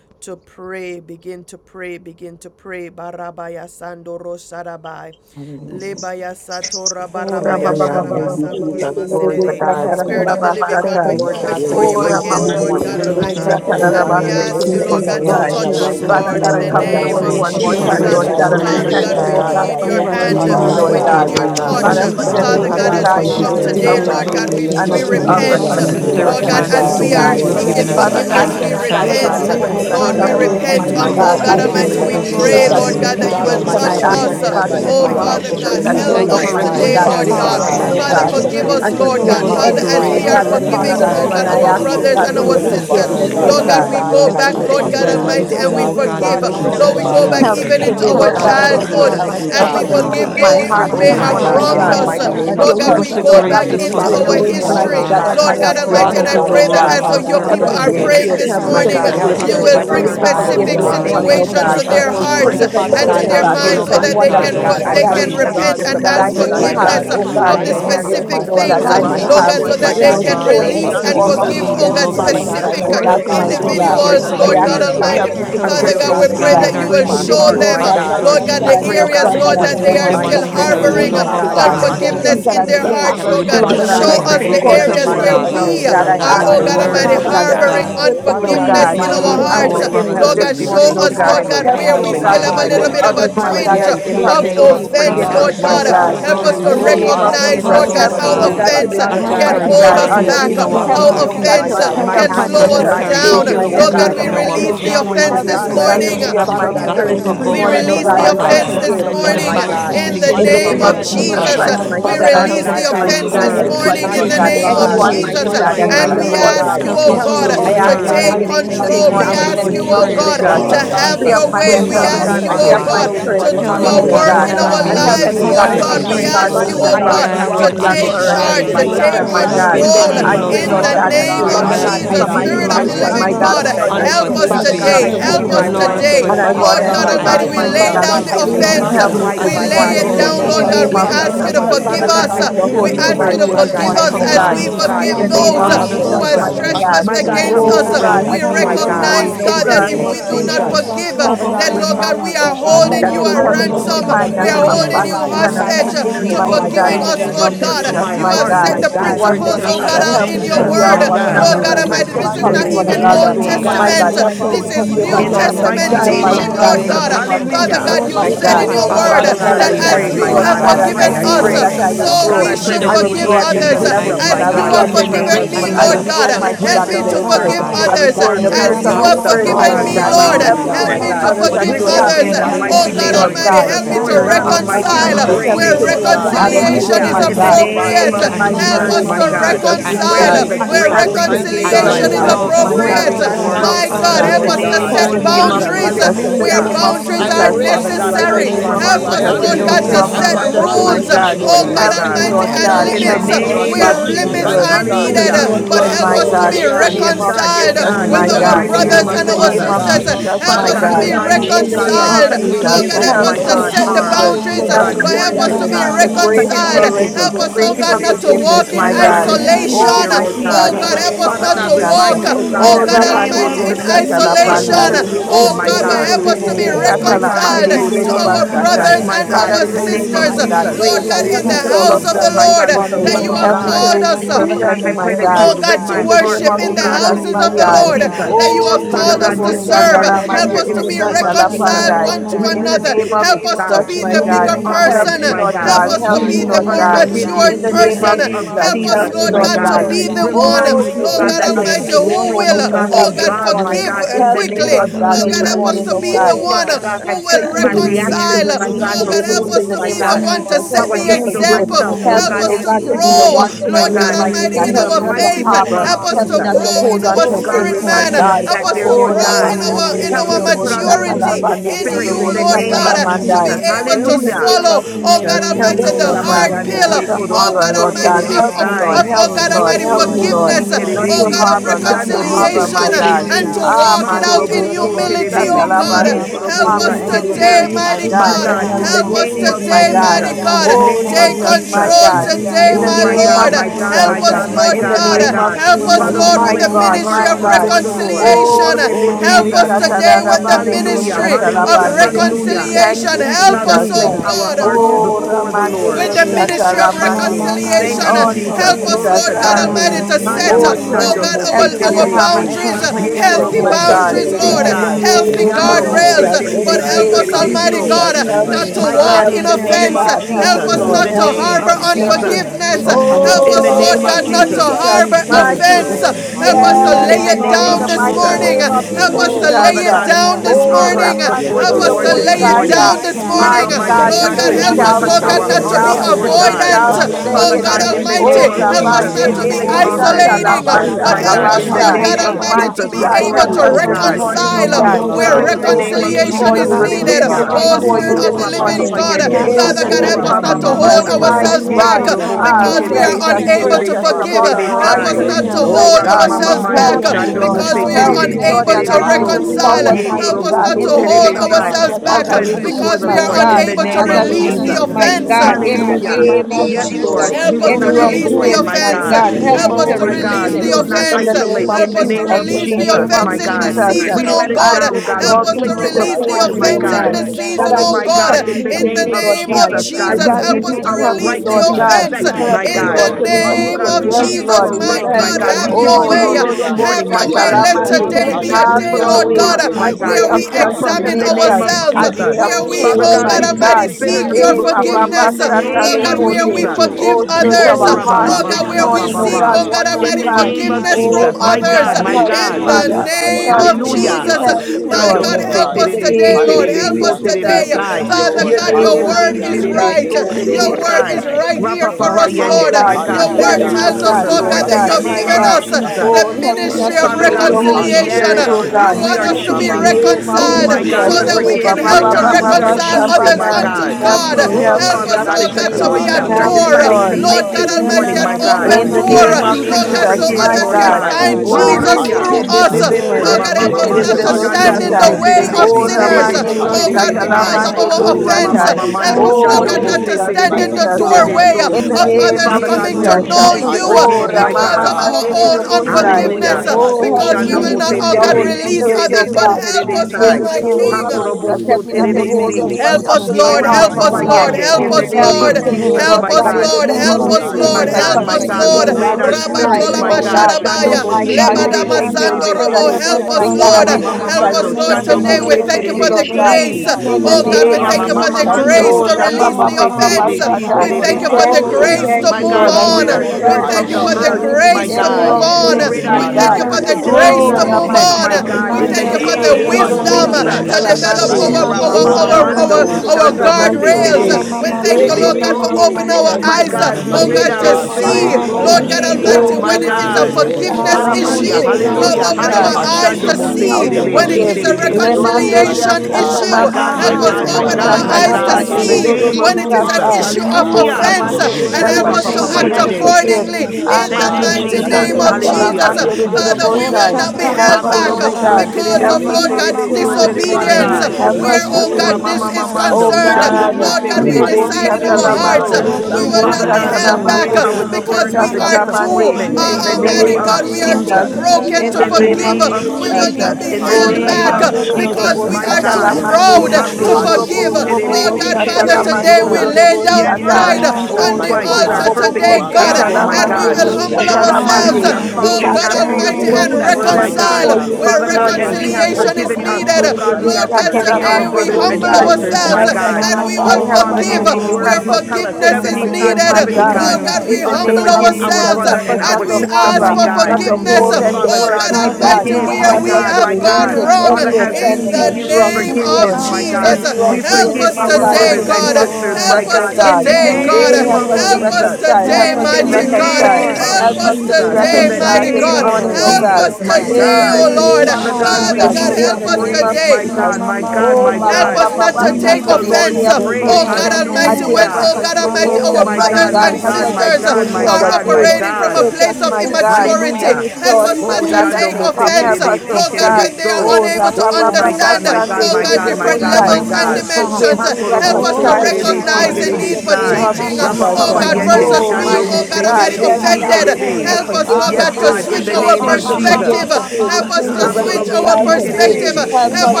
Speaker 1: to pray, begin to pray, begin to pray. Barabaya Sandoro Shadabai.
Speaker 15: Hallelujah.
Speaker 1: Lebaya Satora
Speaker 2: Ora
Speaker 1: Barabaya
Speaker 15: Heavenly
Speaker 2: baba
Speaker 3: Hallelujah.
Speaker 1: Shadabai.
Speaker 2: baba
Speaker 3: Thank
Speaker 15: Father,
Speaker 2: baba
Speaker 3: you, Jesus.
Speaker 2: seke selere
Speaker 3: Glory to
Speaker 2: desta
Speaker 8: Oh
Speaker 3: God.
Speaker 1: Spirit
Speaker 2: karara
Speaker 1: of the living
Speaker 2: basta
Speaker 3: Thank you,
Speaker 2: tay.
Speaker 3: Lord
Speaker 15: thank you
Speaker 3: God, for
Speaker 1: before
Speaker 3: your
Speaker 1: you
Speaker 2: Ora
Speaker 3: word
Speaker 1: again,
Speaker 3: this
Speaker 8: We
Speaker 1: Lord
Speaker 2: mamandere
Speaker 1: God
Speaker 3: morning.
Speaker 8: pray,
Speaker 2: yere
Speaker 8: oh
Speaker 16: exalt
Speaker 1: Almighty.
Speaker 2: bosta
Speaker 3: Thank
Speaker 8: God,
Speaker 3: you,
Speaker 8: for
Speaker 3: O
Speaker 8: the
Speaker 2: karara
Speaker 3: God, for your
Speaker 2: basta
Speaker 8: grace
Speaker 1: Ask
Speaker 3: word
Speaker 8: to
Speaker 3: that
Speaker 1: You,
Speaker 2: kelere
Speaker 3: was
Speaker 1: Lord
Speaker 3: a
Speaker 1: God, to
Speaker 3: lamp
Speaker 8: forgive.
Speaker 2: destai.
Speaker 3: and a
Speaker 1: touch
Speaker 16: you,
Speaker 15: that
Speaker 16: Lord,
Speaker 1: us,
Speaker 3: light
Speaker 16: lift
Speaker 15: we,
Speaker 16: up
Speaker 3: unto
Speaker 1: Lord,
Speaker 2: Father
Speaker 15: you
Speaker 16: your
Speaker 1: in
Speaker 2: God,
Speaker 3: us,
Speaker 2: I
Speaker 15: will
Speaker 1: the
Speaker 16: holy
Speaker 3: my
Speaker 2: come
Speaker 8: God, we
Speaker 15: help
Speaker 1: name
Speaker 15: us,
Speaker 2: before
Speaker 3: God.
Speaker 16: name.
Speaker 1: of
Speaker 2: you
Speaker 8: pray
Speaker 15: Lord,
Speaker 2: one
Speaker 8: for
Speaker 15: to
Speaker 8: the
Speaker 2: more
Speaker 16: You
Speaker 3: Thank
Speaker 16: are
Speaker 2: time,
Speaker 15: trust
Speaker 3: you,
Speaker 15: you
Speaker 3: O
Speaker 2: Lord
Speaker 15: with
Speaker 8: grace
Speaker 1: Jesus.
Speaker 3: God,
Speaker 8: to
Speaker 16: righteous,
Speaker 2: God,
Speaker 15: all
Speaker 16: you
Speaker 3: for
Speaker 2: and
Speaker 16: are
Speaker 15: of
Speaker 2: I
Speaker 3: your
Speaker 15: our
Speaker 1: Father
Speaker 3: word,
Speaker 2: thank
Speaker 1: God,
Speaker 15: heart,
Speaker 3: O
Speaker 2: you,
Speaker 1: we
Speaker 2: oh
Speaker 16: merciful,
Speaker 3: God,
Speaker 2: God,
Speaker 8: reconcile
Speaker 1: need
Speaker 3: that
Speaker 2: for
Speaker 1: your
Speaker 2: your
Speaker 16: you are
Speaker 15: to
Speaker 2: word
Speaker 8: to
Speaker 1: hand.
Speaker 3: gives
Speaker 15: lead
Speaker 3: us
Speaker 2: today,
Speaker 8: others,
Speaker 15: not
Speaker 16: kind,
Speaker 2: Lord
Speaker 1: We
Speaker 15: unto
Speaker 1: need
Speaker 16: Lord.
Speaker 15: our
Speaker 2: God.
Speaker 3: direction, my
Speaker 1: your
Speaker 15: own
Speaker 8: to
Speaker 3: God.
Speaker 1: touch.
Speaker 2: Father,
Speaker 16: You,
Speaker 8: forgive
Speaker 2: for
Speaker 8: as
Speaker 3: Thank you,
Speaker 8: we
Speaker 1: Father
Speaker 2: today,
Speaker 16: Father,
Speaker 15: understanding.
Speaker 3: O
Speaker 8: have
Speaker 1: God,
Speaker 2: oh
Speaker 3: God,
Speaker 8: been
Speaker 1: as
Speaker 3: for
Speaker 1: we
Speaker 2: God, is
Speaker 3: your
Speaker 16: everlasting
Speaker 2: a
Speaker 16: to
Speaker 1: come
Speaker 2: day
Speaker 3: word,
Speaker 15: In
Speaker 8: forgiven,
Speaker 3: my
Speaker 1: today,
Speaker 2: of
Speaker 15: all of
Speaker 3: God,
Speaker 1: Lord
Speaker 15: our
Speaker 3: in
Speaker 16: everlasting.
Speaker 1: God,
Speaker 3: the
Speaker 2: forgiveness
Speaker 1: we,
Speaker 8: to
Speaker 15: ways
Speaker 3: name
Speaker 2: and
Speaker 15: to
Speaker 2: a
Speaker 16: There
Speaker 1: we
Speaker 8: give
Speaker 3: of
Speaker 16: is
Speaker 2: day
Speaker 16: no
Speaker 8: people
Speaker 2: of
Speaker 3: Jesus,
Speaker 16: one
Speaker 15: acknowledge
Speaker 1: repent.
Speaker 15: you,
Speaker 3: that
Speaker 8: second
Speaker 16: like
Speaker 15: Lord,
Speaker 16: you,
Speaker 8: and
Speaker 15: and
Speaker 3: leads
Speaker 15: you
Speaker 3: us,
Speaker 8: third
Speaker 1: Lord
Speaker 16: Lord.
Speaker 2: reconciliation,
Speaker 3: my
Speaker 1: God,
Speaker 15: promise
Speaker 3: God,
Speaker 1: as
Speaker 15: that
Speaker 8: chances
Speaker 16: There
Speaker 2: mighty
Speaker 8: the
Speaker 15: you
Speaker 1: we
Speaker 16: is
Speaker 3: in
Speaker 8: way
Speaker 3: the
Speaker 16: no
Speaker 15: will
Speaker 1: are
Speaker 8: that
Speaker 2: God.
Speaker 16: one
Speaker 8: you
Speaker 3: name
Speaker 8: have
Speaker 3: of
Speaker 16: greater
Speaker 1: seeking
Speaker 15: direct
Speaker 8: given
Speaker 5: forgive?
Speaker 8: us
Speaker 16: than
Speaker 15: our
Speaker 16: you,
Speaker 3: Jesus.
Speaker 2: Father
Speaker 5: Would
Speaker 1: forgiveness,
Speaker 2: God,
Speaker 8: chance
Speaker 15: path.
Speaker 16: Lord.
Speaker 2: even
Speaker 1: we
Speaker 8: and
Speaker 2: as I
Speaker 16: You are
Speaker 3: Father
Speaker 8: chance
Speaker 16: the
Speaker 1: repent.
Speaker 2: come
Speaker 3: God, I
Speaker 5: you
Speaker 16: great
Speaker 2: before
Speaker 8: again.
Speaker 16: I
Speaker 2: your
Speaker 17: I
Speaker 3: confess
Speaker 17: thank
Speaker 1: Lord,
Speaker 2: throne
Speaker 3: and
Speaker 16: am,
Speaker 3: I
Speaker 1: we
Speaker 2: of
Speaker 8: We
Speaker 2: grace,
Speaker 5: reconcile
Speaker 16: Lord.
Speaker 3: repent,
Speaker 1: repent
Speaker 8: thank
Speaker 5: with
Speaker 8: you
Speaker 16: You
Speaker 2: mighty
Speaker 17: you
Speaker 1: on,
Speaker 8: for
Speaker 3: my
Speaker 5: me?
Speaker 15: Heavenly
Speaker 8: your
Speaker 17: for
Speaker 1: oh
Speaker 16: sit
Speaker 3: God,
Speaker 2: God,
Speaker 16: high
Speaker 1: God
Speaker 3: in
Speaker 2: I
Speaker 3: the
Speaker 15: Father,
Speaker 16: and look
Speaker 1: Almighty,
Speaker 2: do
Speaker 8: patience
Speaker 3: name
Speaker 8: with
Speaker 3: of
Speaker 17: the
Speaker 1: we
Speaker 16: low,
Speaker 8: us,
Speaker 17: peace
Speaker 16: Lord
Speaker 15: you
Speaker 8: oh
Speaker 2: praise
Speaker 3: Jesus.
Speaker 1: pray,
Speaker 17: this
Speaker 16: God,
Speaker 2: that
Speaker 8: God,
Speaker 15: said
Speaker 1: Lord
Speaker 2: you
Speaker 15: you
Speaker 16: and
Speaker 8: when
Speaker 2: may
Speaker 16: yet
Speaker 8: we
Speaker 15: would
Speaker 1: God,
Speaker 5: Reconcile.
Speaker 17: morning,
Speaker 16: you
Speaker 1: that
Speaker 15: give
Speaker 8: have
Speaker 1: you
Speaker 3: God
Speaker 17: Lord.
Speaker 16: choose
Speaker 15: us
Speaker 1: will
Speaker 8: gone
Speaker 2: increase
Speaker 16: to
Speaker 2: and
Speaker 3: Almighty,
Speaker 2: I
Speaker 3: I
Speaker 1: touch
Speaker 16: walk
Speaker 2: ask,
Speaker 1: us.
Speaker 8: astray.
Speaker 3: present
Speaker 2: oh
Speaker 15: understanding
Speaker 3: and
Speaker 16: amongst
Speaker 3: I
Speaker 17: I
Speaker 2: God,
Speaker 16: us,
Speaker 15: so
Speaker 2: in the
Speaker 16: Lord
Speaker 3: commit
Speaker 15: that
Speaker 1: Oh
Speaker 17: thank
Speaker 15: we
Speaker 2: name
Speaker 17: you
Speaker 2: of
Speaker 16: God.
Speaker 3: myself
Speaker 17: for
Speaker 1: Father
Speaker 15: might
Speaker 2: Jesus,
Speaker 1: God,
Speaker 3: before
Speaker 15: live.
Speaker 3: you
Speaker 2: that
Speaker 16: You,
Speaker 17: allowing
Speaker 8: We
Speaker 2: you will
Speaker 3: one
Speaker 17: us
Speaker 1: help
Speaker 16: Lord,
Speaker 8: thank
Speaker 16: are
Speaker 8: you
Speaker 2: look,
Speaker 3: more
Speaker 1: us
Speaker 16: the
Speaker 17: into
Speaker 8: for
Speaker 17: your
Speaker 2: mighty
Speaker 15: So
Speaker 3: time.
Speaker 1: today,
Speaker 16: great
Speaker 2: God,
Speaker 15: help
Speaker 1: Lord
Speaker 17: kingdom
Speaker 8: reconciling
Speaker 15: us,
Speaker 17: one
Speaker 3: God
Speaker 1: God.
Speaker 16: Father
Speaker 8: us
Speaker 15: Lord,
Speaker 2: within
Speaker 8: to
Speaker 15: to
Speaker 2: me,
Speaker 17: more
Speaker 3: Almighty,
Speaker 2: oh
Speaker 16: God,
Speaker 5: Yes,
Speaker 17: day
Speaker 1: Father,
Speaker 3: I
Speaker 5: Lord,
Speaker 2: God.
Speaker 3: ask
Speaker 17: to
Speaker 5: in
Speaker 16: the
Speaker 5: the
Speaker 15: understand
Speaker 8: yourself.
Speaker 3: that
Speaker 1: forgive
Speaker 3: you
Speaker 15: what
Speaker 16: great
Speaker 3: would
Speaker 5: name
Speaker 1: us,
Speaker 15: it
Speaker 5: of
Speaker 2: And
Speaker 17: build
Speaker 3: search
Speaker 2: should
Speaker 1: Lord
Speaker 17: our
Speaker 2: there
Speaker 8: Give
Speaker 3: my
Speaker 15: means
Speaker 1: God.
Speaker 5: Jesus.
Speaker 2: be
Speaker 8: us
Speaker 3: heart,
Speaker 16: restorer,
Speaker 8: the
Speaker 1: Father,
Speaker 3: oh
Speaker 5: hallelujah.
Speaker 1: as
Speaker 17: capacity
Speaker 15: to
Speaker 2: anything,
Speaker 16: the
Speaker 2: oh
Speaker 1: we
Speaker 3: God.
Speaker 8: grace
Speaker 17: in
Speaker 1: are
Speaker 15: keep
Speaker 16: great
Speaker 8: to
Speaker 2: God,
Speaker 17: your
Speaker 1: forgiving,
Speaker 2: that is
Speaker 3: Father
Speaker 17: prayer,
Speaker 15: no
Speaker 2: not of
Speaker 16: redeemer,
Speaker 3: God,
Speaker 8: reconcile
Speaker 3: I
Speaker 1: oh
Speaker 2: you,
Speaker 8: to
Speaker 17: Lord.
Speaker 1: God,
Speaker 2: and
Speaker 3: pray
Speaker 16: Father
Speaker 3: that
Speaker 15: record
Speaker 2: I
Speaker 3: you
Speaker 1: our
Speaker 16: God
Speaker 2: ask,
Speaker 8: others
Speaker 15: of
Speaker 3: would
Speaker 8: who
Speaker 2: oh
Speaker 8: have
Speaker 3: see
Speaker 1: brothers
Speaker 16: the
Speaker 3: if
Speaker 2: God,
Speaker 15: wrong.
Speaker 1: and
Speaker 3: there
Speaker 2: for
Speaker 8: hurt
Speaker 16: great
Speaker 1: our
Speaker 2: your
Speaker 3: may
Speaker 17: Lord,
Speaker 8: us,
Speaker 3: be
Speaker 17: I
Speaker 8: oh
Speaker 3: some
Speaker 2: forgiveness,
Speaker 15: For
Speaker 3: wicked
Speaker 8: God.
Speaker 17: thank
Speaker 16: restorer,
Speaker 17: you,
Speaker 2: oh
Speaker 3: way
Speaker 1: Lord
Speaker 15: Lord,
Speaker 3: in
Speaker 16: Lord
Speaker 3: me,
Speaker 17: Lord.
Speaker 1: God,
Speaker 2: God.
Speaker 15: if
Speaker 1: we
Speaker 16: God.
Speaker 3: God,
Speaker 1: go
Speaker 3: and
Speaker 15: we
Speaker 8: Help
Speaker 3: I
Speaker 1: back,
Speaker 16: So,
Speaker 8: us
Speaker 3: pray
Speaker 8: to
Speaker 15: are
Speaker 3: that
Speaker 1: Lord
Speaker 3: you
Speaker 16: Father
Speaker 1: God
Speaker 3: would
Speaker 15: able
Speaker 8: exercise
Speaker 16: God,
Speaker 3: remove
Speaker 1: Almighty,
Speaker 3: it.
Speaker 16: have
Speaker 1: and
Speaker 8: wisdom,
Speaker 1: we
Speaker 16: your
Speaker 8: O
Speaker 16: way in
Speaker 8: God,
Speaker 16: our
Speaker 8: in
Speaker 1: forgive.
Speaker 3: God,
Speaker 15: to
Speaker 3: in the
Speaker 15: keep
Speaker 8: setting
Speaker 17: Lord,
Speaker 1: Lord,
Speaker 16: lives,
Speaker 1: we
Speaker 3: name
Speaker 17: that
Speaker 3: of
Speaker 17: you
Speaker 15: no
Speaker 16: Father
Speaker 1: go
Speaker 17: have
Speaker 1: back
Speaker 8: boundaries,
Speaker 16: God.
Speaker 2: Help
Speaker 3: Jesus,
Speaker 15: record
Speaker 2: me
Speaker 1: even
Speaker 15: of
Speaker 3: I
Speaker 1: into
Speaker 17: forgiven
Speaker 2: today,
Speaker 3: pray,
Speaker 16: Touch
Speaker 1: our
Speaker 15: wrongs,
Speaker 8: but
Speaker 17: us
Speaker 2: Lord
Speaker 3: oh
Speaker 8: not
Speaker 2: God,
Speaker 8: to
Speaker 16: us,
Speaker 3: God,
Speaker 15: Father
Speaker 2: as
Speaker 17: of
Speaker 3: that
Speaker 2: I
Speaker 16: Lord
Speaker 8: use
Speaker 3: you
Speaker 17: our
Speaker 8: it
Speaker 15: God,
Speaker 8: as
Speaker 3: would
Speaker 2: search
Speaker 1: childhood
Speaker 8: an
Speaker 16: God.
Speaker 3: help me,
Speaker 5: Yeah, yeah,
Speaker 2: myself,
Speaker 1: and
Speaker 17: sins,
Speaker 16: Father
Speaker 8: excuse
Speaker 1: we
Speaker 5: yeah,
Speaker 2: as
Speaker 8: to
Speaker 3: God.
Speaker 2: I
Speaker 17: Lord
Speaker 8: keep
Speaker 15: then
Speaker 5: yeah,
Speaker 1: forgive
Speaker 17: God,
Speaker 2: search
Speaker 16: God,
Speaker 8: people
Speaker 5: yeah,
Speaker 17: and
Speaker 2: my
Speaker 8: at
Speaker 5: yeah.
Speaker 17: you
Speaker 1: those
Speaker 16: we
Speaker 17: have
Speaker 2: heart
Speaker 1: who
Speaker 8: arm's
Speaker 1: may
Speaker 17: not
Speaker 2: this
Speaker 3: Oh
Speaker 16: repent,
Speaker 3: my
Speaker 1: have
Speaker 8: length,
Speaker 17: hold
Speaker 16: Lord
Speaker 2: morning,
Speaker 8: O
Speaker 3: God,
Speaker 2: oh
Speaker 16: God,
Speaker 17: us
Speaker 15: rehashing,
Speaker 3: in
Speaker 1: wronged
Speaker 3: the
Speaker 2: God.
Speaker 15: Father
Speaker 8: God.
Speaker 1: us.
Speaker 16: among
Speaker 3: mighty
Speaker 17: against
Speaker 16: every
Speaker 15: God,
Speaker 17: us,
Speaker 2: That
Speaker 3: name of
Speaker 1: Lord
Speaker 2: will
Speaker 17: Lord.
Speaker 8: Give
Speaker 1: God,
Speaker 2: help
Speaker 1: we
Speaker 8: us the
Speaker 2: me,
Speaker 3: Jesus.
Speaker 16: transgression we
Speaker 2: Lord
Speaker 1: go
Speaker 16: have
Speaker 2: God,
Speaker 8: grace
Speaker 1: back
Speaker 2: to
Speaker 8: to
Speaker 17: You
Speaker 15: wouldn't
Speaker 1: into
Speaker 16: committed,
Speaker 3: Father,
Speaker 2: forgive
Speaker 1: our
Speaker 3: this
Speaker 16: known
Speaker 2: those,
Speaker 16: and
Speaker 8: forgive, O
Speaker 3: morning,
Speaker 17: continue
Speaker 2: mighty
Speaker 1: history.
Speaker 16: unknown,
Speaker 3: oh
Speaker 17: to
Speaker 2: God, that
Speaker 3: God,
Speaker 8: God,
Speaker 16: God.
Speaker 3: I
Speaker 1: Lord
Speaker 2: might
Speaker 17: guide
Speaker 3: am
Speaker 2: have
Speaker 1: God
Speaker 17: us,
Speaker 8: where
Speaker 3: praying,
Speaker 1: Almighty,
Speaker 16: Father
Speaker 2: wronged
Speaker 3: oh
Speaker 17: you
Speaker 1: and
Speaker 8: others
Speaker 1: I
Speaker 16: God,
Speaker 2: me,
Speaker 8: have
Speaker 3: God,
Speaker 17: continue
Speaker 1: pray
Speaker 2: Lord
Speaker 3: that
Speaker 17: to
Speaker 3: you
Speaker 1: that
Speaker 16: forgive
Speaker 3: would
Speaker 2: God.
Speaker 1: as
Speaker 16: us,
Speaker 8: wronged
Speaker 3: cause
Speaker 17: protect
Speaker 16: Lord
Speaker 8: us,
Speaker 3: me
Speaker 1: your
Speaker 16: God,
Speaker 8: where
Speaker 3: to
Speaker 17: us,
Speaker 2: Help
Speaker 1: people
Speaker 8: others
Speaker 16: Almighty,
Speaker 2: me
Speaker 8: have
Speaker 1: are
Speaker 16: for
Speaker 2: to
Speaker 14: you.
Speaker 8: made
Speaker 16: any
Speaker 3: forgive.
Speaker 8: us
Speaker 1: praying
Speaker 2: forgive.
Speaker 15: direct
Speaker 1: this
Speaker 8: feel
Speaker 2: Help me
Speaker 15: our
Speaker 3: My
Speaker 2: to
Speaker 8: less
Speaker 17: you
Speaker 1: morning,
Speaker 16: trespasses,
Speaker 3: God,
Speaker 14: Lord,
Speaker 15: days,
Speaker 8: than,
Speaker 3: help
Speaker 8: where
Speaker 2: forgive.
Speaker 16: Lord,
Speaker 3: me
Speaker 12: you.
Speaker 2: Give
Speaker 1: you
Speaker 15: Father
Speaker 3: to
Speaker 8: others
Speaker 2: me
Speaker 17: continue to
Speaker 2: the
Speaker 1: will
Speaker 16: that
Speaker 8: have
Speaker 15: God,
Speaker 16: we
Speaker 1: bring
Speaker 2: grace
Speaker 16: may
Speaker 8: hurt
Speaker 2: to
Speaker 14: Lord,
Speaker 17: prevent
Speaker 8: us,
Speaker 3: reconcile
Speaker 16: have,
Speaker 17: any
Speaker 15: won't
Speaker 2: forgive
Speaker 8: O
Speaker 3: in
Speaker 1: specific
Speaker 3: the
Speaker 2: this
Speaker 17: harm
Speaker 16: Lord,
Speaker 8: God.
Speaker 3: name
Speaker 17: and
Speaker 2: morning,
Speaker 3: of
Speaker 2: oh
Speaker 17: danger.
Speaker 15: occupy
Speaker 12: Thank
Speaker 1: situations
Speaker 2: God.
Speaker 1: to
Speaker 16: against
Speaker 3: Jesus.
Speaker 1: their
Speaker 8: Help
Speaker 16: others,
Speaker 15: our
Speaker 8: us to
Speaker 1: hearts
Speaker 16: Lord.
Speaker 2: Forgive
Speaker 15: minds,
Speaker 3: Father
Speaker 1: and
Speaker 15: Father
Speaker 1: to
Speaker 2: anything,
Speaker 3: God,
Speaker 8: exercise
Speaker 2: oh
Speaker 16: Forgive
Speaker 3: I
Speaker 1: their
Speaker 8: the
Speaker 16: us,
Speaker 2: God.
Speaker 15: God.
Speaker 3: place
Speaker 1: minds
Speaker 16: Lord
Speaker 2: Forgive
Speaker 17: Let
Speaker 8: love
Speaker 1: so
Speaker 16: God,
Speaker 8: of
Speaker 3: every
Speaker 1: that
Speaker 17: us,
Speaker 2: anyone
Speaker 1: they
Speaker 2: that
Speaker 15: So
Speaker 3: hurt,
Speaker 1: can
Speaker 8: God
Speaker 16: Almighty,
Speaker 8: and
Speaker 2: may
Speaker 16: for
Speaker 8: to
Speaker 3: God.
Speaker 17: as
Speaker 15: help
Speaker 3: I
Speaker 16: any
Speaker 1: they
Speaker 15: us,
Speaker 2: I have
Speaker 17: I
Speaker 1: can
Speaker 3: place
Speaker 15: Lord, to
Speaker 8: forgive.
Speaker 2: been,
Speaker 3: every
Speaker 15: keep
Speaker 1: repent
Speaker 16: trespasses, Lord
Speaker 15: our
Speaker 1: and
Speaker 2: that
Speaker 16: God,
Speaker 2: I
Speaker 1: ask
Speaker 15: minds
Speaker 3: disappointment,
Speaker 8: Help
Speaker 2: may
Speaker 8: us
Speaker 3: my
Speaker 14: every
Speaker 16: Almighty,
Speaker 15: stayed
Speaker 8: to
Speaker 2: have,
Speaker 3: God,
Speaker 8: be
Speaker 1: forgiveness
Speaker 15: on
Speaker 16: that
Speaker 2: oh
Speaker 16: may
Speaker 17: repent
Speaker 15: you.
Speaker 2: God,
Speaker 1: of
Speaker 3: by
Speaker 1: the
Speaker 3: the
Speaker 8: kind.
Speaker 16: involve
Speaker 3: hands of
Speaker 1: specific
Speaker 3: my
Speaker 2: intimidated
Speaker 17: and
Speaker 16: others.
Speaker 2: or
Speaker 15: You
Speaker 8: Help
Speaker 2: that
Speaker 1: things,
Speaker 3: brothers
Speaker 8: us
Speaker 17: sought
Speaker 2: I
Speaker 16: Father
Speaker 3: and
Speaker 8: to
Speaker 3: my
Speaker 2: may
Speaker 15: promise
Speaker 8: be
Speaker 15: you
Speaker 17: us
Speaker 1: Lord
Speaker 15: will
Speaker 2: have,
Speaker 1: God,
Speaker 16: God,
Speaker 3: sisters,
Speaker 1: so
Speaker 15: keep
Speaker 16: give
Speaker 1: that
Speaker 3: my
Speaker 16: us
Speaker 15: us
Speaker 2: you
Speaker 16: the
Speaker 1: they
Speaker 3: God,
Speaker 15: in
Speaker 2: know,
Speaker 3: in
Speaker 1: can
Speaker 3: the
Speaker 8: compassionate.
Speaker 15: perfect
Speaker 2: shown
Speaker 3: name
Speaker 1: release
Speaker 2: any
Speaker 16: resources,
Speaker 3: of
Speaker 15: peace
Speaker 16: give
Speaker 1: and
Speaker 8: Help
Speaker 15: if
Speaker 2: form
Speaker 16: us
Speaker 8: us
Speaker 15: our
Speaker 2: of
Speaker 8: to
Speaker 3: Jesus.
Speaker 16: that
Speaker 1: forgive,
Speaker 16: have
Speaker 8: be
Speaker 15: mind
Speaker 1: oh
Speaker 15: is
Speaker 1: God,
Speaker 16: harmed
Speaker 2: resentment or
Speaker 15: stayed
Speaker 3: Father
Speaker 15: on.
Speaker 16: us,
Speaker 3: God,
Speaker 15: you.
Speaker 8: loving.
Speaker 3: I
Speaker 2: anything
Speaker 1: specific
Speaker 2: like
Speaker 16: give
Speaker 3: pray,
Speaker 16: us
Speaker 3: oh
Speaker 2: that,
Speaker 16: the
Speaker 8: Help
Speaker 3: God,
Speaker 15: So
Speaker 8: us
Speaker 16: strength,
Speaker 8: to
Speaker 3: that
Speaker 2: mighty
Speaker 3: you
Speaker 15: help
Speaker 16: Lord,
Speaker 3: would
Speaker 8: be
Speaker 16: that
Speaker 2: God.
Speaker 3: help
Speaker 16: are
Speaker 15: us,
Speaker 3: me
Speaker 1: individuals,
Speaker 3: to
Speaker 16: meant
Speaker 15: Lord,
Speaker 16: to
Speaker 2: I
Speaker 1: Lord
Speaker 2: ask
Speaker 1: God
Speaker 3: release,
Speaker 2: that
Speaker 16: forgive
Speaker 8: forgiving.
Speaker 2: you
Speaker 16: those
Speaker 2: will
Speaker 16: that
Speaker 3: God.
Speaker 1: Almighty.
Speaker 16: have
Speaker 2: help
Speaker 15: to
Speaker 2: me to
Speaker 15: not
Speaker 3: I
Speaker 8: Help
Speaker 16: trespassed
Speaker 3: pray,
Speaker 1: Father
Speaker 2: forgive,
Speaker 3: oh
Speaker 8: us,
Speaker 1: God,
Speaker 8: oh
Speaker 3: God,
Speaker 15: focus
Speaker 1: we
Speaker 16: against
Speaker 3: that
Speaker 2: mighty
Speaker 16: us,
Speaker 3: you
Speaker 1: pray
Speaker 15: on
Speaker 8: God,
Speaker 15: the
Speaker 2: God.
Speaker 3: would
Speaker 8: in
Speaker 1: that you
Speaker 8: our
Speaker 16: God.
Speaker 3: free
Speaker 1: will
Speaker 15: wrongs,
Speaker 3: my
Speaker 2: Forgive
Speaker 1: show
Speaker 8: dealings
Speaker 16: You
Speaker 15: Lord,
Speaker 2: me,
Speaker 8: with
Speaker 3: heart,
Speaker 16: have
Speaker 2: oh
Speaker 3: my
Speaker 1: them,
Speaker 2: God,
Speaker 16: set the
Speaker 2: for
Speaker 8: others,
Speaker 3: God.
Speaker 2: the
Speaker 1: Lord
Speaker 8: Lord
Speaker 16: great
Speaker 15: and
Speaker 2: things
Speaker 1: God,
Speaker 2: that
Speaker 3: I
Speaker 1: the
Speaker 2: I may
Speaker 3: pray,
Speaker 15: allow
Speaker 16: the
Speaker 3: oh
Speaker 2: have
Speaker 8: Jesus,
Speaker 3: God,
Speaker 1: areas,
Speaker 15: a
Speaker 2: done
Speaker 3: that you
Speaker 2: that
Speaker 1: Lord,
Speaker 16: precedent,
Speaker 15: root
Speaker 2: I
Speaker 3: would
Speaker 8: that
Speaker 1: that
Speaker 2: may
Speaker 8: we
Speaker 15: of
Speaker 1: they
Speaker 3: feed
Speaker 8: would
Speaker 1: are
Speaker 16: Lord,
Speaker 3: my
Speaker 1: still
Speaker 15: bitterness,
Speaker 2: have
Speaker 8: demonstrate
Speaker 2: not
Speaker 8: the
Speaker 16: that
Speaker 15: Father,
Speaker 3: emotions,
Speaker 2: known,
Speaker 16: we,
Speaker 1: harboring
Speaker 3: my
Speaker 8: love
Speaker 16: Father
Speaker 2: mighty
Speaker 3: God,
Speaker 8: of
Speaker 3: in
Speaker 2: God.
Speaker 15: to
Speaker 3: the
Speaker 16: God,
Speaker 8: God,
Speaker 3: name
Speaker 15: develop
Speaker 3: of
Speaker 2: Things
Speaker 16: can
Speaker 1: unforgiveness
Speaker 2: that I
Speaker 1: in
Speaker 3: Jesus.
Speaker 2: may
Speaker 1: their
Speaker 2: be
Speaker 1: hearts
Speaker 16: forgive
Speaker 1: hearts,
Speaker 8: that we
Speaker 1: Lord
Speaker 8: would
Speaker 2: harboring,
Speaker 1: God.
Speaker 15: Help
Speaker 2: things
Speaker 3: Father
Speaker 16: because
Speaker 2: that I
Speaker 15: us,
Speaker 16: you
Speaker 3: God,
Speaker 8: demonstrate
Speaker 1: Show
Speaker 3: I
Speaker 8: the
Speaker 16: are
Speaker 2: may
Speaker 15: Lord.
Speaker 3: pray
Speaker 1: us the
Speaker 3: that you
Speaker 15: Help
Speaker 16: faithful
Speaker 3: would
Speaker 2: cause
Speaker 8: forgiveness
Speaker 15: us,
Speaker 16: to
Speaker 12: you.
Speaker 1: areas
Speaker 8: of
Speaker 3: remind
Speaker 1: where
Speaker 3: me
Speaker 2: hindrance,
Speaker 15: Jesus,
Speaker 16: forgive
Speaker 3: of
Speaker 8: God,
Speaker 3: your
Speaker 15: our
Speaker 2: mighty
Speaker 16: us,
Speaker 1: we are,
Speaker 2: God.
Speaker 3: word,
Speaker 2: I
Speaker 15: Father
Speaker 16: Lord.
Speaker 8: that
Speaker 3: my
Speaker 8: we
Speaker 2: ask
Speaker 15: who
Speaker 3: God,
Speaker 8: would
Speaker 1: oh
Speaker 2: this
Speaker 3: and
Speaker 1: God
Speaker 15: art
Speaker 3: what
Speaker 15: in
Speaker 3: your
Speaker 2: morning,
Speaker 1: Almighty,
Speaker 8: learn,
Speaker 2: oh
Speaker 3: word
Speaker 16: Father
Speaker 15: heaven.
Speaker 2: God,
Speaker 8: oh
Speaker 2: that
Speaker 3: says.
Speaker 2: you will
Speaker 16: God,
Speaker 1: harboring
Speaker 8: God,
Speaker 2: search me,
Speaker 3: Father
Speaker 2: oh
Speaker 3: God,
Speaker 8: to
Speaker 1: unforgiveness
Speaker 16: please,
Speaker 2: God,
Speaker 15: Hallowed be
Speaker 8: be
Speaker 1: in
Speaker 3: remind
Speaker 16: Lord,
Speaker 3: me,
Speaker 1: our
Speaker 15: your
Speaker 8: good
Speaker 3: oh
Speaker 8: to
Speaker 2: and
Speaker 3: God,
Speaker 1: hearts.
Speaker 15: name.
Speaker 8: our
Speaker 3: that
Speaker 16: forgive.
Speaker 2: forgive
Speaker 3: you
Speaker 8: brothers
Speaker 3: have
Speaker 2: me
Speaker 1: Lord
Speaker 8: and
Speaker 2: this
Speaker 1: God,
Speaker 15: Your
Speaker 3: forgiven
Speaker 1: show
Speaker 2: morning,
Speaker 3: me
Speaker 8: sisters,
Speaker 2: oh
Speaker 1: us,
Speaker 8: to
Speaker 2: God.
Speaker 8: be
Speaker 15: kingdom
Speaker 1: Lord
Speaker 3: time
Speaker 1: God,
Speaker 3: and
Speaker 15: come.
Speaker 2: Help
Speaker 1: where
Speaker 8: kind,
Speaker 2: me,
Speaker 8: oh
Speaker 3: time
Speaker 1: we
Speaker 2: oh
Speaker 3: and
Speaker 2: God,
Speaker 15: Your
Speaker 1: still
Speaker 2: to
Speaker 1: have
Speaker 8: God.
Speaker 1: a
Speaker 3: time
Speaker 15: will
Speaker 2: forgive
Speaker 1: little
Speaker 3: and
Speaker 15: be
Speaker 1: bit of a
Speaker 2: others,
Speaker 8: Help
Speaker 15: done
Speaker 8: us
Speaker 3: time
Speaker 2: my
Speaker 8: to
Speaker 2: God,
Speaker 8: be
Speaker 1: twinge
Speaker 2: as
Speaker 1: of
Speaker 3: again in
Speaker 2: you
Speaker 3: the
Speaker 2: have
Speaker 15: on
Speaker 8: patient,
Speaker 3: name
Speaker 2: shown
Speaker 3: of
Speaker 2: me
Speaker 8: oh
Speaker 15: earth
Speaker 1: offense,
Speaker 16: Father
Speaker 15: as
Speaker 3: Jesus,
Speaker 2: forgiveness,
Speaker 16: God,
Speaker 8: God.
Speaker 1: Lord
Speaker 15: it
Speaker 3: my
Speaker 2: my
Speaker 1: God.
Speaker 16: show
Speaker 15: is
Speaker 16: us,
Speaker 15: in
Speaker 2: God.
Speaker 3: God.
Speaker 16: Lord God,
Speaker 1: Help
Speaker 15: heaven.
Speaker 1: us
Speaker 8: Lord
Speaker 1: to
Speaker 2: In the
Speaker 16: Almighty,
Speaker 3: Oh,
Speaker 2: name
Speaker 8: Jesus,
Speaker 2: of
Speaker 3: Father,
Speaker 1: recognize,
Speaker 8: help
Speaker 3: in
Speaker 15: Give
Speaker 3: the
Speaker 2: Jesus,
Speaker 1: Lord
Speaker 16: how,
Speaker 8: us,
Speaker 15: us
Speaker 8: oh
Speaker 1: God,
Speaker 3: name
Speaker 2: help
Speaker 15: this
Speaker 3: of
Speaker 16: Lord
Speaker 2: me,
Speaker 1: how
Speaker 14: day,
Speaker 15: day
Speaker 2: Lord
Speaker 8: God,
Speaker 16: God,
Speaker 15: our
Speaker 2: God,
Speaker 3: Jesus.
Speaker 2: to
Speaker 1: offense
Speaker 15: daily
Speaker 3: Father
Speaker 8: not
Speaker 2: release,
Speaker 8: to
Speaker 16: how
Speaker 3: God,
Speaker 15: bread
Speaker 16: we
Speaker 3: I
Speaker 1: can
Speaker 8: carry
Speaker 2: mighty
Speaker 16: can
Speaker 3: pray
Speaker 1: hold
Speaker 2: God,
Speaker 3: that
Speaker 1: us
Speaker 3: you would
Speaker 2: others.
Speaker 8: malice
Speaker 1: back,
Speaker 8: in
Speaker 16: operate,
Speaker 15: and
Speaker 8: our
Speaker 3: cause
Speaker 16: Lord
Speaker 2: Help
Speaker 3: me
Speaker 1: how
Speaker 14: Oh,
Speaker 2: me,
Speaker 3: to
Speaker 8: heart.
Speaker 15: forgive
Speaker 2: oh
Speaker 16: God.
Speaker 3: see,
Speaker 15: us
Speaker 2: God,
Speaker 3: my
Speaker 15: our
Speaker 2: to
Speaker 1: offense
Speaker 3: God,
Speaker 2: free
Speaker 3: my
Speaker 15: debts,
Speaker 16: Show
Speaker 2: up
Speaker 16: us,
Speaker 1: can
Speaker 8: Help
Speaker 2: my
Speaker 15: Lord,
Speaker 8: us
Speaker 16: Father
Speaker 3: actions
Speaker 15: as
Speaker 8: not
Speaker 1: slow
Speaker 8: to
Speaker 3: and
Speaker 15: we
Speaker 1: us
Speaker 2: mental
Speaker 16: God,
Speaker 3: my
Speaker 8: carry
Speaker 15: forgive
Speaker 2: space,
Speaker 16: how
Speaker 1: down.
Speaker 15: our
Speaker 3: behavior,
Speaker 2: my
Speaker 16: we
Speaker 8: ill
Speaker 3: oh
Speaker 16: can
Speaker 1: Lord
Speaker 15: debtors.
Speaker 2: mental
Speaker 8: will
Speaker 1: God,
Speaker 3: God,
Speaker 1: we
Speaker 8: in
Speaker 15: Lord,
Speaker 16: move,
Speaker 8: our
Speaker 3: in
Speaker 1: release
Speaker 3: the
Speaker 16: Lord
Speaker 2: capacity.
Speaker 1: the
Speaker 16: God
Speaker 8: hearts.
Speaker 3: situation
Speaker 15: show
Speaker 1: offense
Speaker 2: Help
Speaker 16: Almighty,
Speaker 3: as
Speaker 15: us,
Speaker 1: this
Speaker 2: me, oh
Speaker 16: in
Speaker 2: God,
Speaker 15: Father
Speaker 16: you,
Speaker 2: to
Speaker 8: Help
Speaker 3: well.
Speaker 8: us
Speaker 15: God.
Speaker 16: Lord
Speaker 2: free up
Speaker 8: not
Speaker 1: morning.
Speaker 8: to
Speaker 3: Father
Speaker 2: my
Speaker 16: God.
Speaker 15: Reveal
Speaker 3: God, help
Speaker 15: to
Speaker 3: me
Speaker 2: spirit
Speaker 8: gossip
Speaker 3: to
Speaker 15: us,
Speaker 2: this
Speaker 16: Free,
Speaker 15: Lord,
Speaker 3: see
Speaker 1: We
Speaker 8: about
Speaker 2: morning,
Speaker 16: Lord
Speaker 3: that
Speaker 2: oh
Speaker 8: each
Speaker 1: release
Speaker 16: God
Speaker 15: exactly
Speaker 3: perhaps
Speaker 2: God,
Speaker 1: the
Speaker 2: as
Speaker 16: Almighty,
Speaker 15: what
Speaker 3: I
Speaker 2: I
Speaker 15: that
Speaker 8: other
Speaker 16: free
Speaker 3: have
Speaker 1: offense
Speaker 16: from
Speaker 3: hurt
Speaker 1: this
Speaker 17: and
Speaker 15: means.
Speaker 2: forgive.
Speaker 8: and the
Speaker 3: someone,
Speaker 1: morning
Speaker 3: my
Speaker 16: condemnation,
Speaker 8: bad
Speaker 16: Lord
Speaker 3: God,
Speaker 15: Forgive
Speaker 16: God.
Speaker 1: in
Speaker 15: us
Speaker 1: the
Speaker 17: second
Speaker 8: feelings
Speaker 17: of
Speaker 15: of
Speaker 3: in
Speaker 8: we
Speaker 2: In
Speaker 3: the
Speaker 15: our
Speaker 2: the
Speaker 8: have
Speaker 17: us
Speaker 1: name
Speaker 2: name
Speaker 3: name
Speaker 16: Free
Speaker 17: and
Speaker 1: of
Speaker 2: of
Speaker 16: of
Speaker 15: debts
Speaker 3: of
Speaker 8: about
Speaker 16: the
Speaker 17: the
Speaker 15: as
Speaker 17: of
Speaker 8: each
Speaker 16: pain
Speaker 15: we
Speaker 2: Jesus
Speaker 16: of
Speaker 17: us
Speaker 16: the
Speaker 3: Jesus.
Speaker 8: other.
Speaker 1: Jesus.
Speaker 15: forgive
Speaker 2: Christ,
Speaker 17: and
Speaker 15: our
Speaker 16: past,
Speaker 1: We
Speaker 2: mighty
Speaker 3: Father
Speaker 16: Father
Speaker 2: God, I
Speaker 8: But
Speaker 3: God, and
Speaker 8: help
Speaker 1: release
Speaker 15: debtors
Speaker 16: God.
Speaker 8: us
Speaker 1: the
Speaker 3: as
Speaker 2: release,
Speaker 8: to
Speaker 3: I
Speaker 17: O
Speaker 2: mighty
Speaker 1: offense
Speaker 17: come
Speaker 2: God,
Speaker 1: this
Speaker 17: of
Speaker 8: learn
Speaker 15: and
Speaker 17: us
Speaker 3: continuously
Speaker 16: Oh,
Speaker 8: to
Speaker 15: lead
Speaker 2: anybody,
Speaker 1: morning
Speaker 3: ask
Speaker 15: us
Speaker 1: in
Speaker 2: Lord
Speaker 17: shaken
Speaker 1: the
Speaker 8: take
Speaker 17: of
Speaker 3: you,
Speaker 2: God,
Speaker 8: it
Speaker 15: not
Speaker 3: oh
Speaker 16: Jesus,
Speaker 8: to
Speaker 1: name
Speaker 17: us
Speaker 15: into
Speaker 1: of
Speaker 16: we
Speaker 3: God,
Speaker 17: second
Speaker 8: you
Speaker 16: do
Speaker 2: anyone,
Speaker 17: of
Speaker 16: a
Speaker 12: In
Speaker 8: in
Speaker 17: us
Speaker 3: to
Speaker 2: mighty
Speaker 16: great
Speaker 17: Jesus
Speaker 2: God,
Speaker 15: temptation,
Speaker 2: that
Speaker 3: forgive
Speaker 16: work,
Speaker 2: might
Speaker 1: and
Speaker 3: me,
Speaker 8: prayer.
Speaker 1: we
Speaker 2: have
Speaker 3: my
Speaker 17: Father
Speaker 15: but
Speaker 2: caused
Speaker 16: Lord.
Speaker 2: me
Speaker 1: ask
Speaker 3: God,
Speaker 2: to
Speaker 1: you,
Speaker 17: forgive
Speaker 15: deliver
Speaker 8: Help
Speaker 1: oh
Speaker 16: We
Speaker 17: us
Speaker 15: us
Speaker 2: sin.
Speaker 8: us
Speaker 3: help
Speaker 16: do
Speaker 1: God,
Speaker 8: to
Speaker 16: a
Speaker 15: from
Speaker 17: Lord
Speaker 2: I
Speaker 3: those,
Speaker 17: God
Speaker 1: to
Speaker 15: evil.
Speaker 3: my
Speaker 2: ask
Speaker 16: great
Speaker 2: for
Speaker 16: and
Speaker 3: God,
Speaker 8: learn
Speaker 1: take
Speaker 3: who
Speaker 16: mighty
Speaker 12: The
Speaker 3: may
Speaker 2: forgiveness
Speaker 8: to
Speaker 3: be
Speaker 15: For
Speaker 2: this
Speaker 16: thing,
Speaker 8: take
Speaker 1: control.
Speaker 8: it
Speaker 17: know
Speaker 15: thine
Speaker 1: We
Speaker 2: morning
Speaker 8: to
Speaker 15: is
Speaker 16: Lord
Speaker 15: the
Speaker 2: in
Speaker 3: challenged
Speaker 17: not
Speaker 8: you
Speaker 2: the
Speaker 1: ask
Speaker 3: with
Speaker 8: in
Speaker 17: what
Speaker 1: you,
Speaker 16: God.
Speaker 2: name
Speaker 3: me
Speaker 17: we
Speaker 2: of
Speaker 1: oh
Speaker 3: in
Speaker 15: kingdom,
Speaker 17: do
Speaker 8: prayer
Speaker 3: the
Speaker 15: the
Speaker 1: God,
Speaker 8: for
Speaker 2: Jesus.
Speaker 3: name
Speaker 1: to
Speaker 15: power,
Speaker 3: of
Speaker 8: help.
Speaker 17: sometimes
Speaker 15: and the
Speaker 1: have
Speaker 2: Free
Speaker 3: Jesus.
Speaker 2: up
Speaker 1: your
Speaker 16: Oh,
Speaker 17: forgive
Speaker 2: my
Speaker 15: glory
Speaker 8: So
Speaker 1: way.
Speaker 17: us
Speaker 1: We
Speaker 2: mental
Speaker 8: help
Speaker 3: Father
Speaker 17: Lord
Speaker 16: Jesus.
Speaker 1: ask
Speaker 3: God,
Speaker 2: space,
Speaker 8: me,
Speaker 1: you,
Speaker 3: I
Speaker 17: for
Speaker 2: free
Speaker 1: oh
Speaker 17: our
Speaker 3: pray
Speaker 2: up
Speaker 3: for
Speaker 15: forever
Speaker 2: my
Speaker 1: God,
Speaker 8: God.
Speaker 3: those
Speaker 17: sinful
Speaker 3: who
Speaker 15: and
Speaker 2: spirit
Speaker 1: to
Speaker 3: are
Speaker 2: this
Speaker 17: thoughts
Speaker 1: do
Speaker 8: Help
Speaker 15: ever.
Speaker 1: a
Speaker 3: challenged
Speaker 8: me,
Speaker 2: morning,
Speaker 3: with
Speaker 2: oh
Speaker 8: God,
Speaker 16: Yes,
Speaker 15: Amen.
Speaker 1: work
Speaker 3: me,
Speaker 8: where
Speaker 2: God.
Speaker 16: my
Speaker 8: I
Speaker 1: in our
Speaker 3: God.
Speaker 8: have
Speaker 15: Out
Speaker 2: And
Speaker 8: been
Speaker 16: God.
Speaker 17: give
Speaker 15: of
Speaker 2: help
Speaker 17: us
Speaker 2: me,
Speaker 3: And
Speaker 1: lives,
Speaker 2: oh
Speaker 15: this
Speaker 17: Lord
Speaker 3: Lord
Speaker 16: Have
Speaker 2: God,
Speaker 1: Lord
Speaker 3: God,
Speaker 17: for
Speaker 2: to
Speaker 16: your
Speaker 8: impatient
Speaker 17: our
Speaker 3: I'm
Speaker 1: God.
Speaker 2: put
Speaker 8: with
Speaker 2: up
Speaker 1: We
Speaker 16: way
Speaker 3: praying for
Speaker 16: in
Speaker 17: sinful
Speaker 15: forgiveness
Speaker 1: ask
Speaker 3: those
Speaker 16: our
Speaker 8: people,
Speaker 1: you,
Speaker 2: guardrails
Speaker 3: that
Speaker 2: and
Speaker 3: I
Speaker 1: oh
Speaker 15: matter
Speaker 8: where
Speaker 3: am
Speaker 1: God,
Speaker 16: lives.
Speaker 17: actions
Speaker 8: I
Speaker 2: boundaries,
Speaker 8: have
Speaker 17: Lord
Speaker 1: to
Speaker 3: challenged
Speaker 8: been
Speaker 2: Lord
Speaker 3: with
Speaker 2: God,
Speaker 3: this
Speaker 1: take
Speaker 16: Lord.
Speaker 17: Jesus
Speaker 15: issue
Speaker 2: for
Speaker 1: charge,
Speaker 3: morning,
Speaker 1: to
Speaker 3: my
Speaker 8: unkind,
Speaker 16: Father
Speaker 1: take
Speaker 3: God,
Speaker 2: reconciliation,
Speaker 15: is
Speaker 8: where
Speaker 2: my
Speaker 16: God,
Speaker 8: I
Speaker 16: do
Speaker 8: have
Speaker 16: a
Speaker 2: God.
Speaker 8: been
Speaker 3: in
Speaker 15: something
Speaker 16: new
Speaker 3: the
Speaker 1: control
Speaker 16: thing,
Speaker 3: name
Speaker 2: I
Speaker 17: Lord
Speaker 3: of
Speaker 15: clearly,
Speaker 2: pray,
Speaker 16: Lord
Speaker 1: in
Speaker 15: Lord,
Speaker 17: and the
Speaker 2: Lord
Speaker 16: God,
Speaker 15: that
Speaker 8: unloving,
Speaker 1: the
Speaker 3: Jesus.
Speaker 2: God,
Speaker 15: we
Speaker 16: with
Speaker 17: power
Speaker 2: that
Speaker 17: of
Speaker 16: us,
Speaker 2: you
Speaker 17: the
Speaker 1: name
Speaker 15: need
Speaker 2: will
Speaker 8: where
Speaker 1: of
Speaker 3: Father
Speaker 8: I
Speaker 17: sound
Speaker 16: Lord.
Speaker 17: of
Speaker 2: remove
Speaker 3: God,
Speaker 8: have
Speaker 2: me
Speaker 3: I
Speaker 15: to
Speaker 1: Jesus.
Speaker 2: from
Speaker 17: your
Speaker 8: been
Speaker 3: give
Speaker 16: We
Speaker 3: you
Speaker 1: Spirit
Speaker 15: gain
Speaker 3: my
Speaker 1: of
Speaker 15: a
Speaker 1: the
Speaker 16: thank
Speaker 17: voice
Speaker 2: isolation,
Speaker 3: right
Speaker 16: you,
Speaker 17: Lord
Speaker 2: my
Speaker 3: to
Speaker 1: living
Speaker 3: be
Speaker 2: God,
Speaker 16: Lord
Speaker 1: God,
Speaker 16: God,
Speaker 15: revelation
Speaker 2: because
Speaker 16: of
Speaker 3: offended.
Speaker 1: help
Speaker 17: we
Speaker 1: us
Speaker 2: isolation
Speaker 16: repentant
Speaker 3: Father
Speaker 2: is
Speaker 3: God,
Speaker 2: not
Speaker 8: unforgiving.
Speaker 3: I
Speaker 1: today.
Speaker 17: beseech
Speaker 16: spirit
Speaker 3: give
Speaker 17: you
Speaker 3: you
Speaker 1: Help
Speaker 16: and
Speaker 2: forgiveness.
Speaker 3: my
Speaker 1: us
Speaker 15: about,
Speaker 17: Lord
Speaker 16: heart,
Speaker 2: uh,
Speaker 17: to
Speaker 3: right
Speaker 8: Lord,
Speaker 16: Lord
Speaker 15: Lord.
Speaker 3: to
Speaker 1: today.
Speaker 2: And
Speaker 3: hold
Speaker 17: help
Speaker 16: God.
Speaker 8: forgive
Speaker 17: us
Speaker 1: Lord
Speaker 3: on,
Speaker 2: avoidance
Speaker 17: Lord
Speaker 8: me
Speaker 1: God
Speaker 3: my
Speaker 2: is
Speaker 16: Father
Speaker 8: and
Speaker 15: Help
Speaker 16: God,
Speaker 2: not
Speaker 1: Almighty,
Speaker 3: God.
Speaker 16: we
Speaker 1: we
Speaker 15: us,
Speaker 16: come to
Speaker 8: help
Speaker 17: Jesus
Speaker 2: mighty
Speaker 15: Lord,
Speaker 1: lay
Speaker 3: Father
Speaker 15: to
Speaker 2: God
Speaker 3: God,
Speaker 1: down
Speaker 16: speak
Speaker 1: the
Speaker 16: to
Speaker 3: I
Speaker 8: me
Speaker 12: Thank
Speaker 15: truly
Speaker 2: forgiveness.
Speaker 16: you,
Speaker 3: give
Speaker 2: So
Speaker 3: you
Speaker 12: you.
Speaker 16: Lord
Speaker 17: to
Speaker 1: offense.
Speaker 8: to
Speaker 3: this
Speaker 2: help
Speaker 16: God.
Speaker 2: me
Speaker 8: do
Speaker 15: understand
Speaker 17: help
Speaker 3: right,
Speaker 2: this
Speaker 12: to
Speaker 1: We
Speaker 8: as
Speaker 3: my
Speaker 17: us
Speaker 16: We
Speaker 1: lay
Speaker 16: come
Speaker 3: God,
Speaker 8: you
Speaker 17: Lord
Speaker 16: to
Speaker 2: morning
Speaker 1: lay
Speaker 12: forgive
Speaker 16: you,
Speaker 1: it
Speaker 3: in the
Speaker 16: Lord
Speaker 1: down,
Speaker 2: in
Speaker 16: God,
Speaker 12: and
Speaker 8: do,
Speaker 3: name
Speaker 16: I'm
Speaker 1: Lord
Speaker 2: the
Speaker 17: Jesus
Speaker 12: to
Speaker 3: of
Speaker 16: with
Speaker 1: God.
Speaker 2: name
Speaker 17: as
Speaker 16: an
Speaker 1: We
Speaker 15: forgiveness,
Speaker 2: of
Speaker 8: which is
Speaker 17: we
Speaker 12: forgive
Speaker 3: Jesus.
Speaker 15: Lord.
Speaker 8: to
Speaker 1: ask you
Speaker 16: open
Speaker 2: Jesus,
Speaker 1: to
Speaker 12: them.
Speaker 16: heart
Speaker 17: are
Speaker 2: help
Speaker 16: and
Speaker 2: me
Speaker 1: forgive
Speaker 3: Father
Speaker 2: not
Speaker 8: forgive.
Speaker 17: coming
Speaker 2: to
Speaker 16: open
Speaker 3: God,
Speaker 1: us.
Speaker 3: I
Speaker 12: Lord,
Speaker 2: grieve
Speaker 17: before
Speaker 2: your
Speaker 16: arms,
Speaker 15: In
Speaker 3: give
Speaker 15: the
Speaker 8: Help
Speaker 17: you
Speaker 1: We
Speaker 12: grant
Speaker 3: you
Speaker 2: Holy
Speaker 8: me
Speaker 16: Father
Speaker 3: the
Speaker 8: to
Speaker 15: name
Speaker 1: ask
Speaker 15: of
Speaker 1: you
Speaker 12: me
Speaker 3: right,
Speaker 2: Spirit
Speaker 16: God.
Speaker 1: to
Speaker 8: do
Speaker 12: to
Speaker 2: this
Speaker 3: my
Speaker 8: as
Speaker 3: God.
Speaker 15: Jesus
Speaker 1: forgive
Speaker 12: forgive
Speaker 8: you
Speaker 3: I
Speaker 1: us
Speaker 2: morning, oh
Speaker 3: give
Speaker 16: Oh,
Speaker 15: Christ.
Speaker 3: it
Speaker 1: as
Speaker 12: others
Speaker 3: to
Speaker 2: God.
Speaker 12: who
Speaker 1: we
Speaker 16: she
Speaker 17: confessing
Speaker 3: you,
Speaker 8: command.
Speaker 17: all
Speaker 12: have
Speaker 3: God,
Speaker 17: the
Speaker 2: In
Speaker 1: forgive
Speaker 15: Oh,
Speaker 16: kama
Speaker 2: the
Speaker 8: You
Speaker 3: in the
Speaker 2: name
Speaker 15: Lord,
Speaker 1: those
Speaker 16: mama
Speaker 17: sin.
Speaker 2: of
Speaker 3: name
Speaker 15: you
Speaker 3: of
Speaker 8: command
Speaker 12: offended
Speaker 8: us to
Speaker 1: who
Speaker 12: us,
Speaker 2: Jesus,
Speaker 15: said
Speaker 1: has
Speaker 3: Jesus.
Speaker 15: your
Speaker 16: babaroka.
Speaker 12: Father
Speaker 2: mighty
Speaker 15: love
Speaker 8: forgive.
Speaker 12: God,
Speaker 2: God.
Speaker 12: and
Speaker 1: trespassed
Speaker 15: is
Speaker 3: My God,
Speaker 12: those
Speaker 16: Yana
Speaker 12: who
Speaker 3: help
Speaker 8: So,
Speaker 1: against
Speaker 3: me
Speaker 15: patient,
Speaker 2: Oh
Speaker 1: us.
Speaker 8: oh
Speaker 3: to
Speaker 12: we
Speaker 16: nana
Speaker 2: God,
Speaker 16: si
Speaker 8: God,
Speaker 2: I
Speaker 15: kind,
Speaker 1: We
Speaker 3: release,
Speaker 8: give me
Speaker 2: pray
Speaker 16: kaba
Speaker 12: have
Speaker 3: my
Speaker 8: the
Speaker 2: this
Speaker 16: baba
Speaker 12: just
Speaker 3: God,
Speaker 1: recognize,
Speaker 2: morning,
Speaker 8: grace
Speaker 16: ba.
Speaker 15: It
Speaker 2: oh
Speaker 3: in
Speaker 8: to
Speaker 1: God,
Speaker 3: the
Speaker 1: that
Speaker 2: God.
Speaker 8: do
Speaker 1: if
Speaker 3: name of
Speaker 1: we
Speaker 12: incidentally.
Speaker 16: Oh,
Speaker 8: these
Speaker 15: protects,
Speaker 1: do
Speaker 15: it
Speaker 1: not
Speaker 16: koya
Speaker 8: things.
Speaker 3: Jesus.
Speaker 12: My
Speaker 15: trusts,
Speaker 1: forgive,
Speaker 16: sata
Speaker 3: Father
Speaker 8: Cover
Speaker 12: God,
Speaker 3: God,
Speaker 12: in the
Speaker 1: then,
Speaker 8: my
Speaker 16: baba
Speaker 15: it
Speaker 1: Lord
Speaker 16: ba.
Speaker 1: God,
Speaker 8: heart,
Speaker 3: remind
Speaker 12: name
Speaker 3: me,
Speaker 1: we are
Speaker 3: oh
Speaker 12: of
Speaker 15: keeps
Speaker 3: God,
Speaker 15: no
Speaker 3: that
Speaker 1: holding
Speaker 2: that
Speaker 12: Jesus
Speaker 1: you
Speaker 16: Mama
Speaker 2: you
Speaker 1: at
Speaker 2: will
Speaker 15: record
Speaker 2: help
Speaker 12: Christ,
Speaker 15: of
Speaker 2: me to
Speaker 16: mama
Speaker 2: be
Speaker 15: wrong.
Speaker 3: isolation
Speaker 1: ransom.
Speaker 17: Hallelujah,
Speaker 3: and
Speaker 8: without
Speaker 17: we
Speaker 2: kind
Speaker 1: We
Speaker 2: and
Speaker 12: my
Speaker 15: It
Speaker 17: have
Speaker 1: are
Speaker 3: avoidance,
Speaker 16: mama.
Speaker 8: bitterness,
Speaker 3: oh
Speaker 1: holding
Speaker 15: never
Speaker 12: God,
Speaker 8: O
Speaker 1: you
Speaker 3: God,
Speaker 2: compassionate
Speaker 3: is
Speaker 15: fails.
Speaker 2: and
Speaker 8: God,
Speaker 12: in
Speaker 17: Jesus.
Speaker 15: So
Speaker 3: not
Speaker 12: the
Speaker 1: hostage
Speaker 16: Mama
Speaker 15: help us,
Speaker 2: affectionate,
Speaker 1: to
Speaker 12: name
Speaker 3: forgiveness,
Speaker 16: mama
Speaker 12: of
Speaker 15: Lord.
Speaker 8: without
Speaker 2: mighty
Speaker 16: mama.
Speaker 17: Thank
Speaker 3: my
Speaker 17: you
Speaker 12: Jesus
Speaker 2: God,
Speaker 17: for
Speaker 1: forgiving
Speaker 2: in
Speaker 3: God.
Speaker 2: the
Speaker 17: your
Speaker 1: us,
Speaker 2: name of
Speaker 15: Lord,
Speaker 1: Lord
Speaker 17: grace. We Thank you
Speaker 3: Search
Speaker 8: vengefulness,
Speaker 17: for
Speaker 1: God.
Speaker 12: Christ,
Speaker 8: O
Speaker 2: Jesus,
Speaker 3: my
Speaker 16: Maya
Speaker 1: You
Speaker 17: your
Speaker 2: my
Speaker 1: have
Speaker 8: God.
Speaker 15: I
Speaker 3: heart,
Speaker 12: if
Speaker 2: God,
Speaker 1: set
Speaker 3: my
Speaker 15: am
Speaker 1: the
Speaker 8: Your
Speaker 3: God,
Speaker 12: we
Speaker 15: stuck
Speaker 2: towards
Speaker 3: in
Speaker 12: do
Speaker 8: word
Speaker 3: the
Speaker 16: sata.
Speaker 15: on
Speaker 1: principles,
Speaker 2: one
Speaker 8: tells us
Speaker 12: not
Speaker 1: oh
Speaker 3: name
Speaker 8: that
Speaker 1: God,
Speaker 2: another.
Speaker 3: of
Speaker 16: Oh,
Speaker 1: out
Speaker 12: forgive,
Speaker 17: Thank
Speaker 2: Help
Speaker 1: in
Speaker 16: she
Speaker 2: me
Speaker 17: you
Speaker 1: your
Speaker 2: to
Speaker 17: Lord,
Speaker 3: Jesus,
Speaker 8: vengeance
Speaker 12: Father
Speaker 2: be
Speaker 15: love
Speaker 16: kama
Speaker 17: for
Speaker 12: God,
Speaker 2: up
Speaker 1: word.
Speaker 3: my
Speaker 17: your
Speaker 2: one
Speaker 8: belongs
Speaker 15: keeps
Speaker 16: mama
Speaker 8: to
Speaker 3: God.
Speaker 1: Lord
Speaker 2: another.
Speaker 16: mama.
Speaker 17: perfect
Speaker 12: Thank
Speaker 8: you
Speaker 15: no
Speaker 1: God
Speaker 8: and
Speaker 2: Help
Speaker 8: it
Speaker 3: My
Speaker 2: me
Speaker 1: Almighty,
Speaker 8: is
Speaker 2: to
Speaker 15: record,
Speaker 1: this
Speaker 17: love
Speaker 1: is
Speaker 8: you
Speaker 2: encourage
Speaker 1: not
Speaker 15: no
Speaker 3: actions,
Speaker 17: and
Speaker 8: who
Speaker 2: one
Speaker 1: even
Speaker 8: will
Speaker 3: yes,
Speaker 16: Ma
Speaker 15: record
Speaker 17: kind
Speaker 2: another.
Speaker 1: Old
Speaker 15: of
Speaker 16: ma
Speaker 3: Lord
Speaker 8: repay.
Speaker 15: wrong,
Speaker 2: My
Speaker 16: ma
Speaker 3: God,
Speaker 15: Lord.
Speaker 2: God,
Speaker 1: Testament
Speaker 17: actions.
Speaker 16: ma ma ma
Speaker 2: help me
Speaker 8: So
Speaker 2: to
Speaker 8: read
Speaker 1: is
Speaker 15: And
Speaker 17: Of
Speaker 2: forgive
Speaker 1: New
Speaker 2: and
Speaker 8: out,
Speaker 3: in
Speaker 17: any
Speaker 2: to
Speaker 15: Lord,
Speaker 3: the
Speaker 8: Lord, the
Speaker 16: ma
Speaker 3: mighty
Speaker 16: ma
Speaker 15: I
Speaker 1: Testament
Speaker 17: unkind
Speaker 2: reconcile,
Speaker 8: need
Speaker 3: name
Speaker 16: ma
Speaker 8: to
Speaker 3: of
Speaker 15: believe
Speaker 1: teaching,
Speaker 2: mighty
Speaker 17: thoughts
Speaker 2: God,
Speaker 1: Lord
Speaker 16: ma
Speaker 3: Jesus.
Speaker 17: in
Speaker 2: in the
Speaker 17: our
Speaker 16: ma
Speaker 1: God.
Speaker 2: name of
Speaker 8: avenge
Speaker 16: ma.
Speaker 17: mind,
Speaker 15: that
Speaker 17: Lord
Speaker 1: Father
Speaker 3: Hallelujah.
Speaker 15: my
Speaker 2: Jesus,
Speaker 16: Oh,
Speaker 1: God, you
Speaker 2: my
Speaker 16: she
Speaker 17: Jesus.
Speaker 1: said
Speaker 15: unbelief,
Speaker 16: ka
Speaker 2: God.
Speaker 8: myself
Speaker 1: in
Speaker 8: and
Speaker 1: your
Speaker 16: ba
Speaker 15: Lord,
Speaker 3: Oh,
Speaker 16: ba
Speaker 8: others
Speaker 1: word
Speaker 8: in
Speaker 3: Father
Speaker 16: ba
Speaker 2: Father
Speaker 17: Lord,
Speaker 2: God,
Speaker 16: ba
Speaker 3: God,
Speaker 2: I
Speaker 17: we
Speaker 1: that
Speaker 3: I
Speaker 15: if
Speaker 16: si.
Speaker 17: ask
Speaker 15: we
Speaker 1: as
Speaker 2: thank
Speaker 3: pray,
Speaker 15: are
Speaker 17: you
Speaker 1: you
Speaker 8: situations,
Speaker 2: you,
Speaker 3: my
Speaker 15: able
Speaker 8: oh
Speaker 17: to
Speaker 2: Lord
Speaker 15: to
Speaker 1: have
Speaker 16: Ma
Speaker 3: God, I
Speaker 2: God,
Speaker 15: keep
Speaker 16: ma
Speaker 2: as
Speaker 8: God,
Speaker 17: forgive
Speaker 1: forgiven
Speaker 2: I
Speaker 3: pray,
Speaker 16: ma
Speaker 3: I
Speaker 17: us,
Speaker 15: no
Speaker 1: us,
Speaker 16: ma
Speaker 2: forgive
Speaker 17: Lord
Speaker 3: pray.
Speaker 2: that
Speaker 16: ma ma
Speaker 15: record
Speaker 2: I
Speaker 15: of
Speaker 2: will
Speaker 17: Jesus,
Speaker 1: so
Speaker 15: wrong,
Speaker 3: God,
Speaker 2: grow.
Speaker 3: I
Speaker 17: for
Speaker 1: we
Speaker 16: ma
Speaker 15: Lord,
Speaker 17: we
Speaker 3: pray
Speaker 1: should
Speaker 3: that
Speaker 2: I
Speaker 8: without
Speaker 17: know
Speaker 16: ma
Speaker 3: you
Speaker 2: will
Speaker 3: would
Speaker 16: ma
Speaker 17: not
Speaker 1: forgive
Speaker 2: grow
Speaker 3: grant
Speaker 2: at
Speaker 16: ma
Speaker 17: what
Speaker 3: me
Speaker 17: we
Speaker 16: ma
Speaker 15: then
Speaker 1: others.
Speaker 2: different
Speaker 8: hatred,
Speaker 15: there
Speaker 16: si.
Speaker 17: do.
Speaker 2: levels,
Speaker 15: will
Speaker 3: wisdom,
Speaker 8: mighty
Speaker 2: but
Speaker 3: my
Speaker 1: As
Speaker 2: I
Speaker 15: be
Speaker 2: will
Speaker 1: you
Speaker 3: God,
Speaker 2: grow
Speaker 16: Ya
Speaker 1: have
Speaker 2: at
Speaker 3: in
Speaker 8: God,
Speaker 3: the
Speaker 16: na
Speaker 2: different
Speaker 3: name
Speaker 16: na
Speaker 17: Sometimes
Speaker 3: of
Speaker 1: forgiven
Speaker 2: rates,
Speaker 16: sa
Speaker 17: we
Speaker 1: me,
Speaker 2: but
Speaker 8: and
Speaker 2: I
Speaker 1: Lord
Speaker 2: will
Speaker 3: Jesus.
Speaker 17: know
Speaker 16: ta.
Speaker 17: what
Speaker 1: God,
Speaker 2: grow,
Speaker 17: we
Speaker 16: Oh,
Speaker 2: mighty
Speaker 17: do.
Speaker 16: she
Speaker 1: help
Speaker 2: God,
Speaker 8: maliciousness,
Speaker 2: in
Speaker 1: me
Speaker 3: Wisdom,
Speaker 2: the
Speaker 16: ka
Speaker 1: to
Speaker 3: oh
Speaker 8: oh
Speaker 16: ba
Speaker 3: God,
Speaker 16: ba
Speaker 2: Spirit.
Speaker 3: to
Speaker 1: forgive
Speaker 16: ba
Speaker 3: put
Speaker 8: God.
Speaker 2: I
Speaker 3: up
Speaker 2: will
Speaker 16: si.
Speaker 1: others.
Speaker 2: grow in the
Speaker 8: These
Speaker 1: As
Speaker 8: are
Speaker 3: guardrails.
Speaker 16: Ya
Speaker 2: fruits
Speaker 1: you
Speaker 2: of
Speaker 16: ma
Speaker 8: not
Speaker 2: the
Speaker 1: have
Speaker 16: ma
Speaker 3: Wisdom,
Speaker 2: Spirit,
Speaker 3: oh
Speaker 16: ma
Speaker 8: from
Speaker 1: forgiven
Speaker 3: God,
Speaker 2: mighty
Speaker 16: ma
Speaker 3: for
Speaker 1: me,
Speaker 2: God.
Speaker 8: you,
Speaker 16: ma
Speaker 15: restoration,
Speaker 1: Lord,
Speaker 16: ma
Speaker 2: Help
Speaker 8: Lord
Speaker 16: ma
Speaker 15: Lord.
Speaker 2: me
Speaker 3: boundaries,
Speaker 2: to
Speaker 16: ma
Speaker 1: help
Speaker 3: my
Speaker 2: treat
Speaker 8: God,
Speaker 16: ma
Speaker 1: me
Speaker 3: God.
Speaker 1: to
Speaker 16: ma.
Speaker 2: others
Speaker 8: but
Speaker 2: as
Speaker 1: forgive
Speaker 2: you will
Speaker 16: Oh,
Speaker 2: have
Speaker 3: Wisdom
Speaker 1: others.
Speaker 3: in
Speaker 16: she
Speaker 8: instead
Speaker 3: the
Speaker 2: them
Speaker 16: ka
Speaker 8: help
Speaker 2: treat
Speaker 8: me
Speaker 16: ya
Speaker 1: Oh
Speaker 3: mighty
Speaker 8: to
Speaker 12: you.
Speaker 2: me,
Speaker 1: God
Speaker 3: name
Speaker 17: Lord.
Speaker 15: Because
Speaker 2: Lord
Speaker 3: of
Speaker 15: as
Speaker 16: se.
Speaker 8: carry
Speaker 15: we
Speaker 1: Almighty,
Speaker 2: God.
Speaker 15: keep
Speaker 3: Jesus.
Speaker 17: Hallelujah.
Speaker 1: help me
Speaker 16: Ya
Speaker 1: to
Speaker 15: record
Speaker 3: Lord
Speaker 2: In
Speaker 16: na
Speaker 12: Mighty
Speaker 15: of
Speaker 8: spirit
Speaker 2: the
Speaker 3: God
Speaker 12: God,
Speaker 16: na
Speaker 12: I
Speaker 2: name
Speaker 8: of
Speaker 15: wrongs,
Speaker 12: bless
Speaker 16: si
Speaker 2: of
Speaker 3: Almighty,
Speaker 15: Lord,
Speaker 3: I
Speaker 15: as
Speaker 17: For
Speaker 16: ta
Speaker 1: reconcile
Speaker 15: we
Speaker 12: the
Speaker 16: ba
Speaker 2: Jesus,
Speaker 5: Yes, Lord. Yes,
Speaker 15: keep
Speaker 2: help
Speaker 8: peace
Speaker 3: pray.
Speaker 2: me
Speaker 16: ba.
Speaker 1: where
Speaker 17: grace.
Speaker 2: to
Speaker 12: Lord
Speaker 2: do unto
Speaker 15: remembering,
Speaker 16: Ma
Speaker 8: and
Speaker 15: Lord
Speaker 16: ma
Speaker 12: God,
Speaker 2: others
Speaker 17: We
Speaker 16: ma
Speaker 1: reconciliation
Speaker 17: Thank
Speaker 2: good,
Speaker 3: Hallelujah.
Speaker 1: is
Speaker 15: Jesus,
Speaker 16: ma
Speaker 2: my
Speaker 17: you.
Speaker 3: In the
Speaker 2: God.
Speaker 12: in
Speaker 16: ma
Speaker 8: forgiveness
Speaker 17: for your-
Speaker 3: name
Speaker 1: appropriate.
Speaker 2: In the
Speaker 3: of
Speaker 15: it
Speaker 16: ma
Speaker 5: Jesus,
Speaker 8: and
Speaker 16: ma
Speaker 2: mighty
Speaker 12: the
Speaker 16: ma
Speaker 1: Help
Speaker 3: Jesus,
Speaker 16: ma
Speaker 2: name
Speaker 1: us
Speaker 2: of
Speaker 3: my
Speaker 16: ma
Speaker 1: to
Speaker 8: mercy
Speaker 16: si.
Speaker 3: God.
Speaker 12: name
Speaker 2: Jesus,
Speaker 12: of
Speaker 16: Na
Speaker 2: my
Speaker 8: and
Speaker 16: na
Speaker 15: becomes
Speaker 3: Grant
Speaker 16: na
Speaker 2: God.
Speaker 3: me
Speaker 1: reconcile
Speaker 5: Thank
Speaker 3: the
Speaker 16: na
Speaker 5: you,
Speaker 1: where
Speaker 3: grace
Speaker 2: Help
Speaker 8: compassion
Speaker 3: to
Speaker 2: me to
Speaker 15: difficult,
Speaker 2: be
Speaker 3: forgive,
Speaker 2: good
Speaker 3: my
Speaker 2: unto
Speaker 1: reconciliation
Speaker 8: and
Speaker 1: is
Speaker 12: Oh,
Speaker 3: God.
Speaker 15: for
Speaker 2: others,
Speaker 15: us
Speaker 8: love
Speaker 2: my
Speaker 12: mighty
Speaker 3: Grace
Speaker 2: God.
Speaker 15: frustrating.
Speaker 12: God,
Speaker 1: appropriate.
Speaker 2: In the
Speaker 3: not
Speaker 5: yes,
Speaker 3: to
Speaker 2: name
Speaker 15: So
Speaker 12: my
Speaker 2: of
Speaker 8: towards
Speaker 3: hold
Speaker 1: My God.
Speaker 12: Father,
Speaker 3: on
Speaker 1: God.
Speaker 3: in
Speaker 2: Jesus.
Speaker 8: others.
Speaker 1: Help
Speaker 3: the
Speaker 15: help
Speaker 1: us
Speaker 12: the
Speaker 1: to
Speaker 15: us,
Speaker 3: name
Speaker 15: Lord,
Speaker 2: In
Speaker 3: of
Speaker 1: set
Speaker 15: to
Speaker 2: the
Speaker 12: most
Speaker 8: Holy
Speaker 15: not
Speaker 2: name of
Speaker 12: good,
Speaker 3: Jesus.
Speaker 8: Spirit,
Speaker 1: boundaries
Speaker 12: oh,
Speaker 15: rehearse.
Speaker 1: uh,
Speaker 2: Jesus.
Speaker 15: Help
Speaker 2: In
Speaker 12: mighty
Speaker 2: the
Speaker 12: God
Speaker 1: where
Speaker 15: us,
Speaker 3: Hallelujah.
Speaker 2: name
Speaker 15: Holy
Speaker 2: of
Speaker 1: boundaries
Speaker 15: Spirit
Speaker 1: are
Speaker 15: of
Speaker 2: Jesus.
Speaker 3: Oh,
Speaker 15: God.
Speaker 3: Father God, I
Speaker 2: In
Speaker 12: you
Speaker 2: the
Speaker 3: place
Speaker 1: necessary.
Speaker 2: name
Speaker 3: my
Speaker 15: For
Speaker 2: of
Speaker 15: if
Speaker 12: and
Speaker 1: Help
Speaker 3: heart
Speaker 15: your
Speaker 1: us,
Speaker 2: Jesus.
Speaker 12: before
Speaker 8: help
Speaker 3: before
Speaker 15: word
Speaker 2: In
Speaker 12: the
Speaker 1: Lord
Speaker 8: me,
Speaker 3: you.
Speaker 2: the
Speaker 3: I
Speaker 8: oh
Speaker 1: God,
Speaker 15: says
Speaker 2: name
Speaker 1: to
Speaker 15: we
Speaker 3: place
Speaker 2: of
Speaker 3: my
Speaker 12: thirsty.
Speaker 15: should
Speaker 1: set
Speaker 8: God,
Speaker 3: heart
Speaker 15: keep
Speaker 2: Jesus,
Speaker 15: no
Speaker 3: before
Speaker 12: Oh,
Speaker 2: my
Speaker 3: you
Speaker 1: rules,
Speaker 15: record
Speaker 1: uh,
Speaker 3: this
Speaker 2: God.
Speaker 15: of
Speaker 12: mighty
Speaker 15: wrong,
Speaker 1: oh
Speaker 3: morning, my
Speaker 12: God,
Speaker 1: God
Speaker 2: Help
Speaker 3: God,
Speaker 2: me,
Speaker 12: as
Speaker 15: then
Speaker 5: yes.
Speaker 1: Almighty,
Speaker 12: you
Speaker 2: Lord
Speaker 15: help
Speaker 1: and
Speaker 2: God.
Speaker 17: Lord,
Speaker 15: us,
Speaker 12: forgive
Speaker 3: in the
Speaker 12: us,
Speaker 2: Help
Speaker 1: limits
Speaker 15: Lord.
Speaker 1: uh,
Speaker 2: me,
Speaker 17: Lord
Speaker 12: let's
Speaker 2: Lord
Speaker 3: name
Speaker 1: where
Speaker 12: get
Speaker 2: God,
Speaker 3: of
Speaker 2: to
Speaker 12: with
Speaker 15: In
Speaker 17: Jesus.
Speaker 15: the
Speaker 2: do
Speaker 12: it.
Speaker 1: limits
Speaker 3: Jesus.
Speaker 2: good.
Speaker 15: name
Speaker 1: are
Speaker 12: to
Speaker 15: of
Speaker 12: Help us
Speaker 2: To
Speaker 1: needed.
Speaker 12: to
Speaker 3: Hallelujah.
Speaker 1: uh,
Speaker 15: Jesus
Speaker 2: do
Speaker 12: thank
Speaker 1: But
Speaker 2: good,
Speaker 12: God
Speaker 15: Christ,
Speaker 1: help
Speaker 2: my
Speaker 12: and
Speaker 17: Yes,
Speaker 12: be
Speaker 3: Oh,
Speaker 1: us to
Speaker 2: God.
Speaker 3: yes,
Speaker 17: Lord
Speaker 1: be
Speaker 12: very
Speaker 2: In the
Speaker 5: Yes,
Speaker 3: God.
Speaker 12: glad
Speaker 17: Jesus,
Speaker 3: Yes,
Speaker 2: name
Speaker 12: on
Speaker 17: the
Speaker 2: of
Speaker 12: that
Speaker 3: God. Yes,
Speaker 8: to
Speaker 12: fact
Speaker 17: teacher
Speaker 1: reconciled
Speaker 17: of
Speaker 1: uh,
Speaker 2: Jesus,
Speaker 8: do
Speaker 12: that
Speaker 3: God.
Speaker 1: with
Speaker 2: my
Speaker 3: In
Speaker 12: you
Speaker 8: as
Speaker 3: the
Speaker 1: our
Speaker 8: you
Speaker 2: God
Speaker 12: took
Speaker 17: famine,
Speaker 3: mighty
Speaker 12: it
Speaker 8: do,
Speaker 3: name
Speaker 8: oh
Speaker 1: brothers
Speaker 12: in
Speaker 3: of
Speaker 2: in
Speaker 1: and
Speaker 12: there.
Speaker 2: the
Speaker 15: yes,
Speaker 1: our
Speaker 2: name
Speaker 8: God.
Speaker 3: Jesus.
Speaker 15: Lord.
Speaker 2: of
Speaker 17: children,
Speaker 1: sisters. uh,
Speaker 12: Mighty
Speaker 17: and
Speaker 2: Jesus,
Speaker 1: Help
Speaker 3: Father
Speaker 2: my
Speaker 12: God,
Speaker 1: us
Speaker 17: children,
Speaker 3: God,
Speaker 1: to
Speaker 12: in
Speaker 2: God.
Speaker 1: be
Speaker 12: the
Speaker 3: remind me,
Speaker 12: name
Speaker 2: In
Speaker 3: oh
Speaker 2: the
Speaker 12: of
Speaker 3: God,
Speaker 2: name
Speaker 17: the
Speaker 3: that
Speaker 2: of
Speaker 1: reconciled.
Speaker 12: Jesus
Speaker 3: second
Speaker 2: Jesus,
Speaker 1: Lord
Speaker 17: importance
Speaker 12: Christ,
Speaker 1: God,
Speaker 17: of
Speaker 15: Thank
Speaker 3: chances,
Speaker 1: help
Speaker 15: you,
Speaker 2: help
Speaker 3: my
Speaker 1: us
Speaker 12: you
Speaker 1: to
Speaker 15: Lord
Speaker 2: me
Speaker 3: God,
Speaker 12: will
Speaker 2: to
Speaker 1: set
Speaker 17: forgiveness,
Speaker 2: be
Speaker 1: the
Speaker 3: are,
Speaker 17: Lord
Speaker 15: Jesus.
Speaker 12: get
Speaker 2: good.
Speaker 17: God,
Speaker 1: boundaries,
Speaker 12: with
Speaker 3: oh
Speaker 1: uh,
Speaker 2: Help
Speaker 3: God,
Speaker 17: when
Speaker 2: me
Speaker 12: it,
Speaker 1: but
Speaker 2: to
Speaker 14: Yes,
Speaker 1: help
Speaker 17: someone
Speaker 3: warranted,
Speaker 1: us
Speaker 12: with
Speaker 1: to
Speaker 12: it.
Speaker 2: forgive.
Speaker 1: be
Speaker 3: God.
Speaker 15: Thank
Speaker 2: The
Speaker 12: Oh,
Speaker 15: you, Lord
Speaker 2: grace
Speaker 16: na na
Speaker 17: hurts
Speaker 3: Second
Speaker 12: my
Speaker 16: na
Speaker 17: them,
Speaker 1: reconciled.
Speaker 2: for
Speaker 15: Jesus.
Speaker 3: chances
Speaker 2: it,
Speaker 12: God,
Speaker 17: Lord
Speaker 3: and
Speaker 16: na
Speaker 1: Help
Speaker 2: the
Speaker 17: God,
Speaker 1: us, oh
Speaker 2: grace
Speaker 3: second
Speaker 1: God,
Speaker 12: you
Speaker 2: for
Speaker 16: na.
Speaker 12: will
Speaker 1: not
Speaker 17: is
Speaker 1: to
Speaker 3: opportunities,
Speaker 2: forgiveness,
Speaker 12: get
Speaker 1: walk
Speaker 17: to
Speaker 1: in
Speaker 3: my
Speaker 2: my
Speaker 16: In
Speaker 12: with
Speaker 16: the
Speaker 12: it
Speaker 3: God.
Speaker 2: God.
Speaker 17: forgive
Speaker 3: It's
Speaker 12: in there.
Speaker 16: name
Speaker 3: needed,
Speaker 16: of
Speaker 2: Oh,
Speaker 1: isolation.
Speaker 3: dear Lord
Speaker 2: mighty
Speaker 1: Oh
Speaker 12: Mighty
Speaker 2: God,
Speaker 3: God.
Speaker 17: uh,
Speaker 2: in
Speaker 1: God,
Speaker 2: the
Speaker 12: God,
Speaker 1: help
Speaker 2: name
Speaker 1: us
Speaker 16: Jesus.
Speaker 12: in
Speaker 2: of
Speaker 3: Father
Speaker 12: the
Speaker 17: so,
Speaker 1: not
Speaker 15: Jesus.
Speaker 3: God,
Speaker 1: to
Speaker 12: name
Speaker 2: Jesus.
Speaker 1: walk,
Speaker 3: remind
Speaker 12: of
Speaker 3: me, oh
Speaker 16: In
Speaker 3: God,
Speaker 16: the
Speaker 1: oh
Speaker 2: Oh,
Speaker 3: that
Speaker 12: Jesus
Speaker 1: God
Speaker 3: we
Speaker 1: Almighty
Speaker 3: are
Speaker 12: Christ,
Speaker 16: name
Speaker 3: called to
Speaker 16: of
Speaker 2: rapanderio
Speaker 3: the
Speaker 12: and
Speaker 3: ministry of
Speaker 15: You
Speaker 12: Oh,
Speaker 1: isolation.
Speaker 2: satalapandai.
Speaker 16: Jesus.
Speaker 12: Lord
Speaker 15: watch to
Speaker 3: reconciliation,
Speaker 1: Oh
Speaker 2: Oh,
Speaker 15: see
Speaker 3: my
Speaker 1: God,
Speaker 12: God,
Speaker 1: but
Speaker 15: what
Speaker 3: God.
Speaker 16: Yes,
Speaker 1: help
Speaker 15: you
Speaker 12: my
Speaker 1: us to
Speaker 15: will
Speaker 1: be
Speaker 2: rebebebebebe
Speaker 16: Lord.
Speaker 15: say,
Speaker 12: Father.
Speaker 3: Oh my
Speaker 16: Little
Speaker 15: Lord.
Speaker 3: God,
Speaker 16: sheep,
Speaker 3: in the
Speaker 16: my
Speaker 1: reconciled.
Speaker 3: name of
Speaker 16: mama,
Speaker 12: Yes,
Speaker 1: Our
Speaker 16: my
Speaker 12: we
Speaker 3: Jesus,
Speaker 2: satalamanderiodobasatai.
Speaker 1: brothers
Speaker 12: trust
Speaker 16: little
Speaker 3: my
Speaker 15: Thank you,
Speaker 1: and
Speaker 12: in
Speaker 16: sheep.
Speaker 3: God,
Speaker 2: Father,
Speaker 12: you,
Speaker 1: our
Speaker 3: in
Speaker 12: O
Speaker 3: the
Speaker 15: Jesus.
Speaker 12: Lord
Speaker 2: grace,
Speaker 3: name of
Speaker 12: God,
Speaker 1: sisters,
Speaker 2: my
Speaker 12: and
Speaker 2: God,
Speaker 3: Jesus.
Speaker 16: Mm,
Speaker 12: in
Speaker 1: Lord
Speaker 2: grace.
Speaker 12: the
Speaker 17: Jesus,
Speaker 2: I
Speaker 1: God,
Speaker 16: Little
Speaker 3: Help
Speaker 1: in
Speaker 3: me
Speaker 12: Father,
Speaker 1: the
Speaker 2: release
Speaker 3: to
Speaker 16: sets
Speaker 2: all
Speaker 12: in
Speaker 3: love
Speaker 1: house
Speaker 16: now.
Speaker 12: the
Speaker 1: of the
Speaker 3: them,
Speaker 2: offense
Speaker 3: my
Speaker 2: this
Speaker 12: name
Speaker 3: God,
Speaker 1: Lord,
Speaker 12: of
Speaker 3: with the
Speaker 2: morning.
Speaker 15: Thank
Speaker 17: Lord,
Speaker 1: that
Speaker 16: Yeah,
Speaker 3: love
Speaker 17: I
Speaker 1: you
Speaker 15: you,
Speaker 12: Jesus
Speaker 16: na
Speaker 3: of
Speaker 1: have
Speaker 2: Help
Speaker 16: na
Speaker 2: me
Speaker 12: Christ.
Speaker 16: na
Speaker 17: thank
Speaker 3: God.
Speaker 2: to
Speaker 15: Jesus.
Speaker 16: na
Speaker 1: called
Speaker 17: you,
Speaker 16: na
Speaker 1: us,
Speaker 17: I
Speaker 2: release
Speaker 16: na
Speaker 12: Help
Speaker 17: thank
Speaker 3: Father
Speaker 16: na na
Speaker 12: us
Speaker 3: God,
Speaker 2: offense,
Speaker 3: I
Speaker 17: you,
Speaker 16: na
Speaker 12: to
Speaker 2: my
Speaker 3: pray
Speaker 16: na.
Speaker 3: that
Speaker 12: be
Speaker 3: you
Speaker 2: God.
Speaker 12: to
Speaker 1: oh
Speaker 3: would rid
Speaker 1: God, to
Speaker 3: my
Speaker 2: In the
Speaker 12: forgive,
Speaker 3: heart,
Speaker 2: name
Speaker 1: worship
Speaker 12: Father
Speaker 2: of
Speaker 16: Na
Speaker 1: in
Speaker 3: oh
Speaker 1: the
Speaker 12: God,
Speaker 16: na
Speaker 3: God,
Speaker 2: Jesus,
Speaker 16: na
Speaker 3: in
Speaker 16: na
Speaker 3: the
Speaker 1: houses
Speaker 16: na
Speaker 2: my
Speaker 12: and
Speaker 1: of the
Speaker 3: name
Speaker 16: na
Speaker 3: of
Speaker 2: God.
Speaker 17: glory
Speaker 1: Lord,
Speaker 17: be
Speaker 3: Jesus.
Speaker 16: na.
Speaker 12: reconcile, O
Speaker 1: that
Speaker 17: to
Speaker 1: you
Speaker 17: your
Speaker 2: Oh,
Speaker 1: have
Speaker 15: First
Speaker 12: Lord
Speaker 16: Na
Speaker 3: Father
Speaker 17: name,
Speaker 1: called
Speaker 16: na
Speaker 17: Lord
Speaker 1: us
Speaker 3: God,
Speaker 12: God,
Speaker 16: na na na na na
Speaker 2: Jerobo
Speaker 1: to
Speaker 12: our
Speaker 15: Corinthians
Speaker 3: make my
Speaker 16: na
Speaker 15: 13,
Speaker 1: serve.
Speaker 12: need
Speaker 3: heart
Speaker 2: Sandala
Speaker 12: of
Speaker 15: Lord,
Speaker 12: you
Speaker 1: Help
Speaker 17: Jesus,
Speaker 3: tender
Speaker 1: us
Speaker 12: to
Speaker 3: in
Speaker 15: help
Speaker 1: to
Speaker 2: Mandirio
Speaker 3: the
Speaker 1: be
Speaker 12: follow
Speaker 15: us.
Speaker 16: na. Na na
Speaker 3: name of
Speaker 12: the
Speaker 2: Sandala
Speaker 12: work of
Speaker 3: Jesus.
Speaker 12: the
Speaker 1: reconciled
Speaker 2: Pandai.
Speaker 16: na
Speaker 12: Lord
Speaker 16: na
Speaker 1: to one
Speaker 16: na
Speaker 2: In the
Speaker 3: Remove
Speaker 12: God
Speaker 16: na
Speaker 1: another.
Speaker 12: to
Speaker 2: name
Speaker 16: na.
Speaker 2: of
Speaker 12: you.
Speaker 3: bitterness,
Speaker 1: Help
Speaker 17: glory
Speaker 1: us
Speaker 3: God.
Speaker 17: be
Speaker 1: to
Speaker 2: Jesus,
Speaker 17: to
Speaker 1: be
Speaker 12: But
Speaker 2: my
Speaker 1: the
Speaker 3: Remove
Speaker 2: God,
Speaker 1: bigger
Speaker 12: grant
Speaker 16: Shut
Speaker 12: us
Speaker 2: help
Speaker 3: offense,
Speaker 1: person.
Speaker 2: me,
Speaker 3: my
Speaker 2: Lord
Speaker 3: God.
Speaker 12: wisdom,
Speaker 1: Help
Speaker 2: God,
Speaker 14: Yes,
Speaker 2: help
Speaker 17: your
Speaker 2: me,
Speaker 12: mighty
Speaker 3: Remove
Speaker 1: a
Speaker 2: Lord
Speaker 12: God,
Speaker 1: more
Speaker 2: God.
Speaker 12: grant
Speaker 3: unforgiveness
Speaker 12: us
Speaker 1: matured
Speaker 2: In the
Speaker 3: in the
Speaker 2: name
Speaker 12: wisdom,
Speaker 1: person.
Speaker 2: of
Speaker 3: name of
Speaker 12: Father.
Speaker 2: Jesus,
Speaker 1: Help
Speaker 12: The
Speaker 1: us,
Speaker 2: help
Speaker 3: Jesus,
Speaker 2: me,
Speaker 1: Lord
Speaker 12: Lord
Speaker 3: my
Speaker 2: Lord
Speaker 1: God,
Speaker 15: Jesus.
Speaker 1: to
Speaker 12: God,
Speaker 3: God.
Speaker 2: God.
Speaker 12: and
Speaker 17: name.
Speaker 1: be
Speaker 17: We
Speaker 12: we
Speaker 1: the
Speaker 12: believe
Speaker 17: thank
Speaker 1: one,
Speaker 3: Remind
Speaker 17: you,
Speaker 2: Oh,
Speaker 3: me,
Speaker 12: be
Speaker 17: Lord,
Speaker 3: oh
Speaker 12: you
Speaker 1: Lord
Speaker 2: Jesus,
Speaker 3: God,
Speaker 1: God
Speaker 2: I
Speaker 3: that
Speaker 17: for
Speaker 12: to
Speaker 3: I
Speaker 17: your
Speaker 2: look to
Speaker 3: am
Speaker 17: grace,
Speaker 1: Almighty,
Speaker 14: come
Speaker 2: you
Speaker 12: walk
Speaker 17: we
Speaker 14: on.
Speaker 2: this
Speaker 12: in
Speaker 1: who
Speaker 12: the
Speaker 3: growing,
Speaker 17: thank
Speaker 1: will,
Speaker 3: oh
Speaker 2: morning
Speaker 17: you,
Speaker 12: ways
Speaker 2: for
Speaker 17: Lord,
Speaker 3: God,
Speaker 17: for
Speaker 12: of
Speaker 1: oh
Speaker 2: help
Speaker 3: in
Speaker 17: your,
Speaker 2: this
Speaker 1: God,
Speaker 12: God
Speaker 3: God, my
Speaker 2: morning.
Speaker 1: forgive
Speaker 3: God,
Speaker 12: and
Speaker 1: uh,
Speaker 3: in
Speaker 2: Help
Speaker 3: the
Speaker 2: me,
Speaker 3: name
Speaker 1: quickly.
Speaker 2: Lord
Speaker 3: of
Speaker 12: even in
Speaker 2: God,
Speaker 1: Lord
Speaker 2: this
Speaker 1: God,
Speaker 12: things
Speaker 3: Jesus.
Speaker 1: help
Speaker 12: that are
Speaker 1: us
Speaker 2: morning,
Speaker 1: to
Speaker 2: oh
Speaker 1: be
Speaker 12: hard, O
Speaker 1: the
Speaker 2: God
Speaker 3: Oh,
Speaker 12: Lord
Speaker 1: one
Speaker 3: Father God,
Speaker 12: God
Speaker 3: I
Speaker 1: who
Speaker 3: place
Speaker 1: will
Speaker 12: in
Speaker 2: to
Speaker 3: my
Speaker 12: the
Speaker 2: release,
Speaker 12: name
Speaker 2: to
Speaker 3: reactions,
Speaker 1: reconcile.
Speaker 12: of
Speaker 3: my
Speaker 2: release,
Speaker 3: God,
Speaker 2: to
Speaker 1: Lord
Speaker 12: Jesus
Speaker 1: God, help
Speaker 2: release
Speaker 3: before
Speaker 1: us.
Speaker 12: Christ
Speaker 2: in
Speaker 3: you,
Speaker 12: of
Speaker 2: the
Speaker 3: my
Speaker 1: be
Speaker 2: name
Speaker 1: The
Speaker 3: God.
Speaker 2: of
Speaker 12: Nazareth.
Speaker 1: one to
Speaker 2: Jesus.
Speaker 3: How
Speaker 2: Help
Speaker 12: As
Speaker 1: set
Speaker 2: me
Speaker 3: I
Speaker 1: the
Speaker 2: to
Speaker 12: we
Speaker 3: handle
Speaker 12: pray
Speaker 2: forgive.
Speaker 1: example,
Speaker 3: myself,
Speaker 12: this
Speaker 3: oh
Speaker 2: Help
Speaker 1: help
Speaker 3: God,
Speaker 2: me,
Speaker 1: us
Speaker 12: morning,
Speaker 2: oh
Speaker 3: in
Speaker 1: to
Speaker 2: God,
Speaker 3: these
Speaker 2: to
Speaker 12: O
Speaker 2: be the
Speaker 1: grow,
Speaker 12: God,
Speaker 2: one
Speaker 3: situations,
Speaker 2: to
Speaker 12: Father,
Speaker 3: my
Speaker 1: Lord
Speaker 2: do it,
Speaker 1: God
Speaker 3: God,
Speaker 12: for the
Speaker 2: mighty
Speaker 1: Almighty,
Speaker 2: God.
Speaker 1: in
Speaker 3: in the
Speaker 2: Help me
Speaker 1: our
Speaker 12: ministry
Speaker 2: not to
Speaker 12: of
Speaker 3: mighty
Speaker 1: faith.
Speaker 3: name
Speaker 2: harbor.
Speaker 3: of
Speaker 1: Help
Speaker 12: forgiveness
Speaker 1: us
Speaker 2: Help
Speaker 12: and
Speaker 2: me
Speaker 1: to
Speaker 3: Jesus.
Speaker 2: not to
Speaker 1: grow
Speaker 14: Yes.
Speaker 2: hold
Speaker 1: in
Speaker 2: on
Speaker 1: our
Speaker 3: Oh
Speaker 2: to
Speaker 3: God,
Speaker 12: reconciliation
Speaker 2: things,
Speaker 1: spirit,
Speaker 12: to
Speaker 2: my
Speaker 3: remind
Speaker 12: the
Speaker 1: man.
Speaker 3: me of
Speaker 2: God.
Speaker 1: Help
Speaker 3: that,
Speaker 12: mighty
Speaker 1: us
Speaker 3: dear
Speaker 1: to
Speaker 12: God.
Speaker 2: Oh,
Speaker 3: Lord
Speaker 1: grow
Speaker 3: God.
Speaker 1: in
Speaker 12: Lord,
Speaker 1: our
Speaker 12: this
Speaker 1: in
Speaker 3: Help me
Speaker 1: our
Speaker 3: to put
Speaker 12: scripture
Speaker 3: on the
Speaker 12: put in
Speaker 3: fruit
Speaker 1: maturity
Speaker 3: of
Speaker 12: this
Speaker 3: the Spirit
Speaker 1: you,
Speaker 3: in
Speaker 12: mighty
Speaker 3: the
Speaker 1: Lord
Speaker 3: name
Speaker 12: God
Speaker 3: of
Speaker 12: in
Speaker 1: God
Speaker 12: the
Speaker 2: rapamandererodobosatalapanderirodobosatalamandai.
Speaker 3: Jesus.
Speaker 12: name of
Speaker 2: in
Speaker 1: to
Speaker 2: the
Speaker 12: Jesus.
Speaker 3: Hallelujah.
Speaker 2: name
Speaker 1: swallow,
Speaker 2: of
Speaker 12: As
Speaker 1: oh
Speaker 12: you have
Speaker 2: Jesus,
Speaker 1: God
Speaker 12: given
Speaker 1: Almighty,
Speaker 2: help me,
Speaker 12: us
Speaker 3: Oh,
Speaker 1: the
Speaker 2: Lord
Speaker 12: many
Speaker 2: God,
Speaker 1: hard
Speaker 12: times
Speaker 3: yabayande,
Speaker 1: pill,
Speaker 12: of
Speaker 2: not
Speaker 3: ye
Speaker 2: to
Speaker 12: our
Speaker 16: Mashukayase.
Speaker 12: Lord
Speaker 1: oh
Speaker 3: korobo
Speaker 2: harbor,
Speaker 1: God
Speaker 12: God
Speaker 3: so
Speaker 2: Lord
Speaker 1: Almighty,
Speaker 2: God.
Speaker 3: terebe
Speaker 12: Almighty,
Speaker 2: Help me,
Speaker 1: of,
Speaker 3: sai,
Speaker 2: Lord.
Speaker 12: Father,
Speaker 1: oh
Speaker 2: Help me,
Speaker 12: my
Speaker 1: God
Speaker 12: God,
Speaker 2: Lord.
Speaker 3: ye
Speaker 1: Almighty,
Speaker 2: Help
Speaker 12: may
Speaker 2: me,
Speaker 16: No,
Speaker 3: korobo
Speaker 12: we
Speaker 2: Lord.
Speaker 16: no,
Speaker 3: si
Speaker 1: forgiveness,
Speaker 16: no,
Speaker 2: Not
Speaker 1: oh
Speaker 16: no, no,
Speaker 12: extend
Speaker 2: to
Speaker 3: terebe,
Speaker 12: to
Speaker 1: God
Speaker 16: no,
Speaker 1: of
Speaker 12: the
Speaker 2: harbor,
Speaker 16: no,
Speaker 12: God
Speaker 2: not to
Speaker 3: dando mo
Speaker 16: no.
Speaker 3: se
Speaker 2: harbor,
Speaker 12: forgiveness
Speaker 2: my
Speaker 1: reconciliation,
Speaker 12: for
Speaker 16: You
Speaker 3: terebe
Speaker 2: God.
Speaker 16: know,
Speaker 1: and
Speaker 12: others,
Speaker 3: si,
Speaker 1: to
Speaker 16: yes,
Speaker 12: Father,
Speaker 2: Ah,
Speaker 16: you
Speaker 1: walk
Speaker 3: ma
Speaker 1: it
Speaker 16: great,
Speaker 2: mandere
Speaker 1: out
Speaker 12: and let
Speaker 16: so,
Speaker 1: in
Speaker 3: korobo
Speaker 12: there
Speaker 3: so
Speaker 16: so.
Speaker 12: be no
Speaker 1: humility,
Speaker 3: terebe,
Speaker 1: oh God.
Speaker 3: ye
Speaker 12: limitation
Speaker 16: Yes,
Speaker 3: korobo
Speaker 1: Help us
Speaker 12: Lord,
Speaker 2: harbor
Speaker 3: si
Speaker 16: Lord.
Speaker 2: any
Speaker 12: shake,
Speaker 2: hurt,
Speaker 3: terebe.
Speaker 1: today,
Speaker 16: We
Speaker 12: shake,
Speaker 2: my
Speaker 1: mighty
Speaker 12: shake.
Speaker 16: should
Speaker 3: My
Speaker 2: God,
Speaker 16: come,
Speaker 1: God.
Speaker 16: no,
Speaker 2: any
Speaker 3: God, in
Speaker 12: Mighty
Speaker 16: no,
Speaker 3: the
Speaker 1: Help
Speaker 16: no,
Speaker 1: us
Speaker 3: name
Speaker 2: unforgiveness,
Speaker 12: God,
Speaker 3: of
Speaker 2: my
Speaker 16: no,
Speaker 1: today,
Speaker 16: no,
Speaker 2: God.
Speaker 1: mighty
Speaker 16: no,
Speaker 3: Jesus,
Speaker 12: nevertheless,
Speaker 16: no,
Speaker 3: in
Speaker 1: God.
Speaker 3: the
Speaker 12: Father.
Speaker 2: Oh,
Speaker 16: shut
Speaker 3: name
Speaker 16: up,
Speaker 3: of
Speaker 1: Take
Speaker 2: Jesus,
Speaker 16: yes, sir.
Speaker 2: my
Speaker 3: Jesus.
Speaker 1: control
Speaker 2: God,
Speaker 12: Help us
Speaker 16: No,
Speaker 12: to
Speaker 1: today,
Speaker 2: in
Speaker 12: be
Speaker 2: the
Speaker 16: no,
Speaker 3: Oh
Speaker 1: my
Speaker 3: my
Speaker 16: no,
Speaker 12: wise,
Speaker 2: name
Speaker 3: God,
Speaker 16: no,
Speaker 2: of
Speaker 1: Lord.
Speaker 3: my
Speaker 12: Father
Speaker 16: no,
Speaker 3: God,
Speaker 16: no,
Speaker 12: God,
Speaker 2: Jesus,
Speaker 3: my
Speaker 1: Help
Speaker 16: no,
Speaker 1: us,
Speaker 2: uh,
Speaker 16: no,
Speaker 3: God,
Speaker 12: and
Speaker 3: my
Speaker 16: no, no,
Speaker 1: Lord
Speaker 2: in
Speaker 12: accept
Speaker 2: the
Speaker 3: God,
Speaker 16: no,
Speaker 3: my
Speaker 1: God.
Speaker 14: And
Speaker 2: name
Speaker 16: no.
Speaker 2: of
Speaker 3: God.
Speaker 1: Help
Speaker 12: unnecessary
Speaker 16: No,
Speaker 1: us,
Speaker 2: Jesus,
Speaker 3: Father,
Speaker 16: no,
Speaker 3: we
Speaker 1: Lord,
Speaker 16: no,
Speaker 2: my
Speaker 1: with
Speaker 12: boundaries
Speaker 1: the
Speaker 3: place
Speaker 16: no,
Speaker 2: God,
Speaker 3: our
Speaker 12: around
Speaker 16: no, no,
Speaker 1: ministry
Speaker 2: my
Speaker 3: hearts
Speaker 16: no,
Speaker 1: of
Speaker 12: pride
Speaker 16: no,
Speaker 12: and
Speaker 2: God.
Speaker 3: before
Speaker 16: no, no,
Speaker 3: the
Speaker 16: no,
Speaker 12: habit,
Speaker 3: Lord.
Speaker 16: no.
Speaker 12: so we
Speaker 2: Oh,
Speaker 1: reconciliation.
Speaker 12: don't
Speaker 3: Oh
Speaker 12: go
Speaker 16: No, no,
Speaker 1: Help
Speaker 2: rebebebe
Speaker 12: back
Speaker 16: no,
Speaker 3: Jesus.
Speaker 1: us
Speaker 12: to
Speaker 16: no,
Speaker 12: the
Speaker 16: no,
Speaker 1: today
Speaker 16: no,
Speaker 12: God
Speaker 1: with the
Speaker 12: and
Speaker 2: satalalabande,
Speaker 16: no,
Speaker 12: the
Speaker 2: dio
Speaker 16: no, no,
Speaker 3: Hallelujah,
Speaker 12: place
Speaker 1: ministry
Speaker 12: and
Speaker 16: no.
Speaker 1: of
Speaker 12: stay
Speaker 3: hallelujah,
Speaker 2: satalabande.
Speaker 16: We
Speaker 12: like
Speaker 16: give
Speaker 3: hallelujah.
Speaker 16: you
Speaker 12: God,
Speaker 2: Thank
Speaker 16: free,
Speaker 1: reconciliation.
Speaker 12: my
Speaker 2: you,
Speaker 16: free, free,
Speaker 2: Jesus.
Speaker 1: Help
Speaker 3: God,
Speaker 12: Father,
Speaker 3: we
Speaker 1: us, oh
Speaker 3: place
Speaker 2: uh.
Speaker 16: free.
Speaker 12: my
Speaker 3: our
Speaker 1: God
Speaker 3: hearts
Speaker 12: God,
Speaker 14: Yes,
Speaker 2: Oh,
Speaker 12: Father,
Speaker 3: before the
Speaker 16: Oh,
Speaker 2: ramande,
Speaker 12: my
Speaker 3: Lord.
Speaker 1: with
Speaker 2: dio
Speaker 1: the
Speaker 12: Father,
Speaker 16: glory.
Speaker 1: ministry of
Speaker 12: Father,
Speaker 1: revelation,
Speaker 12: we
Speaker 16: No,
Speaker 12: just
Speaker 2: satalamande.
Speaker 16: no, no,
Speaker 12: fear
Speaker 3: Thank
Speaker 16: no,
Speaker 12: to
Speaker 3: you,
Speaker 2: Oh,
Speaker 16: shut
Speaker 12: hate
Speaker 16: up.
Speaker 3: Jesus.
Speaker 12: me.
Speaker 1: Help us,
Speaker 16: No,
Speaker 3: Glory
Speaker 2: Jesus,
Speaker 3: to
Speaker 1: Lord God
Speaker 3: God.
Speaker 16: no,
Speaker 12: Almighty
Speaker 1: Almighty,
Speaker 2: ande.
Speaker 16: no,
Speaker 1: to
Speaker 12: God
Speaker 16: no,
Speaker 3: Haya
Speaker 12: and
Speaker 1: set,
Speaker 12: the
Speaker 2: Oh,
Speaker 1: uh,
Speaker 2: to
Speaker 12: Lord
Speaker 2: ha-
Speaker 1: oh
Speaker 3: bashando
Speaker 12: is
Speaker 16: no.
Speaker 1: God,
Speaker 3: mose
Speaker 1: our,
Speaker 2: help me not
Speaker 12: Jesus
Speaker 2: to
Speaker 1: our
Speaker 16: No, no,
Speaker 2: have
Speaker 12: Christ
Speaker 16: no,
Speaker 3: terebesi.
Speaker 12: of
Speaker 2: any
Speaker 1: boundaries,
Speaker 16: shut
Speaker 1: uh,
Speaker 17: oh,
Speaker 16: up,
Speaker 3: Ye
Speaker 12: Nazareth.
Speaker 16: ba,
Speaker 17: Jesus,
Speaker 2: unforgiveness,
Speaker 16: ba,
Speaker 1: healthy
Speaker 12: I
Speaker 3: korobo
Speaker 2: my
Speaker 17: oh,
Speaker 18: Help
Speaker 16: ba.
Speaker 12: pray,
Speaker 18: us,
Speaker 3: so
Speaker 2: God.
Speaker 1: boundaries,
Speaker 18: Lord
Speaker 17: Jesus,
Speaker 1: Lord,
Speaker 16: La
Speaker 12: Almighty
Speaker 18: God.
Speaker 2: In the
Speaker 16: la
Speaker 17: we
Speaker 3: terebesai.
Speaker 12: God and
Speaker 16: la
Speaker 17: thank
Speaker 18: Yes,
Speaker 17: you,
Speaker 1: healthy
Speaker 16: la
Speaker 2: name
Speaker 12: the
Speaker 16: la
Speaker 17: Jesus,
Speaker 2: of
Speaker 3: Yando
Speaker 18: Lord,
Speaker 16: la
Speaker 3: mose
Speaker 12: Lord
Speaker 18: we
Speaker 12: is
Speaker 1: guardrails.
Speaker 16: si
Speaker 1: uh,
Speaker 2: Jesus,
Speaker 16: si
Speaker 18: reconcile,
Speaker 2: in
Speaker 12: Jesus
Speaker 1: But
Speaker 2: the
Speaker 16: la
Speaker 3: terebesi
Speaker 1: help
Speaker 12: Christ.
Speaker 17: Lord,
Speaker 1: us,
Speaker 2: name of
Speaker 16: bi
Speaker 17: God,
Speaker 12: Yes,
Speaker 17: for
Speaker 16: bi
Speaker 1: Almighty
Speaker 2: Jesus,
Speaker 3: terebeso.
Speaker 16: bi
Speaker 12: yes.
Speaker 1: God, uh,
Speaker 16: si
Speaker 18: reconciliation,
Speaker 2: help
Speaker 17: your
Speaker 16: si
Speaker 1: not
Speaker 2: me,
Speaker 1: to
Speaker 18: mighty
Speaker 16: si
Speaker 12: Mighty
Speaker 3: My
Speaker 16: si
Speaker 18: God.
Speaker 12: God,
Speaker 1: walk
Speaker 3: God,
Speaker 2: help
Speaker 16: si
Speaker 3: in
Speaker 1: in
Speaker 12: most
Speaker 2: me,
Speaker 3: the
Speaker 16: si
Speaker 2: Lord
Speaker 18: Yes,
Speaker 16: si
Speaker 3: name
Speaker 1: offense.
Speaker 3: of
Speaker 1: uh,
Speaker 12: God.
Speaker 2: God, help
Speaker 16: la
Speaker 1: Help
Speaker 2: me,
Speaker 3: Jesus,
Speaker 16: la
Speaker 1: us
Speaker 12: In
Speaker 3: in
Speaker 12: the
Speaker 2: Lord,
Speaker 3: the
Speaker 1: not to
Speaker 2: help
Speaker 17: Rakam
Speaker 12: name
Speaker 3: name
Speaker 2: me,
Speaker 3: of
Speaker 12: of
Speaker 1: harbor
Speaker 17: Kadabra
Speaker 18: mighty
Speaker 2: help
Speaker 18: God.
Speaker 16: la
Speaker 3: Jesus,
Speaker 2: me.
Speaker 12: Jesus
Speaker 16: la
Speaker 17: Sekadava
Speaker 16: la la
Speaker 1: unforgiveness.
Speaker 18: Oh,
Speaker 1: uh,
Speaker 12: Christ,
Speaker 16: la la
Speaker 1: Help
Speaker 18: mighty
Speaker 3: in
Speaker 12: Logos,
Speaker 1: us,
Speaker 3: the
Speaker 17: Sarabasura
Speaker 18: God.
Speaker 1: Lord
Speaker 2: Oh,
Speaker 3: name of
Speaker 1: God,
Speaker 12: Kutu,
Speaker 1: not
Speaker 3: Jesus.
Speaker 1: to
Speaker 16: oh
Speaker 18: Hallelujah.
Speaker 2: Jesus,
Speaker 1: harbor
Speaker 16: Jesus
Speaker 18: Yes,
Speaker 17: Vikadavana
Speaker 2: mighty.
Speaker 16: la
Speaker 1: offense. uh,
Speaker 18: Lord.
Speaker 12: Mahamba,
Speaker 1: Help
Speaker 16: la
Speaker 17: Kavarida
Speaker 1: us
Speaker 5: Yes.
Speaker 1: to
Speaker 16: la
Speaker 2: Yes,
Speaker 12: Kapata,
Speaker 18: Hallelujah.
Speaker 3: in
Speaker 1: lay
Speaker 16: la
Speaker 17: direct
Speaker 3: the
Speaker 1: it
Speaker 2: Lord,
Speaker 16: la
Speaker 3: name
Speaker 2: in
Speaker 3: of
Speaker 1: down
Speaker 2: the
Speaker 16: la
Speaker 18: Yes,
Speaker 1: this
Speaker 16: la la
Speaker 12: Logos,
Speaker 5: Take
Speaker 2: mighty
Speaker 3: Jesus.
Speaker 16: la
Speaker 18: Lord.
Speaker 5: away
Speaker 1: morning.
Speaker 2: name
Speaker 1: uh,
Speaker 16: la la
Speaker 12: Kutu,
Speaker 5: from
Speaker 2: of
Speaker 5: me
Speaker 1: Help
Speaker 17: My
Speaker 1: us
Speaker 18: Hallelujah.
Speaker 3: Oh,
Speaker 1: to
Speaker 5: this
Speaker 2: Jesus.
Speaker 17: children
Speaker 12: Kutu,
Speaker 3: Father
Speaker 1: lay
Speaker 5: Lord,
Speaker 1: it
Speaker 5: in
Speaker 3: God,
Speaker 16: la
Speaker 17: today,
Speaker 3: we
Speaker 5: the
Speaker 16: la
Speaker 1: down
Speaker 5: name
Speaker 17: Lord
Speaker 3: place
Speaker 1: this
Speaker 12: Mighty
Speaker 5: of
Speaker 3: our
Speaker 2: Oh,
Speaker 1: morning.
Speaker 17: Jesus,
Speaker 12: God,
Speaker 3: hearts
Speaker 16: la
Speaker 5: Jesus.
Speaker 12: in
Speaker 3: before
Speaker 12: the
Speaker 18: Yes,
Speaker 3: the
Speaker 1: Help us
Speaker 12: name
Speaker 16: la
Speaker 1: to
Speaker 3: Lord
Speaker 12: of
Speaker 18: Lord,
Speaker 3: this
Speaker 17: they go
Speaker 16: la
Speaker 1: lay
Speaker 17: to
Speaker 18: every
Speaker 1: it
Speaker 12: Jesus,
Speaker 16: la
Speaker 18: weight
Speaker 3: morning.
Speaker 2: Rapanderedobosaya.
Speaker 1: down
Speaker 16: she
Speaker 18: of
Speaker 17: their
Speaker 1: this
Speaker 12: we
Speaker 17: respective
Speaker 18: sin
Speaker 3: God
Speaker 2: My
Speaker 1: morning.
Speaker 12: lay
Speaker 5: Yes,
Speaker 8: Yes,
Speaker 16: say
Speaker 3: Almighty,
Speaker 18: that
Speaker 2: God,
Speaker 3: we
Speaker 17: places
Speaker 8: God,
Speaker 5: Lord,
Speaker 1: Lord
Speaker 2: we
Speaker 3: ask
Speaker 1: God,
Speaker 5: help
Speaker 8: help
Speaker 2: lay
Speaker 12: everything
Speaker 18: easily
Speaker 3: that
Speaker 2: it
Speaker 17: today.
Speaker 3: you
Speaker 8: us
Speaker 1: help
Speaker 5: us
Speaker 3: would
Speaker 12: down
Speaker 16: Mama
Speaker 8: not
Speaker 5: to
Speaker 2: down,
Speaker 1: us,
Speaker 8: to
Speaker 3: touch
Speaker 18: beset
Speaker 2: we
Speaker 1: Lord
Speaker 18: us,
Speaker 16: Baba
Speaker 12: before
Speaker 5: lay
Speaker 1: God,
Speaker 2: lay
Speaker 8: walk
Speaker 3: our
Speaker 5: it
Speaker 1: not
Speaker 2: it
Speaker 12: your
Speaker 18: Lord
Speaker 1: to
Speaker 5: down
Speaker 8: around
Speaker 3: hearts,
Speaker 1: be
Speaker 8: the
Speaker 2: down,
Speaker 18: God.
Speaker 2: we
Speaker 12: holy
Speaker 8: spirit
Speaker 2: lay
Speaker 3: Lord
Speaker 16: Fusorata
Speaker 8: of
Speaker 2: it
Speaker 3: God.
Speaker 12: hand.
Speaker 5: in
Speaker 18: Lord
Speaker 17: Grandchildren,
Speaker 1: avoidant.
Speaker 2: down,
Speaker 18: God,
Speaker 2: we
Speaker 16: Mama
Speaker 18: as
Speaker 17: Lord
Speaker 8: offense.
Speaker 12: In
Speaker 5: Jesus'
Speaker 17: God,
Speaker 2: lay
Speaker 18: our
Speaker 12: the
Speaker 3: Father
Speaker 1: Oh
Speaker 2: it.
Speaker 17: to
Speaker 1: God
Speaker 18: river
Speaker 3: God,
Speaker 5: mighty
Speaker 3: in
Speaker 12: name
Speaker 18: has
Speaker 3: the
Speaker 16: Masaki
Speaker 12: of
Speaker 5: name.
Speaker 2: Oh,
Speaker 3: name
Speaker 17: school,
Speaker 8: Help
Speaker 18: passed
Speaker 1: Almighty,
Speaker 3: of
Speaker 8: us
Speaker 17: to
Speaker 8: to
Speaker 12: Jesus
Speaker 18: on
Speaker 3: Jesus,
Speaker 8: lay
Speaker 18: anger
Speaker 16: Roshata
Speaker 2: Rapande
Speaker 3: we
Speaker 2: de
Speaker 8: down
Speaker 12: Christ
Speaker 18: this
Speaker 3: place
Speaker 12: of
Speaker 16: Mama
Speaker 8: every
Speaker 18: morning.
Speaker 3: offense,
Speaker 2: Bosata
Speaker 16: Mama
Speaker 17: school.
Speaker 12: Nazareth,
Speaker 1: isolating.
Speaker 8: offense, oh
Speaker 3: offense,
Speaker 16: Masi
Speaker 18: Mighty
Speaker 2: Labanta
Speaker 12: Logos,
Speaker 3: my
Speaker 1: Help
Speaker 3: God,
Speaker 8: God,
Speaker 18: God,
Speaker 1: us,
Speaker 3: in
Speaker 17: Lord,
Speaker 3: the
Speaker 12: Kutu,
Speaker 8: in
Speaker 2: Rabasta.
Speaker 1: Lord
Speaker 16: Roshata
Speaker 1: God
Speaker 3: name
Speaker 17: thank you
Speaker 18: hallelujah.
Speaker 3: of
Speaker 16: Baba
Speaker 12: Kutu,
Speaker 17: for
Speaker 1: Almighty, to
Speaker 3: Jesus
Speaker 2: Mighty
Speaker 1: be
Speaker 16: Basi
Speaker 2: God,
Speaker 17: your
Speaker 3: before
Speaker 18: Anger,
Speaker 1: able
Speaker 2: help
Speaker 3: you,
Speaker 17: will.
Speaker 1: to
Speaker 12: Mahamba,
Speaker 3: oh
Speaker 2: us
Speaker 17: Thank
Speaker 8: the
Speaker 2: this
Speaker 17: you
Speaker 16: Baba
Speaker 3: God.
Speaker 18: hallelujah.
Speaker 17: for
Speaker 8: mighty
Speaker 2: morning,
Speaker 12: Kapata,
Speaker 17: your
Speaker 2: oh
Speaker 1: reconcile
Speaker 8: name
Speaker 18: Dear
Speaker 17: lady.
Speaker 2: God.
Speaker 8: of
Speaker 16: Mama
Speaker 3: Oh
Speaker 15: Mm.
Speaker 18: Mama
Speaker 1: where
Speaker 3: God,
Speaker 2: We
Speaker 3: in
Speaker 12: Kutu,
Speaker 3: the
Speaker 2: place
Speaker 16: Borosa,
Speaker 18: Sata,
Speaker 3: name
Speaker 2: it
Speaker 17: Thank
Speaker 3: of
Speaker 8: Jesus.
Speaker 18: yes,
Speaker 17: you for
Speaker 12: Mighty
Speaker 1: reconciliation
Speaker 2: before
Speaker 3: Jesus.
Speaker 1: is
Speaker 2: you.
Speaker 18: Lord.
Speaker 16: Yanara
Speaker 2: We
Speaker 12: God,
Speaker 15: Help
Speaker 17: your
Speaker 18: Dear
Speaker 15: us,
Speaker 1: needed.
Speaker 2: place
Speaker 17: forgiveness.
Speaker 15: Lord,
Speaker 2: it
Speaker 3: Hallelujah.
Speaker 12: in
Speaker 15: to
Speaker 18: Baba
Speaker 16: Sikara
Speaker 12: the
Speaker 1: Oh,
Speaker 15: keep
Speaker 2: before
Speaker 15: no
Speaker 2: you
Speaker 1: Spirit
Speaker 12: name
Speaker 18: City,
Speaker 1: of
Speaker 3: Oh
Speaker 1: the
Speaker 15: record
Speaker 12: of
Speaker 2: this
Speaker 15: of
Speaker 3: Rapa
Speaker 15: wrong
Speaker 16: Babarosha,
Speaker 1: Living
Speaker 3: Papa
Speaker 18: yes,
Speaker 2: morning.
Speaker 12: Jesus
Speaker 1: God,
Speaker 15: and
Speaker 3: Yende.
Speaker 12: Christ
Speaker 18: Lord.
Speaker 16: Yana
Speaker 2: In
Speaker 12: of
Speaker 1: Father
Speaker 2: the
Speaker 16: na
Speaker 15: exactly
Speaker 1: God,
Speaker 3: Oh
Speaker 16: na
Speaker 18: Remove
Speaker 15: what
Speaker 18: it
Speaker 2: name
Speaker 1: help
Speaker 12: Nazareth,
Speaker 16: na
Speaker 1: us
Speaker 3: Rama
Speaker 15: that
Speaker 2: of
Speaker 18: from
Speaker 16: na
Speaker 1: not to
Speaker 3: Mama
Speaker 18: me
Speaker 16: na
Speaker 15: means,
Speaker 12: this
Speaker 18: this
Speaker 1: hold
Speaker 15: Lord.
Speaker 16: na,
Speaker 2: Jesus,
Speaker 3: Mando.
Speaker 15: Help
Speaker 2: my
Speaker 12: morning,
Speaker 1: ourselves
Speaker 15: us.
Speaker 12: O
Speaker 18: morning.
Speaker 16: Vaya
Speaker 3: Ye
Speaker 1: back
Speaker 2: God.
Speaker 12: Lord
Speaker 18: Not
Speaker 3: Korobo
Speaker 18: to
Speaker 16: Satana
Speaker 3: Si
Speaker 2: Ah,
Speaker 1: because
Speaker 16: na
Speaker 18: hold
Speaker 1: we
Speaker 12: God,
Speaker 16: na
Speaker 18: on
Speaker 12: our
Speaker 1: are
Speaker 3: Terebe
Speaker 2: cleanse
Speaker 16: na
Speaker 18: to
Speaker 2: us,
Speaker 3: Si
Speaker 18: it,
Speaker 16: na
Speaker 12: Father,
Speaker 1: unable
Speaker 18: Abba
Speaker 16: na
Speaker 2: purge
Speaker 3: Terebe
Speaker 1: to
Speaker 2: us
Speaker 16: na.
Speaker 3: So
Speaker 2: from
Speaker 18: Father
Speaker 1: forgive.
Speaker 2: all
Speaker 3: Terebe
Speaker 18: God.
Speaker 12: O
Speaker 1: Help
Speaker 3: Sai.
Speaker 1: us
Speaker 18: Yes,
Speaker 1: not
Speaker 15: Help
Speaker 2: unrighteousness,
Speaker 1: to
Speaker 16: Hallelujah,
Speaker 12: my
Speaker 15: us,
Speaker 3: Oh
Speaker 2: my
Speaker 18: Lord,
Speaker 1: hold
Speaker 18: that
Speaker 12: God,
Speaker 3: Rama
Speaker 2: God.
Speaker 18: you
Speaker 15: Jesus.
Speaker 3: Mama
Speaker 18: will
Speaker 1: ourselves
Speaker 12: we
Speaker 3: Mando.
Speaker 1: back
Speaker 18: forgive
Speaker 2: Help
Speaker 16: hallelujah,
Speaker 2: me,
Speaker 12: thank
Speaker 18: me
Speaker 12: you,
Speaker 18: as
Speaker 3: Shando
Speaker 18: I
Speaker 2: Lord.
Speaker 12: Lord
Speaker 1: because
Speaker 3: Mose
Speaker 1: we
Speaker 12: God
Speaker 2: Help
Speaker 18: forgive.
Speaker 1: are
Speaker 3: Terebe
Speaker 2: me,
Speaker 16: hallelujah,
Speaker 3: Si
Speaker 2: Lord,
Speaker 12: Almighty,
Speaker 1: unable
Speaker 18: Oh,
Speaker 2: that I
Speaker 1: to
Speaker 3: Terebe
Speaker 2: may
Speaker 12: for the
Speaker 3: So.
Speaker 2: move
Speaker 18: hallelujah.
Speaker 2: forward,
Speaker 16: hallelujah.
Speaker 3: Ye
Speaker 1: reconcile
Speaker 12: ability
Speaker 14: please.
Speaker 12: to
Speaker 2: mighty
Speaker 18: Move
Speaker 3: Korobo
Speaker 2: God,
Speaker 18: to
Speaker 1: not
Speaker 16: Thank
Speaker 3: So
Speaker 1: to
Speaker 12: forgive
Speaker 2: in the
Speaker 16: you,
Speaker 18: total,
Speaker 12: and
Speaker 3: Terebe
Speaker 2: name
Speaker 1: hold
Speaker 18: my
Speaker 12: to
Speaker 2: of
Speaker 14: Jesus,
Speaker 3: Sai.
Speaker 18: Father,
Speaker 1: ourselves
Speaker 16: Jesus.
Speaker 2: Jesus,
Speaker 17: Lord,
Speaker 18: God,
Speaker 2: as
Speaker 1: back
Speaker 12: reconcile.
Speaker 2: I
Speaker 1: uh,
Speaker 17: for
Speaker 3: Offense
Speaker 18: I
Speaker 17: the
Speaker 18: pray
Speaker 14: Jesus,
Speaker 2: release
Speaker 18: this
Speaker 12: Help
Speaker 3: before
Speaker 1: because
Speaker 3: the
Speaker 1: we
Speaker 12: us,
Speaker 2: my
Speaker 12: O
Speaker 17: second,
Speaker 1: are
Speaker 3: Lord
Speaker 18: morning
Speaker 3: in
Speaker 2: God,
Speaker 16: Yorobasha
Speaker 3: the
Speaker 12: Lord
Speaker 1: unable
Speaker 12: God
Speaker 1: to
Speaker 16: ta
Speaker 3: name
Speaker 2: as
Speaker 17: thank
Speaker 18: in
Speaker 2: I
Speaker 16: na
Speaker 3: of
Speaker 18: the
Speaker 16: na
Speaker 1: release
Speaker 18: mighty
Speaker 1: the
Speaker 2: release
Speaker 3: Jesus.
Speaker 16: na
Speaker 12: Almighty,
Speaker 17: you
Speaker 2: my
Speaker 18: name
Speaker 17: for
Speaker 18: of
Speaker 1: offense.
Speaker 17: your
Speaker 12: Lord,
Speaker 2: God,
Speaker 16: na, na
Speaker 1: Help
Speaker 2: in
Speaker 12: and
Speaker 16: na
Speaker 2: the
Speaker 18: Jesus.
Speaker 12: the
Speaker 3: Hallelujah.
Speaker 17: forgiveness
Speaker 16: na
Speaker 17: of
Speaker 16: na
Speaker 17: our
Speaker 2: name
Speaker 12: Spirit of
Speaker 16: na
Speaker 12: your
Speaker 2: of
Speaker 18: Yes,
Speaker 16: na
Speaker 3: Yes,
Speaker 14: hallelujah,
Speaker 17: sins,
Speaker 12: people.
Speaker 2: Jesus,
Speaker 3: Lord.
Speaker 17: Lord
Speaker 18: Lord,
Speaker 17: Jesus.
Speaker 3: We
Speaker 18: we
Speaker 3: will
Speaker 1: us
Speaker 2: any
Speaker 1: to
Speaker 14: Jesus.
Speaker 3: not
Speaker 18: pray
Speaker 15: Truly,
Speaker 12: My
Speaker 18: your
Speaker 1: release
Speaker 15: Lord.
Speaker 12: God,
Speaker 16: sha,
Speaker 18: will
Speaker 14: Forgive
Speaker 1: the
Speaker 3: avoid,
Speaker 2: wrongdoings,
Speaker 14: us.
Speaker 12: not
Speaker 18: this
Speaker 3: my
Speaker 12: to
Speaker 2: my
Speaker 1: offense.
Speaker 15: To
Speaker 12: keep
Speaker 3: God.
Speaker 2: God,
Speaker 16: Oh,
Speaker 18: morning,
Speaker 15: Truly
Speaker 17: Hallelujah.
Speaker 2: help
Speaker 16: Jesus,
Speaker 18: your
Speaker 12: record
Speaker 2: me
Speaker 12: of
Speaker 15: keep
Speaker 2: to
Speaker 3: Oh
Speaker 18: will.
Speaker 15: no
Speaker 1: To
Speaker 17: Not
Speaker 3: my
Speaker 12: wrongs,
Speaker 17: just
Speaker 15: record
Speaker 2: release
Speaker 1: release
Speaker 3: God,
Speaker 18: Pray
Speaker 2: it
Speaker 15: of
Speaker 3: we
Speaker 1: the
Speaker 17: forgive
Speaker 3: will
Speaker 18: your
Speaker 15: wrong.
Speaker 17: us
Speaker 3: not
Speaker 12: Lord,
Speaker 18: will,
Speaker 2: in
Speaker 17: of
Speaker 12: I
Speaker 2: the
Speaker 17: our
Speaker 18: Lord.
Speaker 12: speak to
Speaker 2: name
Speaker 3: isolate
Speaker 16: we
Speaker 1: offense.
Speaker 2: of
Speaker 3: in
Speaker 17: sins,
Speaker 1: Help
Speaker 3: the
Speaker 16: walk
Speaker 1: us to
Speaker 17: Lord
Speaker 3: name
Speaker 2: Jesus,
Speaker 3: of
Speaker 16: in
Speaker 2: in
Speaker 1: release
Speaker 17: Jesus.
Speaker 2: the
Speaker 12: mighty
Speaker 18: Pray
Speaker 1: the
Speaker 17: I
Speaker 18: your
Speaker 2: name
Speaker 3: Jesus,
Speaker 14: Help
Speaker 12: God in
Speaker 2: of
Speaker 1: offense
Speaker 3: my
Speaker 17: forgive
Speaker 18: will.
Speaker 1: in
Speaker 12: the
Speaker 2: Jesus.
Speaker 17: someone
Speaker 3: God.
Speaker 1: this
Speaker 18: Pray your
Speaker 12: name
Speaker 17: else,
Speaker 1: season,
Speaker 3: We
Speaker 12: of
Speaker 1: oh
Speaker 3: let
Speaker 17: Lord.
Speaker 2: uh,
Speaker 3: it
Speaker 2: I
Speaker 1: God.
Speaker 12: Jesus
Speaker 3: down,
Speaker 2: give it
Speaker 3: God.
Speaker 17: And
Speaker 1: Help
Speaker 12: Christ
Speaker 3: We
Speaker 2: all
Speaker 1: us
Speaker 2: to
Speaker 12: of
Speaker 17: not to
Speaker 3: place
Speaker 12: Nazareth.
Speaker 1: to
Speaker 18: will.
Speaker 2: you
Speaker 3: it
Speaker 17: hold
Speaker 2: this
Speaker 1: release
Speaker 18: God,
Speaker 17: it
Speaker 3: before
Speaker 18: we
Speaker 1: the
Speaker 3: you,
Speaker 12: Oh my
Speaker 2: morning,
Speaker 18: give
Speaker 3: my
Speaker 17: against
Speaker 2: oh
Speaker 18: you
Speaker 1: offense
Speaker 17: them,
Speaker 3: God.
Speaker 1: in
Speaker 2: God,
Speaker 17: Lord
Speaker 18: thanks
Speaker 1: this
Speaker 12: God,
Speaker 18: this
Speaker 1: season,
Speaker 2: that
Speaker 3: Oh
Speaker 2: I
Speaker 18: morning.
Speaker 12: and
Speaker 1: oh
Speaker 2: may
Speaker 17: Jesus,
Speaker 3: my
Speaker 2: be
Speaker 17: Lord.
Speaker 1: God.
Speaker 3: God,
Speaker 17: I
Speaker 12: my
Speaker 3: in the
Speaker 2: complete
Speaker 1: In
Speaker 2: in
Speaker 17: thank
Speaker 1: the
Speaker 3: name
Speaker 12: Savior,
Speaker 17: you.
Speaker 2: you,
Speaker 3: of
Speaker 2: Lord
Speaker 1: name
Speaker 12: help
Speaker 1: of
Speaker 2: God.
Speaker 12: us,
Speaker 3: Jesus, God,
Speaker 2: As
Speaker 3: we
Speaker 12: Father
Speaker 1: Jesus,
Speaker 2: I
Speaker 12: God,
Speaker 1: help
Speaker 3: give
Speaker 1: us
Speaker 3: you
Speaker 2: release,
Speaker 1: to
Speaker 12: not
Speaker 3: our
Speaker 2: help
Speaker 12: to
Speaker 2: me,
Speaker 1: release
Speaker 3: right to
Speaker 1: the
Speaker 2: Lord
Speaker 17: Spirit
Speaker 3: be
Speaker 12: ever
Speaker 18: Hallelujah.
Speaker 17: of
Speaker 2: God.
Speaker 1: offense.
Speaker 3: upset,
Speaker 12: forgive
Speaker 17: the living
Speaker 2: Help
Speaker 3: my
Speaker 18: Yes,
Speaker 17: God,
Speaker 2: me,
Speaker 1: In
Speaker 3: God.
Speaker 2: Lord,
Speaker 1: the
Speaker 18: Lord.
Speaker 2: to
Speaker 17: Lord.
Speaker 3: Oh
Speaker 12: unforgiveness
Speaker 2: release
Speaker 1: name
Speaker 12: in
Speaker 2: it.
Speaker 3: God, we
Speaker 1: of
Speaker 12: our
Speaker 3: give
Speaker 2: Yes,
Speaker 18: Hallelujah.
Speaker 3: you
Speaker 12: hearts, O
Speaker 1: Jesus,
Speaker 2: Lord,
Speaker 3: our
Speaker 1: my
Speaker 12: Lord
Speaker 18: Yes,
Speaker 3: right,
Speaker 17: Who
Speaker 3: my
Speaker 2: relent.
Speaker 1: God,
Speaker 12: God
Speaker 3: God. We
Speaker 18: Lord.
Speaker 1: have
Speaker 17: answers,
Speaker 3: give it
Speaker 1: your
Speaker 2: Oh,
Speaker 12: Almighty.
Speaker 3: to
Speaker 17: Lord.
Speaker 1: way.
Speaker 3: you
Speaker 2: Lord,
Speaker 3: this
Speaker 2: oh, Lord,
Speaker 17: We
Speaker 18: Hallelujah.
Speaker 2: oh,
Speaker 17: Thank
Speaker 1: Have
Speaker 3: morning,
Speaker 16: victory,
Speaker 3: my
Speaker 1: your
Speaker 2: Shatta,
Speaker 17: you,
Speaker 1: way.
Speaker 3: God.
Speaker 18: Yes,
Speaker 12: Help
Speaker 1: Let
Speaker 12: us,
Speaker 3: We
Speaker 16: Lord.
Speaker 17: Jesus,
Speaker 2: Lamande.
Speaker 18: Lord.
Speaker 17: for
Speaker 12: Father
Speaker 17: your
Speaker 3: place
Speaker 1: be
Speaker 17: grace.
Speaker 3: it
Speaker 16: No
Speaker 1: a
Speaker 12: God,
Speaker 3: at the
Speaker 17: We thank
Speaker 2: have
Speaker 12: not
Speaker 17: you
Speaker 16: longer
Speaker 1: day,
Speaker 3: foot
Speaker 12: to
Speaker 3: of
Speaker 18: Hallelujah.
Speaker 3: the
Speaker 2: your
Speaker 1: Lord
Speaker 17: for your
Speaker 2: way.
Speaker 16: walking
Speaker 12: hold
Speaker 1: God,
Speaker 3: cross,
Speaker 1: uh,
Speaker 17: peace.
Speaker 18: Yes,
Speaker 3: my
Speaker 2: A
Speaker 12: on to
Speaker 3: God.
Speaker 2: day
Speaker 1: where
Speaker 16: in
Speaker 2: of
Speaker 16: my
Speaker 1: we
Speaker 18: Lord.
Speaker 12: hatred,
Speaker 3: Help
Speaker 12: O
Speaker 3: us in
Speaker 16: needed
Speaker 1: examine
Speaker 3: the
Speaker 12: Lord
Speaker 18: Hallelujah.
Speaker 17: We
Speaker 3: name
Speaker 2: transformation,
Speaker 3: of
Speaker 16: privilege,
Speaker 12: God
Speaker 17: thank
Speaker 1: ourselves,
Speaker 17: you
Speaker 1: uh,
Speaker 2: a
Speaker 16: Lord.
Speaker 18: Yes,
Speaker 17: for
Speaker 2: day
Speaker 3: Jesus.
Speaker 17: your
Speaker 12: Almighty.
Speaker 2: of
Speaker 1: where
Speaker 16: Today
Speaker 18: Lord.
Speaker 1: we,
Speaker 16: is
Speaker 3: Father
Speaker 2: change,
Speaker 16: my
Speaker 1: oh
Speaker 3: God,
Speaker 2: my
Speaker 1: God
Speaker 3: we
Speaker 17: understanding,
Speaker 18: Hallelujah.
Speaker 17: Lord
Speaker 3: place
Speaker 1: Almighty,
Speaker 2: God.
Speaker 12: Oh my
Speaker 1: seek
Speaker 17: Jesus.
Speaker 3: bitterness
Speaker 18: Pray
Speaker 1: your
Speaker 2: Eh,
Speaker 12: God,
Speaker 18: your
Speaker 14: me,
Speaker 3: before
Speaker 18: will
Speaker 2: Baba ba,
Speaker 3: you
Speaker 14: oh
Speaker 3: in
Speaker 1: forgiveness.
Speaker 18: this
Speaker 3: the
Speaker 16: Lord.
Speaker 14: God,
Speaker 1: Lord
Speaker 2: Shatta,
Speaker 18: morning.
Speaker 14: help me
Speaker 3: name
Speaker 1: God,
Speaker 3: of
Speaker 18: Pray
Speaker 16: Thank
Speaker 14: through
Speaker 18: your
Speaker 1: where
Speaker 16: you.
Speaker 17: Glory
Speaker 1: we
Speaker 2: Lebonde.
Speaker 18: will.
Speaker 17: be
Speaker 3: Jesus.
Speaker 12: Koto.
Speaker 17: to
Speaker 18: Pray
Speaker 1: forgive
Speaker 2: Oh,
Speaker 18: your
Speaker 16: Lord.
Speaker 12: We
Speaker 14: this.
Speaker 2: search
Speaker 16: Thank
Speaker 18: will.
Speaker 17: God.
Speaker 16: you,
Speaker 1: others.
Speaker 3: Oh,
Speaker 1: uh,
Speaker 2: our
Speaker 12: pray, for
Speaker 3: rabba,
Speaker 18: Pray
Speaker 3: ba,
Speaker 2: hearts
Speaker 12: Father
Speaker 1: Lord
Speaker 18: your
Speaker 3: ba,
Speaker 2: this
Speaker 17: Hallelujah.
Speaker 1: God,
Speaker 3: ba,
Speaker 12: God,
Speaker 18: will
Speaker 1: where
Speaker 3: ba, ba,
Speaker 1: we
Speaker 18: this
Speaker 2: morning,
Speaker 12: my
Speaker 3: ba,
Speaker 2: oh
Speaker 16: Lord.
Speaker 12: Lord,
Speaker 1: seek,
Speaker 3: ba.
Speaker 2: God,
Speaker 17: Hallelujah.
Speaker 1: oh
Speaker 18: morning.
Speaker 12: our
Speaker 1: God
Speaker 2: one
Speaker 18: Pray
Speaker 2: more
Speaker 12: hearts
Speaker 3: In the
Speaker 18: your
Speaker 1: Almighty,
Speaker 2: time.
Speaker 12: into
Speaker 18: will
Speaker 3: name
Speaker 12: your
Speaker 3: of
Speaker 18: this
Speaker 1: forgiveness
Speaker 2: Oh,
Speaker 12: hands,
Speaker 1: from
Speaker 3: Jesus.
Speaker 18: morning.
Speaker 3: My
Speaker 2: mighty
Speaker 12: mighty
Speaker 1: others.
Speaker 17: Glory
Speaker 3: God,
Speaker 1: uh,
Speaker 2: God,
Speaker 17: be
Speaker 3: my
Speaker 18: Pray
Speaker 12: God.
Speaker 17: to
Speaker 2: help
Speaker 18: your
Speaker 2: me,
Speaker 1: In
Speaker 3: God.
Speaker 18: will
Speaker 17: God.
Speaker 1: the
Speaker 12: Robo
Speaker 18: this
Speaker 2: Father.
Speaker 1: name
Speaker 18: morning.
Speaker 2: Help
Speaker 12: Koto
Speaker 14: Help
Speaker 1: of
Speaker 18: Be
Speaker 2: me.
Speaker 12: Koto
Speaker 3: Hallelujah.
Speaker 18: done.
Speaker 1: Jesus.
Speaker 12: Koto.
Speaker 2: Help
Speaker 1: Uh,
Speaker 2: me,
Speaker 16: Thank you,
Speaker 18: Hallelujah,
Speaker 1: My
Speaker 3: Chando
Speaker 2: Lord.
Speaker 18: Lord
Speaker 1: God,
Speaker 3: mo
Speaker 12: Rabana
Speaker 3: se
Speaker 1: help
Speaker 18: God.
Speaker 17: Mm.
Speaker 2: In
Speaker 12: Kata
Speaker 1: us
Speaker 2: the
Speaker 3: terebe si
Speaker 1: today,
Speaker 12: Koto
Speaker 1: Lord
Speaker 2: name
Speaker 3: terebe
Speaker 2: of
Speaker 16: Lord.
Speaker 12: Koto
Speaker 3: so
Speaker 1: us
Speaker 18: Hallelujah.
Speaker 3: terebe
Speaker 2: Jesus.
Speaker 1: today.
Speaker 16: Thank you,
Speaker 18: Yes,
Speaker 3: sai.
Speaker 16: Lord.
Speaker 12: Mighty
Speaker 1: Father
Speaker 2: In the
Speaker 18: Lord.
Speaker 3: Ye
Speaker 1: God,
Speaker 12: God,
Speaker 1: your
Speaker 2: name
Speaker 3: korobo
Speaker 16: Thank you,
Speaker 12: in
Speaker 2: of
Speaker 12: the
Speaker 1: word
Speaker 3: si
Speaker 18: Hallelujah.
Speaker 14: me,
Speaker 1: is
Speaker 2: Jesus.
Speaker 16: Lord.
Speaker 12: name
Speaker 14: oh
Speaker 3: terebe
Speaker 16: Thank
Speaker 1: right.
Speaker 12: of
Speaker 16: you,
Speaker 3: so
Speaker 14: God.
Speaker 18: Yes,
Speaker 2: In
Speaker 16: Lord.
Speaker 2: the name
Speaker 3: terebe
Speaker 12: Jesus
Speaker 1: Your
Speaker 18: Lord.
Speaker 2: of
Speaker 1: word
Speaker 3: sai.
Speaker 1: is
Speaker 12: Christ of
Speaker 1: right here
Speaker 3: Rapa
Speaker 1: for
Speaker 2: Jesus.
Speaker 18: Yes,
Speaker 3: papa
Speaker 1: us,
Speaker 12: Nazareth,
Speaker 2: My
Speaker 3: yende.
Speaker 1: Lord.
Speaker 18: Lord.
Speaker 2: God,
Speaker 3: My
Speaker 12: help
Speaker 16: Thank
Speaker 12: us
Speaker 2: my
Speaker 1: Your
Speaker 3: God,
Speaker 16: you,
Speaker 12: to
Speaker 1: word
Speaker 2: God,
Speaker 3: bitterness
Speaker 12: lay
Speaker 18: Hallelujah.
Speaker 16: Lord.
Speaker 12: it
Speaker 2: my
Speaker 1: tells us,
Speaker 3: before
Speaker 12: all
Speaker 3: the
Speaker 2: God,
Speaker 1: Lord
Speaker 2: my
Speaker 3: Lord
Speaker 1: God,
Speaker 17: Hallelujah.
Speaker 12: down
Speaker 1: that
Speaker 3: in
Speaker 16: Praise
Speaker 1: you
Speaker 2: God,
Speaker 3: the
Speaker 12: at
Speaker 1: have
Speaker 16: to
Speaker 18: Yekatai
Speaker 12: the
Speaker 2: my
Speaker 16: the
Speaker 3: name
Speaker 1: given
Speaker 3: of
Speaker 2: God.
Speaker 12: feet
Speaker 18: mama
Speaker 16: Father.
Speaker 1: us
Speaker 12: of
Speaker 3: Jesus.
Speaker 18: sata.
Speaker 1: the
Speaker 2: Oh,
Speaker 12: Jesus
Speaker 2: help
Speaker 16: Mama,
Speaker 2: me
Speaker 18: Yes,
Speaker 12: Christ.
Speaker 2: not
Speaker 16: mama,
Speaker 1: ministry
Speaker 2: to
Speaker 1: of
Speaker 16: mama,
Speaker 3: Father
Speaker 2: grieve the
Speaker 3: God,
Speaker 12: Robo
Speaker 18: Lord.
Speaker 2: Holy
Speaker 3: we, yes,
Speaker 1: reconciliation.
Speaker 2: Spirit,
Speaker 15: Yes,
Speaker 12: Koto.
Speaker 16: mama,
Speaker 18: Hallelujah.
Speaker 2: oh
Speaker 3: Lord
Speaker 1: You
Speaker 3: God,
Speaker 2: God.
Speaker 16: mama,
Speaker 12: That
Speaker 3: we
Speaker 1: want
Speaker 3: are
Speaker 18: Ye
Speaker 1: us
Speaker 12: we,
Speaker 16: mama,
Speaker 1: to
Speaker 2: In
Speaker 1: be
Speaker 15: Lord,
Speaker 2: the
Speaker 18: mama
Speaker 15: you
Speaker 16: mama.
Speaker 3: choosing,
Speaker 12: my
Speaker 15: are
Speaker 2: name
Speaker 18: shete.
Speaker 15: right
Speaker 12: God,
Speaker 2: of
Speaker 15: in
Speaker 16: Me,
Speaker 3: oh
Speaker 18: Yes,
Speaker 12: may
Speaker 14: Oh,
Speaker 3: my
Speaker 1: reconciled
Speaker 16: me,
Speaker 12: be
Speaker 15: that.
Speaker 17: Thank
Speaker 16: me, me,
Speaker 17: you,
Speaker 3: God,
Speaker 2: Jesus.
Speaker 1: so
Speaker 14: Jesus.
Speaker 18: Lord.
Speaker 3: to
Speaker 17: Lord.
Speaker 1: that
Speaker 12: able,
Speaker 18: Every
Speaker 2: Hey,
Speaker 1: we
Speaker 15: Ministry
Speaker 16: me,
Speaker 15: of
Speaker 2: ba
Speaker 1: can
Speaker 3: forgive,
Speaker 16: me,
Speaker 2: ba
Speaker 18: spirit
Speaker 3: my
Speaker 1: help
Speaker 18: of
Speaker 12: oh
Speaker 2: ba
Speaker 1: to
Speaker 2: ba
Speaker 16: me,
Speaker 3: God.
Speaker 12: my
Speaker 2: ba
Speaker 16: me,
Speaker 3: We are
Speaker 17: Thank
Speaker 16: me, me,
Speaker 2: ba,
Speaker 12: God,
Speaker 17: you
Speaker 15: reconciliation.
Speaker 12: to
Speaker 1: reconcile
Speaker 2: stop
Speaker 17: because
Speaker 16: me.
Speaker 3: choosing,
Speaker 12: walk
Speaker 2: and
Speaker 17: of
Speaker 1: others
Speaker 3: my
Speaker 17: the
Speaker 2: I.
Speaker 17: God
Speaker 16: Me,
Speaker 3: God.
Speaker 16: me,
Speaker 17: you
Speaker 16: me,
Speaker 2: Help
Speaker 1: God,
Speaker 17: are,
Speaker 12: and
Speaker 2: me,
Speaker 16: me,
Speaker 17: Lord
Speaker 3: Oh,
Speaker 2: help
Speaker 12: health
Speaker 15: Ministry
Speaker 1: help
Speaker 2: me
Speaker 17: God,
Speaker 15: of
Speaker 3: Father
Speaker 1: us,
Speaker 2: not
Speaker 17: yeah,
Speaker 3: God,
Speaker 2: to
Speaker 1: Lord
Speaker 3: it's
Speaker 17: it's
Speaker 12: the
Speaker 3: a
Speaker 1: God,
Speaker 17: God
Speaker 1: to
Speaker 17: of
Speaker 2: grieve.
Speaker 16: me,
Speaker 3: choice
Speaker 1: be
Speaker 12: Holy
Speaker 16: me, me,
Speaker 1: a
Speaker 3: that we
Speaker 15: reconciliation,
Speaker 3: are
Speaker 2: Help
Speaker 12: Spirit
Speaker 15: Lord.
Speaker 1: door,
Speaker 17: Jehovah,
Speaker 2: me,
Speaker 16: me,
Speaker 3: deciding
Speaker 12: will
Speaker 16: me.
Speaker 2: Lord.
Speaker 3: to
Speaker 12: be
Speaker 1: Lord
Speaker 3: make this
Speaker 1: God
Speaker 16: Na
Speaker 1: Almighty,
Speaker 16: na
Speaker 12: with
Speaker 3: morning,
Speaker 12: us,
Speaker 1: an
Speaker 16: na
Speaker 3: my
Speaker 16: na
Speaker 17: God of
Speaker 3: God.
Speaker 16: na
Speaker 1: open
Speaker 2: In the
Speaker 16: na
Speaker 1: door,
Speaker 3: We
Speaker 12: laying
Speaker 16: na na
Speaker 3: are
Speaker 2: name
Speaker 17: forgiveness.
Speaker 16: na
Speaker 12: aside
Speaker 2: of
Speaker 3: choosing
Speaker 1: Lord
Speaker 12: our
Speaker 3: to
Speaker 1: God,
Speaker 16: na
Speaker 2: Jesus,
Speaker 1: so
Speaker 12: goodness
Speaker 3: forgive,
Speaker 2: my
Speaker 1: others
Speaker 16: na
Speaker 3: Lord
Speaker 1: can
Speaker 16: na
Speaker 2: God.
Speaker 3: God.
Speaker 1: find
Speaker 16: Syria.
Speaker 12: and
Speaker 2: Oh,
Speaker 12: my
Speaker 1: Jesus
Speaker 2: rebe,
Speaker 3: Hallelujah.
Speaker 2: be,
Speaker 12: sins
Speaker 17: Teach
Speaker 1: through
Speaker 2: be,
Speaker 16: Thank
Speaker 12: and
Speaker 17: us,
Speaker 1: us.
Speaker 2: be,
Speaker 16: you,
Speaker 17: Lord,
Speaker 2: be, be,
Speaker 3: Oh,
Speaker 16: Lord.
Speaker 17: how
Speaker 2: be,
Speaker 17: to
Speaker 1: Lord
Speaker 3: Rama
Speaker 1: God,
Speaker 2: se,
Speaker 1: help
Speaker 17: make
Speaker 3: Mama
Speaker 12: unforgiveness
Speaker 2: te,
Speaker 1: us
Speaker 2: re,
Speaker 12: and
Speaker 2: re,
Speaker 1: not
Speaker 3: Mando,
Speaker 2: re,
Speaker 1: to
Speaker 16: Jesus,
Speaker 2: do,
Speaker 12: hatred
Speaker 3: Shando
Speaker 1: stand
Speaker 17: consistent
Speaker 1: in
Speaker 17: in
Speaker 1: the
Speaker 3: Mose
Speaker 2: satai.
Speaker 17: our
Speaker 16: Jesus.
Speaker 12: and
Speaker 1: way
Speaker 12: all
Speaker 3: Terebe,
Speaker 1: of
Speaker 17: thoughts,
Speaker 2: Oh,
Speaker 3: Si
Speaker 12: hurt, O
Speaker 16: Oh,
Speaker 1: sinners,
Speaker 3: Terebe,
Speaker 12: Lord
Speaker 2: ramande,
Speaker 17: consistent
Speaker 3: So
Speaker 17: in
Speaker 2: dio,
Speaker 16: glory to
Speaker 1: oh
Speaker 17: our
Speaker 16: the
Speaker 12: God
Speaker 3: Terebe
Speaker 1: God,
Speaker 2: satala,
Speaker 17: ways,
Speaker 16: name
Speaker 12: Almighty.
Speaker 3: Sai.
Speaker 1: because of
Speaker 17: Lord
Speaker 16: of
Speaker 2: mande, dio,
Speaker 1: our
Speaker 3: Oh,
Speaker 17: God. And if
Speaker 12: Order
Speaker 3: Rama
Speaker 16: God.
Speaker 1: offense.
Speaker 17: we
Speaker 2: satai.
Speaker 3: Mama
Speaker 12: six
Speaker 17: say
Speaker 1: Help
Speaker 3: Mando,
Speaker 17: we
Speaker 1: us,
Speaker 16: Oh,
Speaker 1: Lord
Speaker 2: Oh,
Speaker 16: help
Speaker 3: Shando
Speaker 1: God,
Speaker 17: forgive,
Speaker 16: us,
Speaker 1: not
Speaker 12: Lord,
Speaker 1: to
Speaker 3: Mose
Speaker 2: Jesus,
Speaker 16: Lord.
Speaker 1: stand
Speaker 3: Terebe,
Speaker 1: in
Speaker 16: Help
Speaker 12: mighty
Speaker 1: the
Speaker 3: Si
Speaker 16: us,
Speaker 2: Jesus.
Speaker 17: that
Speaker 2: uh,
Speaker 16: Lord.
Speaker 3: Terebe,
Speaker 17: means
Speaker 12: God,
Speaker 1: doorway
Speaker 17: we
Speaker 1: of
Speaker 12: in
Speaker 3: So.
Speaker 2: In
Speaker 12: the
Speaker 2: the
Speaker 17: forgive
Speaker 1: others
Speaker 17: and
Speaker 12: name
Speaker 2: name
Speaker 17: we
Speaker 12: of
Speaker 2: of
Speaker 3: Father
Speaker 16: Help
Speaker 17: let
Speaker 3: God,
Speaker 16: us,
Speaker 17: it
Speaker 3: we
Speaker 1: to
Speaker 3: are
Speaker 16: Lord.
Speaker 2: Jesus.
Speaker 12: Jesus
Speaker 17: go,
Speaker 2: uh,
Speaker 1: know
Speaker 16: Help
Speaker 3: choosing
Speaker 12: Christ.
Speaker 3: to
Speaker 17: Lord.
Speaker 16: us,
Speaker 1: you
Speaker 2: Oh,
Speaker 12: Help
Speaker 3: forgive,
Speaker 1: because
Speaker 16: Lord.
Speaker 12: us,
Speaker 3: my
Speaker 12: O
Speaker 3: God.
Speaker 2: ramama,
Speaker 1: of
Speaker 12: Lord
Speaker 17: We
Speaker 1: our
Speaker 2: mande,
Speaker 16: Help
Speaker 2: de,
Speaker 12: God
Speaker 1: own
Speaker 2: do,
Speaker 17: cast
Speaker 16: us,
Speaker 2: bo,
Speaker 17: all of
Speaker 12: Almighty
Speaker 2: sai.
Speaker 17: those
Speaker 16: Lord.
Speaker 3: Hallelujah.
Speaker 12: Father,
Speaker 1: unforgiveness,
Speaker 17: thoughts.
Speaker 2: Oh,
Speaker 14: Yes,
Speaker 3: Oh,
Speaker 1: because
Speaker 2: help
Speaker 12: that
Speaker 2: me
Speaker 12: when
Speaker 14: Lord.
Speaker 1: we
Speaker 2: not
Speaker 3: Shando
Speaker 12: the
Speaker 1: will
Speaker 2: to
Speaker 3: Mose
Speaker 1: not,
Speaker 2: grieve
Speaker 1: oh
Speaker 12: enemy
Speaker 2: your
Speaker 1: God,
Speaker 3: Terebe
Speaker 16: Jesus.
Speaker 2: Holy
Speaker 12: comes
Speaker 3: Si
Speaker 1: release
Speaker 12: in,
Speaker 2: Spirit, oh
Speaker 3: Terebe
Speaker 1: others, but
Speaker 12: my
Speaker 3: So
Speaker 2: God.
Speaker 1: help
Speaker 3: Terebe
Speaker 1: us,
Speaker 12: God,
Speaker 2: In
Speaker 1: oh
Speaker 3: Sai.
Speaker 2: the
Speaker 12: like a
Speaker 1: my
Speaker 2: name
Speaker 12: flood,
Speaker 2: of
Speaker 16: Jesus.
Speaker 12: the
Speaker 3: Hakorobo
Speaker 2: Jesus,
Speaker 12: Spirit
Speaker 3: So
Speaker 2: help
Speaker 12: of
Speaker 2: me
Speaker 12: the
Speaker 2: not to
Speaker 16: My
Speaker 12: Lord
Speaker 3: Terebe
Speaker 16: God,
Speaker 2: hold
Speaker 3: Si.
Speaker 12: will
Speaker 16: Jesus,
Speaker 12: lift
Speaker 2: anybody
Speaker 16: help,
Speaker 12: up
Speaker 1: Help
Speaker 2: up
Speaker 12: a
Speaker 1: us,
Speaker 16: help,
Speaker 2: in
Speaker 3: Ye
Speaker 2: my
Speaker 1: Lord.
Speaker 16: help,
Speaker 12: standard
Speaker 2: heart,
Speaker 16: help,
Speaker 3: Rapa
Speaker 15: Lord,
Speaker 1: Help
Speaker 15: your
Speaker 1: us,
Speaker 2: my
Speaker 3: Papa
Speaker 18: mighty
Speaker 16: help.
Speaker 12: against
Speaker 15: ears
Speaker 2: God.
Speaker 1: Lord.
Speaker 18: God,
Speaker 15: are
Speaker 12: him.
Speaker 3: Yende.
Speaker 1: Help
Speaker 3: In
Speaker 16: Oh,
Speaker 18: help
Speaker 3: the
Speaker 15: open
Speaker 1: us,
Speaker 18: us
Speaker 15: to our
Speaker 2: Help
Speaker 3: name
Speaker 16: help
Speaker 18: this
Speaker 3: of
Speaker 1: Lord.
Speaker 2: me
Speaker 16: us,
Speaker 2: today,
Speaker 18: morning.
Speaker 3: Jesus,
Speaker 16: Lord.
Speaker 15: prayers.
Speaker 12: Almighty
Speaker 2: Lord
Speaker 1: Help
Speaker 3: my
Speaker 1: us,
Speaker 2: God,
Speaker 3: God.
Speaker 2: in
Speaker 12: God, in
Speaker 2: the
Speaker 1: Lord.
Speaker 2: name
Speaker 16: Help
Speaker 3: We
Speaker 2: of
Speaker 1: Help
Speaker 12: your
Speaker 16: us,
Speaker 1: us,
Speaker 15: Your
Speaker 3: rid,
Speaker 2: Jesus,
Speaker 12: favor.
Speaker 15: eyes
Speaker 3: my
Speaker 1: Lord.
Speaker 2: as
Speaker 15: are
Speaker 16: Lord.
Speaker 2: I
Speaker 3: God,
Speaker 15: on
Speaker 1: Help
Speaker 3: my
Speaker 15: us,
Speaker 1: us,
Speaker 3: God.
Speaker 12: Lord
Speaker 2: continue,
Speaker 15: Lord.
Speaker 3: We
Speaker 1: Lord.
Speaker 16: Give
Speaker 2: Lord
Speaker 16: us
Speaker 12: God,
Speaker 2: God,
Speaker 3: rid
Speaker 16: the
Speaker 3: our
Speaker 2: to
Speaker 12: my Father,
Speaker 3: spirits,
Speaker 16: strength,
Speaker 2: strive,
Speaker 12: we
Speaker 1: Rabatola
Speaker 3: my
Speaker 12: call
Speaker 2: Lord
Speaker 16: Lord.
Speaker 3: God.
Speaker 12: upon
Speaker 2: God.
Speaker 12: your
Speaker 3: Shando
Speaker 1: Masharabaya.
Speaker 3: Mose
Speaker 2: My
Speaker 12: name
Speaker 2: God,
Speaker 12: this
Speaker 2: to
Speaker 3: Terebe
Speaker 1: Lebadama
Speaker 2: serve
Speaker 16: Yoshikaya
Speaker 3: Si
Speaker 12: morning,
Speaker 2: you in
Speaker 3: Terebe
Speaker 1: Sandorobo.
Speaker 2: spirit and
Speaker 16: nasagya
Speaker 2: in
Speaker 3: So.
Speaker 16: ba
Speaker 2: truth,
Speaker 1: Help
Speaker 16: ba
Speaker 2: my
Speaker 16: ba
Speaker 1: us,
Speaker 3: Oh,
Speaker 16: ba
Speaker 2: God, I
Speaker 16: ba
Speaker 1: Lord.
Speaker 3: Rama
Speaker 16: ba
Speaker 12: Almighty
Speaker 16: ba.
Speaker 3: Mama
Speaker 2: release,
Speaker 1: Help
Speaker 2: I
Speaker 12: God,
Speaker 3: Mando.
Speaker 1: us,
Speaker 16: Ma
Speaker 12: in
Speaker 1: Lord,
Speaker 2: release
Speaker 16: ma
Speaker 12: the
Speaker 16: ma
Speaker 3: Shando
Speaker 2: it
Speaker 16: ma
Speaker 1: today.
Speaker 16: ba
Speaker 1: We
Speaker 12: name
Speaker 2: today
Speaker 3: Mose
Speaker 16: ba
Speaker 12: of
Speaker 2: to
Speaker 16: ba
Speaker 1: thank you
Speaker 16: ba
Speaker 2: you,
Speaker 1: for
Speaker 3: Terebe
Speaker 16: ba
Speaker 1: the
Speaker 2: Lord
Speaker 12: Jesus,
Speaker 16: ba ba.
Speaker 2: God,
Speaker 3: Si.
Speaker 12: to
Speaker 1: grace.
Speaker 12: do,
Speaker 16: Ma
Speaker 2: in the
Speaker 16: ma
Speaker 14: Oh,
Speaker 1: Oh
Speaker 16: ma
Speaker 12: Lord
Speaker 1: God,
Speaker 3: Yea,
Speaker 1: we
Speaker 16: ma
Speaker 2: name
Speaker 1: thank
Speaker 3: ya
Speaker 2: of
Speaker 16: ma
Speaker 14: Jesus,
Speaker 16: ma
Speaker 12: God,
Speaker 3: mama
Speaker 1: you for
Speaker 14: help
Speaker 1: the
Speaker 2: Jesus.
Speaker 14: me.
Speaker 12: Almighty
Speaker 16: shia.
Speaker 1: grace
Speaker 3: mamando,
Speaker 2: Oh,
Speaker 1: to release.
Speaker 12: Father,
Speaker 16: Ma
Speaker 3: shando
Speaker 2: Rabba,
Speaker 16: ma
Speaker 12: what
Speaker 3: mose
Speaker 16: ma
Speaker 12: seems to
Speaker 16: ma
Speaker 3: terebe
Speaker 12: be
Speaker 16: ma ma
Speaker 3: si
Speaker 16: ma ba
Speaker 18: Lord.
Speaker 3: terebe
Speaker 16: ba
Speaker 12: difficult.
Speaker 1: We thank
Speaker 16: ba
Speaker 14: Jesus.
Speaker 1: you for
Speaker 16: ba
Speaker 1: the
Speaker 2: Thank
Speaker 16: ba
Speaker 12: We
Speaker 2: you,
Speaker 16: ba ma
Speaker 3: so.
Speaker 18: Hallelujah.
Speaker 1: grace
Speaker 12: thank
Speaker 16: ma.
Speaker 12: you
Speaker 1: to
Speaker 2: thank
Speaker 3: My
Speaker 2: you,
Speaker 12: for the
Speaker 1: move
Speaker 2: Lord.
Speaker 3: God,
Speaker 16: Ma
Speaker 3: we
Speaker 2: I
Speaker 16: ma
Speaker 1: on.
Speaker 3: rid
Speaker 12: grace
Speaker 16: ma
Speaker 3: our
Speaker 17: Walk
Speaker 12: of
Speaker 2: release
Speaker 16: ma
Speaker 12: God,
Speaker 18: Lord.
Speaker 16: ma
Speaker 1: We
Speaker 2: all
Speaker 3: spirits
Speaker 16: ma
Speaker 1: thank
Speaker 3: of
Speaker 12: my
Speaker 1: you
Speaker 16: ma
Speaker 3: the
Speaker 1: for
Speaker 16: ma
Speaker 2: offense,
Speaker 12: Lord,
Speaker 1: the
Speaker 2: I
Speaker 3: hurt,
Speaker 16: ma
Speaker 12: Lord,
Speaker 2: release
Speaker 3: my
Speaker 16: ma.
Speaker 1: grace
Speaker 12: our
Speaker 1: to
Speaker 2: every
Speaker 3: God.
Speaker 18: supply
Speaker 1: move
Speaker 12: spirit,
Speaker 15: Lord, you
Speaker 12: spirit,
Speaker 3: We
Speaker 1: on.
Speaker 2: wrongdoing,
Speaker 18: Lord
Speaker 15: said
Speaker 3: rid
Speaker 15: in
Speaker 12: spirit.
Speaker 3: our
Speaker 2: my
Speaker 15: your
Speaker 1: We
Speaker 18: God.
Speaker 1: thank
Speaker 2: God.
Speaker 15: word,
Speaker 1: you
Speaker 3: spirits
Speaker 1: for
Speaker 3: of
Speaker 12: Help
Speaker 16: Jesus,
Speaker 3: the
Speaker 1: the
Speaker 18: Hallelujah.
Speaker 12: us, Lord
Speaker 1: grace
Speaker 2: Oh,
Speaker 1: to
Speaker 17: away
Speaker 16: Jesus.
Speaker 1: move
Speaker 17: and
Speaker 2: Rama,
Speaker 17: let
Speaker 12: God,
Speaker 3: disappointment,
Speaker 12: in
Speaker 17: it
Speaker 1: on.
Speaker 3: my
Speaker 17: go,
Speaker 12: the
Speaker 2: Mama.
Speaker 3: God,
Speaker 1: We
Speaker 17: Lord.
Speaker 3: in
Speaker 12: name
Speaker 3: the
Speaker 1: thank
Speaker 18: Yes,
Speaker 12: of
Speaker 16: Maya
Speaker 1: you
Speaker 17: Walk
Speaker 1: for
Speaker 2: Yende,
Speaker 16: ta
Speaker 17: away
Speaker 1: the
Speaker 18: Lord.
Speaker 2: de,
Speaker 17: and
Speaker 16: ta
Speaker 3: name
Speaker 12: Jesus
Speaker 2: do,
Speaker 3: of
Speaker 17: let
Speaker 16: ta
Speaker 17: it
Speaker 1: wisdom
Speaker 15: believe-
Speaker 12: Christ
Speaker 16: ta
Speaker 17: go,
Speaker 12: of
Speaker 18: Hallelujah.
Speaker 15: when
Speaker 3: Jesus.
Speaker 16: ta
Speaker 15: we
Speaker 1: to
Speaker 12: Nazareth,
Speaker 16: ta.
Speaker 15: pray,
Speaker 12: to
Speaker 1: develop
Speaker 17: Jesus.
Speaker 18: Supply
Speaker 15: believe
Speaker 16: Ma
Speaker 12: do
Speaker 18: us,
Speaker 1: our
Speaker 15: we
Speaker 3: Oh,
Speaker 16: ma
Speaker 12: that
Speaker 16: ma
Speaker 18: Lord
Speaker 3: Rama
Speaker 1: our
Speaker 2: Oh,
Speaker 16: ma
Speaker 15: receive,
Speaker 12: which,
Speaker 18: God,
Speaker 3: Mama
Speaker 1: our
Speaker 18: with
Speaker 16: ma
Speaker 15: Lord,
Speaker 16: ma
Speaker 18: your
Speaker 12: Father
Speaker 1: our,
Speaker 2: Ramande,
Speaker 12: God,
Speaker 3: Mando,
Speaker 16: ma ma
Speaker 12: in
Speaker 18: grace.
Speaker 17: us to
Speaker 1: our
Speaker 16: ma.
Speaker 12: the
Speaker 18: Fill
Speaker 3: Shando
Speaker 18: us
Speaker 17: walk
Speaker 18: with
Speaker 17: away
Speaker 12: name
Speaker 3: Mose
Speaker 18: your
Speaker 17: and
Speaker 16: Ma
Speaker 12: of
Speaker 17: let
Speaker 16: ma
Speaker 1: guardrails.
Speaker 17: it
Speaker 2: Socorabasete
Speaker 16: ma
Speaker 3: Terebe
Speaker 18: grace.
Speaker 15: because
Speaker 17: go,
Speaker 16: ma
Speaker 1: We
Speaker 12: Jesus
Speaker 3: Si
Speaker 16: ma
Speaker 17: Lord
Speaker 16: ma
Speaker 1: thank
Speaker 18: Your
Speaker 1: you,
Speaker 2: in
Speaker 16: ma
Speaker 3: Terebe
Speaker 16: ma
Speaker 2: the
Speaker 15: Lord.
Speaker 17: Jesus,
Speaker 12: Christ
Speaker 1: Lord
Speaker 12: of
Speaker 1: God,
Speaker 16: ma
Speaker 2: name
Speaker 18: grace
Speaker 1: for
Speaker 2: of
Speaker 18: this
Speaker 17: under the
Speaker 16: ma
Speaker 3: So.
Speaker 1: opening
Speaker 16: ma ma
Speaker 1: our
Speaker 2: Jesus.
Speaker 12: Nazareth.
Speaker 17: blood of
Speaker 16: ma
Speaker 3: My
Speaker 18: morning.
Speaker 1: eyes,
Speaker 15: We
Speaker 17: the
Speaker 3: God,
Speaker 15: have
Speaker 3: we
Speaker 1: oh
Speaker 17: Lamb.
Speaker 2: In
Speaker 18: Mighty
Speaker 16: ma.
Speaker 12: Thank
Speaker 15: made
Speaker 2: the
Speaker 3: rid
Speaker 1: God,
Speaker 15: the
Speaker 1: to
Speaker 3: our
Speaker 12: you
Speaker 2: name
Speaker 12: for
Speaker 18: God.
Speaker 2: of
Speaker 15: petition,
Speaker 1: see,
Speaker 12: bringing
Speaker 3: spirits.
Speaker 15: Lord,
Speaker 2: Jesus.
Speaker 3: Oh,
Speaker 12: me
Speaker 18: Hallelujah.
Speaker 1: Lord God
Speaker 18: For your
Speaker 3: Jesus,
Speaker 1: Almighty,
Speaker 16: Hallelujah.
Speaker 2: Oh,
Speaker 17: Hallelujah,
Speaker 3: my
Speaker 1: when
Speaker 12: revelation
Speaker 17: Lord,
Speaker 18: grace
Speaker 1: it
Speaker 17: we
Speaker 1: is
Speaker 12: in
Speaker 15: and
Speaker 12: this
Speaker 18: this
Speaker 15: we
Speaker 1: a
Speaker 3: God.
Speaker 15: know
Speaker 2: Ramanderio
Speaker 17: thank you,
Speaker 12: place.
Speaker 15: that
Speaker 18: morning.
Speaker 15: you
Speaker 18: Your
Speaker 1: forgiveness
Speaker 15: hear us.
Speaker 17: Jesus.
Speaker 1: issue.
Speaker 12: Yes,
Speaker 18: grace.
Speaker 17: We
Speaker 3: Hallelujah,
Speaker 15: And if
Speaker 18: Your
Speaker 12: sir,
Speaker 15: we
Speaker 17: thank
Speaker 2: Satalamanderio
Speaker 15: know
Speaker 16: Hallelujah.
Speaker 17: you
Speaker 12: that's
Speaker 18: grace.
Speaker 1: Lord,
Speaker 3: hallelujah.
Speaker 17: for
Speaker 15: that you
Speaker 1: open
Speaker 3: Haya
Speaker 17: just
Speaker 2: Robosai.
Speaker 12: living
Speaker 1: our
Speaker 15: hear
Speaker 17: who
Speaker 12: God
Speaker 15: us,
Speaker 17: you
Speaker 1: eyes
Speaker 3: Bashando
Speaker 1: to
Speaker 2: Teach
Speaker 12: display
Speaker 17: are.
Speaker 18: Hallelujah.
Speaker 2: me
Speaker 3: Mose
Speaker 2: how
Speaker 1: see
Speaker 15: then
Speaker 2: to
Speaker 18: Your
Speaker 15: we
Speaker 12: right
Speaker 3: Terebe
Speaker 1: when
Speaker 15: know
Speaker 1: it
Speaker 3: Si
Speaker 12: now.
Speaker 15: that
Speaker 2: forgive.
Speaker 18: grace
Speaker 1: is
Speaker 17: We
Speaker 15: we
Speaker 1: a
Speaker 16: Jesus.
Speaker 18: this
Speaker 3: Terebe
Speaker 15: have
Speaker 17: thank
Speaker 15: the
Speaker 17: you for
Speaker 12: Release
Speaker 17: the
Speaker 18: morning,
Speaker 12: that
Speaker 3: So.
Speaker 15: petition
Speaker 12: to
Speaker 1: reconciliation
Speaker 2: Lemandoria
Speaker 18: mighty
Speaker 12: be
Speaker 17: wondrous
Speaker 15: granted.
Speaker 12: and
Speaker 3: Oh
Speaker 18: God.
Speaker 17: power
Speaker 3: my
Speaker 12: bless
Speaker 17: of
Speaker 1: issue.
Speaker 3: God,
Speaker 12: the
Speaker 3: my
Speaker 17: who
Speaker 1: Help
Speaker 2: Satalamanderio
Speaker 17: you
Speaker 15: So
Speaker 1: us
Speaker 16: Uh-huh.
Speaker 3: God, my
Speaker 15: thank
Speaker 12: mighty
Speaker 18: Hallelujah.
Speaker 1: open
Speaker 15: you,
Speaker 17: are,
Speaker 3: God,
Speaker 1: our
Speaker 16: Mama
Speaker 17: Lord.
Speaker 15: Lord,
Speaker 3: my
Speaker 18: That
Speaker 12: name.
Speaker 15: for
Speaker 1: eyes
Speaker 15: the
Speaker 18: Lord
Speaker 3: God,
Speaker 16: Mashita.
Speaker 1: to
Speaker 3: in
Speaker 18: God,
Speaker 12: Robo
Speaker 3: the
Speaker 15: petition
Speaker 1: see
Speaker 2: Robosatalapanderio
Speaker 18: you
Speaker 1: it
Speaker 3: name
Speaker 18: can
Speaker 3: of
Speaker 15: granted,
Speaker 18: move
Speaker 1: is
Speaker 12: Sensei,
Speaker 16: Mama
Speaker 1: an
Speaker 18: on,
Speaker 3: Jesus.
Speaker 16: Mama
Speaker 1: issue
Speaker 2: Robosatai.
Speaker 18: mighty
Speaker 12: Robo
Speaker 1: of
Speaker 18: God,
Speaker 16: Mama
Speaker 2: Oh,
Speaker 18: to
Speaker 3: Hallelujah.
Speaker 18: be
Speaker 15: that
Speaker 1: offense
Speaker 12: Sensei,
Speaker 15: you
Speaker 18: better
Speaker 2: Lamanderio,
Speaker 16: Mama.
Speaker 1: and
Speaker 15: will
Speaker 3: Oh,
Speaker 1: help
Speaker 2: help us
Speaker 12: Robo
Speaker 18: citizens,
Speaker 1: us
Speaker 2: to
Speaker 3: Rapa
Speaker 1: to
Speaker 2: be
Speaker 16: Oh
Speaker 3: Papa
Speaker 12: Robo
Speaker 18: to
Speaker 2: quick
Speaker 1: act
Speaker 18: be
Speaker 2: to
Speaker 15: help
Speaker 3: Yende.
Speaker 12: Robo.
Speaker 15: us,
Speaker 18: better
Speaker 2: forgive.
Speaker 16: Borashita
Speaker 15: Lord,
Speaker 18: people,
Speaker 1: accordingly
Speaker 12: Mighty
Speaker 16: Yasa.
Speaker 18: Lord
Speaker 1: in
Speaker 15: to
Speaker 1: the
Speaker 3: Thank
Speaker 12: God
Speaker 15: keep
Speaker 3: you,
Speaker 18: God.
Speaker 15: no
Speaker 2: Amanderio
Speaker 12: from the
Speaker 1: mighty
Speaker 18: That
Speaker 15: record
Speaker 3: Jesus.
Speaker 1: name
Speaker 15: of
Speaker 18: Lord
Speaker 1: of
Speaker 15: wrong.
Speaker 12: world of
Speaker 18: God,
Speaker 1: Jesus.
Speaker 3: Hallelujah.
Speaker 2: Robosatalamanderio
Speaker 12: Jesus
Speaker 16: Mm.
Speaker 18: hallelujah.
Speaker 1: Father,
Speaker 15: Thank you,
Speaker 16: Oh
Speaker 12: Christ
Speaker 18: When
Speaker 1: we
Speaker 12: of
Speaker 1: will
Speaker 2: Robosai.
Speaker 18: you
Speaker 1: not be
Speaker 15: Jesus.
Speaker 16: Shata
Speaker 12: Nazareth.
Speaker 18: call us,
Speaker 2: Help
Speaker 1: held
Speaker 2: us,
Speaker 16: Baba
Speaker 1: back
Speaker 12: God,
Speaker 18: mighty
Speaker 1: uh,
Speaker 2: my
Speaker 3: Hakorobo
Speaker 12: God
Speaker 16: Baba.
Speaker 3: so
Speaker 18: God,
Speaker 2: God.
Speaker 18: we'll
Speaker 1: because
Speaker 3: terebe
Speaker 18: be
Speaker 1: of
Speaker 2: Help us
Speaker 3: si
Speaker 16: Mama
Speaker 12: Almighty,
Speaker 1: Lord
Speaker 18: ready.
Speaker 2: to be
Speaker 16: Mama
Speaker 1: God's
Speaker 3: terebe
Speaker 18: The
Speaker 2: quick
Speaker 3: so
Speaker 12: help
Speaker 2: this
Speaker 16: Mama.
Speaker 18: mighty
Speaker 12: us to
Speaker 3: terebe
Speaker 18: God,
Speaker 12: be
Speaker 2: morning.
Speaker 1: disobedience.
Speaker 16: Ya
Speaker 18: we'll
Speaker 3: sai.
Speaker 18: be
Speaker 16: ta
Speaker 12: more
Speaker 2: Help
Speaker 16: ta
Speaker 2: us
Speaker 1: Where,
Speaker 18: vessels
Speaker 2: to
Speaker 16: ta
Speaker 12: like
Speaker 1: oh
Speaker 3: Oh,
Speaker 18: for
Speaker 16: ta
Speaker 2: be
Speaker 1: God,
Speaker 18: the
Speaker 12: Jesus
Speaker 1: this
Speaker 16: ta
Speaker 3: Ramama
Speaker 1: is
Speaker 18: mighty
Speaker 16: ta.
Speaker 12: Christ
Speaker 18: God of
Speaker 2: Oh
Speaker 12: of
Speaker 3: Mamando.
Speaker 18: your
Speaker 1: concerned.
Speaker 16: Ya na
Speaker 3: Shando
Speaker 2: God,
Speaker 12: Nazareth.
Speaker 16: na
Speaker 18: using.
Speaker 3: mose
Speaker 16: na
Speaker 1: We
Speaker 12: Oh,
Speaker 16: na
Speaker 14: Jesus,
Speaker 3: terebe
Speaker 2: Lebo
Speaker 16: na
Speaker 3: si
Speaker 1: decide
Speaker 16: na
Speaker 12: Father
Speaker 1: in
Speaker 18: Hallelujah,
Speaker 1: our
Speaker 16: na.
Speaker 12: God,
Speaker 18: Lord
Speaker 14: Jesus,
Speaker 3: terebe
Speaker 17: Oh,
Speaker 1: hearts
Speaker 18: God,
Speaker 1: uh,
Speaker 2: Satalamande,
Speaker 14: every
Speaker 3: so.
Speaker 12: in
Speaker 18: I
Speaker 16: Oh
Speaker 12: the
Speaker 1: we
Speaker 14: time
Speaker 18: thank
Speaker 1: will
Speaker 17: hallelujah,
Speaker 2: Rodobo
Speaker 14: that
Speaker 18: you
Speaker 16: Shita
Speaker 12: name
Speaker 14: I
Speaker 3: Father
Speaker 1: not
Speaker 18: this
Speaker 1: be
Speaker 12: of
Speaker 3: God,
Speaker 16: Baba
Speaker 3: we
Speaker 1: held
Speaker 18: morning.
Speaker 16: Baba
Speaker 1: back
Speaker 3: rid
Speaker 2: Satalamande,
Speaker 12: Jesus
Speaker 1: uh,
Speaker 17: hallelujah,
Speaker 3: our
Speaker 16: Baba.
Speaker 12: Christ
Speaker 2: Rodobo
Speaker 3: spirit
Speaker 1: because
Speaker 17: hallelujah.
Speaker 3: of
Speaker 1: we
Speaker 3: the
Speaker 1: are
Speaker 16: Mama
Speaker 12: this
Speaker 1: too,
Speaker 2: Satalamande,
Speaker 16: Mama
Speaker 3: disappointment
Speaker 16: Mama
Speaker 3: in
Speaker 18: Yes,
Speaker 12: morning,
Speaker 17: I
Speaker 3: the
Speaker 1: uh,
Speaker 2: in the
Speaker 18: Lord,
Speaker 3: name
Speaker 1: Almighty
Speaker 16: Mama.
Speaker 2: name
Speaker 12: early
Speaker 3: of
Speaker 2: of
Speaker 1: God, we
Speaker 12: prayer
Speaker 16: Oh
Speaker 1: are too
Speaker 18: hallelujah.
Speaker 2: Jesus,
Speaker 3: Jesus.
Speaker 12: and
Speaker 16: Shita
Speaker 12: mighty,
Speaker 18: We
Speaker 1: broken
Speaker 2: in
Speaker 1: to
Speaker 2: the
Speaker 3: In
Speaker 12: in
Speaker 18: thank
Speaker 12: the
Speaker 3: the
Speaker 1: forgive.
Speaker 16: Yasa.
Speaker 18: you
Speaker 2: name of
Speaker 18: this
Speaker 3: name
Speaker 12: name
Speaker 3: of
Speaker 16: Me
Speaker 1: We
Speaker 12: of
Speaker 16: me
Speaker 18: morning.
Speaker 1: will
Speaker 16: me
Speaker 3: Jesus,
Speaker 2: Jesus,
Speaker 1: not
Speaker 16: me
Speaker 1: be
Speaker 15: Fine.
Speaker 12: Jesus
Speaker 3: in
Speaker 16: me
Speaker 3: the
Speaker 16: me
Speaker 2: oh
Speaker 16: me
Speaker 1: held
Speaker 12: Christ
Speaker 16: me
Speaker 12: of
Speaker 3: name
Speaker 17: don't
Speaker 16: me
Speaker 1: back.
Speaker 18: Hallelujah.
Speaker 16: me
Speaker 3: of
Speaker 17: mind
Speaker 12: Nazareth.
Speaker 1: uh,
Speaker 2: Rapande,
Speaker 16: me
Speaker 17: God
Speaker 16: me.
Speaker 17: the
Speaker 3: Jesus,
Speaker 2: Rodobo
Speaker 12: Lord
Speaker 1: We
Speaker 12: of
Speaker 3: my
Speaker 17: thoughts
Speaker 16: No,
Speaker 1: are
Speaker 16: no,
Speaker 17: this
Speaker 1: too
Speaker 12: God,
Speaker 16: no,
Speaker 3: God.
Speaker 18: Yes,
Speaker 17: morning,
Speaker 16: no, no,
Speaker 1: proud
Speaker 2: Satalamande,
Speaker 12: my
Speaker 17: Lord
Speaker 16: no,
Speaker 18: Lord.
Speaker 1: to
Speaker 2: oh
Speaker 16: no.
Speaker 12: God,
Speaker 3: Hakorobo
Speaker 1: forgive
Speaker 16: no.
Speaker 17: Jesus.
Speaker 3: so
Speaker 18: Hallelujah.
Speaker 12: and to
Speaker 1: Lord
Speaker 3: terebe
Speaker 2: Robobobobo
Speaker 3: si
Speaker 1: God,
Speaker 18: Yes,
Speaker 12: your
Speaker 16: Oh,
Speaker 1: Father,
Speaker 18: Lord.
Speaker 12: realm,
Speaker 18: We
Speaker 1: today
Speaker 2: Satalamande,
Speaker 17: Saving
Speaker 1: we
Speaker 3: so.
Speaker 12: in
Speaker 18: thank
Speaker 16: Jesus.
Speaker 18: you
Speaker 1: lay
Speaker 2: Rodobo
Speaker 12: the
Speaker 17: grace,
Speaker 18: this
Speaker 17: my
Speaker 1: down
Speaker 3: Yes,
Speaker 17: God, in
Speaker 12: name
Speaker 2: Satai,
Speaker 1: pride
Speaker 3: God,
Speaker 12: of
Speaker 18: morning.
Speaker 17: times of
Speaker 3: Jesus
Speaker 1: on
Speaker 2: oh
Speaker 1: the
Speaker 12: Jesus
Speaker 17: need.
Speaker 3: Christ is our
Speaker 16: Oh,
Speaker 1: altar
Speaker 12: Christ of
Speaker 3: perfect
Speaker 17: Hallelujah.
Speaker 2: Robobobobo
Speaker 1: today,
Speaker 16: ah,
Speaker 1: God,
Speaker 12: Nazareth.
Speaker 3: example, my
Speaker 1: and
Speaker 17: You're
Speaker 1: we
Speaker 2: Satalamande,
Speaker 3: God.
Speaker 1: will
Speaker 2: Dio
Speaker 17: just
Speaker 1: humble
Speaker 17: worthy,
Speaker 3: God
Speaker 12: Thank
Speaker 17: you're
Speaker 16: ah,
Speaker 3: Almighty,
Speaker 1: ourselves,
Speaker 17: just
Speaker 2: Satalamande,
Speaker 3: we are
Speaker 16: ah,
Speaker 17: worthy.
Speaker 2: we
Speaker 1: oh
Speaker 3: following
Speaker 2: cast
Speaker 1: God
Speaker 3: after
Speaker 2: every
Speaker 3: your
Speaker 1: Almighty,
Speaker 17: You're
Speaker 2: fear,
Speaker 1: and
Speaker 2: every
Speaker 17: just
Speaker 3: footsteps,
Speaker 16: ah,
Speaker 3: my
Speaker 17: worthy
Speaker 2: burden
Speaker 17: to
Speaker 3: God.
Speaker 1: reconcile
Speaker 2: before
Speaker 17: be
Speaker 2: you this
Speaker 1: where
Speaker 3: Father God, as
Speaker 2: morning.
Speaker 17: received.
Speaker 3: you
Speaker 17: You're
Speaker 3: have
Speaker 2: Oh.
Speaker 1: reconciliation is
Speaker 16: ah,
Speaker 17: worthy
Speaker 3: forgiven
Speaker 17: to
Speaker 14: have,
Speaker 3: us,
Speaker 17: be
Speaker 1: needed.
Speaker 3: oh
Speaker 17: saved.
Speaker 3: God,
Speaker 16: ah.
Speaker 3: we
Speaker 1: Lord
Speaker 3: are forgiving
Speaker 17: You're
Speaker 3: our
Speaker 1: Today we
Speaker 3: brothers
Speaker 17: glory
Speaker 16: Father
Speaker 3: and
Speaker 17: to
Speaker 1: humble
Speaker 14: you
Speaker 17: be
Speaker 2: Ebebesataramanderiyosai.
Speaker 3: sisters,
Speaker 14: can,
Speaker 17: wonderful.
Speaker 1: ourselves
Speaker 3: my
Speaker 2: Help us,
Speaker 3: God.
Speaker 17: Good
Speaker 1: and
Speaker 2: my
Speaker 1: we
Speaker 17: Jesus.
Speaker 2: God.
Speaker 1: will
Speaker 3: Oh
Speaker 2: Help
Speaker 3: Father,
Speaker 2: us
Speaker 3: in
Speaker 1: forgive
Speaker 3: your
Speaker 2: today.
Speaker 3: word,
Speaker 1: where
Speaker 2: Help
Speaker 3: you
Speaker 2: us to
Speaker 3: tell
Speaker 2: be
Speaker 3: us
Speaker 2: quick
Speaker 1: forgiveness
Speaker 2: to
Speaker 1: is
Speaker 3: 70
Speaker 2: forgive,
Speaker 3: times
Speaker 1: needed.
Speaker 2: my
Speaker 3: 70,
Speaker 2: God.
Speaker 3: God,
Speaker 1: Lord
Speaker 14: yes,
Speaker 1: God,
Speaker 3: we
Speaker 2: In
Speaker 1: we
Speaker 14: Lord,
Speaker 2: the
Speaker 3: ought to
Speaker 1: humble
Speaker 2: name of
Speaker 3: forgive our
Speaker 14: yes,
Speaker 2: Jesus,
Speaker 1: ourselves
Speaker 14: Lord.
Speaker 3: brother
Speaker 2: help
Speaker 3: and
Speaker 2: us
Speaker 1: and
Speaker 2: not
Speaker 3: our
Speaker 1: we
Speaker 2: to
Speaker 3: sister,
Speaker 1: ask
Speaker 3: my
Speaker 2: harbor,
Speaker 1: for
Speaker 3: God.
Speaker 2: not to
Speaker 1: forgiveness.
Speaker 2: hold
Speaker 3: Oh,
Speaker 2: any
Speaker 3: Father
Speaker 1: Oh
Speaker 2: hurt,
Speaker 3: God,
Speaker 1: God
Speaker 2: my
Speaker 3: we
Speaker 2: God.
Speaker 1: Almighty,
Speaker 3: forgive,
Speaker 1: where
Speaker 3: my
Speaker 16: God,
Speaker 2: Help
Speaker 1: we
Speaker 2: us
Speaker 3: God,
Speaker 2: to
Speaker 3: my
Speaker 1: have
Speaker 16: do
Speaker 2: release
Speaker 1: gone
Speaker 3: God.
Speaker 2: it,
Speaker 16: a
Speaker 1: wrong
Speaker 3: Father,
Speaker 2: every
Speaker 14: Lord
Speaker 16: new
Speaker 3: as we
Speaker 1: in
Speaker 14: help
Speaker 2: offense,
Speaker 3: seek
Speaker 16: thing.
Speaker 3: you
Speaker 2: every
Speaker 1: the
Speaker 3: for
Speaker 1: name of
Speaker 16: Name
Speaker 3: forgiveness,
Speaker 2: wrongdoing,
Speaker 3: my
Speaker 16: of
Speaker 3: God,
Speaker 1: Jesus.
Speaker 2: every
Speaker 3: we
Speaker 16: Jesus.
Speaker 1: Help
Speaker 2: wrongdoings,
Speaker 3: forgive
Speaker 1: us
Speaker 14: us.
Speaker 2: my
Speaker 3: our
Speaker 2: God, in
Speaker 1: today,
Speaker 2: the
Speaker 3: brothers
Speaker 16: Yes,
Speaker 3: and
Speaker 1: God.
Speaker 2: name of
Speaker 14: Oh my
Speaker 3: sisters, my
Speaker 1: Help
Speaker 16: Lord.
Speaker 2: Jesus, oh
Speaker 1: us
Speaker 3: God,
Speaker 14: God,
Speaker 3: in
Speaker 2: God.
Speaker 3: the
Speaker 14: one
Speaker 1: today,
Speaker 16: Thank
Speaker 1: God.
Speaker 2: Hey,
Speaker 16: you,
Speaker 3: name
Speaker 14: day
Speaker 2: help
Speaker 3: of
Speaker 2: us to
Speaker 14: for
Speaker 1: Help
Speaker 16: Lord.
Speaker 1: us
Speaker 3: Jesus.
Speaker 14: no
Speaker 2: reconcile. Help
Speaker 1: today,
Speaker 16: Thank
Speaker 2: us to
Speaker 3: In the
Speaker 14: reason.
Speaker 1: mighty
Speaker 12: you.
Speaker 16: you,
Speaker 1: God.
Speaker 2: reconcile.
Speaker 3: name
Speaker 12: Mighty
Speaker 3: of
Speaker 1: Help
Speaker 16: Lord.
Speaker 2: Help
Speaker 12: God,
Speaker 17: Shake
Speaker 1: us
Speaker 2: us to be
Speaker 3: Jesus.
Speaker 12: in the
Speaker 3: In
Speaker 16: Thank
Speaker 1: today,
Speaker 14: Find
Speaker 3: the
Speaker 14: us
Speaker 2: reconciled
Speaker 12: name
Speaker 1: mighty
Speaker 16: you,
Speaker 2: this
Speaker 12: of
Speaker 3: name
Speaker 17: it,
Speaker 1: God.
Speaker 14: through
Speaker 3: of
Speaker 2: morning, oh
Speaker 12: Jesus
Speaker 16: Lord.
Speaker 1: Help
Speaker 14: one.
Speaker 2: God.
Speaker 3: Jesus,
Speaker 1: us
Speaker 12: Christ of
Speaker 3: my
Speaker 17: God, I thank
Speaker 2: In
Speaker 12: Nazareth,
Speaker 1: today,
Speaker 17: you
Speaker 2: the
Speaker 3: God.
Speaker 1: oh
Speaker 16: Mm,
Speaker 12: we
Speaker 1: Lord.
Speaker 2: name
Speaker 12: pray
Speaker 2: of
Speaker 3: Father
Speaker 16: shika
Speaker 12: for
Speaker 3: God,
Speaker 16: ba
Speaker 12: this
Speaker 3: we
Speaker 14: Oh
Speaker 1: Father
Speaker 16: ba
Speaker 2: Jesus,
Speaker 1: God,
Speaker 3: need
Speaker 16: ba
Speaker 12: miracle,
Speaker 16: ba
Speaker 3: your
Speaker 2: in
Speaker 1: help
Speaker 2: the
Speaker 14: my
Speaker 1: us
Speaker 16: ba.
Speaker 2: name
Speaker 3: grace,
Speaker 2: of
Speaker 12: Lord
Speaker 14: God,
Speaker 3: my
Speaker 1: today
Speaker 14: and
Speaker 2: Jesus.
Speaker 3: God,
Speaker 14: I
Speaker 12: God,
Speaker 16: Mama,
Speaker 3: my
Speaker 14: did
Speaker 12: my
Speaker 3: God,
Speaker 14: not
Speaker 16: mama,
Speaker 2: Oh,
Speaker 3: my
Speaker 12: Father.
Speaker 2: Baba,
Speaker 16: mama,
Speaker 3: God.
Speaker 2: Baba,
Speaker 14: understand,
Speaker 1: not
Speaker 14: and
Speaker 3: We
Speaker 1: to
Speaker 12: My
Speaker 14: I
Speaker 16: shikaya.
Speaker 1: take
Speaker 3: need
Speaker 14: did
Speaker 2: Basata,
Speaker 3: the
Speaker 2: the
Speaker 12: God, in
Speaker 3: Lord's
Speaker 1: offense,
Speaker 2: idea
Speaker 12: the
Speaker 2: of
Speaker 16: Nidu
Speaker 14: not
Speaker 3: grace.
Speaker 1: oh
Speaker 16: baba,
Speaker 12: name
Speaker 2: forgiveness,
Speaker 1: God
Speaker 12: of
Speaker 16: baba,
Speaker 2: a
Speaker 1: Almighty,
Speaker 2: day
Speaker 12: Jesus
Speaker 2: of
Speaker 1: when,
Speaker 3: Hallelujah.
Speaker 1: oh
Speaker 12: Christ
Speaker 1: God
Speaker 12: of
Speaker 1: Almighty,
Speaker 16: mama,
Speaker 12: Nazareth,
Speaker 16: mama,
Speaker 3: Oh,
Speaker 1: our
Speaker 2: reconciliation.
Speaker 3: my
Speaker 16: mama,
Speaker 12: O
Speaker 2: My
Speaker 1: brothers
Speaker 3: God,
Speaker 2: God,
Speaker 3: my
Speaker 1: and
Speaker 2: help
Speaker 16: oh,
Speaker 3: God,
Speaker 12: mighty
Speaker 2: us
Speaker 3: my
Speaker 2: as we
Speaker 1: sisters
Speaker 2: go
Speaker 3: God, my
Speaker 2: through
Speaker 14: understand.
Speaker 16: shikaya.
Speaker 1: are
Speaker 2: our
Speaker 12: God,
Speaker 3: God, my
Speaker 2: day.
Speaker 12: my
Speaker 1: operating from a
Speaker 3: God.
Speaker 2: Search us,
Speaker 1: place of
Speaker 2: my
Speaker 14: Oh
Speaker 2: God.
Speaker 16: Jesus,
Speaker 14: God
Speaker 1: immaturity.
Speaker 3: Hallelujah.
Speaker 2: Any
Speaker 1: Help
Speaker 2: thoughts,
Speaker 1: us
Speaker 2: my
Speaker 3: Oh,
Speaker 1: not to
Speaker 2: God,
Speaker 14: Almighty.
Speaker 2: that
Speaker 3: Shando
Speaker 1: take
Speaker 2: may
Speaker 3: Mose
Speaker 2: come,
Speaker 1: offense,
Speaker 2: help
Speaker 3: Terebe,
Speaker 2: us,
Speaker 3: Si
Speaker 2: oh
Speaker 1: oh God,
Speaker 3: Terebe,
Speaker 2: God.
Speaker 1: when they are
Speaker 3: So.
Speaker 2: Oh,
Speaker 8: Mm.
Speaker 1: unable to
Speaker 2: Rabba,
Speaker 3: Oh,
Speaker 14: Jesus,
Speaker 3: my
Speaker 2: Baba,
Speaker 14: help
Speaker 3: God,
Speaker 1: understand,
Speaker 3: my
Speaker 14: me
Speaker 2: Basande,
Speaker 3: God,
Speaker 14: to
Speaker 1: oh
Speaker 2: the the-
Speaker 3: my
Speaker 2: day
Speaker 3: God,
Speaker 2: the
Speaker 3: my
Speaker 2: Most
Speaker 14: forgive
Speaker 3: God,
Speaker 2: High.
Speaker 3: my
Speaker 16: Maya
Speaker 1: levels
Speaker 12: Yes.
Speaker 14: him,
Speaker 1: and
Speaker 3: God.
Speaker 2: We
Speaker 14: oh God,
Speaker 16: Sata.
Speaker 2: forgive,
Speaker 1: dimensions.
Speaker 14: for
Speaker 2: we
Speaker 14: what he
Speaker 1: Help
Speaker 3: Hakorobo,
Speaker 14: has
Speaker 1: us to
Speaker 3: So
Speaker 14: done,
Speaker 16: Oh
Speaker 2: reconcile this
Speaker 3: Terebe,
Speaker 14: God,
Speaker 3: Si
Speaker 14: the
Speaker 2: morning
Speaker 1: recognize
Speaker 16: Jesus.
Speaker 12: Lord,
Speaker 1: the
Speaker 14: way
Speaker 2: in
Speaker 3: Terebe,
Speaker 1: need
Speaker 2: the
Speaker 14: he
Speaker 12: we
Speaker 1: for
Speaker 2: name
Speaker 14: did
Speaker 3: Sai.
Speaker 2: of
Speaker 1: teaching,
Speaker 14: me,
Speaker 16: Yanana
Speaker 12: you,
Speaker 3: Rapa
Speaker 2: Jesus.
Speaker 1: oh
Speaker 3: Papa
Speaker 16: Sata
Speaker 12: Father,
Speaker 1: God,
Speaker 14: God.
Speaker 3: Yende,
Speaker 1: versus
Speaker 12: help
Speaker 2: Oh,
Speaker 16: Babasa.
Speaker 12: us
Speaker 1: being,
Speaker 3: Shando
Speaker 12: from
Speaker 1: oh
Speaker 12: the
Speaker 2: mighty
Speaker 1: God
Speaker 3: Mose
Speaker 16: Oh
Speaker 2: God,
Speaker 1: Almighty,
Speaker 3: Terebe,
Speaker 2: yes,
Speaker 3: Si
Speaker 2: God,
Speaker 16: Shitaya
Speaker 2: we
Speaker 1: offended.
Speaker 2: choose
Speaker 3: Terebe.
Speaker 16: say.
Speaker 2: to
Speaker 1: Help
Speaker 12: name
Speaker 1: us,
Speaker 12: of
Speaker 2: forgive
Speaker 1: Lord
Speaker 3: Yes,
Speaker 1: God, to
Speaker 16: Ababa
Speaker 12: Jesus
Speaker 2: today.
Speaker 3: God, in
Speaker 1: switch
Speaker 3: the
Speaker 12: Christ.
Speaker 2: We
Speaker 16: Sita
Speaker 1: our
Speaker 3: name
Speaker 2: choose
Speaker 3: of
Speaker 2: to
Speaker 16: Baba
Speaker 3: Jesus.
Speaker 2: forgive
Speaker 16: Baba
Speaker 1: perspective.
Speaker 2: today. We
Speaker 16: Baba.
Speaker 1: Help us
Speaker 2: choose
Speaker 1: to
Speaker 16: Oh
Speaker 2: to
Speaker 1: switch
Speaker 3: Makorobo
Speaker 14: Hallelujah,
Speaker 1: our
Speaker 12: Lord,
Speaker 2: reconcile
Speaker 3: si
Speaker 14: Jesus,
Speaker 16: Shitaya
Speaker 17: for every
Speaker 2: today.
Speaker 14: thank
Speaker 16: say.
Speaker 1: perspective.
Speaker 3: terebe.
Speaker 12: you
Speaker 14: you.
Speaker 12: for
Speaker 16: Oh
Speaker 2: Help
Speaker 17: situation that
Speaker 1: Help
Speaker 12: your
Speaker 2: us,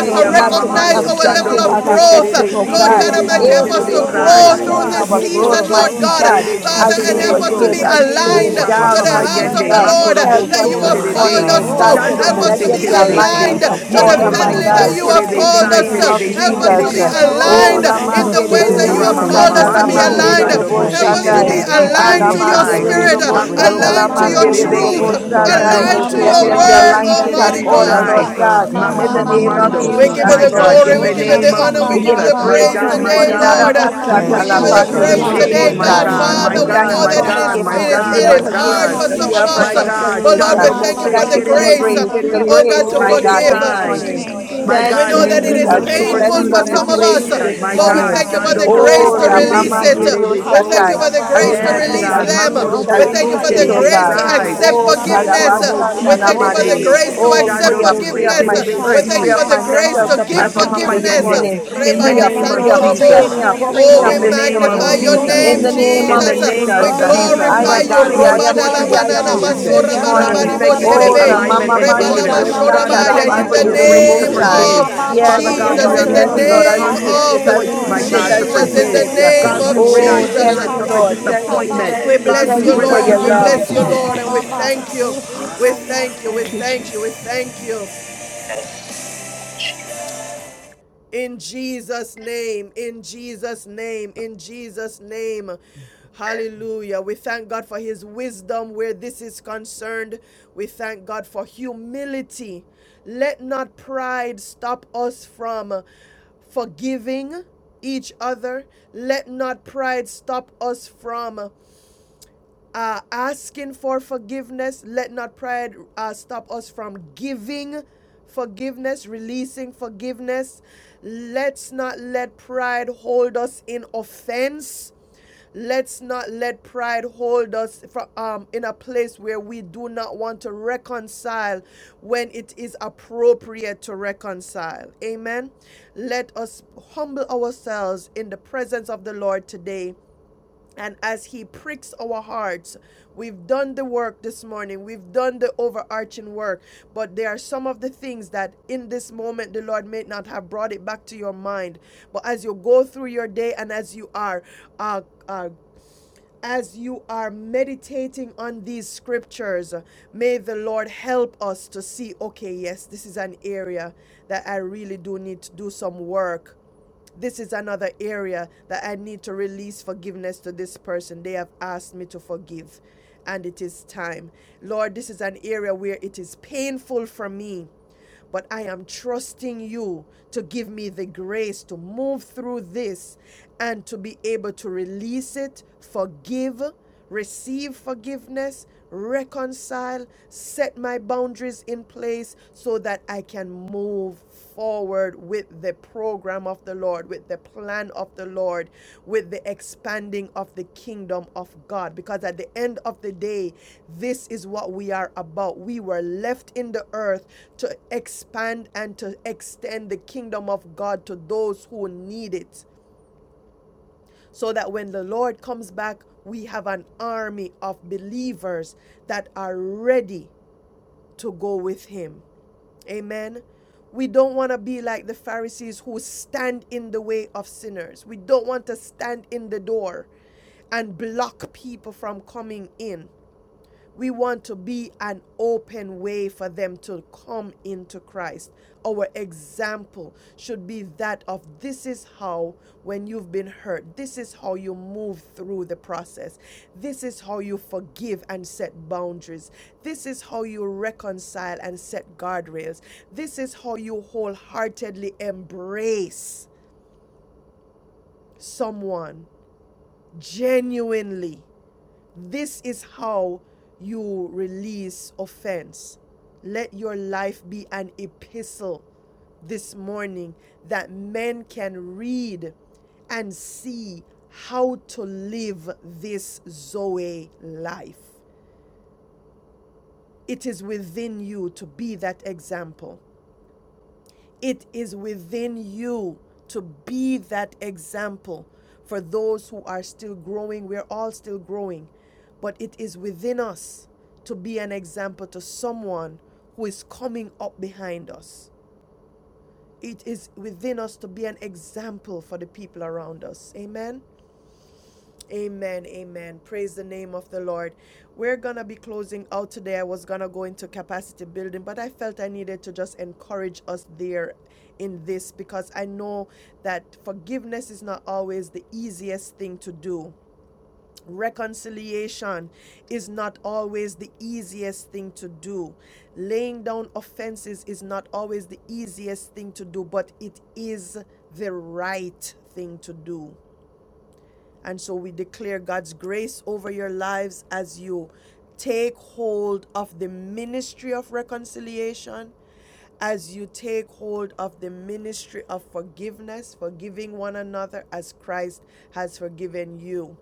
Speaker 17: we
Speaker 1: to
Speaker 2: oh
Speaker 3: ya
Speaker 14: Thank
Speaker 17: find
Speaker 2: God,
Speaker 3: mama
Speaker 2: to
Speaker 14: you.
Speaker 16: Mama
Speaker 2: be
Speaker 12: Lord,
Speaker 1: recognize
Speaker 17: ourselves
Speaker 3: mando.
Speaker 17: in,
Speaker 1: our
Speaker 16: Sita
Speaker 12: you
Speaker 17: Lord
Speaker 3: Shando
Speaker 1: level
Speaker 2: effective
Speaker 1: of
Speaker 16: Baba
Speaker 3: mo
Speaker 17: God.
Speaker 2: and
Speaker 3: se
Speaker 16: Baba.
Speaker 1: growth.
Speaker 2: effective,
Speaker 3: terebe
Speaker 2: oh
Speaker 3: si
Speaker 1: Lord
Speaker 16: Mama
Speaker 2: God,
Speaker 17: That
Speaker 1: God
Speaker 17: you
Speaker 3: terebe
Speaker 17: can
Speaker 16: Mama
Speaker 1: Almighty,
Speaker 17: be
Speaker 3: so
Speaker 17: able
Speaker 1: help
Speaker 2: in
Speaker 17: to
Speaker 1: us
Speaker 2: the
Speaker 16: Mama
Speaker 1: to
Speaker 3: terebe
Speaker 17: pull
Speaker 2: robo
Speaker 16: Mama
Speaker 17: us
Speaker 3: sai.
Speaker 1: grow
Speaker 17: out,
Speaker 2: shata,
Speaker 1: through
Speaker 2: in
Speaker 17: Lord
Speaker 1: this
Speaker 16: Mama.
Speaker 2: our
Speaker 17: God,
Speaker 3: Ye
Speaker 17: and to
Speaker 2: growth,
Speaker 16: Eh
Speaker 1: season,
Speaker 17: lead
Speaker 3: korobo
Speaker 16: ta
Speaker 1: Lord
Speaker 3: si
Speaker 2: mighty
Speaker 17: and
Speaker 16: ta
Speaker 1: God.
Speaker 2: God,
Speaker 16: ta.
Speaker 3: terebe
Speaker 17: direct
Speaker 3: si
Speaker 8: Oh
Speaker 17: us,
Speaker 1: Father,
Speaker 2: as
Speaker 1: and
Speaker 2: we
Speaker 16: No
Speaker 17: Lord,
Speaker 3: terebe
Speaker 16: no
Speaker 1: help
Speaker 17: in
Speaker 8: God,
Speaker 16: no
Speaker 1: us
Speaker 17: the
Speaker 1: to
Speaker 16: no
Speaker 3: so.
Speaker 8: help
Speaker 2: forgive,
Speaker 1: be
Speaker 8: us
Speaker 16: no
Speaker 17: name
Speaker 2: as
Speaker 8: to
Speaker 17: of
Speaker 16: no
Speaker 2: we
Speaker 16: no
Speaker 2: lay
Speaker 8: choose
Speaker 16: no.
Speaker 1: aligned
Speaker 2: it
Speaker 3: O
Speaker 8: to
Speaker 16: no.
Speaker 17: Jesus.
Speaker 3: rapa
Speaker 1: to
Speaker 2: down,
Speaker 3: papa
Speaker 1: the house
Speaker 8: forgive.
Speaker 16: In
Speaker 2: mighty
Speaker 16: the
Speaker 1: of
Speaker 3: yende.
Speaker 1: the
Speaker 2: God.
Speaker 16: name
Speaker 17: Glory
Speaker 1: Lord
Speaker 16: of
Speaker 17: to
Speaker 2: Help
Speaker 3: Makorobo
Speaker 17: your
Speaker 1: that
Speaker 2: us
Speaker 1: you
Speaker 3: so
Speaker 2: this
Speaker 1: have
Speaker 17: name,
Speaker 16: Jesus.
Speaker 17: Lord.
Speaker 8: Oh
Speaker 2: morning,
Speaker 1: called
Speaker 3: terebe.
Speaker 1: us
Speaker 2: oh
Speaker 17: Glory
Speaker 1: to.
Speaker 17: to
Speaker 2: God, to
Speaker 17: your
Speaker 8: God,
Speaker 3: Shando
Speaker 1: Help
Speaker 3: mo
Speaker 16: Oh
Speaker 1: us
Speaker 2: let
Speaker 3: se
Speaker 1: to
Speaker 8: cancel
Speaker 17: name,
Speaker 2: there
Speaker 8: the
Speaker 1: be
Speaker 2: be
Speaker 17: glory to
Speaker 3: terebe
Speaker 8: spirit
Speaker 16: Jesus.
Speaker 8: of
Speaker 17: your
Speaker 1: aligned
Speaker 2: alignment
Speaker 3: si.
Speaker 2: and
Speaker 17: name.
Speaker 1: to
Speaker 3: Ye
Speaker 12: Yes,
Speaker 1: the
Speaker 2: order,
Speaker 8: disappointment
Speaker 1: family
Speaker 2: my
Speaker 16: Maya
Speaker 3: korobo
Speaker 8: and
Speaker 16: sa
Speaker 2: God,
Speaker 3: so
Speaker 8: hurt.
Speaker 1: you
Speaker 16: sa
Speaker 17: Oh,
Speaker 1: have
Speaker 12: yes,
Speaker 17: God,
Speaker 3: terebe
Speaker 16: sa
Speaker 2: in the
Speaker 16: sa
Speaker 1: called
Speaker 3: sai
Speaker 17: whatever
Speaker 1: us.
Speaker 17: we
Speaker 16: sa.
Speaker 2: name of
Speaker 3: terebe
Speaker 17: shake it,
Speaker 3: si
Speaker 1: Help
Speaker 17: it
Speaker 16: Woro
Speaker 1: us
Speaker 12: Thank
Speaker 1: to
Speaker 17: was
Speaker 16: ba
Speaker 1: be
Speaker 16: ba
Speaker 3: terebe
Speaker 2: Jesus.
Speaker 17: sick, it
Speaker 16: ba ba
Speaker 17: was
Speaker 2: Oh,
Speaker 16: ba
Speaker 1: aligned
Speaker 3: so.
Speaker 2: la
Speaker 16: ba
Speaker 17: Sunday.
Speaker 8: Give
Speaker 16: ba.
Speaker 1: in the
Speaker 8: us
Speaker 2: mande
Speaker 8: the
Speaker 2: de
Speaker 1: ways
Speaker 2: de
Speaker 1: that
Speaker 2: de
Speaker 3: Oh,
Speaker 16: na na
Speaker 1: you
Speaker 2: bo
Speaker 8: grace
Speaker 1: have
Speaker 8: to let
Speaker 16: Mama
Speaker 1: called
Speaker 16: mama
Speaker 8: go
Speaker 1: us
Speaker 2: standa,
Speaker 8: of
Speaker 2: la
Speaker 1: to
Speaker 17: Oh,
Speaker 8: the
Speaker 1: be
Speaker 3: Ramamamamando,
Speaker 17: God,
Speaker 16: shia
Speaker 17: my
Speaker 2: mande de
Speaker 1: aligned.
Speaker 16: sa
Speaker 2: de
Speaker 17: God,
Speaker 8: offenses,
Speaker 17: what
Speaker 2: bo
Speaker 17: a
Speaker 3: Shandobo
Speaker 16: sa.
Speaker 1: Help
Speaker 3: se
Speaker 8: mighty
Speaker 1: us
Speaker 17: shake it,
Speaker 1: to
Speaker 2: standa.
Speaker 16: Yeah
Speaker 17: it was
Speaker 1: be
Speaker 3: terebe,
Speaker 8: God.
Speaker 3: si
Speaker 17: shook,
Speaker 8: Give
Speaker 1: aligned
Speaker 3: terebe
Speaker 1: to
Speaker 8: us the
Speaker 17: shook,
Speaker 1: your
Speaker 3: sai.
Speaker 2: Alamandere do
Speaker 8: grace
Speaker 17: shook.
Speaker 1: spirit,
Speaker 2: do
Speaker 8: to
Speaker 16: ma,
Speaker 8: get rid
Speaker 2: bosta,
Speaker 16: ma
Speaker 8: of the
Speaker 16: ma
Speaker 3: Hakurobo
Speaker 1: aligned to
Speaker 16: ma
Speaker 3: si
Speaker 1: your
Speaker 8: hurt
Speaker 16: ma
Speaker 2: talamandere
Speaker 16: ma
Speaker 8: and
Speaker 2: do
Speaker 14: oh,
Speaker 2: do
Speaker 8: what
Speaker 1: truth,
Speaker 3: terebe,
Speaker 8: was
Speaker 2: bosta,
Speaker 8: done
Speaker 14: Jesus,
Speaker 8: to
Speaker 2: nai.
Speaker 17: Hallelujah,
Speaker 3: Shandomo
Speaker 8: us,
Speaker 1: aligned
Speaker 16: ma
Speaker 1: to
Speaker 8: oh
Speaker 3: se
Speaker 16: ma
Speaker 2: Let
Speaker 1: your
Speaker 2: there
Speaker 16: ma ma
Speaker 2: be
Speaker 8: God.
Speaker 17: Jesus.
Speaker 3: terebe,
Speaker 16: ma
Speaker 1: word,
Speaker 3: si
Speaker 2: alignment and
Speaker 1: Almighty
Speaker 3: terebe
Speaker 1: God.
Speaker 2: order,
Speaker 17: Hallelujah.
Speaker 8: Release
Speaker 3: sai.
Speaker 2: Lord
Speaker 8: us, oh
Speaker 2: God,
Speaker 14: oh,
Speaker 8: God, of
Speaker 2: in
Speaker 8: the
Speaker 2: the
Speaker 14: shit,
Speaker 16: ma
Speaker 14: da,
Speaker 16: ma
Speaker 2: name
Speaker 14: da,
Speaker 2: of
Speaker 8: need
Speaker 16: ma
Speaker 14: da,
Speaker 8: to
Speaker 3: Mamamamamando,
Speaker 16: ma,
Speaker 1: We
Speaker 14: da,
Speaker 8: take
Speaker 1: give
Speaker 14: da,
Speaker 1: you
Speaker 2: Jesus,
Speaker 3: my
Speaker 16: sha.
Speaker 17: Hallelujah,
Speaker 14: da,
Speaker 1: the
Speaker 2: Lord.
Speaker 3: God,
Speaker 8: revenge
Speaker 14: da,
Speaker 3: in
Speaker 1: glory,
Speaker 16: Oh
Speaker 8: and
Speaker 3: the
Speaker 1: we give
Speaker 17: Jesus.
Speaker 1: you
Speaker 16: sha
Speaker 1: the
Speaker 3: name
Speaker 17: Thank
Speaker 16: ta
Speaker 3: of
Speaker 8: vengeance.
Speaker 1: honor,
Speaker 16: ba
Speaker 1: we
Speaker 2: We
Speaker 17: you,
Speaker 1: give
Speaker 16: ba
Speaker 2: give
Speaker 1: you
Speaker 2: you
Speaker 3: Jesus,
Speaker 1: the
Speaker 16: ba
Speaker 3: my
Speaker 17: Jesus.
Speaker 16: ba
Speaker 2: praise
Speaker 1: praise
Speaker 3: God,
Speaker 2: this
Speaker 16: ba.
Speaker 3: my
Speaker 1: today,
Speaker 2: morning,
Speaker 17: I
Speaker 3: God,
Speaker 1: Lord.
Speaker 16: Mama,
Speaker 17: cover
Speaker 3: we
Speaker 17: the
Speaker 1: We
Speaker 16: mama,
Speaker 8: Thank
Speaker 1: give
Speaker 8: you,
Speaker 1: you
Speaker 17: sick
Speaker 3: mature
Speaker 8: oh
Speaker 1: the
Speaker 17: of
Speaker 3: through the
Speaker 17: this
Speaker 1: praise
Speaker 8: God,
Speaker 17: shit
Speaker 16: mashia,
Speaker 8: that you
Speaker 17: and
Speaker 3: pain,
Speaker 8: are
Speaker 1: today,
Speaker 17: that
Speaker 3: my
Speaker 14: da.
Speaker 1: God,
Speaker 2: Arabashatalapandididodobosai.
Speaker 8: helping
Speaker 16: yana
Speaker 17: shit.
Speaker 3: God,
Speaker 14: oh,
Speaker 8: us,
Speaker 3: my
Speaker 17: and-
Speaker 2: We
Speaker 1: Father.
Speaker 14: oh,
Speaker 8: Holy
Speaker 1: We
Speaker 3: God,
Speaker 2: thank you
Speaker 16: nasika
Speaker 1: know
Speaker 3: my
Speaker 1: that
Speaker 2: for
Speaker 8: Spirit.
Speaker 1: it is,
Speaker 3: God,
Speaker 16: baba
Speaker 14: me.
Speaker 3: my
Speaker 2: forgiveness,
Speaker 1: it
Speaker 16: ba,
Speaker 1: is,
Speaker 2: a
Speaker 3: God,
Speaker 2: day of
Speaker 3: my
Speaker 1: it is
Speaker 3: God.
Speaker 2: forgiveness,
Speaker 16: oshika
Speaker 1: for
Speaker 2: a
Speaker 17: Hallelujah,
Speaker 1: some
Speaker 2: day
Speaker 1: of
Speaker 2: of
Speaker 1: us.
Speaker 3: My
Speaker 17: Jesus.
Speaker 16: yese,
Speaker 17: Thank you
Speaker 3: God,
Speaker 1: But
Speaker 17: for
Speaker 1: Lord,
Speaker 17: your
Speaker 1: we
Speaker 3: Shando
Speaker 2: reconciliation.
Speaker 16: mama,
Speaker 3: Mose
Speaker 17: will.
Speaker 1: thank you
Speaker 14: Jesus.
Speaker 1: for
Speaker 17: Thank you
Speaker 2: Thank
Speaker 16: mama,
Speaker 8: Mm,
Speaker 1: the
Speaker 2: you
Speaker 17: for
Speaker 2: for
Speaker 17: your
Speaker 2: the
Speaker 3: Terebe
Speaker 1: grace,
Speaker 16: mama,
Speaker 3: Si
Speaker 17: way.
Speaker 2: grace, the
Speaker 14: Lord
Speaker 16: mama.
Speaker 3: Terebe
Speaker 1: oh
Speaker 14: God
Speaker 1: God,
Speaker 3: So
Speaker 2: grace,
Speaker 1: to
Speaker 2: my
Speaker 17: Thank
Speaker 16: Oh,
Speaker 17: you
Speaker 3: Terebe
Speaker 2: God,
Speaker 1: forgive.
Speaker 2: this
Speaker 16: glory
Speaker 17: for
Speaker 16: to
Speaker 3: sai.
Speaker 17: peace.
Speaker 16: your
Speaker 2: morning.
Speaker 17: Thank you
Speaker 12: you.
Speaker 16: name,
Speaker 17: for
Speaker 3: My
Speaker 2: Thank
Speaker 1: We
Speaker 3: God,
Speaker 16: Jesus.
Speaker 2: you,
Speaker 1: know
Speaker 3: may
Speaker 1: that it
Speaker 3: we
Speaker 17: understanding.
Speaker 1: is
Speaker 12: We
Speaker 2: Jesus.
Speaker 17: Thank you
Speaker 2: We
Speaker 17: for
Speaker 3: mature
Speaker 2: bless
Speaker 1: painful
Speaker 16: Roshata
Speaker 3: through
Speaker 2: you
Speaker 3: the
Speaker 12: will
Speaker 1: for
Speaker 2: and
Speaker 17: leading
Speaker 2: we
Speaker 1: some
Speaker 16: baba
Speaker 1: of
Speaker 17: us
Speaker 2: praise
Speaker 17: through
Speaker 1: us,
Speaker 16: si,
Speaker 2: you
Speaker 12: learn
Speaker 3: situation.
Speaker 17: the
Speaker 2: this
Speaker 12: to
Speaker 3: My
Speaker 1: But we
Speaker 16: yana
Speaker 3: God,
Speaker 2: morning.
Speaker 12: be
Speaker 1: thank you for
Speaker 17: life
Speaker 1: the
Speaker 3: Shando
Speaker 12: You,
Speaker 17: of
Speaker 3: Mose
Speaker 16: nasika
Speaker 17: a
Speaker 1: grace.
Speaker 2: Oh,
Speaker 12: Have
Speaker 16: baba
Speaker 12: your way,
Speaker 3: Terebe
Speaker 17: forgiving
Speaker 16: si,
Speaker 3: Si
Speaker 17: life,
Speaker 12: Spirit of
Speaker 3: Terebe
Speaker 12: the
Speaker 1: we
Speaker 17: Lord.
Speaker 12: living
Speaker 1: thank
Speaker 16: oshata
Speaker 2: Rabamandidiosatai.
Speaker 3: So.
Speaker 1: you for the
Speaker 16: baba
Speaker 2: I
Speaker 1: grace to
Speaker 16: baba
Speaker 3: Yes,
Speaker 12: God.
Speaker 2: release
Speaker 12: We
Speaker 2: it,
Speaker 1: release
Speaker 2: I
Speaker 3: God,
Speaker 16: baba,
Speaker 17: Hallelujah,
Speaker 1: them.
Speaker 2: release
Speaker 12: bless
Speaker 2: it,
Speaker 17: because
Speaker 2: I
Speaker 12: you,
Speaker 1: We
Speaker 3: Makorobo
Speaker 17: we
Speaker 1: thank
Speaker 17: are
Speaker 1: you
Speaker 3: So
Speaker 2: release
Speaker 16: otata
Speaker 1: for
Speaker 2: it,
Speaker 1: the
Speaker 12: Lord,
Speaker 2: oh
Speaker 12: bless
Speaker 3: Terebe
Speaker 17: human,
Speaker 1: grace
Speaker 2: God.
Speaker 1: to
Speaker 12: you,
Speaker 17: Lord
Speaker 16: yese,
Speaker 3: Sai.
Speaker 12: people.
Speaker 1: accept
Speaker 17: Jesus, and
Speaker 2: Oh,
Speaker 17: we
Speaker 12: We
Speaker 17: all
Speaker 3: Ye
Speaker 12: will
Speaker 17: made
Speaker 1: forgiveness.
Speaker 12: be
Speaker 3: Korobo
Speaker 12: with
Speaker 16: nanarasata.
Speaker 3: Si
Speaker 12: you,
Speaker 1: We
Speaker 17: mistakes.
Speaker 1: thank you
Speaker 16: Oh,
Speaker 1: for the
Speaker 2: Shadabasandalamande.
Speaker 3: Terebe.
Speaker 16: Jesus,
Speaker 1: grace to
Speaker 12: Lord,
Speaker 2: Oh,
Speaker 17: So
Speaker 12: bless
Speaker 1: accept.
Speaker 2: free
Speaker 3: Shando
Speaker 12: your
Speaker 17: thank
Speaker 2: up,
Speaker 16: Jesus.
Speaker 17: you,
Speaker 2: free
Speaker 3: Mose
Speaker 2: up
Speaker 12: people.
Speaker 17: Lord
Speaker 2: my
Speaker 3: Terebe
Speaker 1: We
Speaker 2: spirit,
Speaker 12: We will
Speaker 1: thank you
Speaker 2: free
Speaker 16: Roshata
Speaker 3: Si.
Speaker 17: Jesus.
Speaker 2: up
Speaker 1: for
Speaker 12: be
Speaker 1: the
Speaker 2: my
Speaker 16: baba
Speaker 12: with
Speaker 1: grace
Speaker 2: mental
Speaker 17: We
Speaker 16: baba
Speaker 3: Yapa
Speaker 17: thank
Speaker 12: you,
Speaker 16: shika
Speaker 17: you,
Speaker 2: capacity
Speaker 12: We
Speaker 3: Papa
Speaker 2: this
Speaker 17: Jesus,
Speaker 16: mama.
Speaker 3: Yende.
Speaker 2: morning.
Speaker 17: that you
Speaker 3: In the
Speaker 2: Free
Speaker 17: can
Speaker 2: up,
Speaker 12: will
Speaker 3: name
Speaker 16: Mama,
Speaker 17: lead
Speaker 3: of
Speaker 2: free up,
Speaker 12: be
Speaker 17: us
Speaker 16: mama,
Speaker 12: with
Speaker 2: free
Speaker 3: Jesus.
Speaker 16: she
Speaker 2: me
Speaker 12: you,
Speaker 2: up,
Speaker 16: for the
Speaker 2: free
Speaker 12: Thank you.
Speaker 2: me
Speaker 1: Oh, we
Speaker 2: up
Speaker 3: In the
Speaker 16: soul.
Speaker 2: this
Speaker 17: through
Speaker 3: name
Speaker 17: the
Speaker 3: of
Speaker 1: magnify
Speaker 2: morning.
Speaker 16: Oh,
Speaker 17: power of
Speaker 1: your
Speaker 17: the
Speaker 16: to,
Speaker 3: Jesus
Speaker 2: In
Speaker 16: to,
Speaker 1: name,
Speaker 17: Holy
Speaker 2: the
Speaker 16: to,
Speaker 2: name
Speaker 3: in
Speaker 2: of
Speaker 3: the
Speaker 17: Ghost.
Speaker 16: to.
Speaker 1: Jesus.
Speaker 3: name
Speaker 2: Jesus,
Speaker 3: of
Speaker 1: We
Speaker 2: uh,
Speaker 16: Mama,
Speaker 3: Jesus.
Speaker 2: I
Speaker 16: mama,
Speaker 3: My
Speaker 1: glorify
Speaker 2: am
Speaker 17: Hallelujah,
Speaker 1: you,
Speaker 3: God, we
Speaker 2: free,
Speaker 16: mama,
Speaker 2: I
Speaker 1: Roba
Speaker 2: am
Speaker 17: Jesus.
Speaker 3: mature
Speaker 16: mama,
Speaker 3: through
Speaker 2: free,
Speaker 3: the
Speaker 2: I
Speaker 17: Glory
Speaker 2: am
Speaker 17: be
Speaker 1: Dalamanana
Speaker 16: mama.
Speaker 17: to
Speaker 2: free
Speaker 17: your
Speaker 3: situation.
Speaker 2: this
Speaker 1: Masora
Speaker 17: name.
Speaker 16: Yana,
Speaker 3: God, we
Speaker 2: morning.
Speaker 8: mm,
Speaker 16: na,
Speaker 1: Barabaribo
Speaker 3: thank
Speaker 16: na,
Speaker 3: you
Speaker 16: na,
Speaker 3: for the
Speaker 2: Oh,
Speaker 16: si.
Speaker 17: Praise
Speaker 3: alignment
Speaker 2: Ramama
Speaker 3: and
Speaker 17: be
Speaker 2: Mandi,
Speaker 17: to your
Speaker 3: order.
Speaker 16: Yana, na,
Speaker 17: name.
Speaker 3: God,
Speaker 16: si,
Speaker 3: we
Speaker 17: Glory
Speaker 3: thank you
Speaker 16: kaba,
Speaker 17: be
Speaker 1: in
Speaker 3: for
Speaker 2: Yosatarapandi,
Speaker 1: the
Speaker 17: to
Speaker 3: your
Speaker 17: your
Speaker 16: say.
Speaker 3: grace to
Speaker 1: name
Speaker 17: name.
Speaker 16: Yoshi,
Speaker 17: Lord
Speaker 2: Rodobosai.
Speaker 3: forgive.
Speaker 1: of
Speaker 16: kaba,
Speaker 17: Jesus, we
Speaker 16: ba,
Speaker 2: Yes,
Speaker 3: Father
Speaker 16: ba, ba,
Speaker 3: God,
Speaker 17: thank
Speaker 1: Jesus,
Speaker 3: we
Speaker 2: Lord,
Speaker 16: ba,
Speaker 17: you.
Speaker 3: are
Speaker 1: in the
Speaker 2: yes,
Speaker 16: so.
Speaker 3: making a
Speaker 2: Lord, I
Speaker 1: name
Speaker 16: Have
Speaker 3: conscious
Speaker 2: release
Speaker 16: your
Speaker 1: of
Speaker 2: it,
Speaker 16: way,
Speaker 2: I
Speaker 3: choice,
Speaker 17: Thank you for
Speaker 3: my
Speaker 2: release
Speaker 16: Lord.
Speaker 17: your
Speaker 2: it,
Speaker 3: God,
Speaker 2: I
Speaker 3: to
Speaker 17: grace.
Speaker 14: to
Speaker 1: Jesus,
Speaker 17: We
Speaker 16: Have
Speaker 2: release
Speaker 1: in
Speaker 16: your
Speaker 3: forgive.
Speaker 17: thank
Speaker 1: the
Speaker 2: it.
Speaker 16: way,
Speaker 17: you
Speaker 2: Uh,
Speaker 17: for
Speaker 14: release,
Speaker 1: name
Speaker 3: God,
Speaker 16: Lord.
Speaker 1: of
Speaker 3: we
Speaker 17: peace.
Speaker 3: rid our
Speaker 2: Oh,
Speaker 1: Jesus.
Speaker 16: Yoshi,
Speaker 2: thank
Speaker 3: spirits
Speaker 2: you,
Speaker 3: of the
Speaker 16: kaba,
Speaker 2: Lord.
Speaker 17: Hallelujah.
Speaker 16: si,
Speaker 2: Thank you,
Speaker 16: kaba,
Speaker 3: disappointment.
Speaker 1: We
Speaker 2: thank
Speaker 16: si.
Speaker 2: you,
Speaker 3: God, we
Speaker 1: bless
Speaker 2: thank
Speaker 1: you,
Speaker 2: you
Speaker 3: rid
Speaker 14: release
Speaker 2: for
Speaker 14: the
Speaker 3: our
Speaker 16: Yana,
Speaker 17: Glory,
Speaker 1: Lord.
Speaker 2: your
Speaker 1: We
Speaker 16: na,
Speaker 3: spirits
Speaker 14: fun.
Speaker 2: love.
Speaker 16: sa,
Speaker 17: Jesus.
Speaker 1: bless you,
Speaker 16: ta,
Speaker 5: Amen.
Speaker 1: Lord,
Speaker 16: ba,
Speaker 17: Thank
Speaker 1: and
Speaker 17: you,
Speaker 16: ba,
Speaker 1: we
Speaker 16: ba.
Speaker 17: Lord.
Speaker 1: thank you.
Speaker 16: Yoshi,
Speaker 1: We
Speaker 16: kaya,
Speaker 1: thank you. We
Speaker 17: Thank you,
Speaker 1: thank
Speaker 17: Jesus.
Speaker 1: you. We thank you. In Jesus' name, in Jesus' name, in Jesus' name. Hallelujah. We thank God for his wisdom where this is concerned. We thank God for humility. Let not pride stop us from forgiving each other. Let not pride stop us from uh, asking for forgiveness. Let not pride uh, stop us from giving forgiveness, releasing forgiveness. Let's not let pride hold us in offense. Let's not let pride hold us from, um, in a place where we do not want to reconcile when it is appropriate to reconcile. Amen. Let us humble ourselves in the presence of the Lord today and as He pricks our hearts, we've done the work this morning, we've done the overarching work, but there are some of the things that in this moment the Lord may not have brought it back to your mind. But as you go through your day and as you are, uh, uh, as you are meditating on these scriptures, may the Lord help us to see okay, yes, this is an area that I really do need to do some work this is another area that I need to release forgiveness to this person. They have asked me to forgive, and it is time. Lord, this is an area where it is painful for me, but I am trusting you to give me the grace to move through this and to be able to release it, forgive, receive forgiveness, reconcile, set my boundaries in place so that I can move forward with the program of the Lord, with the plan of the Lord, with the expanding of the kingdom of God. Because at the end of the day, this is what we are about. We were left in the earth to expand and to extend the kingdom of God to those who need it so that when the Lord comes back, we have an army of believers that are ready to go with him. Amen. We don't want to be like the Pharisees who stand in the way of sinners. We don't want to stand in the door and block people from coming in. We want to be an open way for them to come into Christ. Our example should be that of this is how, when you've been hurt, this is how you move through the process. This is how you forgive and set boundaries. This is how you reconcile and set guardrails. This is how you wholeheartedly embrace someone genuinely this is how you release offense. Let your life be an epistle this morning that men can read and see how to live this Zoe life. It is within you to be that example. It is within you to be that example for those who are still growing. We're all still growing, but it is within us to be an example to someone who is coming up behind us. It is within us to be an example for the people around us. Amen. Amen, amen. Praise the name of the Lord. We're going to be closing out today. I was going to go into capacity building, but I felt I needed to just encourage us there in this because I know that forgiveness is not always the easiest thing to do. Reconciliation is not always the easiest thing to do. Laying down offenses is not always the easiest thing to do, but it is the right thing to do. And so we declare God's grace over your lives as you take hold of the ministry of reconciliation, as you take hold of the ministry of forgiveness, forgiving one another as Christ has forgiven you.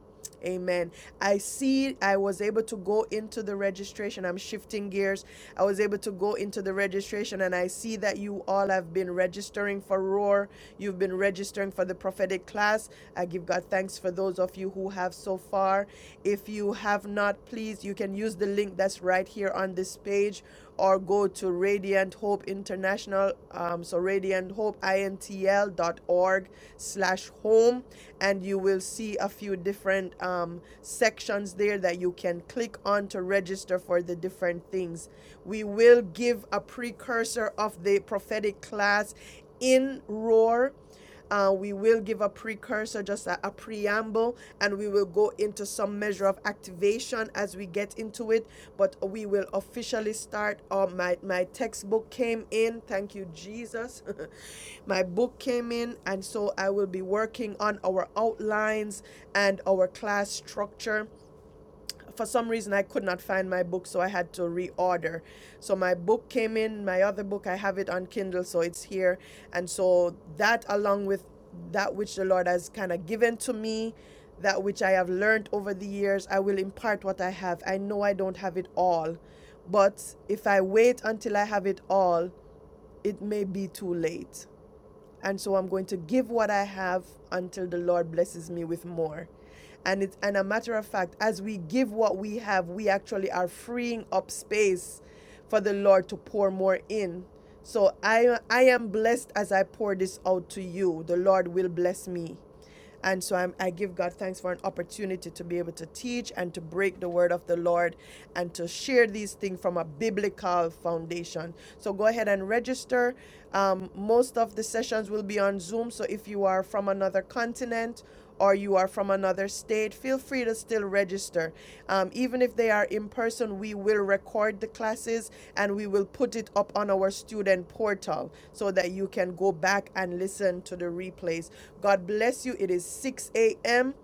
Speaker 1: Amen. I see I was able to go into the registration. I'm shifting gears. I was able to go into the registration and I see that you all have been registering for Roar. You've been registering for the prophetic class. I give God thanks for those of you who have so far. If you have not, please, you can use the link that's right here on this page or go to Radiant Hope International, um, so radiant hope intl dot org slash home, and you will see a few different um, sections there that you can click on to register for the different things. We will give a precursor of the prophetic class in Roar. Uh, we will give a precursor, just a, a preamble, and we will go into some measure of activation as we get into it. But we will officially start. Uh, my, my textbook came in. Thank you, Jesus. my book came in, and so I will be working on our outlines and our class structure for some reason, I could not find my book, so I had to reorder. So my book came in, my other book, I have it on Kindle, so it's here. And so that, along with that which the Lord has kind of given to me, that which I have learned over the years, I will impart what I have. I know I don't have it all, but if I wait until I have it all, it may be too late and so I'm going to give what I have until the Lord blesses me with more. And it's and a matter of fact, as we give what we have, we actually are freeing up space for the Lord to pour more in. So I I am blessed as I pour this out to you. The Lord will bless me. And so I'm, I give God thanks for an opportunity to be able to teach and to break the word of the Lord and to share these things from a biblical foundation. So go ahead and register. Um, most of the sessions will be on Zoom. So if you are from another continent or you are from another state, feel free to still register. Um, even if they are in person, we will record the classes and we will put it up on our student portal so that you can go back and listen to the replays. God bless you. It is 6 a.m.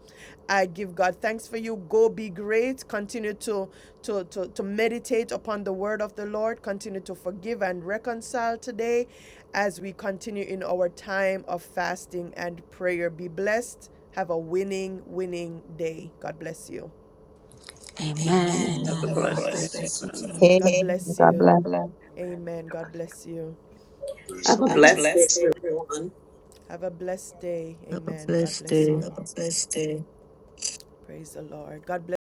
Speaker 1: I give God thanks for you. Go be great. Continue to, to, to, to meditate upon the word of the Lord. Continue to forgive and reconcile today as we continue in our time of fasting and prayer. Be blessed have a winning, winning day. God bless you.
Speaker 17: Have a blessed day, everyone.
Speaker 1: God
Speaker 2: Amen.
Speaker 1: bless
Speaker 2: God
Speaker 1: you.
Speaker 2: bless.
Speaker 1: God bless. Amen. God bless you.
Speaker 19: Have a blessed day, everyone.
Speaker 1: Have a blessed day.
Speaker 14: Have a
Speaker 1: Amen. God
Speaker 14: blessed
Speaker 1: bless
Speaker 14: day.
Speaker 1: you. Praise the Lord. God bless.